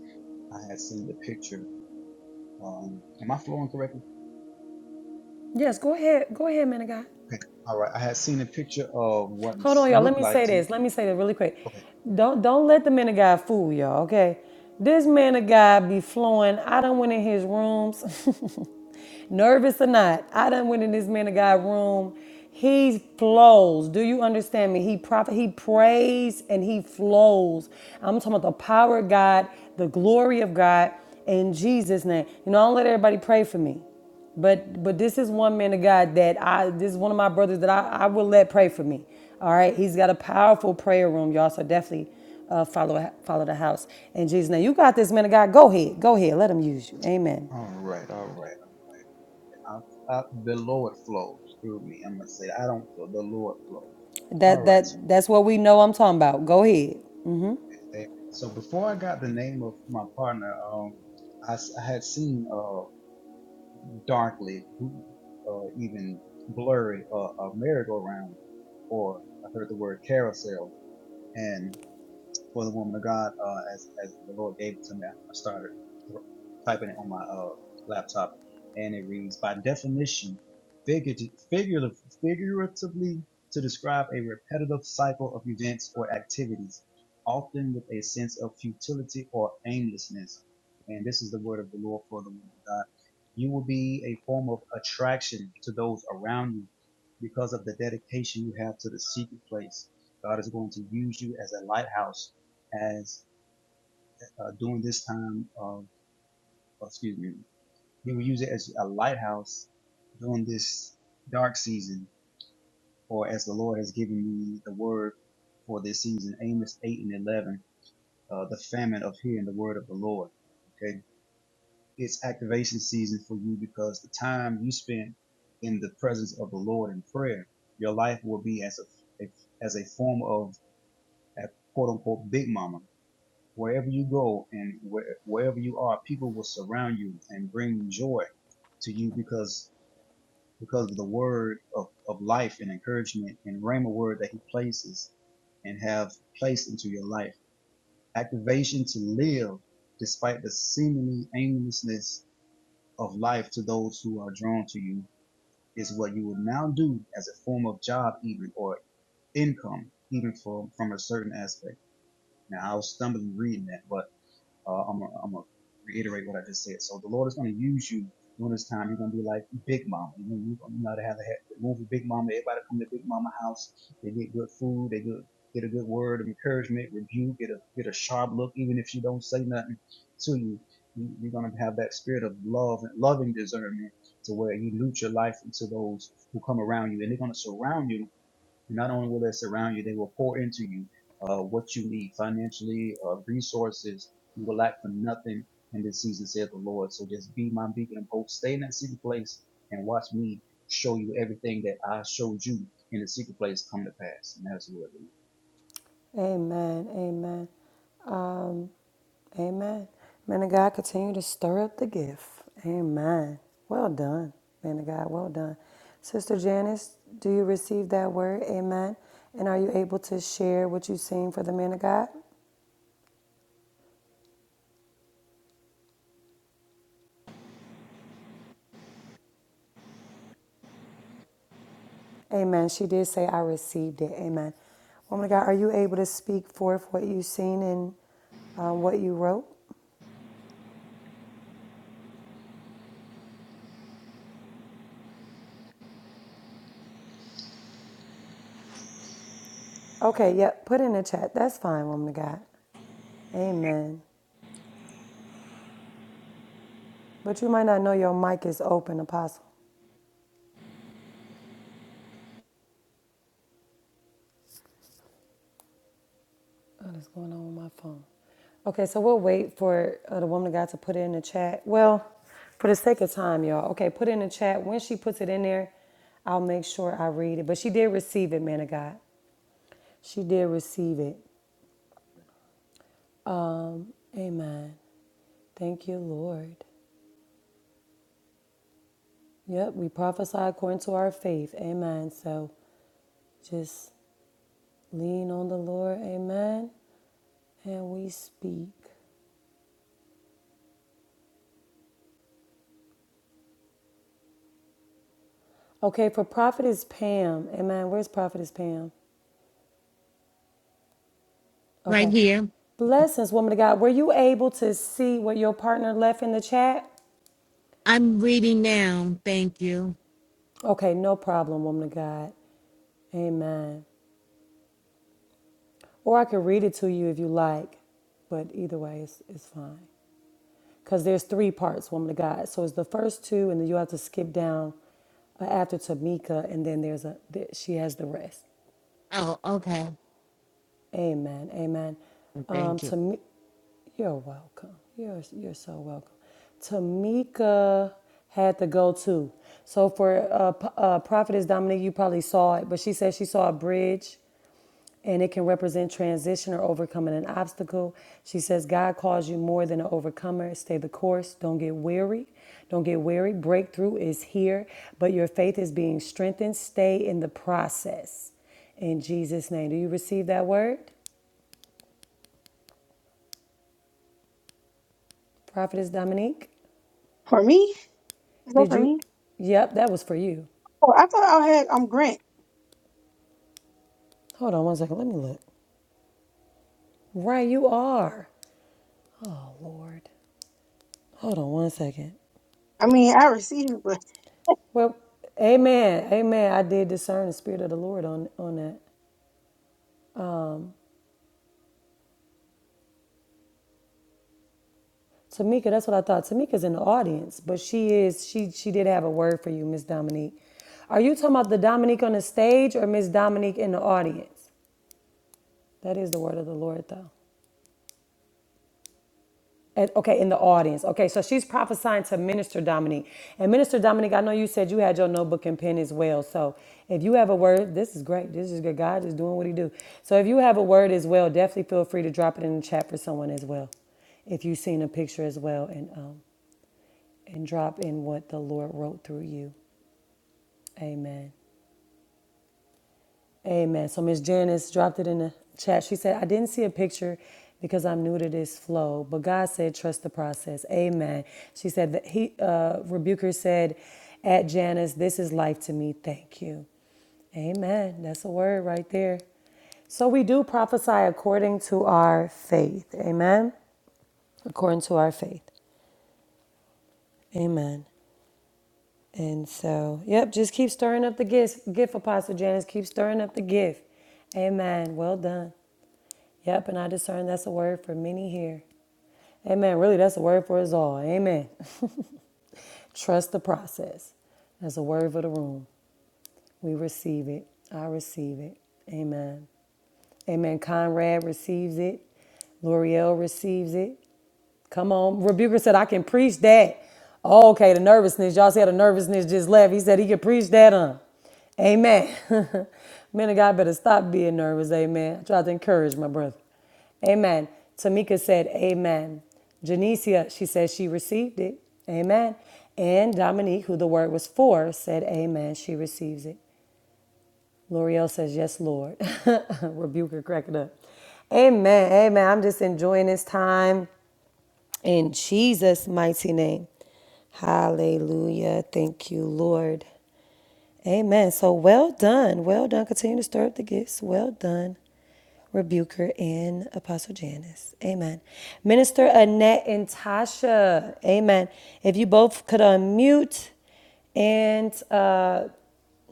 Speaker 4: I had seen the picture. Um, am I flowing correctly?
Speaker 1: Yes, go ahead. Go ahead, man of God.
Speaker 4: Okay. All right. I had seen a picture of what it
Speaker 1: Hold on, y'all. Let
Speaker 4: looked
Speaker 1: me
Speaker 4: like
Speaker 1: say
Speaker 4: to me.
Speaker 1: this. Let me say that really quick.
Speaker 4: Okay.
Speaker 1: Don't don't let the man of God fool y'all. Okay, this man of God be flowing. I done went in his rooms, nervous or not. I done went in this man of God room. He flows. Do you understand me? He prophet. He prays and he flows. I'm talking about the power of God, the glory of God in Jesus' name. You know, I don't let everybody pray for me. But but this is one man of God that I this is one of my brothers that I, I will let pray for me. All right, he's got a powerful prayer room, y'all. So definitely uh, follow follow the house in Jesus' name. You got this, man of God. Go ahead, go ahead. Let him use you. Amen.
Speaker 4: All right. All right. All right. I, I, the Lord flows through me. I'm going to say, I don't flow. The Lord flows. All
Speaker 1: That
Speaker 4: right. So,
Speaker 1: that that's what we know. I'm talking about. Go ahead.
Speaker 4: eh, so before I got the name of my partner, um, I, s- I had seen, uh, darkly, uh, even blurry, uh, a merry-go-round, or I heard the word carousel, and for the woman of God, uh, as, as the Lord gave it to me. I started typing it on my, uh, laptop and it reads, by definition, figurative, figuratively to describe a repetitive cycle of events or activities, often with a sense of futility or aimlessness. And this is the word of the Lord for the woman of God. You will be a form of attraction to those around you because of the dedication you have to the secret place. God is going to use you as a lighthouse as uh, during this time of, oh, excuse me, he will use it as a lighthouse during this dark season, or as the Lord has given me the word for this season, Amos 8 and 11, uh, the famine of hearing the word of the Lord. Okay. It's activation season for you because the time you spend in the presence of the Lord in prayer, your life will be as a, a as a form of a quote unquote big mama Wherever you go and where, wherever you are, people will surround you and bring joy to you because because of the word of, of life and encouragement and rhema word that he places and have placed into your life. Activation to live despite the seemingly aimlessness of life to those who are drawn to you is what you will now do as a form of job even or income even from, from a certain aspect. Now I was stumbling reading that, but Uh, I'm gonna I'm gonna reiterate what I just said. So the Lord is gonna use you during this time. You're gonna be like Big Mama. You know, you know to have the movie Big Mama. Everybody come to Big Mama house. They get good food. They good, get a good word of encouragement, rebuke. Get a get a sharp look, even if she don't say nothing to you. you you're gonna have that spirit of love and loving discernment to where you loot your life into those who come around you, and they're gonna surround you not only will they surround you, they will pour into you uh, what you need financially, uh, resources. You will lack for nothing in this season, saith the Lord. So just be my beacon of hope. Stay in that secret place and watch me show you everything that I showed you in the secret place come to pass. And that's what it
Speaker 1: Amen. Amen. Um. Amen. Man of God, continue to stir up the gift. Amen. Well done, man of God. Well done. Sister Janice, do you receive that word? Amen. And are you able to share what you've seen for the man of God? Amen. She did say, I received it. Amen. Woman of God, are you able to speak forth what you've seen and um, what you wrote? Okay, yep. Put in the chat. That's fine, woman of God. Amen. But you might not know your mic is open, Apostle. What is going on with my phone? Okay, so we'll wait for uh, the woman of God to put it in the chat. Well, for the sake of time, y'all. Okay, put it in the chat. When she puts it in there, I'll make sure I read it. But she did receive it, man of God. She did receive it. Amen. Thank you, Lord. Yep, we prophesy according to our faith. Amen. So just lean on the Lord. Amen. And we speak. Okay, for Prophetess Pam. Amen. Where's Prophetess Pam?
Speaker 14: Right
Speaker 1: Okay.
Speaker 14: here.
Speaker 1: Blessings, woman of God. Were you able to see what your partner left in the chat?
Speaker 14: I'm reading now. Thank you.
Speaker 1: Okay, no problem, woman of God. Amen. Or I can read it to you if you like, but either way, it's, it's fine. Because there's three parts, woman of God. So it's the first two, and then you have to skip down uh, after Tamika, and then there's a, th- she has the rest.
Speaker 14: Oh, okay.
Speaker 1: Amen. Amen. Um,
Speaker 14: Thank you.
Speaker 1: to me, you're welcome. You're you're so welcome. Tamika had to go too. So for uh, P- uh, prophetess Dominique, you probably saw it, but she said she saw a bridge and it can represent transition or overcoming an obstacle. She says, God calls you more than an overcomer. Stay the course. Don't get weary. Don't get weary. Breakthrough is here, but your faith is being strengthened. Stay in the process. In Jesus' name. Do you receive that word? Prophetess Dominique?
Speaker 9: For me? Is that
Speaker 1: Did
Speaker 9: for
Speaker 1: you?
Speaker 9: me?
Speaker 1: Yep, that was for you.
Speaker 9: Oh, I thought I had, I'm Grant.
Speaker 1: Hold on one second. Let me look. Right, you are. Oh, Lord. Hold on one second.
Speaker 9: I mean, I received it,
Speaker 1: Well, amen. Amen. I did discern the spirit of the Lord on, on that. Tamika, that's what I thought. Tamika's in the audience, but she is, she she did have a word for you, Miss Dominique. Are you talking about the Dominique on the stage or Miss Dominique in the audience? That is the word of the Lord though. And, okay, in the audience. Okay, so she's prophesying to Minister Dominique. And Minister Dominique, I know you said you had your notebook and pen as well. So if you have a word, this is great. This is good. God is doing what he do. So if you have a word as well, definitely feel free to drop it in the chat for someone as well. If you've seen a picture as well, and um, and drop in what the Lord wrote through you. Amen. Amen. So Miss Janice dropped it in the chat. She said, I didn't see a picture because I'm new to this flow, but God said, trust the process. Amen. She said that he, uh, rebuker said at Janice, this is life to me. Thank you. Amen. That's a word right there. So we do prophesy according to our faith. Amen. According to our faith. Amen. And so, yep, just keep stirring up the gift, gift Apostle Janice. Keep stirring up the gift. Amen. Well done. Yep, and I discern that's a word for many here. Amen. Really, that's a word for us all. Amen. Trust the process. That's a word for the room. We receive it. I receive it. Amen. Amen. Conrad receives it. L'Oreal receives it. Come on. Rebuker said, I can preach that. Oh, okay, the nervousness. Y'all see how the nervousness just left. He said he could preach that on. Amen. Men of God better stop being nervous. Amen. I try to encourage my brother. Amen. Tamika said, Amen. Janicia, she says she received it. Amen. And Dominique, who the word was for, said, Amen. She receives it. L'Oreal says, Yes, Lord. Rebuker cracking up. Amen. Amen. I'm just enjoying this time. In Jesus' mighty name. Hallelujah. Thank you, Lord. Amen. So well done. Well done. Continue to stir up the gifts. Well done, Rebuker and Apostle Janice. Amen. Minister Annette and Tasha. Amen. If you both could unmute and uh,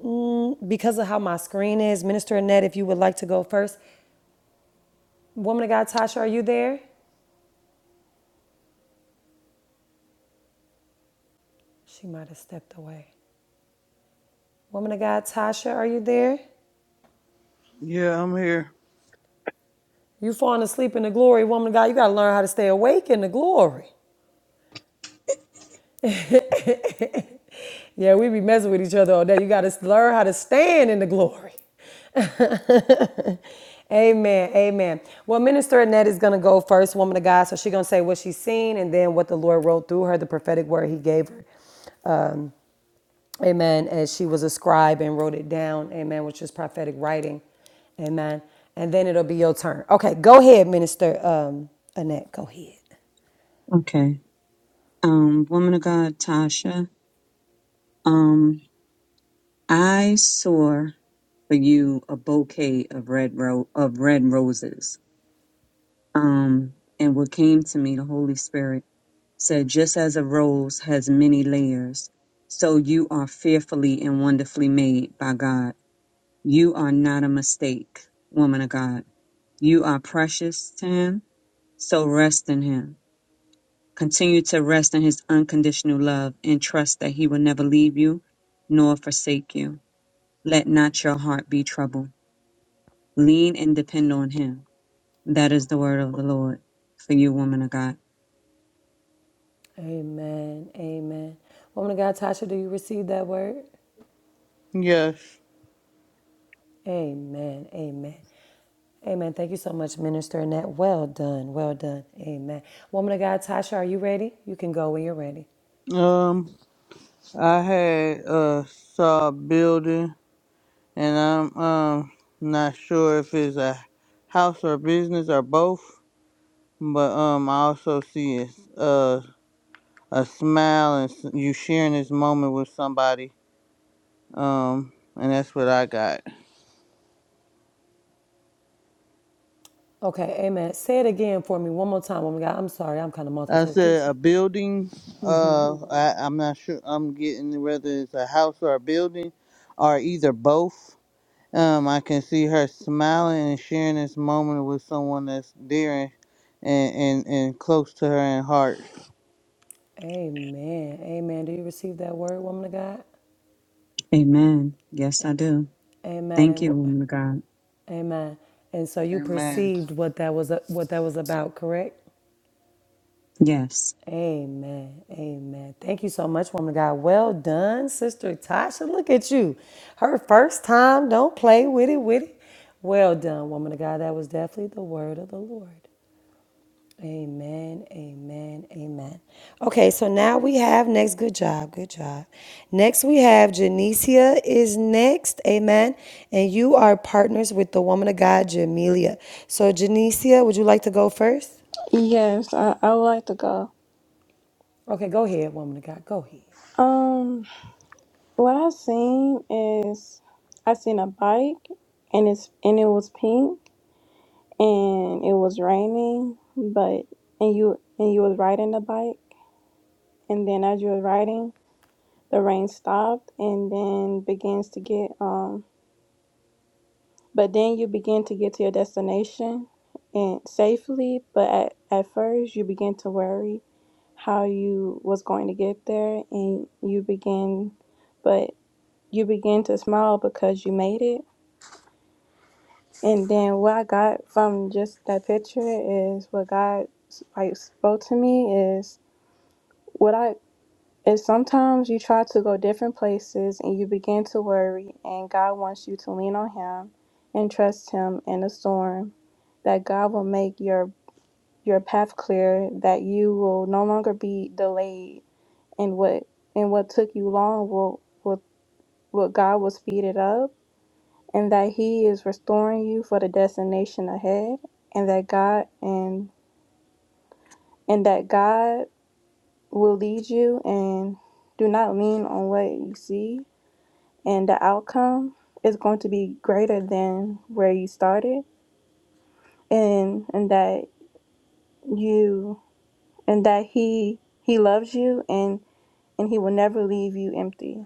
Speaker 1: mm, because of how my screen is, Minister Annette, if you would like to go first. Woman of God, Tasha, are you there? She might have stepped away. Woman of God, Tasha, are you there?
Speaker 5: Yeah, I'm here.
Speaker 1: You falling asleep in the glory, woman of God. You got to learn how to stay awake in the glory. Yeah, we be messing with each other all day. You got to learn how to stand in the glory. Amen. Amen. Well, Minister Annette is going to go first, woman of God. So she going to say what she's seen and then what the Lord wrote through her, the prophetic word he gave her. Amen. As she was a scribe and wrote it down. Amen. Which is prophetic writing. Amen. And then it'll be your turn. Okay, go ahead, Minister um, Annette. Go ahead.
Speaker 6: Okay. Um, woman of God, Tasha. Um, I saw for you a bouquet of red ro- of red roses. Um, and what came to me, the Holy Spirit said, just as a rose has many layers, so you are fearfully and wonderfully made by God. You are not a mistake, woman of God. You are precious to Him, so rest in Him. Continue to rest in His unconditional love and trust that He will never leave you nor forsake you. Let not your heart be troubled Lean and depend on him. That is the word of the Lord for you, woman of God.
Speaker 1: Amen. Amen. Woman of God, Tasha, do you receive that word?
Speaker 5: Yes.
Speaker 1: Amen. Amen. Amen. Thank you so much, Minister Annette. Well done. Well done. Amen. Woman of God, Tasha, are you ready? You can go when you're ready.
Speaker 5: Um, I had uh saw a building, and I'm um not sure if it's a house or business or both, but um I also see a uh a smile and s- you sharing this moment with somebody. Um, and that's what I got.
Speaker 1: Okay. Amen. Say it again for me one more time, woman of God. I'm sorry. I'm kind of
Speaker 5: I
Speaker 1: multitasking. Kiss
Speaker 5: said
Speaker 1: you.
Speaker 5: a building. Uh, I, I'm not sure. I'm getting whether it's a house or a building, or either both. Um, I can see her smiling and sharing this moment with someone that's dear and and and, and close to her in heart.
Speaker 1: Amen. Amen. Do you receive that word, woman of God?
Speaker 6: Amen. Yes, I do.
Speaker 1: Amen.
Speaker 6: Thank
Speaker 1: And
Speaker 6: you,
Speaker 1: wh-
Speaker 6: woman of God.
Speaker 1: amen. And so you
Speaker 5: Amen.
Speaker 1: perceived what that was what that was about, correct?
Speaker 6: Yes.
Speaker 1: Amen. Amen. Thank you so much, woman of God. Well done, Sister Tasha. Look at you. Her first time. Don't play with it, with it. Well done, woman of God. That was definitely the word of the Lord. Amen. Amen. Amen. Okay, so now we have next. Good job. Good job. Next, we have Janicia is next. Amen. And you are partners with the woman of God, Jamelia. So, Janicia, would you like to go first?
Speaker 8: Yes, I, I would like to go.
Speaker 1: Okay, go ahead, woman of God. Go ahead.
Speaker 8: Um, what I seen is I seen a bike and it's and it was pink and it was raining, but and you and you was riding the bike and then as you were riding, the rain stopped and then begins to get um But then you begin to get to your destination and safely, but at, at first you begin to worry how you was going to get there and you begin but you begin to smile because you made it. And then what I got from just that picture is what God like spoke to me is what I and sometimes you try to go different places and you begin to worry, and God wants you to lean on Him and trust Him in the storm, that God will make your your path clear, that you will no longer be delayed, and what and what took you long will will what God will speed it up, and that He is restoring you for the destination ahead, and that God and and that God will lead you and do not lean on what you see and the outcome is going to be greater than where you started and and that you and that he he loves you and and he will never leave you empty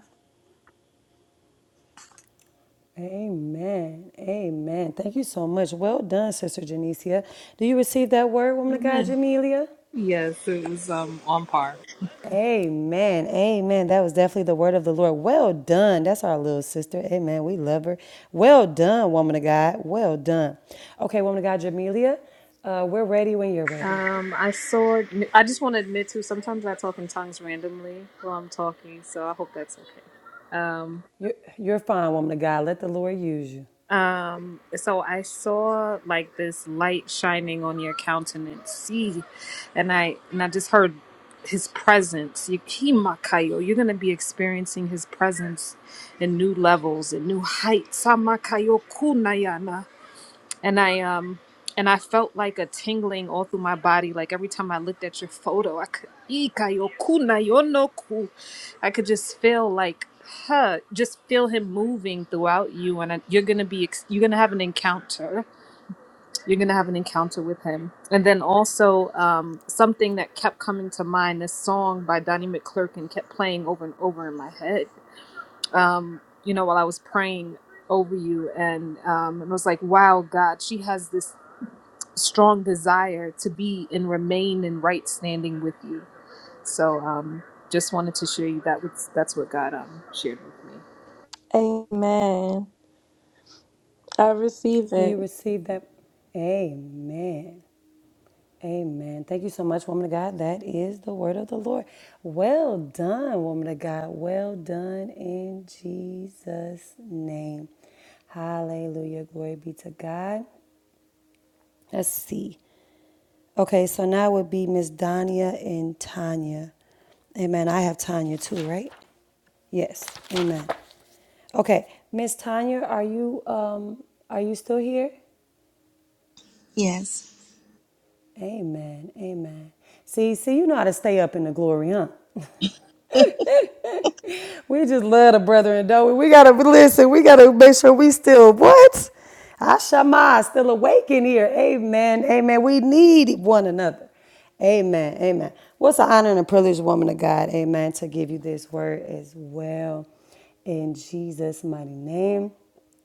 Speaker 1: Amen. Amen. Thank you so much. Well done, Sister Janicia. Do you receive that word, woman of God,
Speaker 15: Amen.
Speaker 1: Jamelia?
Speaker 15: Yes, it was um on par.
Speaker 1: Amen. Amen. That was definitely the word of the Lord. Well done. That's our little sister. Amen. We love her. Well done, woman of God. Well done. Okay, woman of God, Jamelia, uh, we're ready when you're ready.
Speaker 15: Um, I saw. I just want to admit to sometimes I talk in tongues randomly while I'm talking, so I hope that's okay. Um,
Speaker 1: You're, you're fine, woman of God. Let the Lord use you.
Speaker 15: um, so I saw like this light shining on your countenance, see, and I and I just heard his presence. You- he makayo. You're gonna be experiencing his presence in new levels, in new heights. Samakayo kunayana. and I um and I felt like a tingling all through my body. Like every time I looked at your photo, I could "Ikayoku na I could just feel like huh, just feel him moving throughout you, and I, you're gonna be ex- you're gonna have an encounter. You're gonna have an encounter with him, and then also um, something that kept coming to mind. This song by Donnie McClurkin kept playing over and over in my head. Um, you know, while I was praying over you and um it was like wow god she has this strong desire to be and remain in right standing with you. So um, just wanted to share you that was that's what God um, shared with me.
Speaker 8: amen i receive
Speaker 1: Do
Speaker 8: it
Speaker 1: you receive that? Amen. Amen. Thank you so much, woman of God. That is the word of the Lord. Well done, woman of God. Well done in Jesus' name. Hallelujah. Glory be to God. Let's see. Okay, so now would be Miss Dania and Tanya. Amen. I have Tanya too, right? Yes. Amen. Okay, Miss Tanya, are you um are you still here?
Speaker 13: Yes.
Speaker 1: Amen. Amen. See, see, you know how to stay up in the glory, huh? We just love the brethren, though. We gotta listen. We gotta make sure we still what? Our Shema is still awake in here. Amen. Amen. We need one another. Amen. Amen. What's an honor and a privilege, woman of God. Amen. To give you this word as well. In Jesus' mighty name.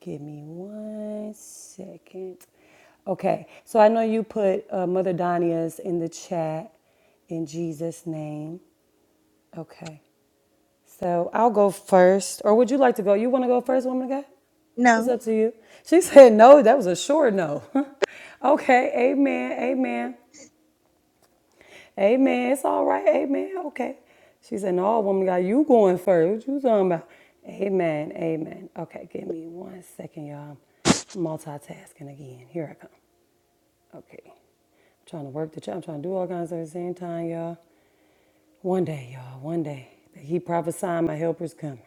Speaker 1: Give me one second. Okay. So I know you put uh, Mother Donia's in the chat in Jesus' name. Okay. So I'll go first. Or would you like to go? You want to go first, woman of God? It's
Speaker 13: No.
Speaker 1: up to you. She said no. That was a sure no. okay. Amen. Amen. Amen. It's all right. Amen. Okay. She said, no, woman of God, you going first. What you talking about? Amen. Amen. Okay. Give me one second, y'all. I'm Multitasking again. Here I come. Okay. I'm trying to work the job. I'm trying to do all kinds of things at the same time, y'all. One day, y'all. One day. He prophesied my helper's coming.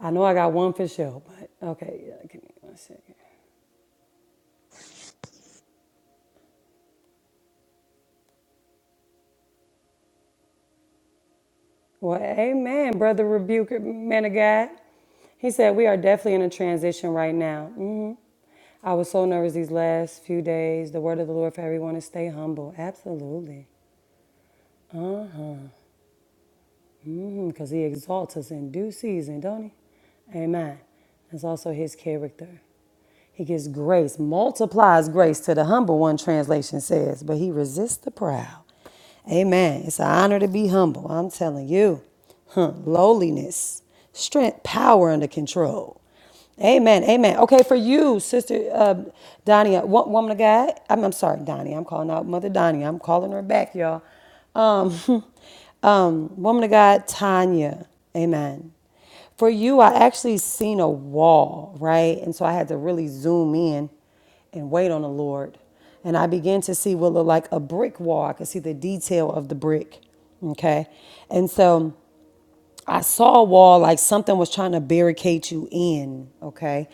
Speaker 1: I know I got one for sure, but okay, yeah, give me one second. Well, amen, brother rebuker, man of God. He said, We are definitely in a transition right now. hmm I was so nervous these last few days. The word of the Lord for everyone is stay humble. Absolutely. Uh Because mm, he exalts us in due season, don't he? Amen. That's also his character. He gives grace, multiplies grace to the humble, one translation says, but he resists the proud. Amen. It's an honor to be humble, I'm telling you. Huh. Lowliness, strength, power under control. Amen. Amen. Okay, for you, Sister uh, Donia, woman of God. I'm, I'm sorry, Donnie. I'm calling out Mother Donnie. I'm calling her back, y'all. Um, um, woman of God, Tanya. Amen. For you, I actually seen a wall, right? And so I had to really zoom in and wait on the Lord. And I began to see what looked like a brick wall. I could see the detail of the brick. Okay. And so I saw a wall like something was trying to barricade you in, okay?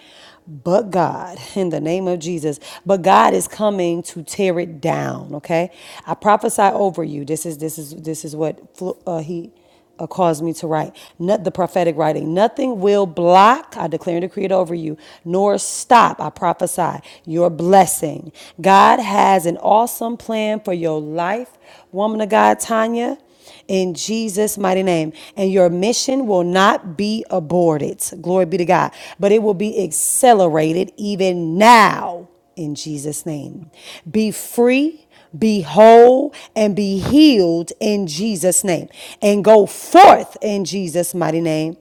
Speaker 1: But God, in the name of Jesus, but God is coming to tear it down, okay? I prophesy over you. This is this is this is what flu- uh, he uh, caused me to write. Not the prophetic writing. Nothing will block. I declare and decree it over you, nor stop. I prophesy your blessing. God has an awesome plan for your life, woman of God, Tanya in Jesus' mighty name. And your mission will not be aborted. Glory be to God. But it will be accelerated even now in Jesus' name. Be free, be whole, and be healed in Jesus' name. And go forth in Jesus' mighty name.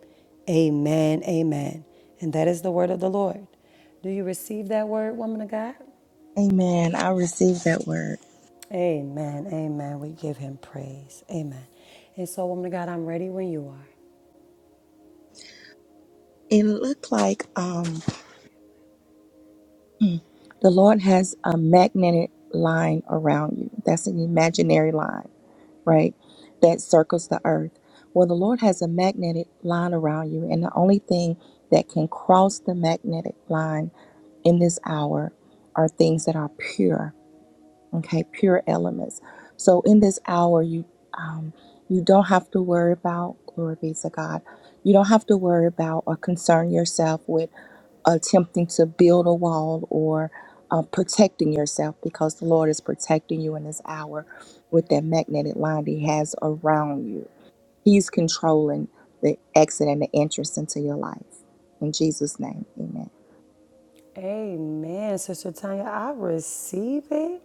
Speaker 1: Amen. Amen. And that is the word of the Lord. Do you receive that word, woman of God?
Speaker 13: Amen. I received that word.
Speaker 1: Amen. Amen. We give him praise. Amen. And so, woman of God, I'm ready when you are.
Speaker 13: It looked like um hmm, the Lord has a magnetic line around you. That's an imaginary line, right? That circles the earth. Well, the Lord has a magnetic line around you, and the only thing that can cross the magnetic line in this hour are things that are pure. okay pure elements so in this hour you um you don't have to worry about glory be to god you don't have to worry about or concern yourself with attempting to build a wall or uh, protecting yourself because the lord is protecting you in this hour with that magnetic line that he has around you he's controlling the exit and the entrance into your life in jesus name amen
Speaker 1: Amen, Sister Tanya. I receive it.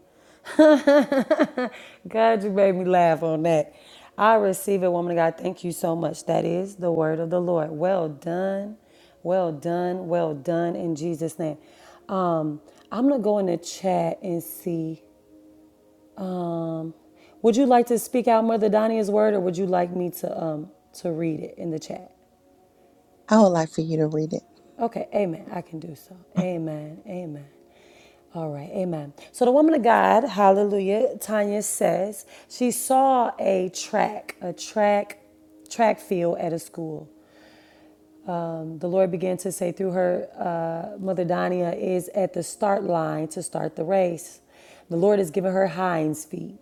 Speaker 1: God, you made me laugh on that. I receive it, woman of God. Thank you so much. That is the word of the Lord. Well done. Well done. Well done in Jesus' name. Um, I'm going to go in the chat and see. Um, would you like to speak out Mother Donia's word or would you like me to um, to read it in the chat?
Speaker 13: i would like for you to read it
Speaker 1: Okay, amen. I can do so. Amen. Amen. All right, amen. So the woman of God, hallelujah, Tanya says she saw a track, a track, track field at a school. Um, the Lord began to say through her, uh, Mother Dania is at the start line to start the race. The Lord has given her hinds feet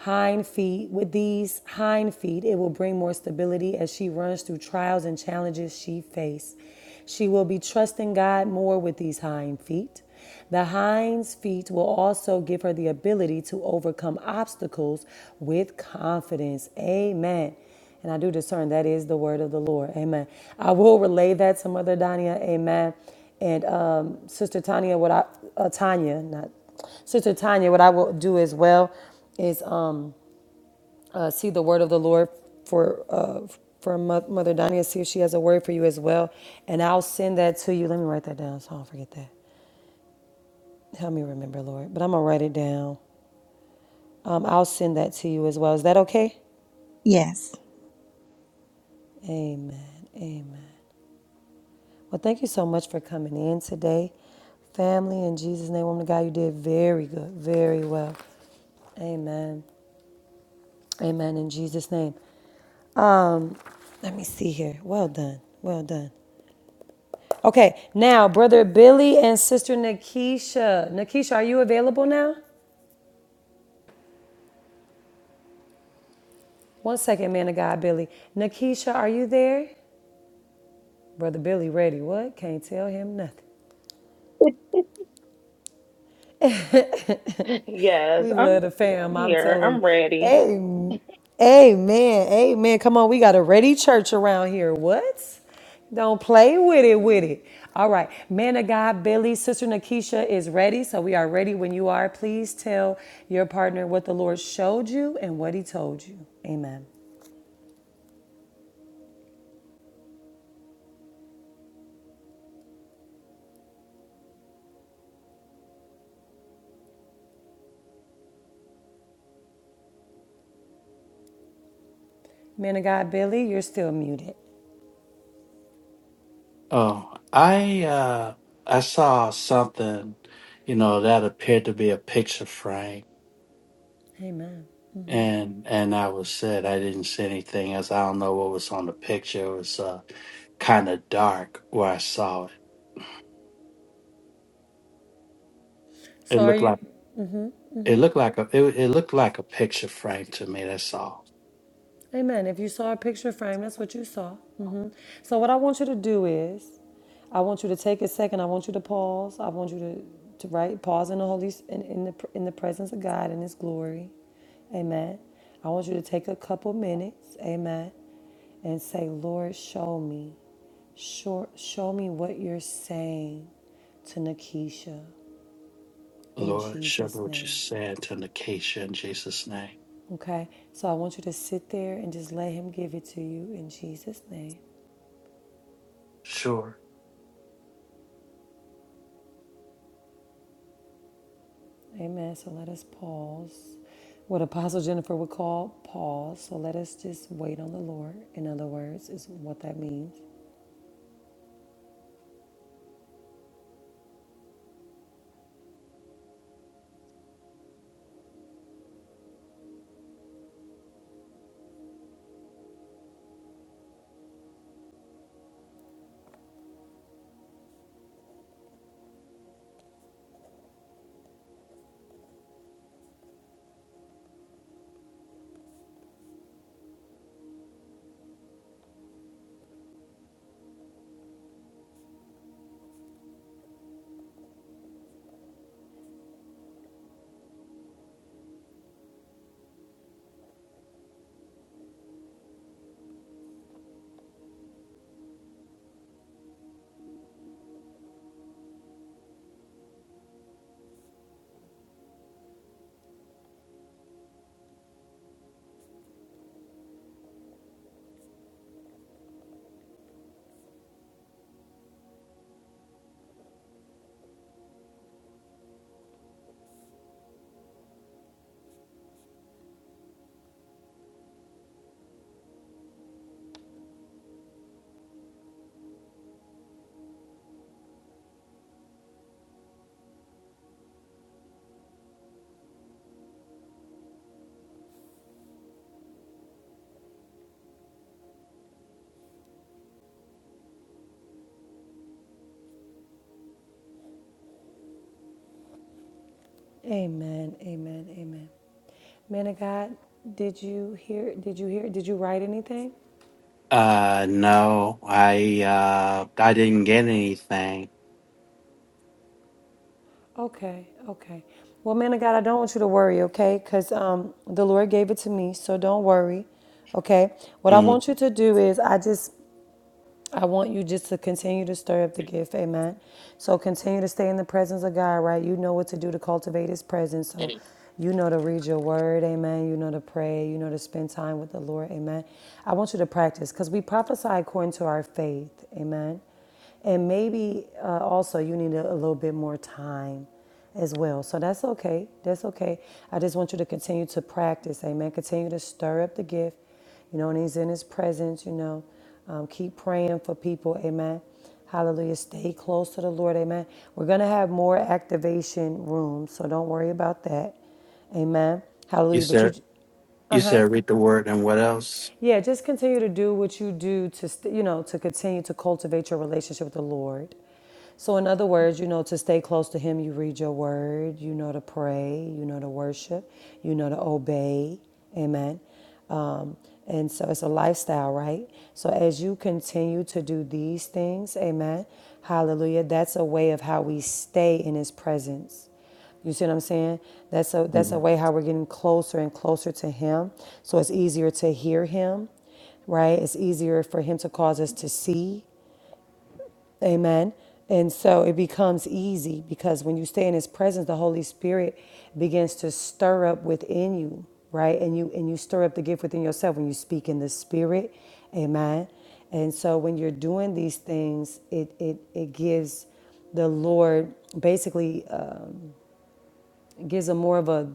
Speaker 1: hind feet. With these hind feet, it will bring more stability as she runs through trials and challenges she faces. She will be trusting God more with these hind feet. The hind's feet will also give her the ability to overcome obstacles with confidence. Amen. And I do discern that is the word of the Lord. Amen. I will relay that to Mother Dania. Amen. And um, Sister Tanya, what I, uh, Tanya, not Sister Tanya, what I will do as well is. Um, uh, see the word of the Lord for uh, for Mo- Mother Dania. See if she has a word for you as well, and I'll send that to you. Let me write that down so I don't forget that. Help me remember, Lord. But I'm gonna write it down. Um, I'll send that to you as well. Is that okay?
Speaker 13: yes
Speaker 1: Amen. Amen. Well, thank you so much for coming in today, family. In Jesus' name, woman of God, you did very good, very well. Amen. Amen. In Jesus' name. Um, let me see here. Well done. Well done. Okay, now brother Billy and sister Nakisha. Nakisha, are you available now? One second, man of God, Billy. Nakisha, are you there? Brother Billy, ready? What? Can't tell him nothing.
Speaker 11: Yes,
Speaker 1: We
Speaker 11: I'm
Speaker 1: love the fam. I'm
Speaker 11: here.
Speaker 1: telling you.
Speaker 11: I'm ready.
Speaker 1: Amen. Amen. Amen. Come on, we got a ready church around here. What? Don't play with it, with
Speaker 11: Amen.
Speaker 1: it. All right. Man of God, Billy, Sister Nakisha is ready. So we are ready when you are. Please tell your partner what the Lord showed you and what he told you. Amen. Man of God, Billy, you're still muted.
Speaker 12: Oh, I uh, I saw something, you know, that appeared to be a picture frame,
Speaker 1: Amen.
Speaker 12: and and I was said I didn't see anything as I don't know what was on the picture. It was uh, kind of dark where I saw it.
Speaker 1: So
Speaker 12: It
Speaker 1: are
Speaker 12: looked
Speaker 1: you?
Speaker 12: like it looked like a it, it looked like a picture frame to me. That's all.
Speaker 1: Amen. If you saw a picture frame, that's what you saw. hmm So what I want you to do is, I want you to take a second. I want you to pause. I want you to to write pause in the holy S- in, in the in the presence of God in His glory. Amen. I want you to take a couple minutes. Amen. And say, Lord, show me, show, show me what you're saying to Nakisha in
Speaker 12: Lord, show me
Speaker 1: Jesus'
Speaker 12: what you
Speaker 1: name.
Speaker 12: said to the in Jesus' name.
Speaker 1: Okay, so I want you to sit there and just let Him give it to you in Jesus' name.
Speaker 12: Sure.
Speaker 1: Amen. So let us pause. What Apostle Jennifer would call pause. So let us just wait on the Lord, in other words, is what that means. Amen. Amen. Amen. Man of God, did you hear? Did you hear? Did you write anything?
Speaker 12: Uh, no, I uh, I didn't get anything.
Speaker 1: Okay, okay. Well, man of God, I don't want you to worry, okay? Because um, the Lord gave it to me, so don't worry, okay? What I
Speaker 12: Mm.
Speaker 1: want you to do is, I just I want you just to continue to stir up the gift, amen. So continue to stay in the presence of God, right? You know what to do to cultivate His presence. So you know to read your word, amen. You know to pray, you know to spend time with the Lord, amen. I want you to practice because we prophesy according to our faith, amen. And maybe uh, also you need a, a little bit more time as well. So that's okay. That's okay. I just want you to continue to practice. Amen. Continue to stir up the gift. You know, when he's in his presence, you know, um, keep praying for people. Amen. Hallelujah. Stay close to the Lord. Amen. We're going to have more activation rooms, so don't worry about that. Amen.
Speaker 12: You
Speaker 1: Hallelujah. But
Speaker 12: said
Speaker 1: you
Speaker 12: you said read the word and what else?
Speaker 1: yeah, just continue to do what you do to, st- you know, to continue to cultivate your relationship with the Lord. So, in other words, you know, to stay close to Him, you read your word, you know to pray, you know to worship, you know to obey. Amen. Um, and so it's a lifestyle, right? So, as you continue to do these things, amen, hallelujah, that's a way of how we stay in His presence. You see what I'm saying? That's a that's
Speaker 12: hmm
Speaker 1: a way how we're getting closer and closer to him. So it's easier to hear him, right? It's easier for him to cause us to see. Amen. And so it becomes easy because when you stay in his presence, the Holy Spirit begins to stir up within you, right? And you and you stir up the gift within yourself when you speak in the spirit. Amen. And so when you're doing these things, it it it gives the Lord basically uh, gives a more of a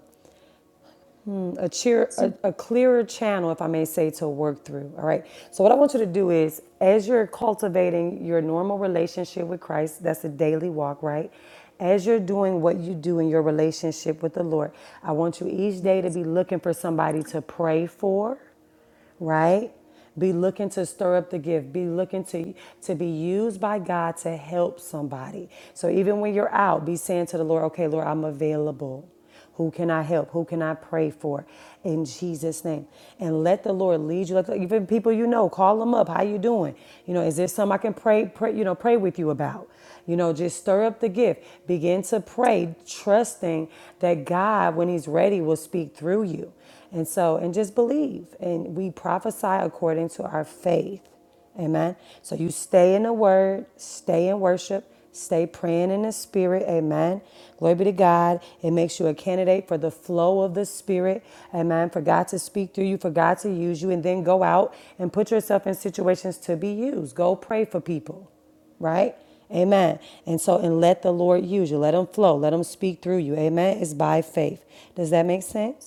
Speaker 1: um, a, cheer, a, a clearer channel, if I may say, to work through. All right. So, what I want you to do is, as you're cultivating your normal relationship with Christ, that's a daily walk, right? As you're doing what you do in your relationship with the Lord, I want you each day to be looking for somebody to pray for right? Be looking to stir up the gift. Be looking to to be used by God to help somebody. So even when you're out, be saying to the Lord, "Okay, Lord, I'm available. Who can I help? Who can I pray for?" In Jesus' name, and let the Lord lead you. Let the- Even people you know, call them up. How you doing? You know, is there something I can pray? Pray, you know, pray with you about. You know, just stir up the gift. Begin to pray, trusting that God, when He's ready, will speak through you. And so, and just believe. And we prophesy according to our faith. Amen. So you stay in the word, stay in worship, stay praying in the spirit. Amen. Glory be to God. It makes you a candidate for the flow of the spirit. Amen. For God to speak through you, for God to use you, and then go out and put yourself in situations to be used. Go pray for people right? Amen. And so, and let the Lord use you. Let Him flow. Let Him speak through you. Amen. It's by faith. Does that make sense?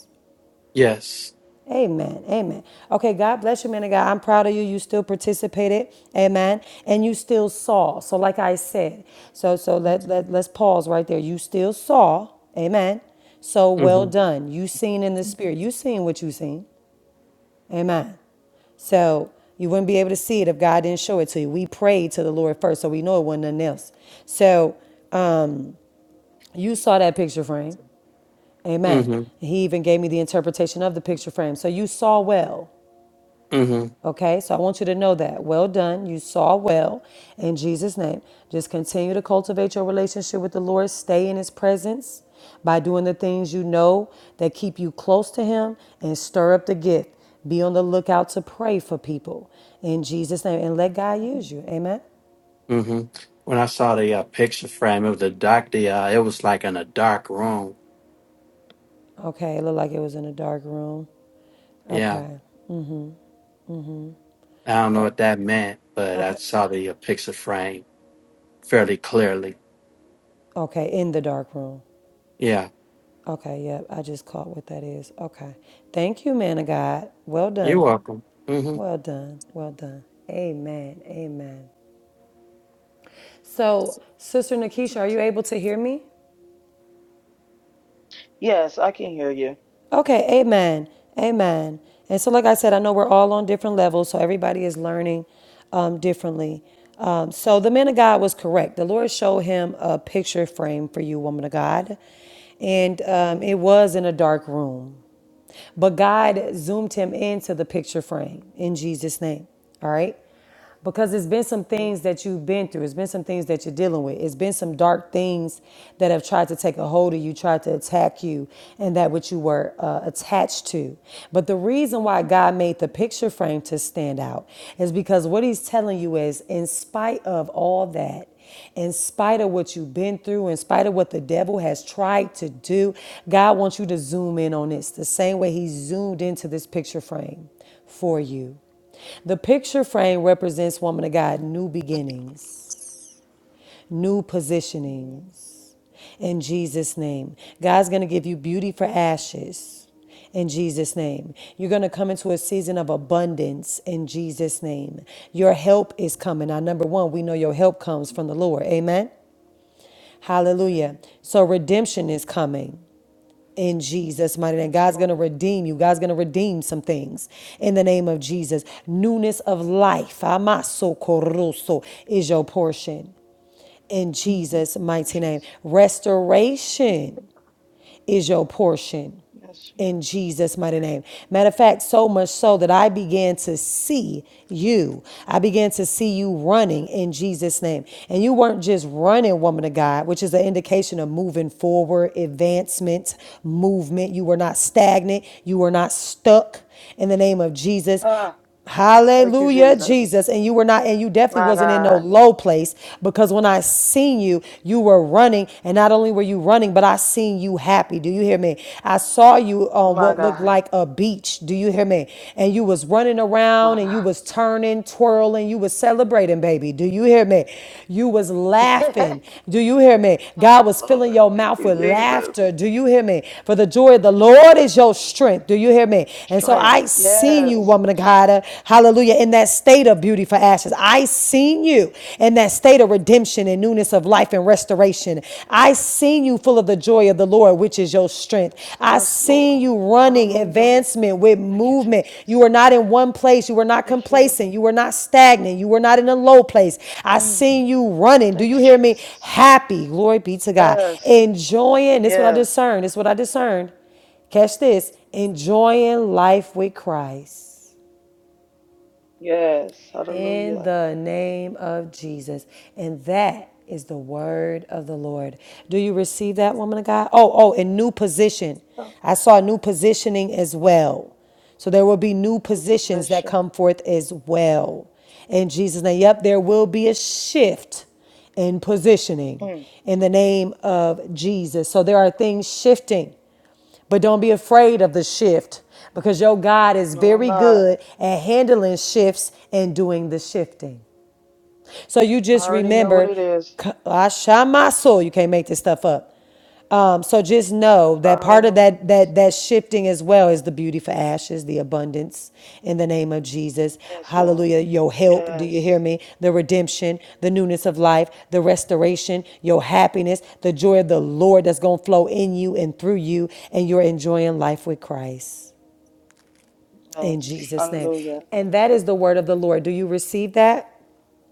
Speaker 12: Yes.
Speaker 1: Amen. Amen. Okay, God bless you, man of God. I'm proud of you. You still participated. Amen. And you still saw. So, like I said, so so let, let let's pause right there. You still saw. Amen. So well
Speaker 12: Mm-hmm.
Speaker 1: done. You seen in the spirit. You seen what you seen. Amen. So you wouldn't be able to see it if God didn't show it to you. We prayed to the Lord first, so we know it wasn't nothing else. So you saw that picture frame. Amen.
Speaker 12: Mm-hmm.
Speaker 1: He even gave me the interpretation of the picture frame. So you saw well. Okay, so I want you to know that. Well done. You saw well in Jesus' name. Just continue to cultivate your relationship with the Lord. Stay in His presence by doing the things you know that keep you close to Him and stir up the gift. Be on the lookout to pray for people in Jesus' name and let God use
Speaker 12: Mm-hmm.
Speaker 1: you. Amen.
Speaker 12: Mm-hmm. When I saw the uh, picture frame of the doctor, uh, it was like in a dark room.
Speaker 1: Okay, it looked like it was in a dark room.
Speaker 12: Yeah,
Speaker 1: Okay.
Speaker 12: I don't know what that meant, but I
Speaker 1: Okay.
Speaker 12: saw the uh, picture frame fairly clearly.
Speaker 1: Okay. In the dark room.
Speaker 12: Yeah,
Speaker 1: Okay. Yep. I just caught what that is. Okay. Thank you, man of God. Well
Speaker 12: you're
Speaker 1: done.
Speaker 12: welcome. Mm-hmm.
Speaker 1: Well done. Well done. Amen. Amen. So, Sister Nakisha, are you able to hear me?
Speaker 11: Yes, I can hear you.
Speaker 1: Okay. Amen. Amen. And so, like I said, I know we're all on different levels, so everybody is learning um, differently. Um, so, the man of God was correct. The Lord showed him a picture frame for you, woman of God, and um,
Speaker 11: Amen.
Speaker 1: it was in a dark room. But God zoomed him into the picture frame in Jesus' name. All right. because it's been some things that you've been through. It's been some things that you're dealing with. It's been some dark things that have tried to take a hold of you, tried to attack you, and that which you were uh, attached to. But the reason why God made the picture frame to stand out is because what He's telling you is, in spite of all that, in spite of what you've been through, in spite of what the devil has tried to do, God wants you to zoom in on this the same way He zoomed into this picture frame for you. The picture frame represents, woman of God, new beginnings, new positionings in Jesus' name. God's going to give you beauty for ashes in Jesus' name. You're going to come into a season of abundance in Jesus' name. Your help is coming. Now, number one, we know your help comes from the Lord. Amen. Hallelujah.
Speaker 11: Amen.
Speaker 1: So redemption is coming in Jesus' mighty name.
Speaker 11: Yes,
Speaker 1: God's going to
Speaker 11: Lord.
Speaker 1: redeem you. God's going to redeem some things in the name of Jesus. Newness of life amasokoruso, is your portion in Jesus'
Speaker 11: Thank you,
Speaker 1: mighty name.
Speaker 11: Jesus.
Speaker 1: Restoration is your portion
Speaker 11: Yes, Jesus.
Speaker 1: in Jesus' mighty name. Matter of fact, so much so that I began to see you. I began to see you running in Jesus' name. And you weren't just running, woman of God, which is an indication of moving forward, advancement, movement. You were not stagnant, you were not stuck in the name of Jesus.
Speaker 11: Ah, thank you,
Speaker 1: Hallelujah,
Speaker 11: Jesus.
Speaker 1: Jesus. And you were not, and you definitely
Speaker 11: My
Speaker 1: wasn't in no
Speaker 11: God.
Speaker 1: low place because when I seen you, you were running. And not only were you running, but I seen you happy. Do you hear me? I saw you on
Speaker 11: My
Speaker 1: what looked
Speaker 11: God.
Speaker 1: like a beach. Do you hear me? And you was running around
Speaker 11: My
Speaker 1: and you
Speaker 11: God.
Speaker 1: was turning, twirling, you was celebrating, baby. Do you hear me? You was laughing. Do you hear me?
Speaker 11: oh,
Speaker 1: God was filling
Speaker 11: Lord.
Speaker 1: your
Speaker 11: Thank
Speaker 1: mouth
Speaker 11: you,
Speaker 1: with
Speaker 11: Jesus.
Speaker 1: laughter. Do you hear me? For the joy of the Lord
Speaker 11: Yes,
Speaker 1: is your
Speaker 11: Lord.
Speaker 1: strength. Do you hear me? And so
Speaker 11: Strength.
Speaker 1: I seen you,
Speaker 11: Yes.
Speaker 1: woman of God. Uh, hallelujah. In that state of beauty for ashes, I seen you in that state of redemption and newness of life and restoration. I seen you full of the joy of the Lord, which is your strength.
Speaker 11: Yes,
Speaker 1: I
Speaker 11: yes, Lord.
Speaker 1: seen you running
Speaker 11: Hallelujah.
Speaker 1: advancement with
Speaker 11: Thank you,
Speaker 1: movement. You were
Speaker 11: Jesus.
Speaker 1: not in one place. You were not
Speaker 11: Thank you, Lord.
Speaker 1: complacent. You were not stagnant. You were not in a low place. I
Speaker 11: Mm.
Speaker 1: seen you running. Do
Speaker 11: Thank you,
Speaker 1: you hear me?
Speaker 11: Jesus.
Speaker 1: Happy. Glory be to God.
Speaker 11: Yes,
Speaker 1: Enjoying. This is what I
Speaker 11: yes,
Speaker 1: discerned. This is what I discerned. Catch this. Enjoying life with Christ
Speaker 11: yes.
Speaker 1: in
Speaker 11: Hallelujah.
Speaker 1: the name of Jesus. And that is the word of the Lord. Do you receive that, woman of God? Oh, oh, and new position.
Speaker 11: Not
Speaker 1: I saw new positioning as well. So there will be new
Speaker 11: Your
Speaker 1: positions that
Speaker 11: possession.
Speaker 1: come forth as well. In Jesus' name. Yep, there will be a shift in positioning
Speaker 11: Mm.
Speaker 1: in the name of Jesus. So there are things shifting. But don't be afraid of the shift because your God is
Speaker 11: No, I'm
Speaker 1: very
Speaker 11: not.
Speaker 1: good at handling shifts and doing the shifting. So you
Speaker 11: I
Speaker 1: just
Speaker 11: already know what
Speaker 1: remember,
Speaker 11: it is.
Speaker 1: c- I shot my soul. You can't make this stuff up. Um, so just know
Speaker 11: I
Speaker 1: that
Speaker 11: already
Speaker 1: part of
Speaker 11: know what it
Speaker 1: that
Speaker 11: is.
Speaker 1: that that shifting as well is the beauty for ashes, the abundance in the name of Jesus.
Speaker 11: Yes, Lord.
Speaker 1: Hallelujah. Your help, do you hear
Speaker 11: Yes,
Speaker 1: me? The redemption, the newness of life, the restoration, your happiness, the joy of the Lord that's gonna flow in you and through you, and you're enjoying life with Christ in
Speaker 11: yes.
Speaker 1: Jesus' name.
Speaker 11: Hallelujah.
Speaker 1: And that is the word of the Lord. Do you receive that?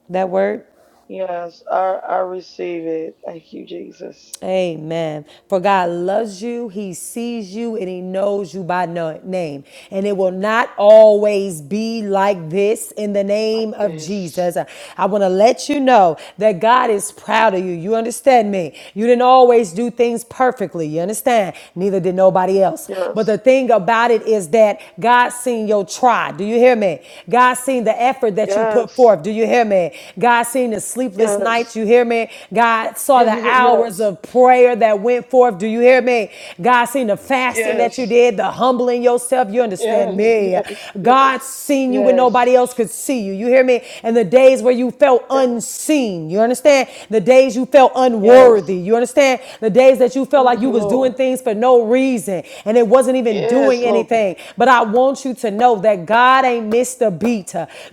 Speaker 1: That word?
Speaker 11: Yes, I, I receive it. Thank you, Jesus.
Speaker 1: Amen. For God loves you, He sees you, and He knows you by no- name. And it will not always be like this in the
Speaker 11: Like
Speaker 1: name of
Speaker 11: this.
Speaker 1: Jesus. I want to let you know that God is proud of you. You understand me? You didn't always do things perfectly. You understand? Neither did nobody else. But the
Speaker 11: Yes,
Speaker 1: thing about it is that God seen your try. Do you hear me? God seen the effort that you put
Speaker 11: yes,
Speaker 1: forth. Do you hear me? God seen the sleepless nights nights.
Speaker 11: yes,
Speaker 1: You hear me? God saw the hours
Speaker 11: yes,
Speaker 1: of prayer that went forth. Do you hear me? God seen the fasting that you
Speaker 11: yes.
Speaker 1: did, the humbling yourself. You understand
Speaker 11: Yes,
Speaker 1: me?
Speaker 11: yes,
Speaker 1: God
Speaker 11: yes,
Speaker 1: seen you when
Speaker 11: yes,
Speaker 1: nobody else could see you. You hear me? And the days where you felt
Speaker 11: yes,
Speaker 1: unseen. You understand? The days you felt
Speaker 11: yes.
Speaker 1: unworthy. You understand? The days that you felt like
Speaker 11: Thank
Speaker 1: you
Speaker 11: you,
Speaker 1: was doing
Speaker 11: Lord.
Speaker 1: things for no reason and it wasn't even doing
Speaker 11: Yes, Lord.
Speaker 1: anything. But I want you to know that God ain't missed a beat.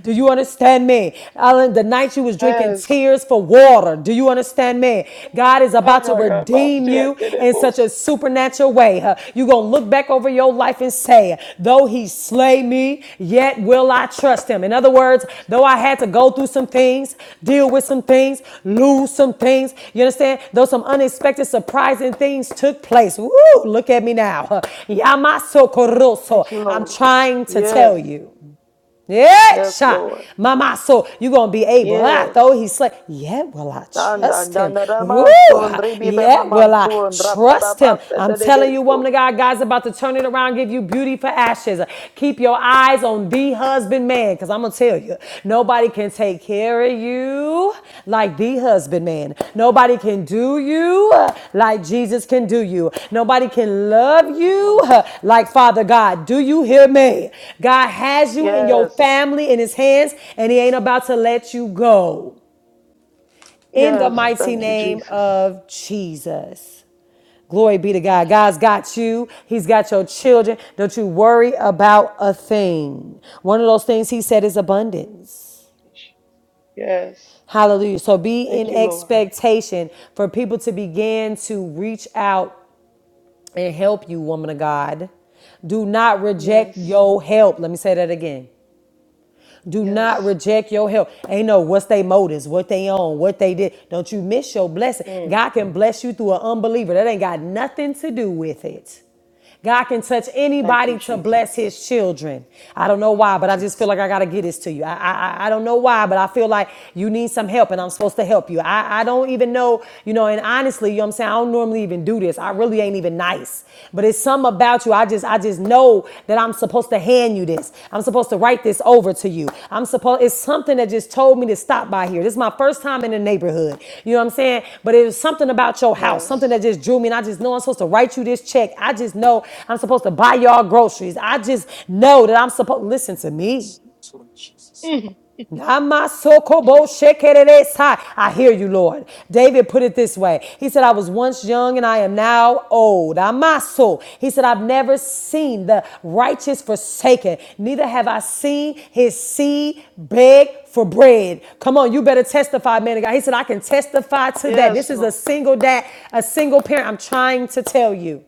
Speaker 1: Do you understand me? me? Ellen, the night you was drinking
Speaker 11: Yes.
Speaker 1: tears for water. Do you understand me? God
Speaker 11: Ay,
Speaker 1: is about
Speaker 11: ay,
Speaker 1: to
Speaker 11: ay, ay, my
Speaker 1: redeem
Speaker 11: fear
Speaker 1: you
Speaker 11: did it,
Speaker 1: in such a
Speaker 11: boss.
Speaker 1: supernatural way. huh? you going to look back over your life and say, though he slay me, yet will I trust him. In other words, though I had to go through some things, deal with some things, lose some things, you understand? Though some unexpected, surprising things took place. Woo, look at me now. huh?
Speaker 11: Thank you,
Speaker 1: I'm
Speaker 11: Lord.
Speaker 1: trying to tell
Speaker 11: Yes,
Speaker 1: you. Yeah,
Speaker 11: yes,
Speaker 1: shot.
Speaker 11: Lord.
Speaker 1: Mama, so you going to be able, ah, though
Speaker 11: Yes.
Speaker 1: he slay. Yeah, will I
Speaker 11: Dan dan
Speaker 1: trust
Speaker 11: dan
Speaker 1: him?
Speaker 11: dan dan
Speaker 1: Ooh,
Speaker 11: mas turun ribi
Speaker 1: yeah,
Speaker 11: baba mam
Speaker 1: will I
Speaker 11: surun drat
Speaker 1: trust him?
Speaker 11: arabas
Speaker 1: I'm telling you, woman
Speaker 11: so.
Speaker 1: of God, God's about to turn it around, give you beauty for ashes. Keep your eyes on the husband man, because I'm going to tell you, nobody Nobody can take care of you like the husbandman. Nobody can do you like Jesus can do you. Nobody can love you
Speaker 11: Yes,
Speaker 1: like Father God. Do you hear me? God has you and your
Speaker 11: yes,
Speaker 1: family in his hands, and he ain't about to let you go. In the
Speaker 11: yes.
Speaker 1: mighty
Speaker 11: Thank you,
Speaker 1: name
Speaker 11: Jesus.
Speaker 1: of Jesus. Glory be to
Speaker 11: Thank
Speaker 1: God.
Speaker 11: you,
Speaker 1: God's
Speaker 11: Jesus.
Speaker 1: got you. He's got your children. Don't you worry about a thing. One of those things he said is abundance.
Speaker 11: Yes.
Speaker 1: Hallelujah. So be
Speaker 11: Thank
Speaker 1: in
Speaker 11: you, Lord.
Speaker 1: expectation for people to begin to reach out and help you, woman of God. Do not reject
Speaker 11: Yes.
Speaker 1: your help. Let me say that again. Do not
Speaker 11: Yes.
Speaker 1: reject your help. Ain't no what's they motives, what they own, what they did. Don't you miss your blessing.
Speaker 11: Mm.
Speaker 1: God can bless you through an unbeliever. That ain't got nothing to do with it. God can touch
Speaker 11: Thank you,
Speaker 1: anybody to bless
Speaker 11: Jesus.
Speaker 1: his children. I don't know why, but I just feel like I got to get this to you. I, I, I I don't know why, but I feel like you need some help and I'm supposed to help you. I, I don't even know, you know, and honestly, you know what I'm saying? I don't normally normally even do this. I really ain't even nice. But it's something about you. I just I just know that I'm supposed to hand you this. I'm supposed to write this over to you. I'm supposed it's something that just told me to stop by here. This is my first time in the neighborhood. You know what I'm saying? But it was something about your house, something
Speaker 11: Yes.
Speaker 1: that just drew me and I just know I'm supposed to write you this check. I just know I'm supposed to buy y'all groceries. I just know that I'm supposed listen to me.
Speaker 11: Mm. Jesus.
Speaker 1: Namasokobo-shekereresa. I hear you, Lord. David put it this way. He said, I was once young and I am now old. Amaso. He said, I've never seen the righteous forsaken, neither have I seen his seed beg for bread. Come on, you better testify, man of God. He said, I can testify to that.
Speaker 11: Yes,
Speaker 1: This is a
Speaker 11: Lord.
Speaker 1: single dad, a single parent. I'm trying to tell you.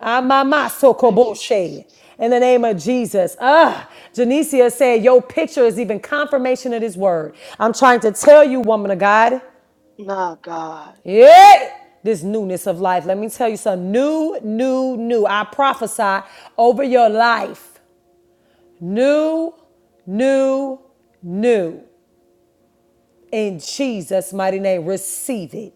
Speaker 1: Amama
Speaker 11: Thank you,
Speaker 1: sokoboshe.
Speaker 11: Jesus.
Speaker 1: In the name of Jesus. Ah, Janicia said, Your picture is even confirmation of this word. I'm trying to tell you, woman of God.
Speaker 11: My God.
Speaker 1: Yeah. This newness of life. Let me tell you something. New, new, new. I prophesy over your life. New, new, new. in Jesus' mighty name. Receive it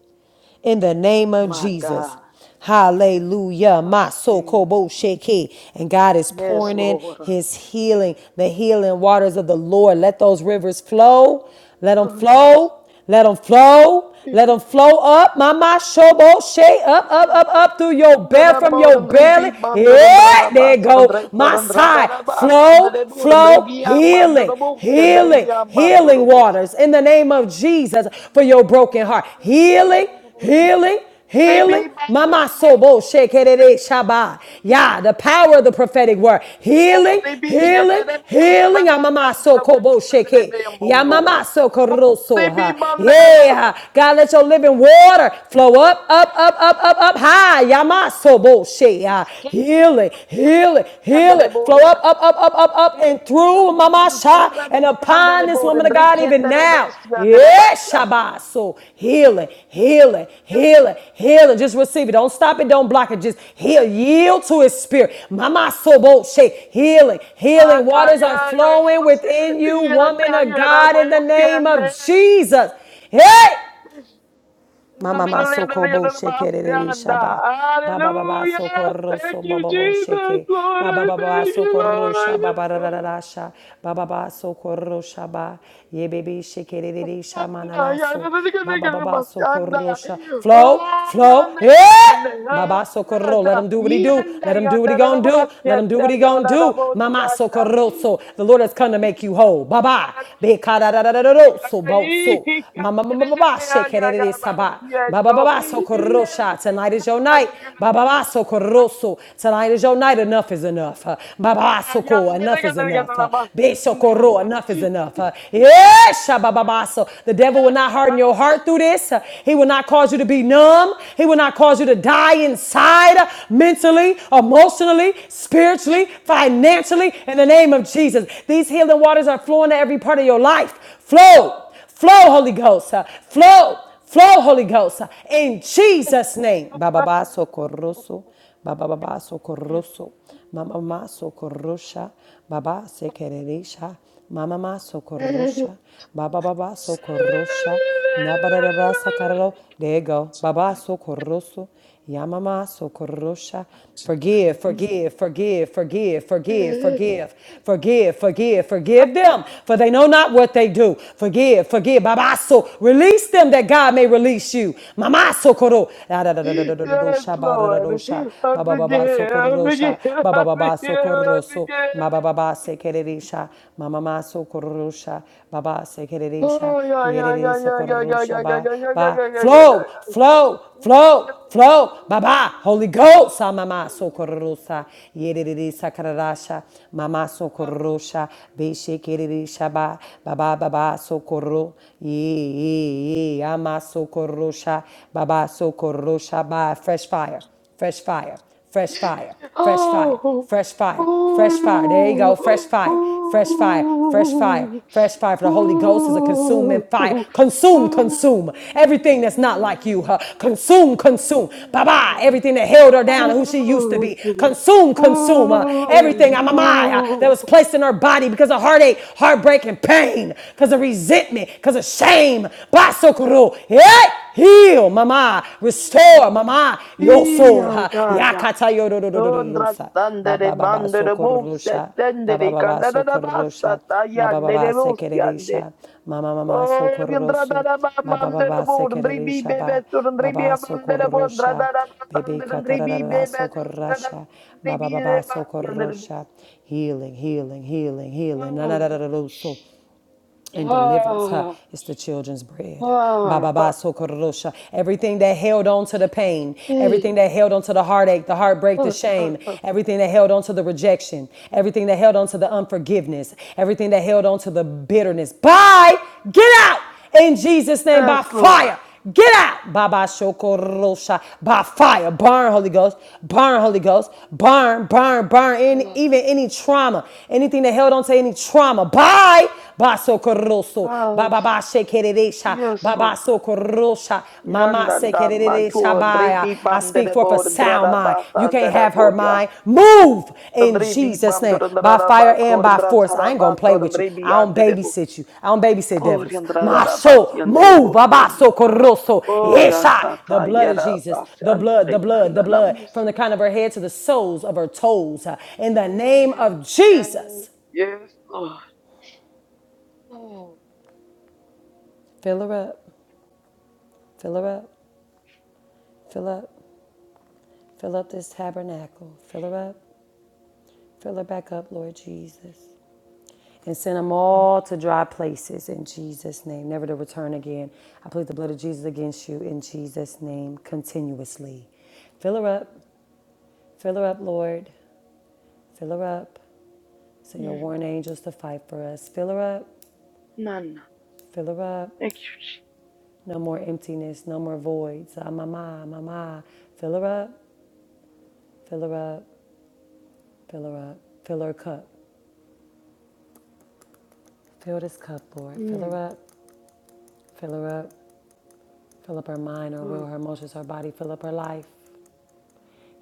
Speaker 1: in the name of
Speaker 11: My
Speaker 1: Jesus.
Speaker 11: God.
Speaker 1: Hallelujah. My soul
Speaker 11: Mercy.
Speaker 1: sheke. And God is
Speaker 11: Yes,
Speaker 1: pouring in
Speaker 11: Lord.
Speaker 1: his healing, the healing waters of the Lord.
Speaker 11: Yeah.
Speaker 1: Let those rivers flow. Let them
Speaker 11: Oh, yes.
Speaker 1: flow. Let them flow. Let
Speaker 11: Yeah.
Speaker 1: them flow up. Mama Shobo Shay up, up, up, up through your bed from your belly. Yeah, there go. My side. Flow, flow, healing, healing, healing waters in the name of Jesus for
Speaker 11: Andrebos,
Speaker 1: your broken heart. Healing healing, healing. Mama sobo shekerere shaba. Yeah, the power of the prophetic word. Healing, healing, healing. Ya mama so kobo sheke. Ya mama so koroso ha. Yeah. God, let your living water flow up, up, up, up, up, up high. Ya mama sobo she. yeah. Healing, healing, healing. Flow up, up, up, up, up, up and through mama sha and upon this woman of God even now. Yeah, Shabbat. So heal it, heal it, heal it, heal it. Just receive it. Don't stop it. Don't block it. Just heal. Yield to his spirit. Mama sobo shake. Healing. Healing waters are
Speaker 11: Cayendo,
Speaker 1: flowing
Speaker 11: se
Speaker 1: within
Speaker 11: siente
Speaker 1: you,
Speaker 11: y el
Speaker 1: woman of
Speaker 11: amor
Speaker 1: God, in the name of
Speaker 11: siente.
Speaker 1: Jesus. Hey! Mama ma sokobo shekerere shaba. Baba baba
Speaker 11: Hallelujah.
Speaker 1: socorro
Speaker 11: Thank
Speaker 1: so
Speaker 11: you,
Speaker 1: baba bo
Speaker 11: Jesus.
Speaker 1: sheke.
Speaker 11: Lord,
Speaker 1: Baba
Speaker 11: I
Speaker 1: baba
Speaker 11: thank you,
Speaker 1: socorro shaba
Speaker 11: Lord.
Speaker 1: barararasha. Baba baba socorro shaba. Ye baby
Speaker 11: Anda
Speaker 1: shekerere
Speaker 11: yanda
Speaker 1: shamananaso.
Speaker 11: da da
Speaker 1: Baba
Speaker 11: da da
Speaker 1: baba
Speaker 11: bas anda
Speaker 1: socorro sha.
Speaker 11: oh
Speaker 1: Flow, flow,
Speaker 11: yanda
Speaker 1: hey!
Speaker 11: anda
Speaker 1: Baba socorro.
Speaker 11: anda da
Speaker 1: Let him do what he do.
Speaker 11: yanda
Speaker 1: Let him do what
Speaker 11: yanda
Speaker 1: he
Speaker 11: da
Speaker 1: gonna do.
Speaker 11: bas
Speaker 1: Let him do
Speaker 11: yanda,
Speaker 1: what he gonna
Speaker 11: yanda da bas Yanda yanda da da
Speaker 1: do.
Speaker 11: bas
Speaker 1: Mama
Speaker 11: yatta
Speaker 1: socorroso. The Lord has come to make you whole. Baba. Be so bo so. Mama mama baba
Speaker 11: ya
Speaker 1: shake
Speaker 11: ya ya
Speaker 1: it
Speaker 11: bas
Speaker 1: saba. Baba
Speaker 11: yendo
Speaker 1: baba
Speaker 11: yanda
Speaker 1: socorrosha. Tonight is your
Speaker 11: da da
Speaker 1: night.
Speaker 11: da da
Speaker 1: Baba baba socorroso. Tonight is your night. Enough is enough. Baba baba
Speaker 11: Anda,
Speaker 1: socorro.
Speaker 11: yanda da
Speaker 1: Enough
Speaker 11: da
Speaker 1: is
Speaker 11: da da
Speaker 1: enough.
Speaker 11: bas
Speaker 1: Be
Speaker 11: anda
Speaker 1: socorro. Enough is enough. Yes, baba baba so. The devil will not harden your heart hurt through this. He will not cause you to be numb. He will not cause you to die inside uh, mentally, emotionally, spiritually, financially. In the name of Jesus, these healing waters are flowing to every part of your life. Flow, flow, Holy Ghost. Uh, Flow, flow, Holy Ghost. Uh, In Jesus' name. Ba ba ba socorroso. Ba ba ba ba socorroso. Mama ma socorrosha, baba se quererisha, mama ma socorrosha, baba baba socorrosha, nabarara sacarlo, there you go, baba socorroso, yamama socorrosha, Forgive, forgive, forgive, forgive, forgive, forgive, forgive, forgive, forgive them, for they know not what they do. Forgive, forgive, babaso, release them that God may release you. Mamaso koro,
Speaker 11: Yes, Lord.
Speaker 1: rosha
Speaker 11: I
Speaker 1: baba baba
Speaker 11: forget. I
Speaker 1: socorrosha
Speaker 11: forget.
Speaker 1: baba
Speaker 11: I forget.
Speaker 1: baba
Speaker 11: I
Speaker 1: socorroso
Speaker 11: forget.
Speaker 1: mama baba sekererisha mama ma socorrosha baba sekererisha
Speaker 11: Oh yeah, yeah,
Speaker 1: yereri
Speaker 11: yeah, yeah, yeah, yeah,
Speaker 1: socorrosha
Speaker 11: yeah, yeah,
Speaker 1: ba
Speaker 11: yeah, yeah, yeah,
Speaker 1: ba
Speaker 11: yeah, yeah, yeah, yeah.
Speaker 1: flow flow flow flow baba holy ghost ah, mama socorrosa yereri sakararasha mama socorrosha be sekererisha ba baba baba socorro ye ye ama socorrosha baba socorrosha ba fresh fire fresh fire, fresh fire, fresh
Speaker 11: Oh,
Speaker 1: fire,
Speaker 11: oh,
Speaker 1: fresh fire, fresh fire. There you
Speaker 11: oh,
Speaker 1: go, fresh
Speaker 11: oh,
Speaker 1: fire, fresh fire, fresh fire,
Speaker 11: oh,
Speaker 1: fresh fire. For the Holy Ghost is a consuming fire.
Speaker 11: oh,
Speaker 1: Consume, consume everything that's not like you. Huh? Consume, consume. Bye bye. Everything that held her down and who she used to be. Consume, consume uh, everything. I'm a Maya that
Speaker 11: oh,
Speaker 1: was placed in her body because of heartache, heartbreak, and pain, because of resentment, because of shame. Basokuru soul. Hey, heal, mama. Restore, mama. Your soul.
Speaker 11: yeah,
Speaker 1: Ha.
Speaker 11: yeah, yeah.
Speaker 1: Yakata
Speaker 11: Ondra
Speaker 1: yodododododosa. Ba
Speaker 11: tande de
Speaker 1: ba ba ba
Speaker 11: mande
Speaker 1: so
Speaker 11: de mousse
Speaker 1: kororosha.
Speaker 11: tende
Speaker 1: Ba ba
Speaker 11: de
Speaker 1: ba ba
Speaker 11: kanda da
Speaker 1: so
Speaker 11: da basa
Speaker 1: kororosha.
Speaker 11: ta
Speaker 1: Ba ba ba
Speaker 11: yande
Speaker 1: ba
Speaker 11: de mousse yande.
Speaker 1: sekererisha. Mama mama
Speaker 11: Oh,
Speaker 1: sokoroso.
Speaker 11: yandra da
Speaker 1: kororoso.
Speaker 11: da ba
Speaker 1: Ba ba ba
Speaker 11: mande de
Speaker 1: ba
Speaker 11: bo ndri bi be
Speaker 1: sekererisha
Speaker 11: be
Speaker 1: ba.
Speaker 11: sur ndri
Speaker 1: Ba
Speaker 11: bi
Speaker 1: ba so
Speaker 11: mande de bo ndra da da ba
Speaker 1: Baby
Speaker 11: tande de ndri bi be
Speaker 1: katarara
Speaker 11: be
Speaker 1: so
Speaker 11: sur ndra da
Speaker 1: kororosha.
Speaker 11: ndri
Speaker 1: Ba ba
Speaker 11: bi
Speaker 1: ba
Speaker 11: de
Speaker 1: ba
Speaker 11: ba
Speaker 1: so
Speaker 11: yande de mousse.
Speaker 1: Healing, healing, healing, healing. Na na
Speaker 11: Ah,
Speaker 1: na na na so and deliverance. Huh?
Speaker 11: ah,
Speaker 1: It's the children's bread. Ba
Speaker 11: ah,
Speaker 1: ba ba
Speaker 11: ah.
Speaker 1: socorrosha. Everything that held on to the pain,
Speaker 11: eh,
Speaker 1: everything that held on to the heartache, the heartbreak, the
Speaker 11: ah, ah,
Speaker 1: shame,
Speaker 11: ah.
Speaker 1: everything that held on to the rejection, everything that held on to the unforgiveness, everything that held on to the bitterness. Bye! Get out! in Jesus' name by
Speaker 11: Yes, Lord.
Speaker 1: fire. Get out. Baba Shokorosha. By fire. Burn, Holy Ghost. Burn, Holy Ghost. Burn, burn, burn. Any, even any trauma. Anything that held on to any trauma. Bye. Ba Sokoroso.
Speaker 11: Ah,
Speaker 1: Baba Ba Shekeresha.
Speaker 11: Yes,
Speaker 1: Baba
Speaker 11: Lord.
Speaker 1: Sokorosha. Mama
Speaker 11: Nandanda
Speaker 1: Sekeresha.
Speaker 11: mantua
Speaker 1: Bye.
Speaker 11: dripi
Speaker 1: I
Speaker 11: bam de
Speaker 1: speak
Speaker 11: de
Speaker 1: for of a
Speaker 11: bo de
Speaker 1: sound
Speaker 11: drada
Speaker 1: mind. You
Speaker 11: basa
Speaker 1: can't
Speaker 11: de de
Speaker 1: have her
Speaker 11: bo ya.
Speaker 1: mind. Move in
Speaker 11: Dripi
Speaker 1: Jesus'
Speaker 11: bam de
Speaker 1: name. By
Speaker 11: drada
Speaker 1: fire
Speaker 11: ba
Speaker 1: and
Speaker 11: ko de
Speaker 1: by
Speaker 11: drada
Speaker 1: force. I
Speaker 11: chara
Speaker 1: ain't gonna play
Speaker 11: basa de
Speaker 1: with you.
Speaker 11: dripi
Speaker 1: I don't
Speaker 11: ande de bo.
Speaker 1: babysit you. I don't babysit
Speaker 11: Oh de
Speaker 1: devils.
Speaker 11: drada
Speaker 1: My
Speaker 11: da basi
Speaker 1: soul,
Speaker 11: ande de de
Speaker 1: move.
Speaker 11: bo yande.
Speaker 1: Abaso corroso.
Speaker 11: Oh
Speaker 1: Yes,
Speaker 11: ya
Speaker 1: I. The
Speaker 11: sata
Speaker 1: blood of
Speaker 11: yera
Speaker 1: Jesus.
Speaker 11: basi
Speaker 1: The
Speaker 11: ande
Speaker 1: blood, the blood,
Speaker 11: yanda
Speaker 1: the
Speaker 11: na
Speaker 1: blood. From
Speaker 11: musi.
Speaker 1: the crown of her head to the soles of her toes. In the
Speaker 11: Oh
Speaker 1: name
Speaker 11: yes,
Speaker 1: of
Speaker 11: yes,
Speaker 1: Jesus.
Speaker 11: yes, Lord. Oh,
Speaker 1: Fill her up. Fill her up. Fill up. Fill up this tabernacle. Fill her up. Fill her back up, Lord Jesus. and send them all to dry places in Jesus' name, never to return again. I plead the blood of Jesus against you in Jesus' name continuously. Fill her up, fill her up, Lord. Fill her up. Send your
Speaker 11: mm,
Speaker 1: warring angels to fight for us. Fill her up,
Speaker 11: Nana,
Speaker 1: fill her up.
Speaker 11: thank you. Jesus.
Speaker 1: No more emptiness, no more voids. Ah, mama, mama. Fill her up, fill her up, fill her up. Fill her cup. Fill this cup, Lord. Fill
Speaker 11: Mm,
Speaker 1: her up, fill her up. Fill up her mind, her will,
Speaker 11: oh,
Speaker 1: her emotions, her body. Fill up her life.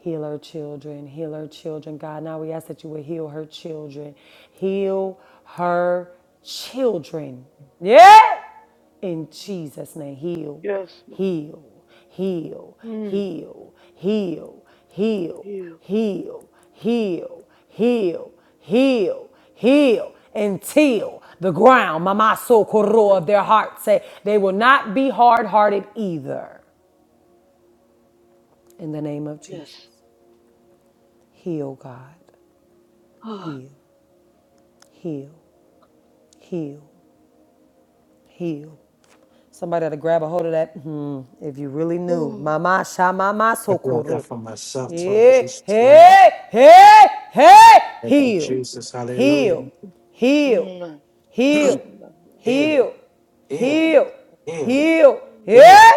Speaker 1: Heal her children. Heal her children. God, now we ask that you would heal her children. Heal her children. Yeah. In Jesus' name. Heal.
Speaker 11: yes, Lord.
Speaker 1: Heal. Heal.
Speaker 11: Mm,
Speaker 1: Heal. Heal. Heal.
Speaker 11: you.
Speaker 1: Heal. Heal. Heal. Heal. Heal. Until the ground, mama so koro
Speaker 11: Ah,
Speaker 1: of their hearts say they will not be hard hearted either. In the name of Jesus.
Speaker 11: yes.
Speaker 1: Heal, God.
Speaker 11: Ah.
Speaker 1: Heal, heal, heal, heal. Somebody ought to grab a hold of that. Hmm, if you really knew.
Speaker 11: Oh.
Speaker 1: Mama sha mama
Speaker 12: I brought that
Speaker 1: sokoro.
Speaker 12: for myself too, in
Speaker 1: Hey,
Speaker 12: Jesus' name.
Speaker 1: hey, hey, hey,
Speaker 12: Thank you,
Speaker 1: heal,
Speaker 12: Jesus. Hallelujah.
Speaker 1: heal, heal, Heal,
Speaker 12: Heal,
Speaker 1: heal,
Speaker 12: heal,
Speaker 1: heal,
Speaker 11: Oh,
Speaker 12: heal,
Speaker 1: heal,
Speaker 12: heal.
Speaker 1: yeah?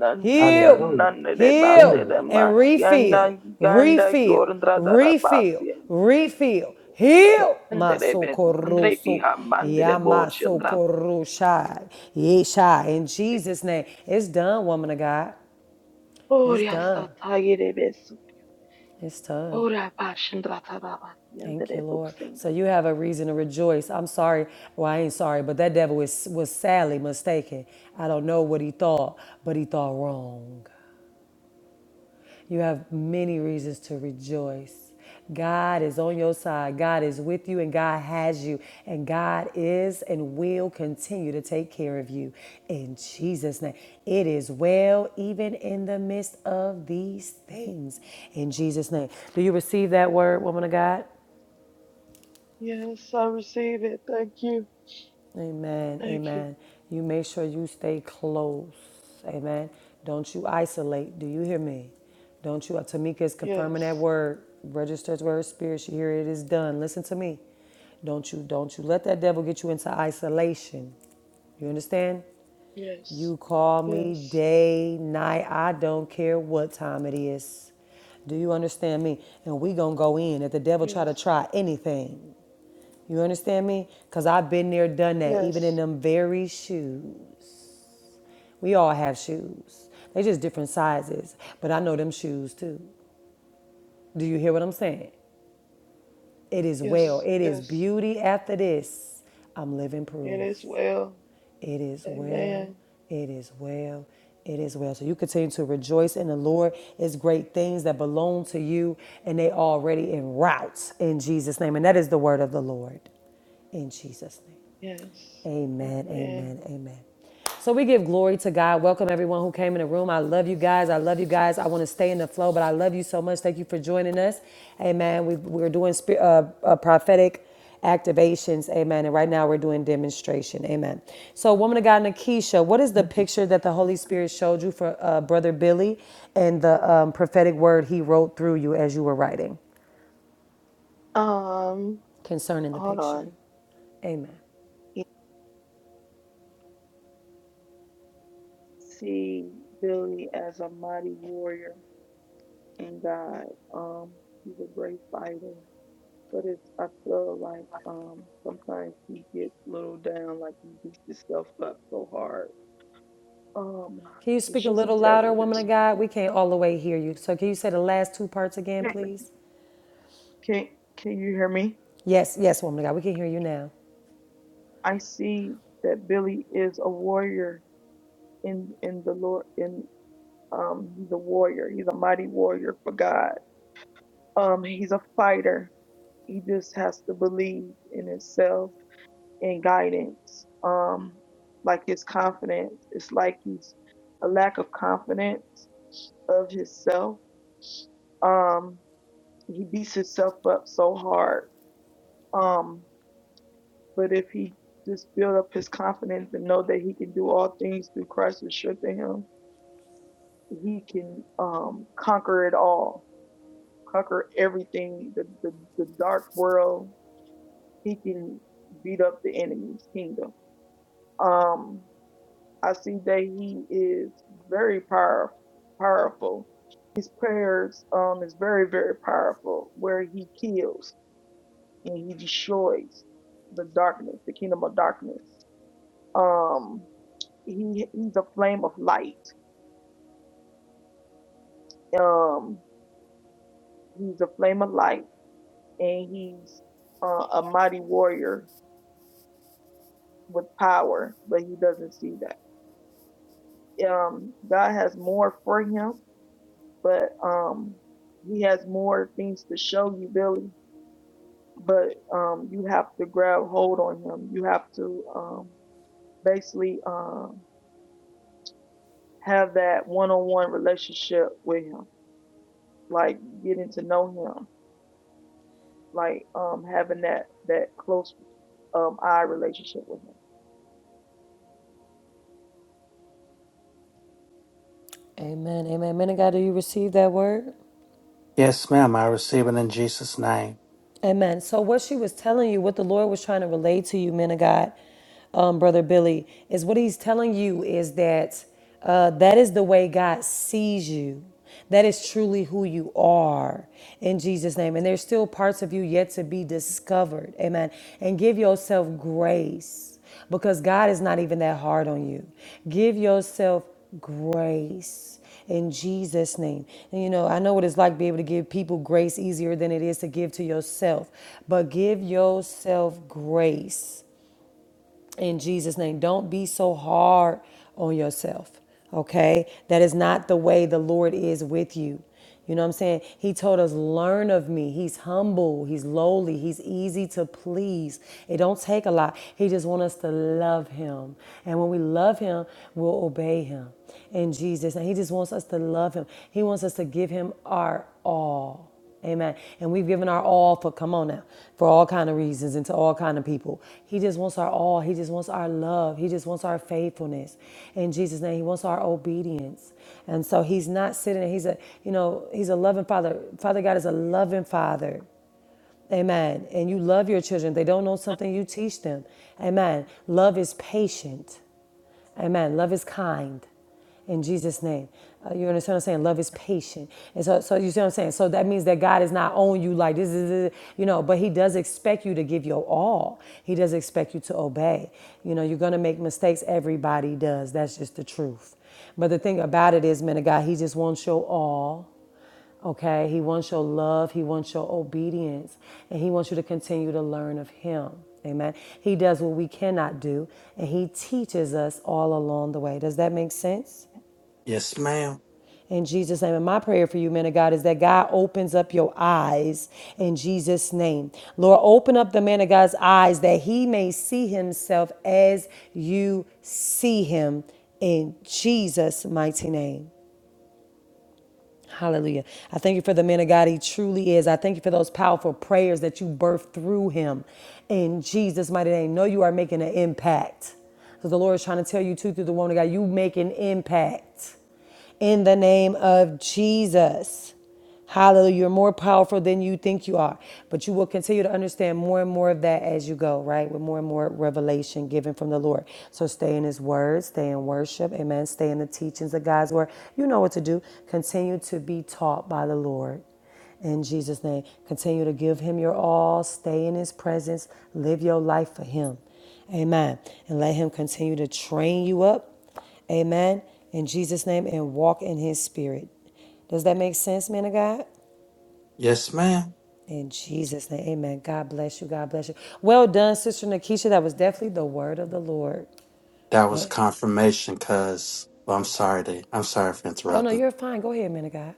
Speaker 11: nan nan nan
Speaker 1: heal,
Speaker 12: Hallelujah.
Speaker 11: nan de
Speaker 1: heal,
Speaker 11: bande
Speaker 12: Heal.
Speaker 11: de
Speaker 1: and
Speaker 11: mas ganda
Speaker 1: refill,
Speaker 11: ganda
Speaker 1: refill,
Speaker 11: corndra da da
Speaker 1: refill,
Speaker 11: paciente.
Speaker 1: refill. Heal,
Speaker 11: Ante
Speaker 1: my
Speaker 11: de pezzo andrei pi
Speaker 1: socorroso,
Speaker 11: bande de
Speaker 1: yeah my
Speaker 11: voce andrà.
Speaker 1: socorroshai, yeshai. In Jesus' name, it's done, woman of God. It's
Speaker 11: Ora sta
Speaker 1: done.
Speaker 11: tagli de
Speaker 1: It's done.
Speaker 11: Ora pasci da da paciente
Speaker 1: Thank
Speaker 11: de
Speaker 1: you, Lord.
Speaker 11: buxente.
Speaker 1: So you have a reason to rejoice. I'm sorry. Well, I ain't sorry, but that devil was, was sadly mistaken. I don't know what he thought, but he thought wrong. You have many reasons to rejoice. God is on your side. God is with you, and God has you. And God is and will continue to take care of you. In Jesus' name, it is well, even in the midst of these things. In Jesus' name. Do you receive that word, woman of God?
Speaker 11: Yes, I receive it. Thank you.
Speaker 1: Amen.
Speaker 11: Thank you.
Speaker 1: Amen. You make sure you stay close. Amen. Don't you isolate. Do you hear me? Don't you? Tamika is confirming that
Speaker 11: Yes.
Speaker 1: word. Registered word spirit. You hear it is done. Listen to me. Don't you? Don't you let that devil get you into isolation. You understand?
Speaker 11: Yes.
Speaker 1: You call me
Speaker 11: Yes.
Speaker 1: day, night. I don't care what time it is. Do you understand me? And we gonna go in. If the devil try
Speaker 11: Yes.
Speaker 1: to try anything, you understand me? Because I've been there, done that, even in
Speaker 11: Yes,
Speaker 1: them very shoes. We all have shoes, they just different sizes, but I know them shoes too. Do you hear what I'm saying? It is well,
Speaker 11: yes,
Speaker 1: it is
Speaker 11: yes.
Speaker 1: beauty after this. I'm living
Speaker 11: It is
Speaker 1: proof.
Speaker 11: well.
Speaker 1: It is well.
Speaker 11: Amen.
Speaker 1: It is well. It is well. So you continue to rejoice in the Lord. It's great things that belong to you, and they already en route in Jesus' name. And that is the word of the Lord in Jesus' name.
Speaker 11: Yes.
Speaker 1: Amen.
Speaker 11: Amen.
Speaker 1: Amen. Amen. So we give glory to God. Welcome everyone who came in the room. I love you guys. I love you guys. I want to stay in the flow, but I love you so much. Thank you for joining us. Amen. We, we're doing spi- uh, uh, prophetic activations. Amen. And right now we're doing demonstration. Amen. So, woman of God, Nakisha, what is the picture that the Holy Spirit showed you for uh, Brother Billy and the um, prophetic word he wrote through you as you were writing
Speaker 11: Um,
Speaker 1: concerning the
Speaker 11: hold
Speaker 1: picture?
Speaker 11: on.
Speaker 1: Amen.
Speaker 11: You see Billy as a mighty warrior in God. Um, he's a great fighter. But it's I feel like um sometimes he gets little down, like he beats himself up so hard. Um,
Speaker 1: Can you
Speaker 11: it's
Speaker 1: speak a
Speaker 11: just a
Speaker 1: little
Speaker 11: test.
Speaker 1: louder, woman of
Speaker 11: Billy.
Speaker 1: God? We can't all the way hear you. So, can you say the last two parts again, please?
Speaker 11: Can can you hear me?
Speaker 1: Yes, yes, woman of God, we can hear you now.
Speaker 11: I see that Billy is a warrior in in the Lord in um he's a warrior. He's a mighty warrior for God. Um he's a fighter. He just has to believe in himself and guidance. Um like his confidence. It's like he's a lack of confidence of himself. Um he beats himself up so hard. Um but if he just build up his confidence and know that he can do all things through Christ who strengthens him, he can um conquer it all conquer everything, the, the, the dark world. He can beat up the enemy's kingdom. Um, I see that he is very power Powerful. His prayers um is very very powerful, where he kills and he destroys the darkness, the kingdom of darkness. Um, he he's a flame of light. Um, he's a flame of light, and he's uh, a mighty warrior with power, but he doesn't see that. Um, God has more for him, but um, he has more things to show you, Billy. But um, you have to grab hold on him. You have to um, basically um, have that one-on-one relationship with him, like getting to know him, like um, having that that close um, eye relationship with him.
Speaker 1: Amen, amen. Men of God, do you receive that word?
Speaker 12: Yes, ma'am. I receive it in Jesus' name.
Speaker 1: Amen. So, what she was telling you, what the Lord was trying to relate to you, men of God, um, Brother Billy, is what he's telling you is that uh, that is the way God sees you. That is truly who you are in Jesus' name. And there's still parts of you yet to be discovered. Amen. And give yourself grace because God is not even that hard on you. Give yourself grace in Jesus' name. And you know, I know what it's like to be able to give people grace easier than it is to give to yourself, but give yourself grace in Jesus' name. Don't be so hard on yourself, okay? That is not the way the Lord is with you. You know what I'm saying? He told us, learn of me. He's humble, he's lowly, he's easy to please. It don't take a lot. He just wants us to love him. And when we love him, we'll obey him in Jesus. And he just wants us to love him. He wants us to give him our all. Amen. And we've given our all for come on now, for all kind of reasons and to all kind of people. He just wants our all. He just wants our love. He just wants our faithfulness. In Jesus' name, He wants our obedience. And so He's not sitting. there. He's a you know He's a loving Father. Father God is a loving Father. Amen. And you love your children. If They don't know something, you teach them. Amen. Love is patient. Amen. Love is kind. In Jesus' name. Uh, you understand what I'm saying? Love is patient. And so, so you see what I'm saying? So that means that God is not on you like this is, you know, but He does expect you to give your all. He does expect you to obey. You know, you're going to make mistakes. Everybody does. That's just the truth. But the thing about it is, man of God, He just wants your all. Okay, he wants your love, he wants your obedience, and he wants you to continue to learn of him. Amen. He does what we cannot do, and he teaches us all along the way. Does that make sense?
Speaker 12: Yes, ma'am.
Speaker 1: In Jesus' name. And my prayer for you, men of God, is that God opens up your eyes in Jesus' name. Lord, open up the man of God's eyes that he may see himself as you see him in Jesus' mighty name. Hallelujah. I thank you for the man of God he truly is. I thank you for those powerful prayers that you birthed through him. In Jesus' mighty name, know you are making an impact. Because the Lord is trying to tell you too through the woman of God, you make an impact in the name of Jesus. Hallelujah. You're more powerful than you think you are. But you will continue to understand more and more of that as you go, right? With more and more revelation given from the Lord. So stay in His Word, stay in worship. Amen. Stay in the teachings of God's Word. You know what to do. Continue to be taught by the Lord. In Jesus' name, continue to give Him your all. Stay in His presence. Live your life for Him. Amen. And let Him continue to train you up. Amen. In Jesus' name, and walk in His Spirit. Does that make sense, man of God?
Speaker 12: Yes, ma'am.
Speaker 1: In Jesus' name, amen. God bless you. God bless you. Well done, Sister Nakisha. That was definitely the word of the Lord.
Speaker 12: That was
Speaker 1: Yeah.
Speaker 12: confirmation because, well, I'm sorry, to, I'm sorry for
Speaker 1: Oh, no,
Speaker 12: interrupting.
Speaker 1: you're fine. Go ahead, man of God.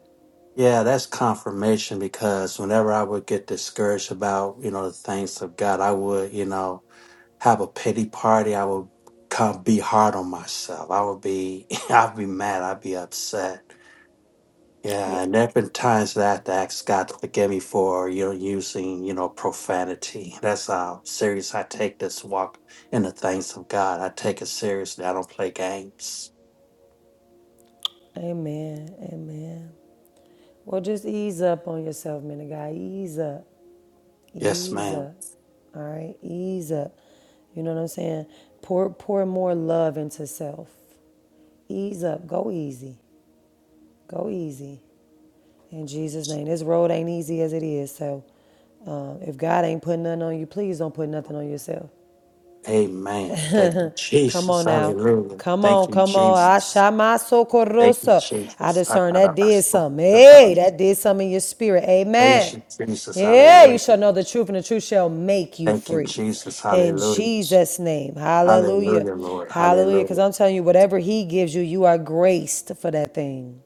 Speaker 12: Yeah, that's confirmation because whenever I would get discouraged about, you know, the things of God, I would, you know, have a pity party. I would come be hard on myself. I would be, I'd be mad. I'd be upset
Speaker 1: Yeah.
Speaker 12: Yeah, and there have been times that I have to ask God to forgive me for, you know, using, you know, profanity. That's how serious I take this walk in the things of God. I take it seriously. I don't play games.
Speaker 1: Amen. Amen. Well, just ease up on yourself, man of God. Ease up.
Speaker 12: Yes,
Speaker 1: Ease
Speaker 12: ma'am.
Speaker 1: up. All right? Ease up. You know what I'm saying? Pour, pour more love into self. Ease up. Go easy. Go easy. In Jesus' name. This road ain't easy as it is. So uh, if God ain't putting nothing on you, please don't put nothing on yourself.
Speaker 12: Amen. Thank you,
Speaker 1: Come
Speaker 12: Jesus.
Speaker 1: on now.
Speaker 12: Hallelujah.
Speaker 1: Come on,
Speaker 12: Thank you,
Speaker 1: come on.
Speaker 12: Jesus.
Speaker 1: Ashamaso
Speaker 12: Thank you,
Speaker 1: korosa. I
Speaker 12: Jesus.
Speaker 1: discern that did something. Hey, that did something in your spirit.
Speaker 12: Praise
Speaker 1: Amen.
Speaker 12: you, Jesus.
Speaker 1: Yeah, you
Speaker 12: Hallelujah.
Speaker 1: shall know the truth, and the truth shall make you
Speaker 12: Thank you,
Speaker 1: free.
Speaker 12: Jesus.
Speaker 1: In
Speaker 12: Hallelujah.
Speaker 1: Jesus' name. Hallelujah.
Speaker 12: Hallelujah, Lord.
Speaker 1: Hallelujah. Because
Speaker 12: Hallelujah.
Speaker 1: I'm telling you, whatever He gives you, you are graced for that thing.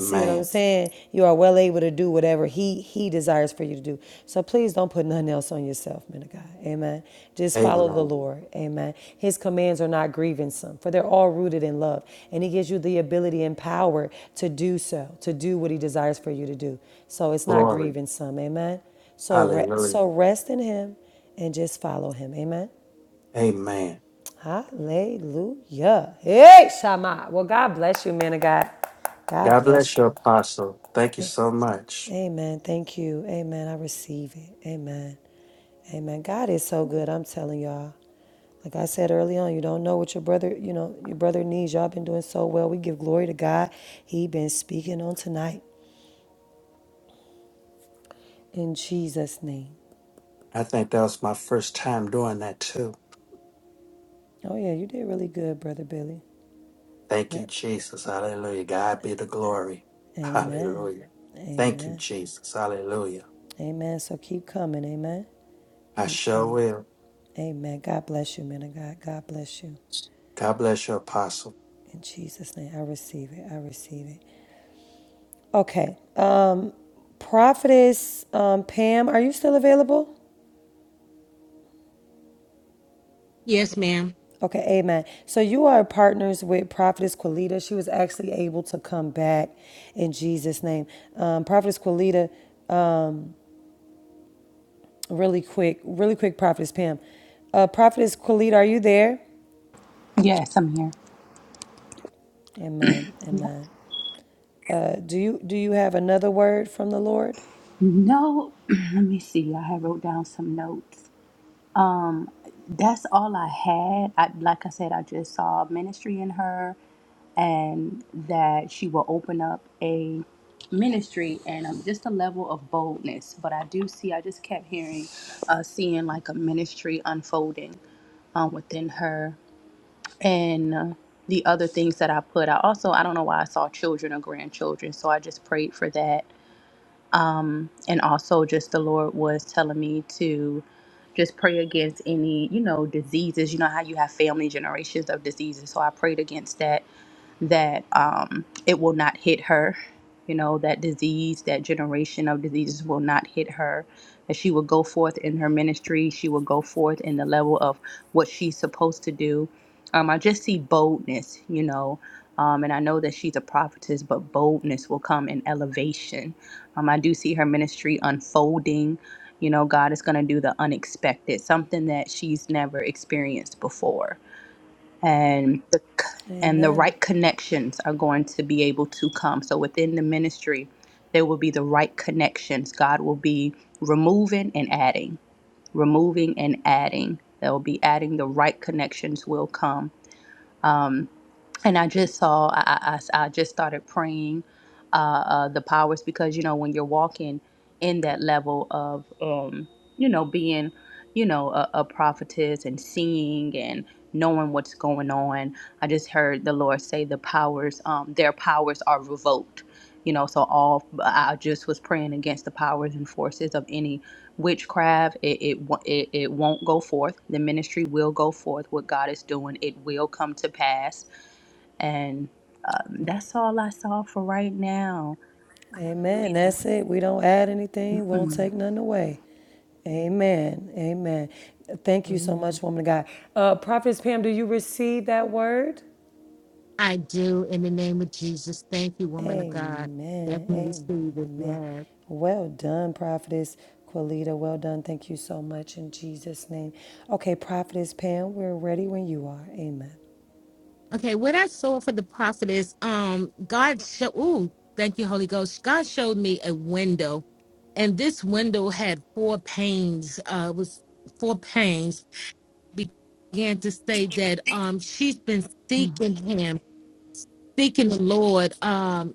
Speaker 1: See what I'm saying? You are well able to do whatever he he desires for you to do. So please don't put nothing else on yourself, men of God. Amen. Just follow the
Speaker 12: Amen.
Speaker 1: Lord. Amen. His commands are not grievance,some for they're all rooted in love. And he gives you the ability and power to do so, to do what he desires for you to do. So it's not
Speaker 12: Glory.
Speaker 1: grievance,some. Amen. So re-
Speaker 12: Hallelujah.
Speaker 1: so rest in him and just follow him. Amen.
Speaker 12: Amen.
Speaker 1: Hallelujah. Hey, Shama. Well, God bless you, man of God. God
Speaker 12: God
Speaker 1: bless
Speaker 12: bless
Speaker 1: you.
Speaker 12: you, Apostle. Thank you so much.
Speaker 1: Amen. Thank you. Amen. I receive it. Amen. Amen. God is so good. I'm telling y'all. Like I said early on, you don't know what your brother, you know, your brother needs. Y'all been doing so well. We give glory to God. He been speaking on tonight in Jesus' name.
Speaker 12: I think that was my first time doing that too.
Speaker 1: Oh yeah, you did really good, brother Billy.
Speaker 12: Thank you,
Speaker 1: Yep.
Speaker 12: Jesus. Hallelujah. God be the glory.
Speaker 1: Amen.
Speaker 12: Hallelujah. Thank you,
Speaker 1: Amen.
Speaker 12: Jesus. Hallelujah.
Speaker 1: Amen. So keep coming. Amen.
Speaker 12: I
Speaker 1: Keep
Speaker 12: sure
Speaker 1: coming.
Speaker 12: will.
Speaker 1: Amen. God bless you, man of God. God bless you.
Speaker 12: God bless you, Apostle.
Speaker 1: In Jesus' name, I receive it. I receive it. Okay. Prophetess um, Pam, are you still available?
Speaker 14: Yes, ma'am.
Speaker 1: Okay, amen. So you are partners with Prophetess Qualita. She was actually able to come back in Jesus' name. Um, Prophetess Qualita, really quick, really quick, Prophetess Pam. Uh, Prophetess Qualita, are you there?
Speaker 7: Yes, I'm here.
Speaker 1: Amen. Amen. Uh, do you do you have another word from the Lord?
Speaker 7: No, let me see. I had wrote down some notes. Um, that's all I had. I like I said, I just saw ministry in her, and that she will open up a ministry and um, just a level of boldness. But I do see. I just kept hearing, uh, seeing like a ministry unfolding um, within her and uh, the other things that I put out. Also, I don't know why I saw children or grandchildren, so I just prayed for that um, and also just the Lord was telling me to just pray against any you know diseases. You know how you have family generations of diseases, so I prayed against that that um, it will not hit her. You know that disease, that generation of diseases will not hit her. That she will go forth in her ministry. She will go forth in the level of what she's supposed to do. Um, I just see boldness, you know, um, and I know that she's a prophetess, but boldness will come in elevation um, I do see her ministry unfolding. You know, God is going to do the unexpected, something that she's never experienced before, and the and the
Speaker 1: Amen.
Speaker 7: right connections are going to be able to come. So within the ministry, there will be the right connections. God will be removing and adding, removing and adding. There will be adding. The right connections will come. Um and I just saw, I, I- I s- I just started praying uh, uh, the powers because, you know, when you're walking in that level of, um, you know, being, you know, a, a prophetess and seeing and knowing what's going on, I just heard the Lord say the powers, um, their powers are revoked. You know, so all I just was praying against the powers and forces of any witchcraft. It it wo- it, it won't go forth. The ministry will go forth. What God is doing, it will come to pass and um, that's all I saw for right now.
Speaker 1: Amen.
Speaker 7: Hallelujah.
Speaker 1: That's it. We don't add anything, We do not
Speaker 7: Mm-mm.
Speaker 1: take nothing away. Amen. Amen. Thank you so much, woman of God. Uh, Prophetess Pam, do you receive that word?
Speaker 14: I do in the name of Jesus. Thank you, woman of God. Definitely
Speaker 1: Amen.
Speaker 14: receive it.
Speaker 1: Amen.
Speaker 14: Yes.
Speaker 1: Well done, Prophetess Quilita. Well done. Thank you so much in Jesus' name. Okay, Prophetess Pam, we're ready when you are. Amen.
Speaker 14: Okay, what I saw for the prophet is um God show ooh, thank you, Holy Ghost. God showed me a window, and this window had four panes. Uh it was four panes. Began to say that um she's been
Speaker 7: Mm,
Speaker 14: seeking him, seeking the Lord. Um.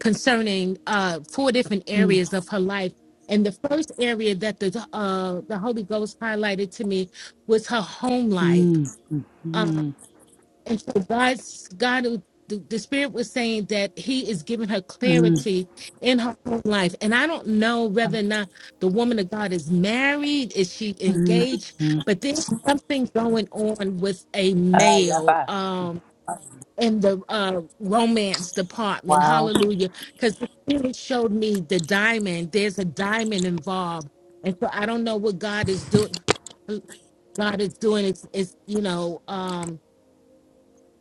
Speaker 14: concerning uh, four different
Speaker 7: mm,
Speaker 14: areas of her life. And the first area that the uh, the Holy Ghost highlighted to me was her home
Speaker 7: mm,
Speaker 14: life. Uh,
Speaker 7: mm,
Speaker 14: and so God's God, uh, the, the Spirit was saying that He is giving her
Speaker 7: mm,
Speaker 14: clarity in her home life. And I don't know whether
Speaker 7: mm,
Speaker 14: or not the woman of God is married, is she
Speaker 7: mm,
Speaker 14: engaged,
Speaker 7: mm.
Speaker 14: but there's something going on with a
Speaker 7: Ah, yeah,
Speaker 14: male.
Speaker 7: boss.
Speaker 14: Um, in the uh, romance department.
Speaker 7: Wow.
Speaker 14: Hallelujah. Because the Spirit showed me the diamond. There's a diamond involved. And so I don't know what God is doing. God is doing is, is you know, um,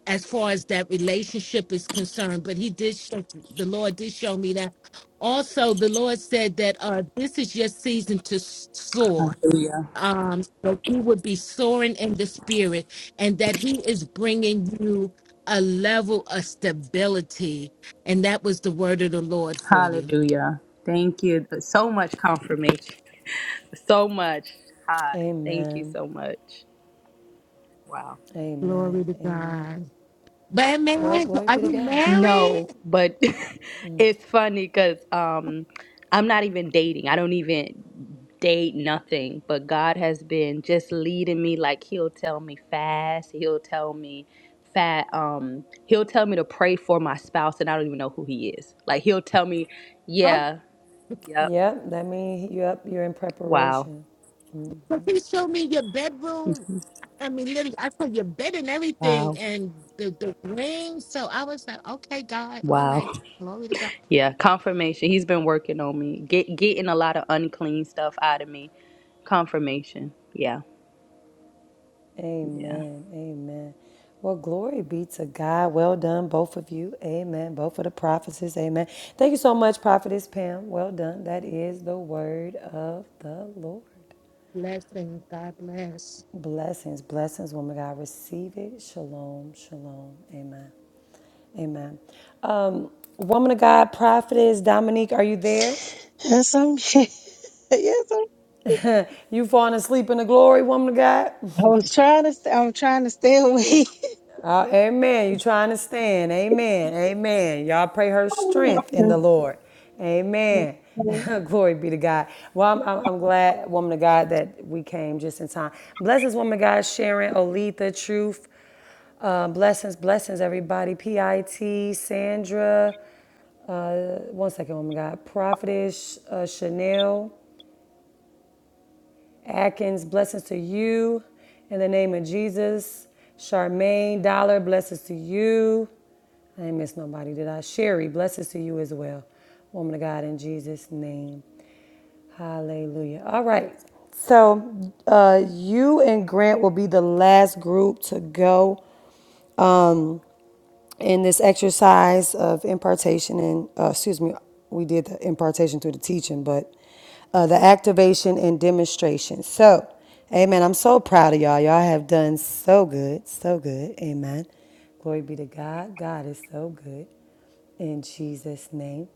Speaker 14: as far as that relationship is concerned, but he did show, the Lord did show me that. Also, the Lord said that uh, this is your season to soar
Speaker 7: Hallelujah.
Speaker 14: um, that he would be soaring in the spirit and that he is bringing you a level of stability. And that was the word of the Lord for you.
Speaker 7: Hallelujah. Thank you. So much confirmation. So much. Hi. Thank you
Speaker 1: Amen.
Speaker 7: so much. Wow.
Speaker 14: Glory
Speaker 1: Amen.
Speaker 14: to
Speaker 1: Amen.
Speaker 14: God. But
Speaker 1: Well,
Speaker 14: man,
Speaker 1: glory
Speaker 14: are
Speaker 1: be to
Speaker 14: you
Speaker 1: God.
Speaker 7: No,
Speaker 14: married?
Speaker 7: but it's funny because um, I'm not even dating. I don't even date nothing. But God has been just leading me. Like He'll tell me fast. He'll tell me fat. Um, He'll tell me to pray for my spouse, and I don't even know who He is. Like He'll tell me, yeah, yep,
Speaker 1: Yep, that means you yep, you're in
Speaker 7: wow,
Speaker 1: preparation.
Speaker 14: But he showed me your bedroom.
Speaker 7: mhm,
Speaker 14: I mean, literally, I saw your bed and everything,
Speaker 7: wow.
Speaker 14: and the the ring. So I was like, okay, God, all right,
Speaker 7: Wow.
Speaker 14: glory to God,
Speaker 7: Yeah, confirmation. He's been working on me, get getting a lot of unclean stuff out of me. Confirmation. Yeah. Yeah.
Speaker 1: Amen. Amen. Well, glory be to God. Well done, both of you. Amen. Both of the prophecies. Amen. Thank you so much, Prophetess Pam. Well done. That is the word of the Lord.
Speaker 14: blessing, God bless.
Speaker 1: Blessings, blessings, woman of God. Receive it. Shalom, shalom. Amen. Amen. Um, woman of God, prophetess Dominique, are you there?
Speaker 9: Yes, I'm. yes, I'm.
Speaker 1: You falling asleep in the glory, woman of God?
Speaker 9: I was trying to. st- I'm trying to stay away.
Speaker 1: Uh, amen. You trying to stand. Amen. Amen. Y'all pray her strength in the Lord. Amen. Glory be to God. Well, I'm, I'm, I'm glad, woman of God, that we came just in time. Blessings, woman of God, Sharon, Olitha, Truth. Uh, blessings, blessings, everybody. PIT, Sandra. One second, woman of God. Prophetess uh, Chanel. Atkins, blessings to you in the name of Jesus. Charmaine Dollar, blessings to you. I ain't miss nobody, did I? Sherry, blessings to you as well. Woman of God, in Jesus' name. Hallelujah. All right. So, uh, you and Grant will be the last group to go in this exercise of impartation and uh, excuse me we did the impartation through the teaching but uh, the activation and demonstration so amen i'm so proud of y'all y'all have done so good so good amen glory be to god god is so good in jesus name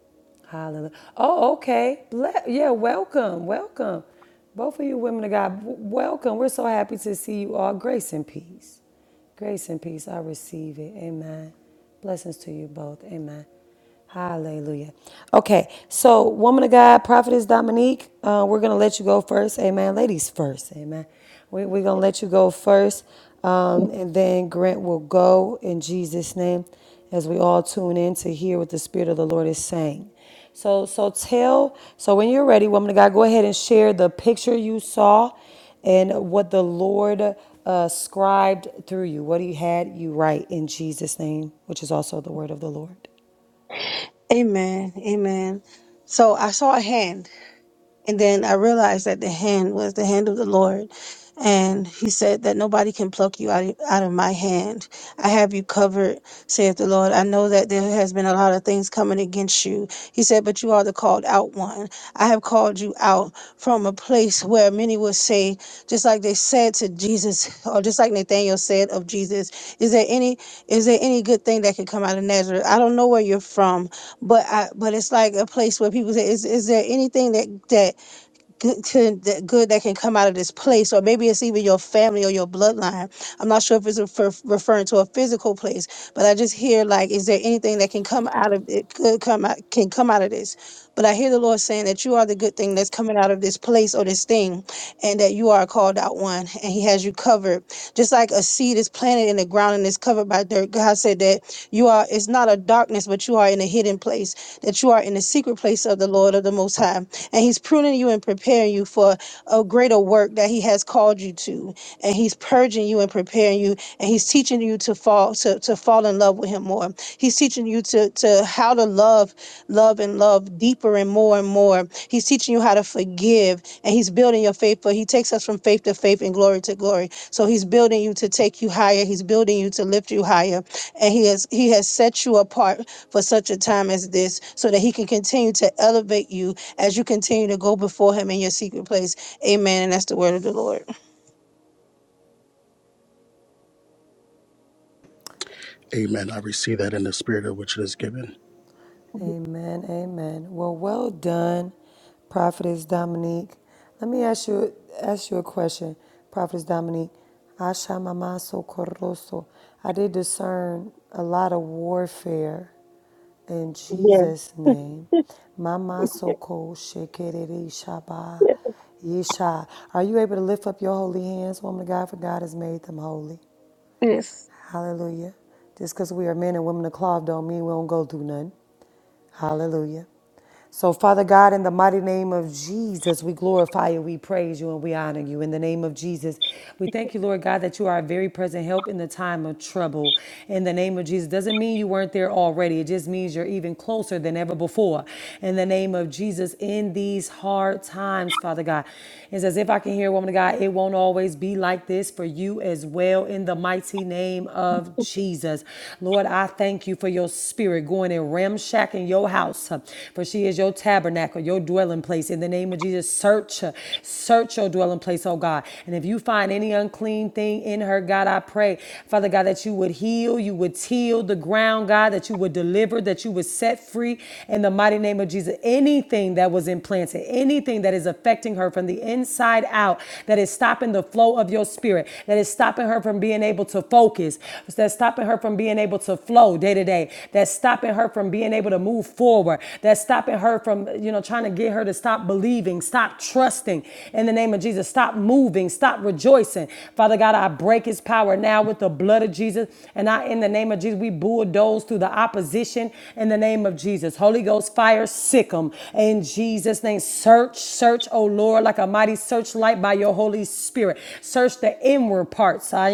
Speaker 1: hallelujah oh okay Ble- yeah welcome welcome both of you women of god w- welcome we're so happy to see you all grace and peace Grace and peace, I receive it. Amen. Blessings to you both. Amen. Hallelujah. Okay, so woman of God, prophetess Dominique, uh, we're gonna let you go first. Amen. Ladies first. Amen. We, we're gonna let you go first, um, and then Grant will go in Jesus' name as we all tune in to hear what the Spirit of the Lord is saying. So, so tell, so when you're ready, woman of God, go ahead and share the picture you saw and what the Lord uh, scribed through you, what He had you write in Jesus' name, which is also the word of the Lord.
Speaker 9: Amen. Amen. So I saw a hand. And then I realized that the hand was the hand of the Lord. And he said that nobody can pluck you out of, out of my hand. I have you covered, saith the Lord. I know that there has been a lot of things coming against you. He said, but you are the called out one. I have called you out from a place where many would say, just like they said to Jesus, or just like Nathaniel said of Jesus, is there any, is there any good thing that could come out of Nazareth? I don't know where you're from, but I, but it's like a place where people say, is, is there anything that, that good to that good that can come out of this place or maybe it's even your family or your bloodline i'm not sure if it's refer- referring to a physical place but i just hear like is there anything that can come out of it could come out can come out of this but i hear the lord saying that you are the good thing that's coming out of this place or this thing and that you are a called out one and he has you covered just like a seed is planted in the ground and is covered by dirt god said that you are it's not a darkness but you are in a hidden place that you are in the secret place of the lord of the most high and he's pruning you and preparing you for a greater work that he has called you to and he's purging you and preparing you and he's teaching you to fall to, to fall in love with him more he's teaching you to to how to love love and love deeper and more and more he's teaching you how to forgive and he's building your faith but he takes us from faith to faith and glory to glory so he's building you to take you higher he's building you to lift you higher and he has he has set you apart for such a time as this so that he can continue to elevate you as you continue to go before him in your secret place. Amen. And that's the word of the Lord.
Speaker 16: Amen. I receive that in the spirit of which it is given.
Speaker 1: Amen. Amen. Well, well done, Prophetess Dominique. Let me ask you ask you a question, Prophetess Dominique. Asha mamaso koroso. I did discern a lot of warfare in
Speaker 9: Yes.
Speaker 1: Jesus' name. Mama soko shekerere shaba yesha. Are you able to lift up your holy hands, woman of God? For God has made them holy.
Speaker 9: Yes.
Speaker 1: Hallelujah. Just because we are men and women of cloth don't mean we don't go through nothing. Hallelujah. So, Father God, in the mighty name of Jesus, we glorify you, we praise you, and we honor you. In the name of Jesus, we thank you, Lord God, that you are a very present help in the time of trouble. In the name of Jesus, doesn't mean you weren't there already. It just means you're even closer than ever before. In the name of Jesus, in these hard times, Father God, it's as if I can hear, woman of God, it won't always be like this for you as well. In the mighty name of Jesus, Lord, I thank thank you for your spirit going and ramshacking your house, uh, for she is your tabernacle, your dwelling place. In the name of Jesus, search, uh, search your dwelling place, oh God. And if you find any unclean thing in her, God, I pray, Father God, that you would heal, you would till the ground, God, that you would deliver, that you would set free in the mighty name of Jesus. Anything that was implanted, anything that is affecting her from the inside out, that is stopping the flow of your spirit, that is stopping her from being able to focus focus, that's stopping her from being able to flow day to day, that's stopping her from being able to move forward, that's stopping her from, you know, trying to get her to stop believing, stop trusting in the name of Jesus, stop moving, stop rejoicing. Father God, I break his power now with the blood of Jesus. And I, in the name of Jesus, we bulldoze through the opposition in the name of Jesus. Holy Ghost fire, sick sick 'em. in Jesus' name. Search, search, oh Lord, like a mighty searchlight by your Holy Spirit. Search the the inward parts ah,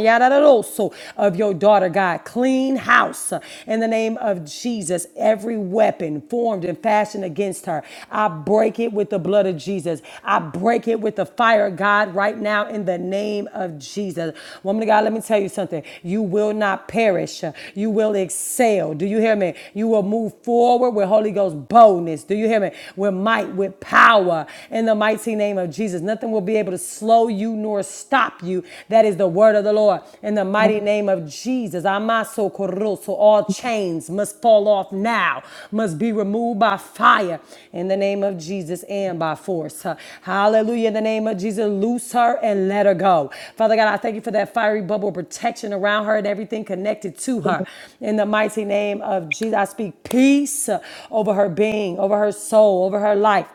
Speaker 1: so, of your daughter, God. Clean house uh, in the name of Jesus. Every weapon formed and fashioned against her, I break it with the blood of Jesus. I break it with the fire, God, right now in the name of Jesus. Woman of God, let me tell you something. You will not perish. uh, You will excel. Do you hear me? You will move forward with Holy Ghost boldness. Do you hear me? With might, with power in the mighty name of Jesus. Nothing will be able to slow you nor stop you. That is the word of the Lord. In the mighty name of Jesus, Amaso Koroso, all chains must fall off now, must be removed by fire in the name of Jesus and by force. Hallelujah. In the name of Jesus, loose her and let her go. Father God, I thank you for that fiery bubble of protection around her and everything connected to her. In the mighty name of Jesus, I speak peace over her being, over her soul, over her life.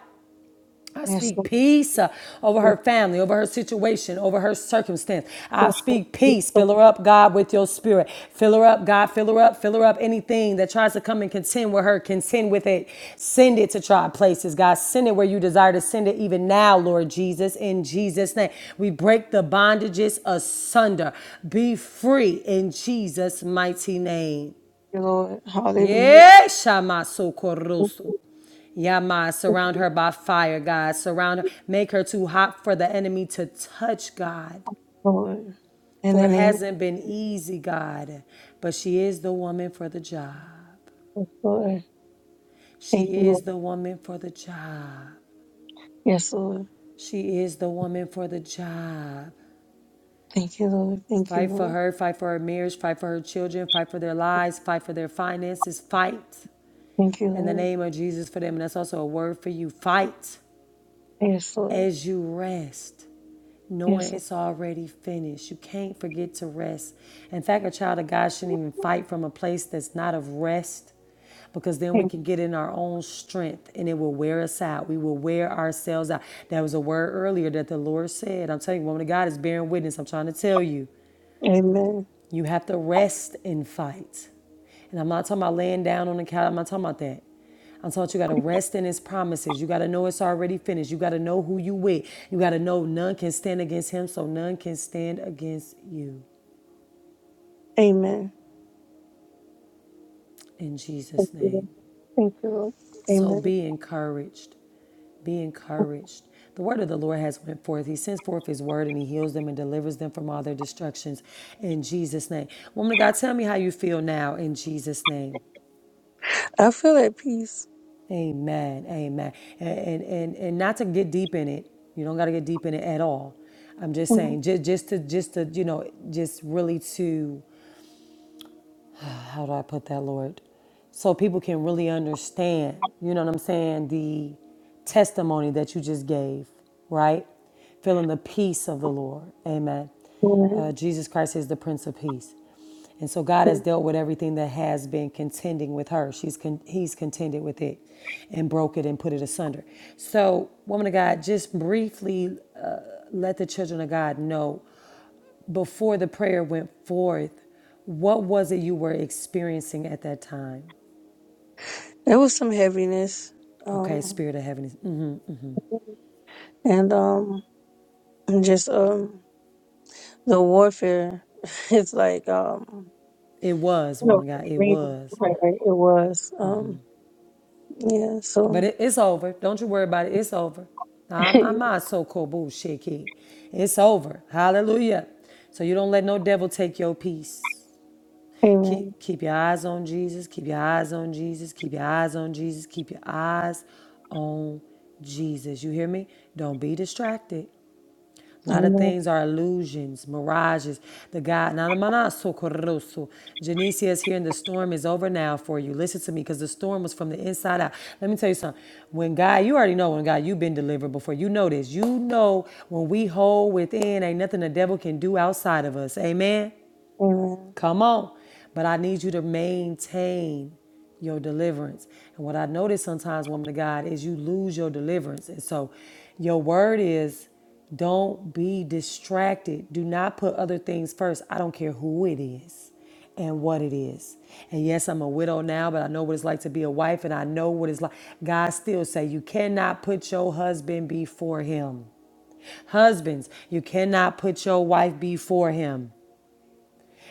Speaker 1: I
Speaker 9: Yes.
Speaker 1: speak peace uh, over her
Speaker 9: Lord.
Speaker 1: family, over her situation, over her circumstance. I speak
Speaker 9: Thank
Speaker 1: peace. Fill her up, God, with your spirit. Fill her up, God. Fill her up. Fill her up. Anything that tries to come and contend with her, contend with it. Send it to try places, God. Send it where you desire to send it, even now, Lord Jesus. In Jesus' name, we break the bondages asunder. Be free in Jesus' mighty name.
Speaker 9: you, Lord. Hallelujah.
Speaker 1: Yeah, Shama
Speaker 9: Thank
Speaker 1: Sokoroso. Yama,
Speaker 9: you,
Speaker 1: surround her by fire, God. Surround her. Make her too hot for the enemy to touch, God.
Speaker 9: Lord. In
Speaker 1: For
Speaker 9: the
Speaker 1: it
Speaker 9: name of
Speaker 1: hasn't been easy, God. But she is the woman for the job.
Speaker 9: the Lord. Thank
Speaker 1: She
Speaker 9: you,
Speaker 1: is
Speaker 9: Lord.
Speaker 1: the woman for the job.
Speaker 9: Yes, Lord.
Speaker 1: She is the woman for the job.
Speaker 9: Thank you, Lord. Thank you,
Speaker 1: Fight for
Speaker 9: Lord.
Speaker 1: her, fight for her marriage, fight for her children, fight for their lives, fight for their finances. Fight
Speaker 9: Thank you,
Speaker 1: in the
Speaker 9: Lord.
Speaker 1: name of Jesus for them. And that's also a word for you. Fight
Speaker 9: Yes, Lord.
Speaker 1: as you rest.
Speaker 9: Yes,
Speaker 1: knowing
Speaker 9: Lord.
Speaker 1: it's already finished. You can't forget to rest. In fact, a child of God shouldn't even fight from a place that's not of rest because then we
Speaker 9: Thank-
Speaker 1: can get in our own strength and it will wear us out. We will wear ourselves out. That was a word earlier that the Lord said. I'm telling you, woman of God is bearing witness. I'm trying to tell you.
Speaker 9: Amen.
Speaker 1: You have to rest and fight. And I'm not talking about laying down on the couch. I'm not talking about that. I'm talking about you got to rest in his promises. You got to know it's already finished. You got to know who you with. You got to know none can stand against him, so none can stand against you.
Speaker 9: Amen.
Speaker 1: In
Speaker 9: Thank
Speaker 1: Jesus'
Speaker 9: you, Lord.
Speaker 1: name.
Speaker 9: Thank you, Lord.
Speaker 1: So
Speaker 9: Amen.
Speaker 1: be encouraged. Be encouraged. The word of the Lord has went forth. He sends forth his word and he heals them and delivers them from all their destructions in Jesus' name. Woman of God, tell me how you feel now in Jesus' name.
Speaker 9: I feel at peace.
Speaker 1: Amen. Amen. And and and, and not to get deep in it. You don't got to get deep in it at all. I'm just
Speaker 9: Mhm.
Speaker 1: saying, just just to just to you know, just really to how do I put that, Lord? So people can really understand, you know what I'm saying, the testimony that you just gave, right? Feeling the peace of the Lord. Amen.
Speaker 9: Amen.
Speaker 1: Uh, Jesus Christ is the Prince of Peace. And so God has
Speaker 9: Thank-
Speaker 1: dealt with everything that has been contending with her. She's con- he's contended with it and broke it and put it asunder. So, woman of God, just briefly uh, let the children of God know before the prayer went forth, what was it you were experiencing at that time?
Speaker 9: There was some heaviness.
Speaker 1: Okay,
Speaker 9: Um,
Speaker 1: Spirit of Heaven. is- mm.
Speaker 9: and um and just um the warfare it's like um
Speaker 1: It was,
Speaker 9: you know
Speaker 1: woman of God, it
Speaker 9: maybe
Speaker 1: was.
Speaker 9: right, right, it was um yeah
Speaker 1: But
Speaker 9: so
Speaker 1: it, it's over. Don't you worry about it. It's over. Ah, my, my, so called bullshit kid. It's over. Hallelujah. So you don't let no devil take your peace.
Speaker 9: amen
Speaker 1: Keep, keep your eyes on Jesus. Keep your eyes on Jesus. Keep your eyes on Jesus. Keep your eyes on Jesus. You hear me? Don't be distracted. A lot of
Speaker 9: amen
Speaker 1: things are illusions, mirages. The God, Nanamanaso is here, and the storm is over now for you. Listen to me, because the storm was from the inside out. Let me tell you something. When God, you already know when God, you've been delivered before. You know this. You know when we hold within, ain't nothing the devil can do outside of us. Amen.
Speaker 9: amen
Speaker 1: Come on. But I need you to maintain your deliverance. And what I notice sometimes, woman of God, is you lose your deliverance. And so your word is don't be distracted. Do not put other things first. I don't care who it is and what it is. And yes, I'm a widow now, but I know what it's like to be a wife and I know what it's like. God still say you cannot put your husband before him. Husbands, you cannot put your wife before him.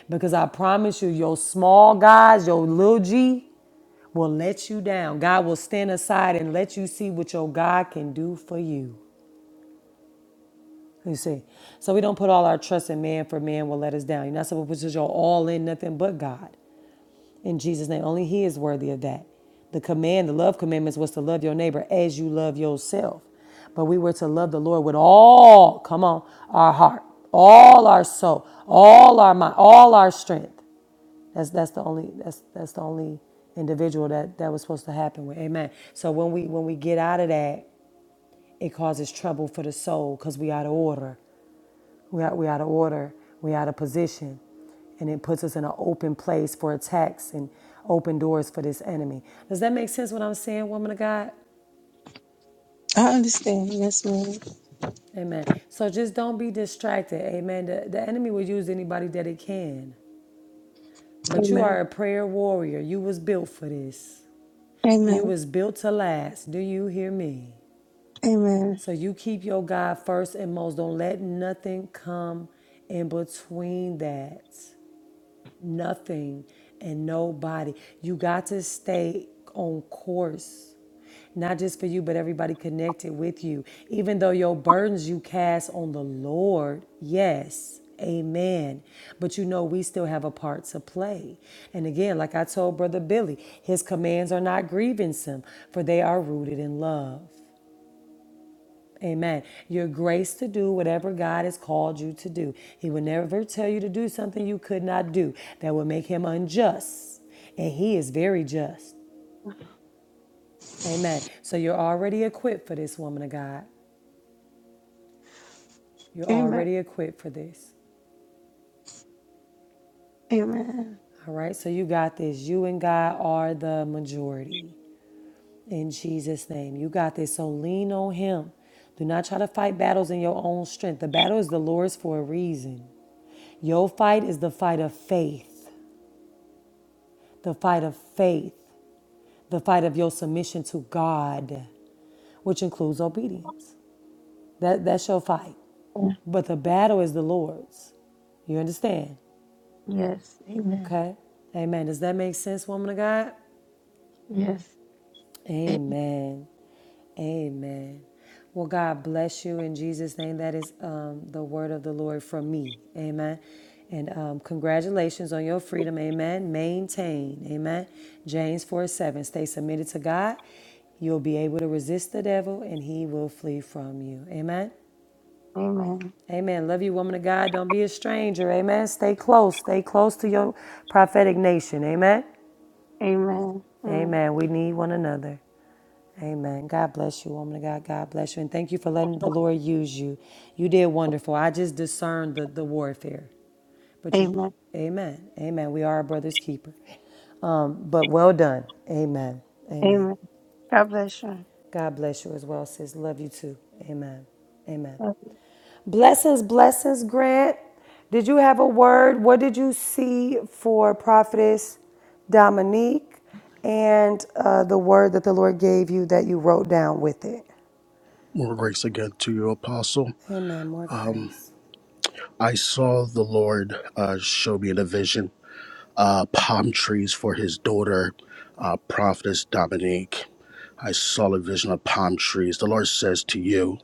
Speaker 1: Because I promise you, your small guys, your little G, will let you down. God will stand aside and let you see what your God can do for you. You see, so we don't put all our trust in man, for man will let us down. You're not supposed to put your all in nothing but God. In Jesus' name, only He is worthy of that. The command, the love commandments, was to love your neighbor as you love yourself. But we were to love the Lord with all, come on, our heart, all our soul, all our mind, all our strength. That's that's the only that's that's the only individual that that was supposed to happen with. Amen. So when we when we get out of that, it causes trouble for the soul because we out of order. We out we out of order. We out of position, and it puts us in an open place for attacks and open doors for this enemy. Does that make sense? What I'm saying, woman of God.
Speaker 9: I understand yes ma'am
Speaker 1: Amen. So just don't be distracted. Amen. The, the enemy will use anybody that it can. But you
Speaker 9: amen
Speaker 1: are a prayer warrior. You was built for this. You
Speaker 9: amen
Speaker 1: was built to last. Do you hear me?
Speaker 9: amen
Speaker 1: So you keep your God first and most. Don't let nothing come in between that nothing and nobody. You got to stay on course not just for you, but everybody connected with you. Even though your burdens you cast on the Lord, yes, amen. But you know, we still have a part to play. And again, like I told Brother Billy, his commands are not grievance him, for they are rooted in love. Amen. Your grace to do whatever God has called you to do. He will never tell you to do something you could not do. That would make him unjust. And he is very just. Amen. So you're already equipped for this, woman of God. You're
Speaker 9: amen
Speaker 1: already equipped for this.
Speaker 9: amen
Speaker 1: All right. So you got this. You and God are the majority. In Jesus' name. You got this. So lean on him. Do not try to fight battles in your own strength. The battle is the Lord's for a reason. Your fight is the fight of faith. the fight of faith, the fight of your submission to God, which includes obedience. That, that's your fight. But the battle is the Lord's. You understand?
Speaker 9: yes amen
Speaker 1: Okay? Amen. Does that make sense, woman of God?
Speaker 9: yes A-
Speaker 1: Amen. Amen. Well, God bless you in Jesus' name. That is um, the word of the Lord from me. Amen. And um, congratulations on your freedom. Amen. Maintain. Amen. James 4 7. Stay submitted to God. You'll be able to resist the devil and he will flee from you. Amen.
Speaker 9: amen
Speaker 1: Amen. Love you, woman of God. Don't be a stranger. Amen. Stay close. Stay close to your prophetic nation. Amen.
Speaker 9: amen Mm.
Speaker 1: Amen. We need one another. Amen. God bless you, woman of God. God bless you. And thank you for letting the Lord use you. You did wonderful. I just discerned the, the warfare. But you,
Speaker 9: amen
Speaker 1: amen. Amen. We are a brother's keeper. Um, but well done. Amen. Amen.
Speaker 9: amen God bless you
Speaker 1: God bless you as well, sis. Love you too. Amen. Amen. Blessings, blessings, Grant. Did you have a word? What did you see for Prophetess Dominique and uh, the word that the Lord gave you that you wrote down with it?
Speaker 16: More grace again to you, Apostle.
Speaker 1: Amen. More
Speaker 16: Um,
Speaker 1: grace.
Speaker 16: I saw the Lord uh, show me in a vision uh, palm trees for his daughter, uh, Prophetess Dominique. I saw a vision of palm trees. The Lord says to you,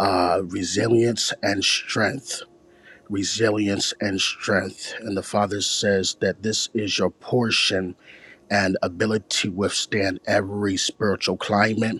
Speaker 16: uh, resilience and strength. Resilience and strength. And the Father says that this is your portion and ability to withstand every spiritual climate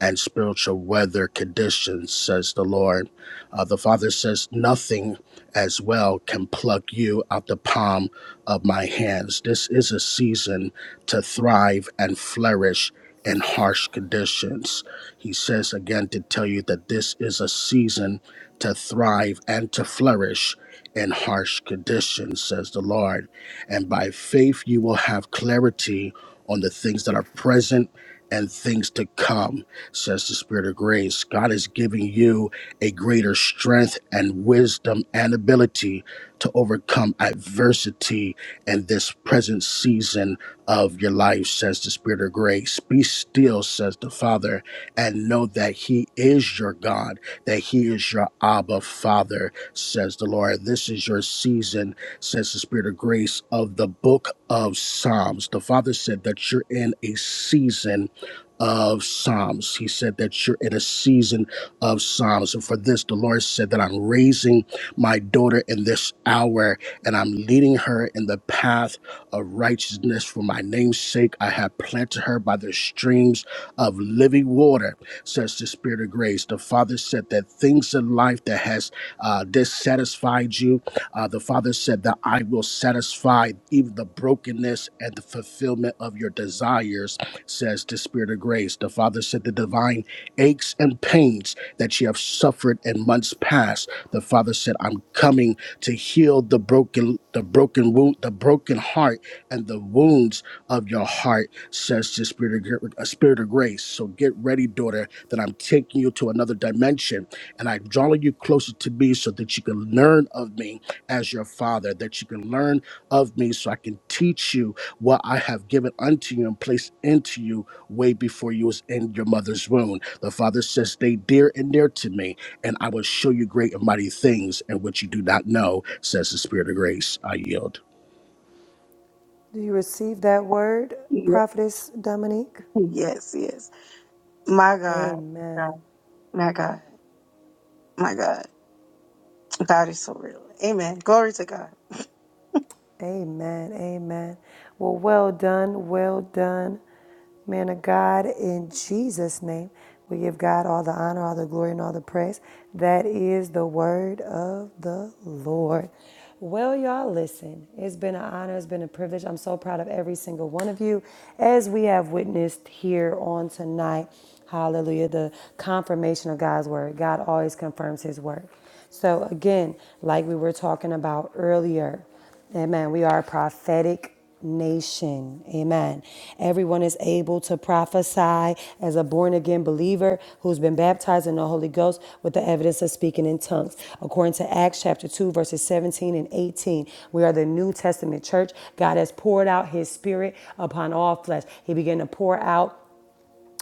Speaker 16: and spiritual weather conditions, says the Lord. Uh, the Father says, Nothing as well can pluck you out the palm of my hands. This is a season to thrive and flourish in harsh conditions. He says again to tell you that this is a season to thrive and to flourish in harsh conditions, says the Lord. And by faith, you will have clarity on the things that are present and things to come, says the Spirit of grace. God is giving you a greater strength and wisdom and ability to overcome adversity in this present season of your life, says the Spirit of grace. Be still, says the Father, and know that He is your God, that He is your Abba Father, says the Lord. This is your season says the Spirit of grace of the book of Psalms. The Father said that you're in a season of Psalms. He said that you're in a season of Psalms. And for this, the Lord said that I'm raising my daughter in this hour and I'm leading her in the path of righteousness for my name's sake. I have planted her by the streams of living water, says the Spirit of grace. The Father said that things in life that has uh, dissatisfied you, uh, the Father said that I will satisfy even the brokenness and the fulfillment of your desires, says the Spirit of grace. The Father said the divine aches and pains that you have suffered in months past. The Father said, I'm coming to heal the broken, the broken wound, the broken heart, and the wounds of your heart, says the Spirit of, gr- uh, Spirit of grace. So get ready, daughter, that I'm taking you to another dimension and I'm drawing you closer to me so that you can learn of me as your father, that you can learn of me so I can teach you what I have given unto you and placed into you way before you was in your mother's womb. The Father says, Stay dear and near to me, and I will show you great and mighty things and which you do not know, says the Spirit of grace. I yield.
Speaker 1: Do you receive that word,
Speaker 9: yes
Speaker 1: Prophetess Dominique?
Speaker 9: yes yes my God God
Speaker 1: Amen.
Speaker 9: my God My God. God is so real. Amen. Glory to God.
Speaker 1: Amen. Amen. Well, well done. Well done, man of God. In Jesus' name, we give God all the honor, all the glory, and all the praise. That is the word of the Lord. Well, y'all, listen, it's been an honor, it's been a privilege. I'm so proud of every single one of you as we have witnessed here on tonight. Hallelujah. The confirmation of God's word. God always confirms his word. So, again, like we were talking about earlier. Amen. We are a prophetic nation. Amen. Everyone is able to prophesy as a born again believer who's been baptized in the Holy Ghost with the evidence of speaking in tongues. According to Acts chapter 2, verses 17 and 18, we are the New Testament church. God has poured out his spirit upon all flesh. He began to pour out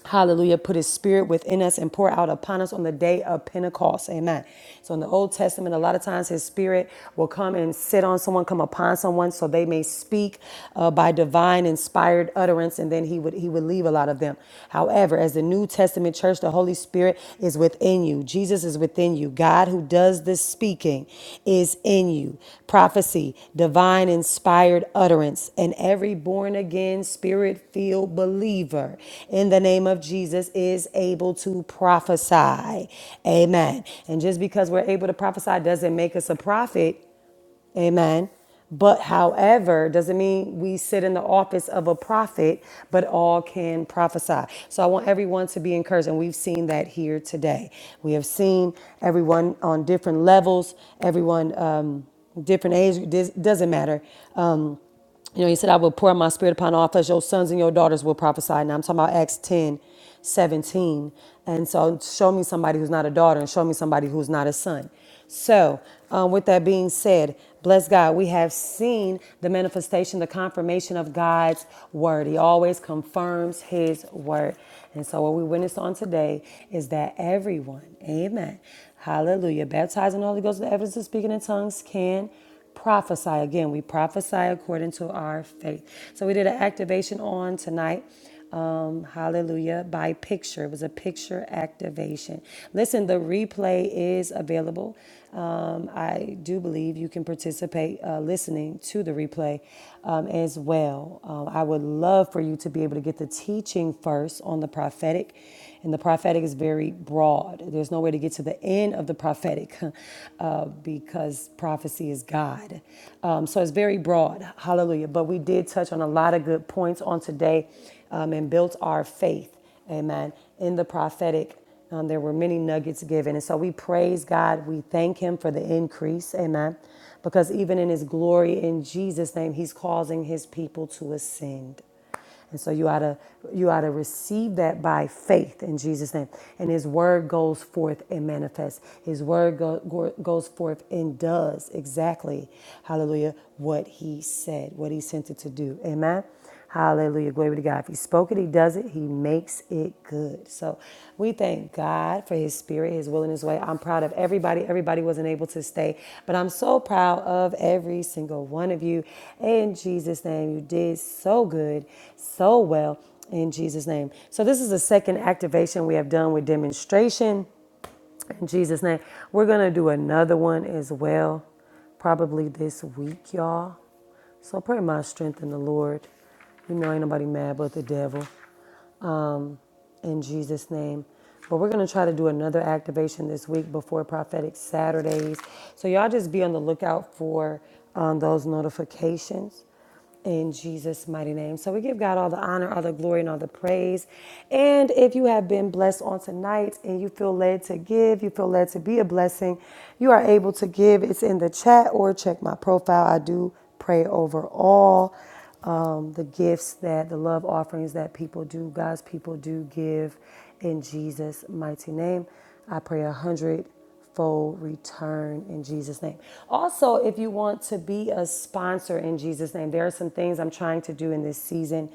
Speaker 1: Hallelujah. Put his spirit within us and pour out upon us on the day of Pentecost. Amen. So in the Old Testament, a lot of times his spirit will come and sit on someone, come upon someone, so they may speak uh, by divine inspired utterance, and then he would he would leave a lot of them. However, as the New Testament church, the Holy Spirit is within you. Jesus Jesus is within you. God, who does this speaking, is in you. Prophecy, divine inspired utterance, and every born again, spirit filled believer in the name of Jesus is able to prophesy. Amen. And just because we're able to prophesy doesn't make us a prophet. Amen. But however, doesn't mean we sit in the office of a prophet, but all can prophesy. So I want everyone to be encouraged. And we've seen that here today. We have seen everyone on different levels, everyone, um, different age, dis- doesn't matter you know, he said, I will pour my spirit upon all flesh. Your sons and your daughters will prophesy. Now I'm talking about Acts 10:17. And so show me somebody who's not a daughter and show me somebody who's not a son. So, um, with that being said, bless God, we have seen the manifestation, the confirmation of God's word. He always confirms his word. And so, what we witnessed on today is that everyone, amen, hallelujah, baptized in the Holy Ghost, with the evidence of speaking in tongues can prophesy. Again, we prophesy according to our faith. So we did an activation on tonight. Um, hallelujah by picture. It was a picture activation. Listen, the replay is available. Um, I do believe you can participate uh, listening to the replay um, as well. Um, I would love for you to be able to get the teaching first on the prophetic and the prophetic is very broad. There's no way to get to the end of the prophetic uh, because prophecy is God. Um, so it's very broad. Hallelujah. But we did touch on a lot of good points on today um, and built our faith. Amen. In the prophetic. Um, there were many nuggets given. And so we praise God. We thank Him for the increase. Amen. Because even in His glory, in Jesus' name, He's causing His people to ascend. And so you ought to you ought to receive that by faith in Jesus' name. And his word goes forth and manifests. His word go, go- goes forth and does exactly, hallelujah, what he said, what he sent it to do. Amen. Hallelujah. Glory to God. If he spoke it, he does it. He makes it good. So we thank God for his spirit, his will, and his way. I'm proud of everybody. Everybody wasn't able to stay, but I'm so proud of every single one of you. In Jesus' name, you did so good, so well. In Jesus' name. So, this is the second activation we have done with demonstration. In Jesus' name. We're going to do another one as well, probably this week, y'all. So, pray my strength in the Lord. You know, ain't nobody mad but the devil in Jesus' name. But we're going to try to do another activation this week before Prophetic Saturdays. So y'all just be on the lookout for um, those notifications in Jesus' mighty name. So we give God all the honor, all the glory, and all the praise. And if you have been blessed on tonight and you feel led to give, you feel led to be a blessing, you are able to give. It's in the chat or check my profile. I do pray over all um, the gifts that the love offerings that people do, God's people do give in Jesus' mighty name. I pray a hundredfold return in Jesus' name. Also, if you want to be a sponsor in Jesus' name, there are some things I'm trying to do in this season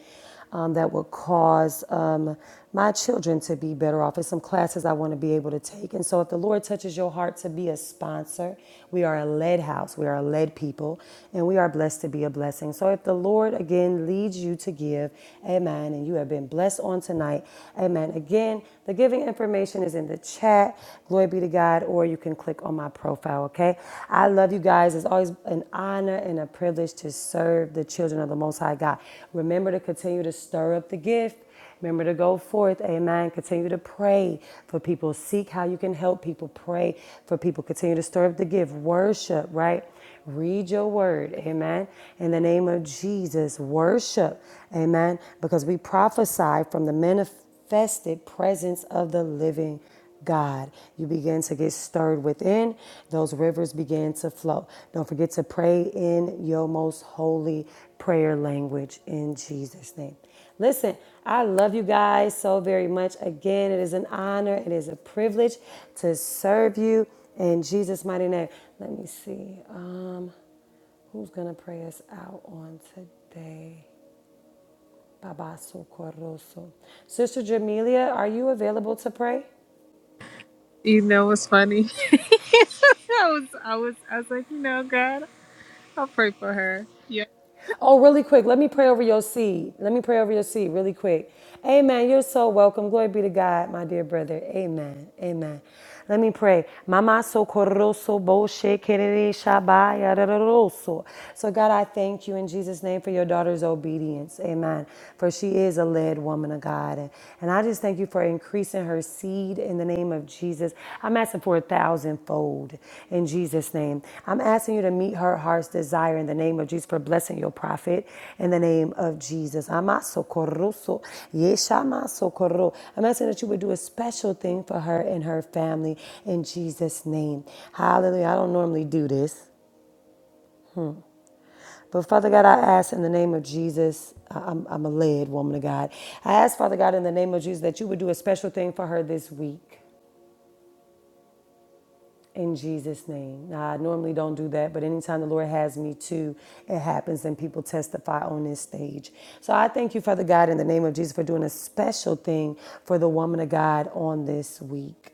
Speaker 1: um, that will cause um, my children to be better off. It's some classes I want to be able to take. And so, if the Lord touches your heart to be a sponsor, we are a led house, we are a led people, and we are blessed to be a blessing. So, if the Lord again leads you to give, amen, and you have been blessed on tonight, amen. Again, the giving information is in the chat. Glory be to God, or you can click on my profile, okay? okay? I love you guys. It's always an honor and a privilege to serve the children of the Most High God. Remember to continue to stir up the gift. Remember to go forth, amen. Continue to pray for people. Seek how you can help people. Pray for people. Continue to stir up the gift. Worship, right? Read your word, amen. In the name of Jesus, worship, amen. Because we prophesy from the manifested presence of the living God. You begin to get stirred within. Those rivers begin to flow. Don't forget to pray in your most holy prayer language in Jesus' name. Listen, I love you guys so very much. Again, it is an honor, it is a privilege to serve you in Jesus' mighty name. Let me see. Um, who's gonna pray us out on today? Babaso Coroso. Sister Jamelia, are you available to pray?
Speaker 15: You know what's funny? I was I was I was like, you know, God, I'll pray for her.
Speaker 1: Oh, really quick, let me pray over your seed. Let me pray over your seed really quick. Amen. You're so welcome. Glory be to God, my dear brother. Amen. Amen. Let me pray. Mama so koroso bo she kerere shaba yaroroso. So God, I thank you in Jesus' name for your daughter's obedience. Amen. For she is a led woman of God. And, and I just thank you for increasing increasing her seed in the name of Jesus. I'm asking for a thousandfold in Jesus' name. I'm asking you to meet her heart's desire in the name of Jesus for blessing your prophet in the name of Jesus. Amasokorroso, yeshamasokorro. I'm asking that you would do a special thing for her and her family in Jesus' name. Hallelujah. I don't normally do this. But Father God, I ask in the name of Jesus, I- I'm, I'm a led woman of God. I ask, Father God, in the name of Jesus, that you would do a special thing for her this week. In Jesus' name. Now, I normally don't do that, but anytime the Lord has me to, it happens and people testify on this stage. So I thank you, Father God, in the name of Jesus, for doing a special thing for the woman of God on this week.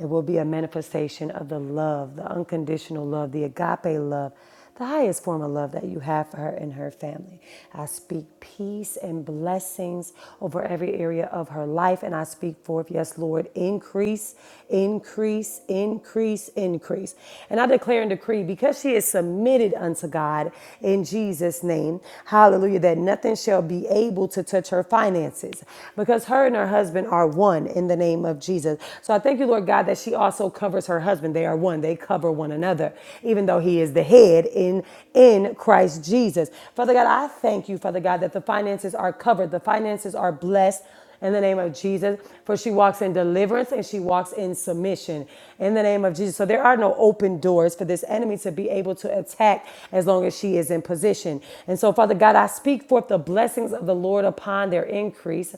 Speaker 1: It will be a manifestation of the love, the unconditional love, the agape love, the highest form of love that you have for her and her family. I speak peace and blessings over every area of her life, and I speak forth, yes, Lord, increase, increase, increase, increase. And I declare and decree because she is submitted unto God in Jesus' name, hallelujah, that nothing shall be able to touch her finances because her and her husband are one in the the name of Jesus. So I thank you, Lord God, that she also covers her husband. They are one. They cover one another, even though he is the head in in Christ Jesus. Father God, I thank you, Father God, that the finances are covered. The finances are blessed in the name of Jesus. For she walks in deliverance and she walks in submission in the name of Jesus. So there are no open doors for this enemy to be able to attack as long as she is in position. And so, Father God, I speak forth the blessings of the Lord upon their increase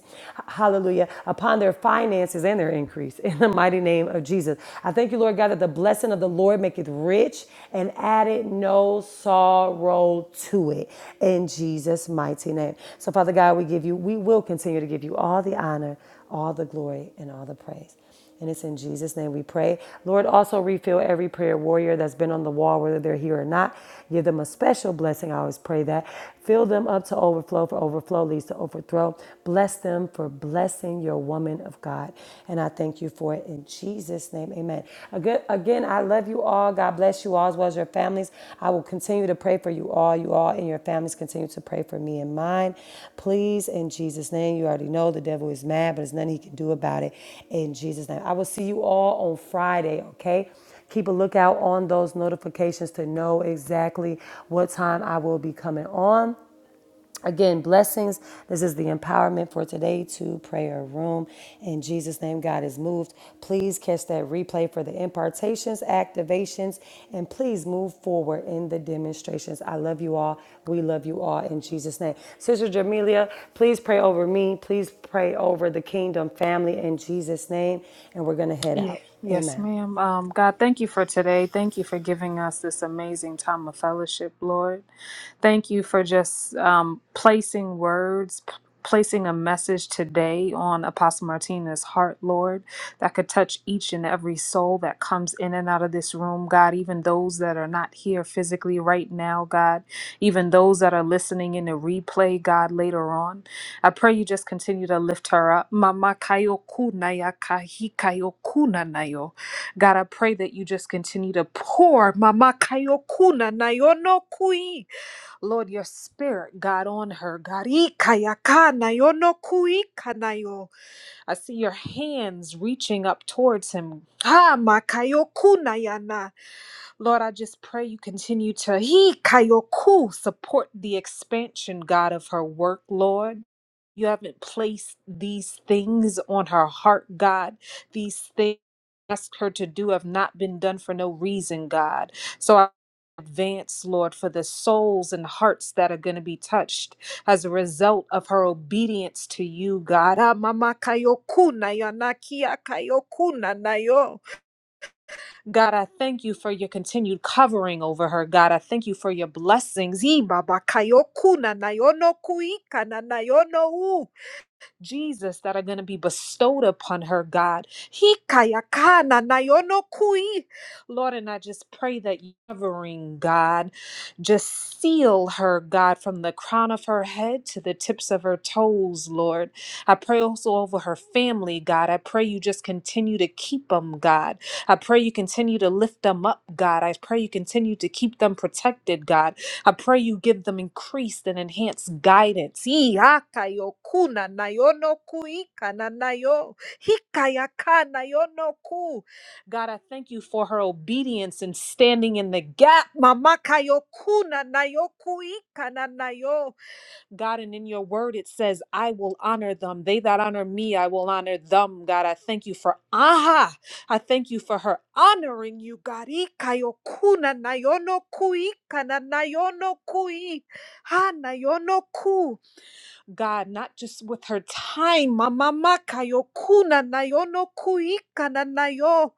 Speaker 1: hallelujah, upon their finances and their increase in the mighty name of Jesus. I thank you, Lord God, that the blessing of the Lord maketh rich and added no sorrow to it in Jesus' mighty name. So, Father God, we give you, we will continue to give you all the honor, all the glory, and all the praise. And it's in Jesus' name we pray. Lord, also refill every prayer warrior that's been on the wall, whether they're here or not. Give them a special blessing. I always pray that. Fill them up to overflow, for overflow leads to overthrow. Bless them for blessing your woman of God. And I thank you for it in Jesus' name. Amen. Again, again I love you all. God bless you you all as well as your families. I will continue to pray for you all. You all and your families continue to pray for me and mine. Please, in Jesus' name, you already know the devil is mad, but there's nothing he can do about it. In Jesus' name. I will see you all on Friday, okay? Keep a lookout on those notifications to know exactly what time I will be coming on. Again, blessings. This is the empowerment for today to prayer room. In Jesus' name, God is moved. Please catch that replay for the impartations, activations, and please move forward in the demonstrations. I love you all. We love you all in Jesus' name. Sister Jamelia, please pray over me. Please pray over the kingdom family in Jesus' name. And we're going to head
Speaker 15: Yeah.
Speaker 1: out.
Speaker 15: Yes,
Speaker 1: Amen.
Speaker 15: ma'am. Um, God, thank you for today. Thank you for giving us this amazing time of fellowship, Lord. Thank you for just um, placing words, p- placing a message today on Apostle Martina's heart, Lord, that could touch each and every soul that comes in and out of this room, God, even those that are not here physically right now, God, even those that are listening in the replay, God, later on. I pray you just continue to lift her up. Mama kayokuna ya kahi kayokuna nayo. God, I pray that you just continue to pour Mama kayokuna nayo no kui. Lord, your spirit, God, on her. God, i kayaka nayo no kui kanayo. I see your hands reaching up towards him. Ha makayokuna yana. Lord, I just pray you continue to he kayoku support the expansion, God, of her work, Lord. You haven't placed these things on her heart, God. These things you ask her to do have not been done for no reason, God. So I advance, Lord, for the souls and hearts that are going to be touched as a result of her obedience to you, God. Ah, mama kayoku na yo, na kia kayoku na na yo. God, I thank you for your continued covering over her. God, I thank you for your blessings. Ee, Baba, kayoku na nayono kuika na nayono u. Jesus, that are going to be bestowed upon her, God. Hikayakana nayonokui. Lord, and I just pray that you covering, God, just seal her, God, from the crown of her head to the tips of her toes, Lord. I pray also over her family, God. I pray you just continue to keep them, God. I pray you continue to lift them up, God. I pray you continue to keep them protected, God. I pray you give them increased and enhanced guidance. Ee, hakayo kuna na yono God, I thank you for her obedience and standing in the gap. Mama kayo kuna na God, and in your word it says, I will honor them. They that honor me, I will honor them. God, I thank you for aha. I thank you for her honoring you, God. Ikayokuna kuna na yono kui kana na kui. Ha na yono ku. God, not just with her time, mama makayo kuna na yono kui kana na yo.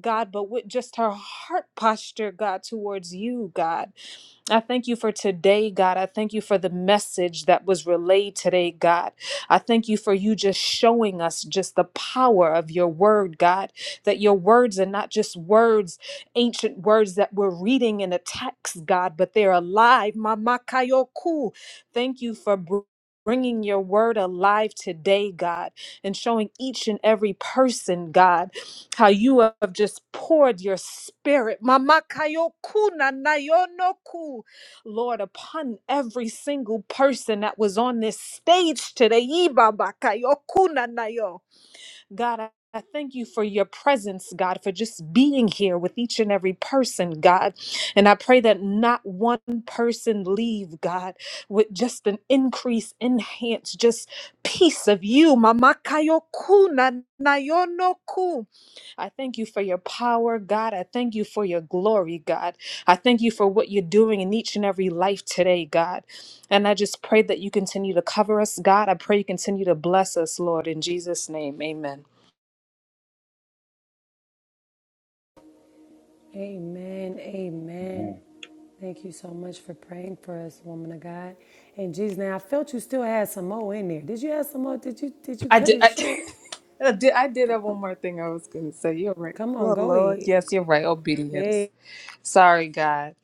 Speaker 15: God, but with just her heart posture, God, towards you, God. I thank you for today, God. I thank you for the message that was relayed today, God. I thank you for you just showing us just the power of your word, God, that your words are not just words, ancient words that we're reading in a text, God, but they're alive. Mama Kayoku. Thank you for. br- Bringing your word alive today, God, and showing each and every person, God how you have just poured your spirit, Mama Kayoku Lord, upon every single person that was on this stage today. Iba ba God, I I thank you for your presence, God, for just being here with each and every person, God. And I pray that not one person leave, God, with just an increase, enhance, just peace of you. Mamakayoku na- nayonoku. I thank you for your power, God. I thank you for your glory, God. I thank you for what you're doing in each and every life today, God. And I just pray that you continue to cover us, God. I pray you continue to bless us, Lord. In Jesus' name, amen.
Speaker 1: Amen.
Speaker 4: is.
Speaker 1: Amen.
Speaker 4: Amen.
Speaker 1: Thank you so much for praying for us, woman of God. And Jesus, now I felt you still had some more in there. Did you have some more? Did you did you
Speaker 15: I
Speaker 1: cut
Speaker 15: did.
Speaker 1: it
Speaker 15: I
Speaker 1: short?
Speaker 15: did. I did I did have one more thing I was gonna say. You're right.
Speaker 1: Come
Speaker 15: Oh
Speaker 1: on, go
Speaker 15: Lord,
Speaker 1: ahead.
Speaker 15: yes, you're right. Obedience.
Speaker 1: Hey,
Speaker 15: Sorry, God.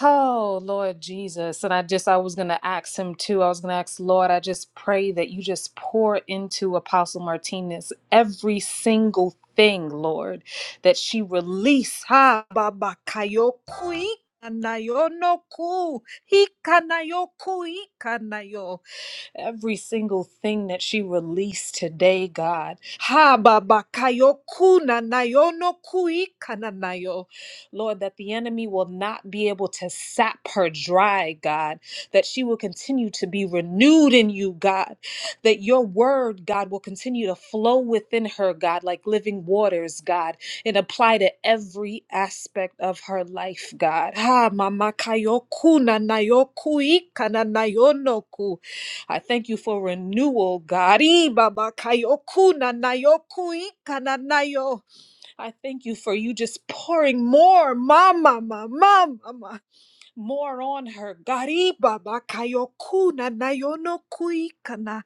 Speaker 15: Oh Lord Jesus, and I just I was gonna ask him too. I was gonna ask Lord. I just pray that you just pour into Apostle Martinez every single thing, Lord, that she release. Ha baba kayokui. Kanayo no ku, hikanayo kui every single thing that she released today, God. Ha baba kuna nayo no kui nayo. Lord, that the enemy will not be able to sap her dry, God, that she will continue to be renewed in you, God, that your word, God, will continue to flow within her, God, like living waters, God, and apply to every aspect of her life, God. Ha mama kayo kuna nayo kui kana nayo no I thank you for renewal, God. Ee, Baba, kayoku na Nayoku yoku ika na na I thank you for you just pouring more, mama, mama, mama, more on her. God, ee, Baba, kayoku na na no ku ika na.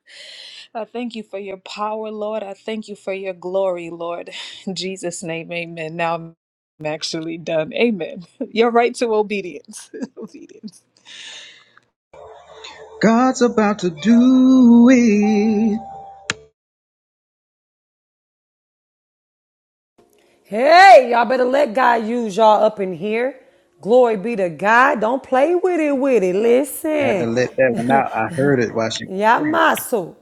Speaker 15: I thank you for your power, Lord. I thank you for your glory, Lord. In Jesus' name, amen. Now I'm actually done. Amen. Your right to obedience. obedience.
Speaker 1: hey, y'all better let God use y'all up in here. Glory be to God. Don't play with it, with it. Listen, Yamaso.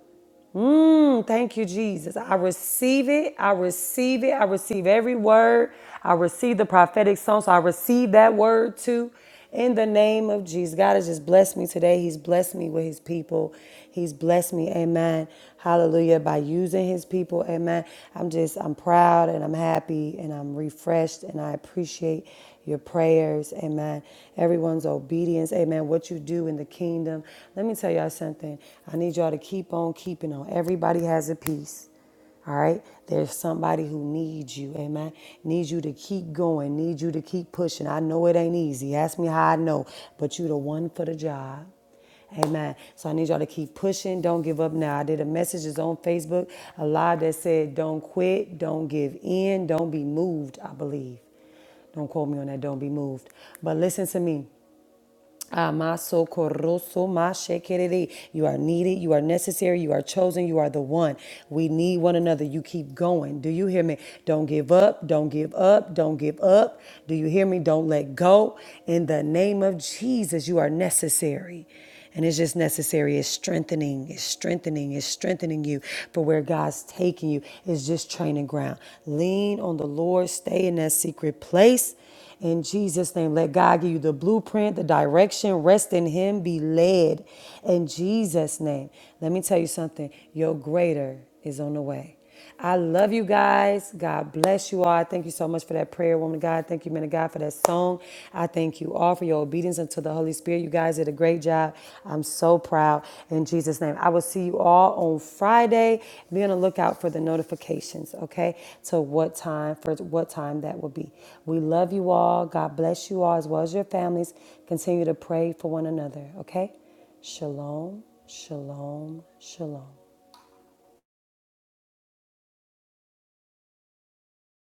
Speaker 1: Mm, thank you, Jesus. I receive it. I receive it. I receive every word. I receive the prophetic song. So I receive that word too. In the name of Jesus. God has just blessed me today. He's blessed me with his people. He's blessed me. Amen. Hallelujah. By using his people. Amen. I'm just, I'm proud and I'm happy and I'm refreshed and I appreciate your prayers, amen. Everyone's obedience, amen. What you do in the kingdom. Let me tell y'all something. I need y'all to keep on keeping on. Everybody has a piece. All right. There's somebody who needs you. Amen. Needs you to keep going. Needs you to keep pushing. I know it ain't easy. Ask me how I know. But you the one for the job. Amen. So I need y'all to keep pushing. Don't give up now. I did a message it's on Facebook, a live that said, Don't quit, don't give in, don't be moved, I believe. Don't quote me on that. Don't be moved. But listen to me. Amaso corroso mashekerere. You are needed. You are necessary. You are chosen. You are the one. We need one another. You keep going. Do you hear me? Don't give up. Don't give up. Don't give up. Do you hear me? Don't let go. In the name of Jesus, you are necessary. And it's just necessary. It's strengthening, it's strengthening, it's strengthening you for where God's taking you. It's just training ground. Lean on the Lord, stay in that secret place. In Jesus' name, let God give you the blueprint, the direction. Rest in Him, be led. In Jesus' name. Let me tell you something your greater is on the way. I love you guys. God bless you all. I thank you so much for that prayer, woman of God. Thank you, man of God, for that song. I thank you all for your obedience unto the Holy Spirit. You guys, it is did a great job. I'm so proud. In Jesus' name, I will see you all on Friday. Be on the lookout for the notifications, okay? To what time, for what time that will be. We love you all. God bless you all as well as your families. Continue to pray for one another, okay? Shalom, shalom, shalom.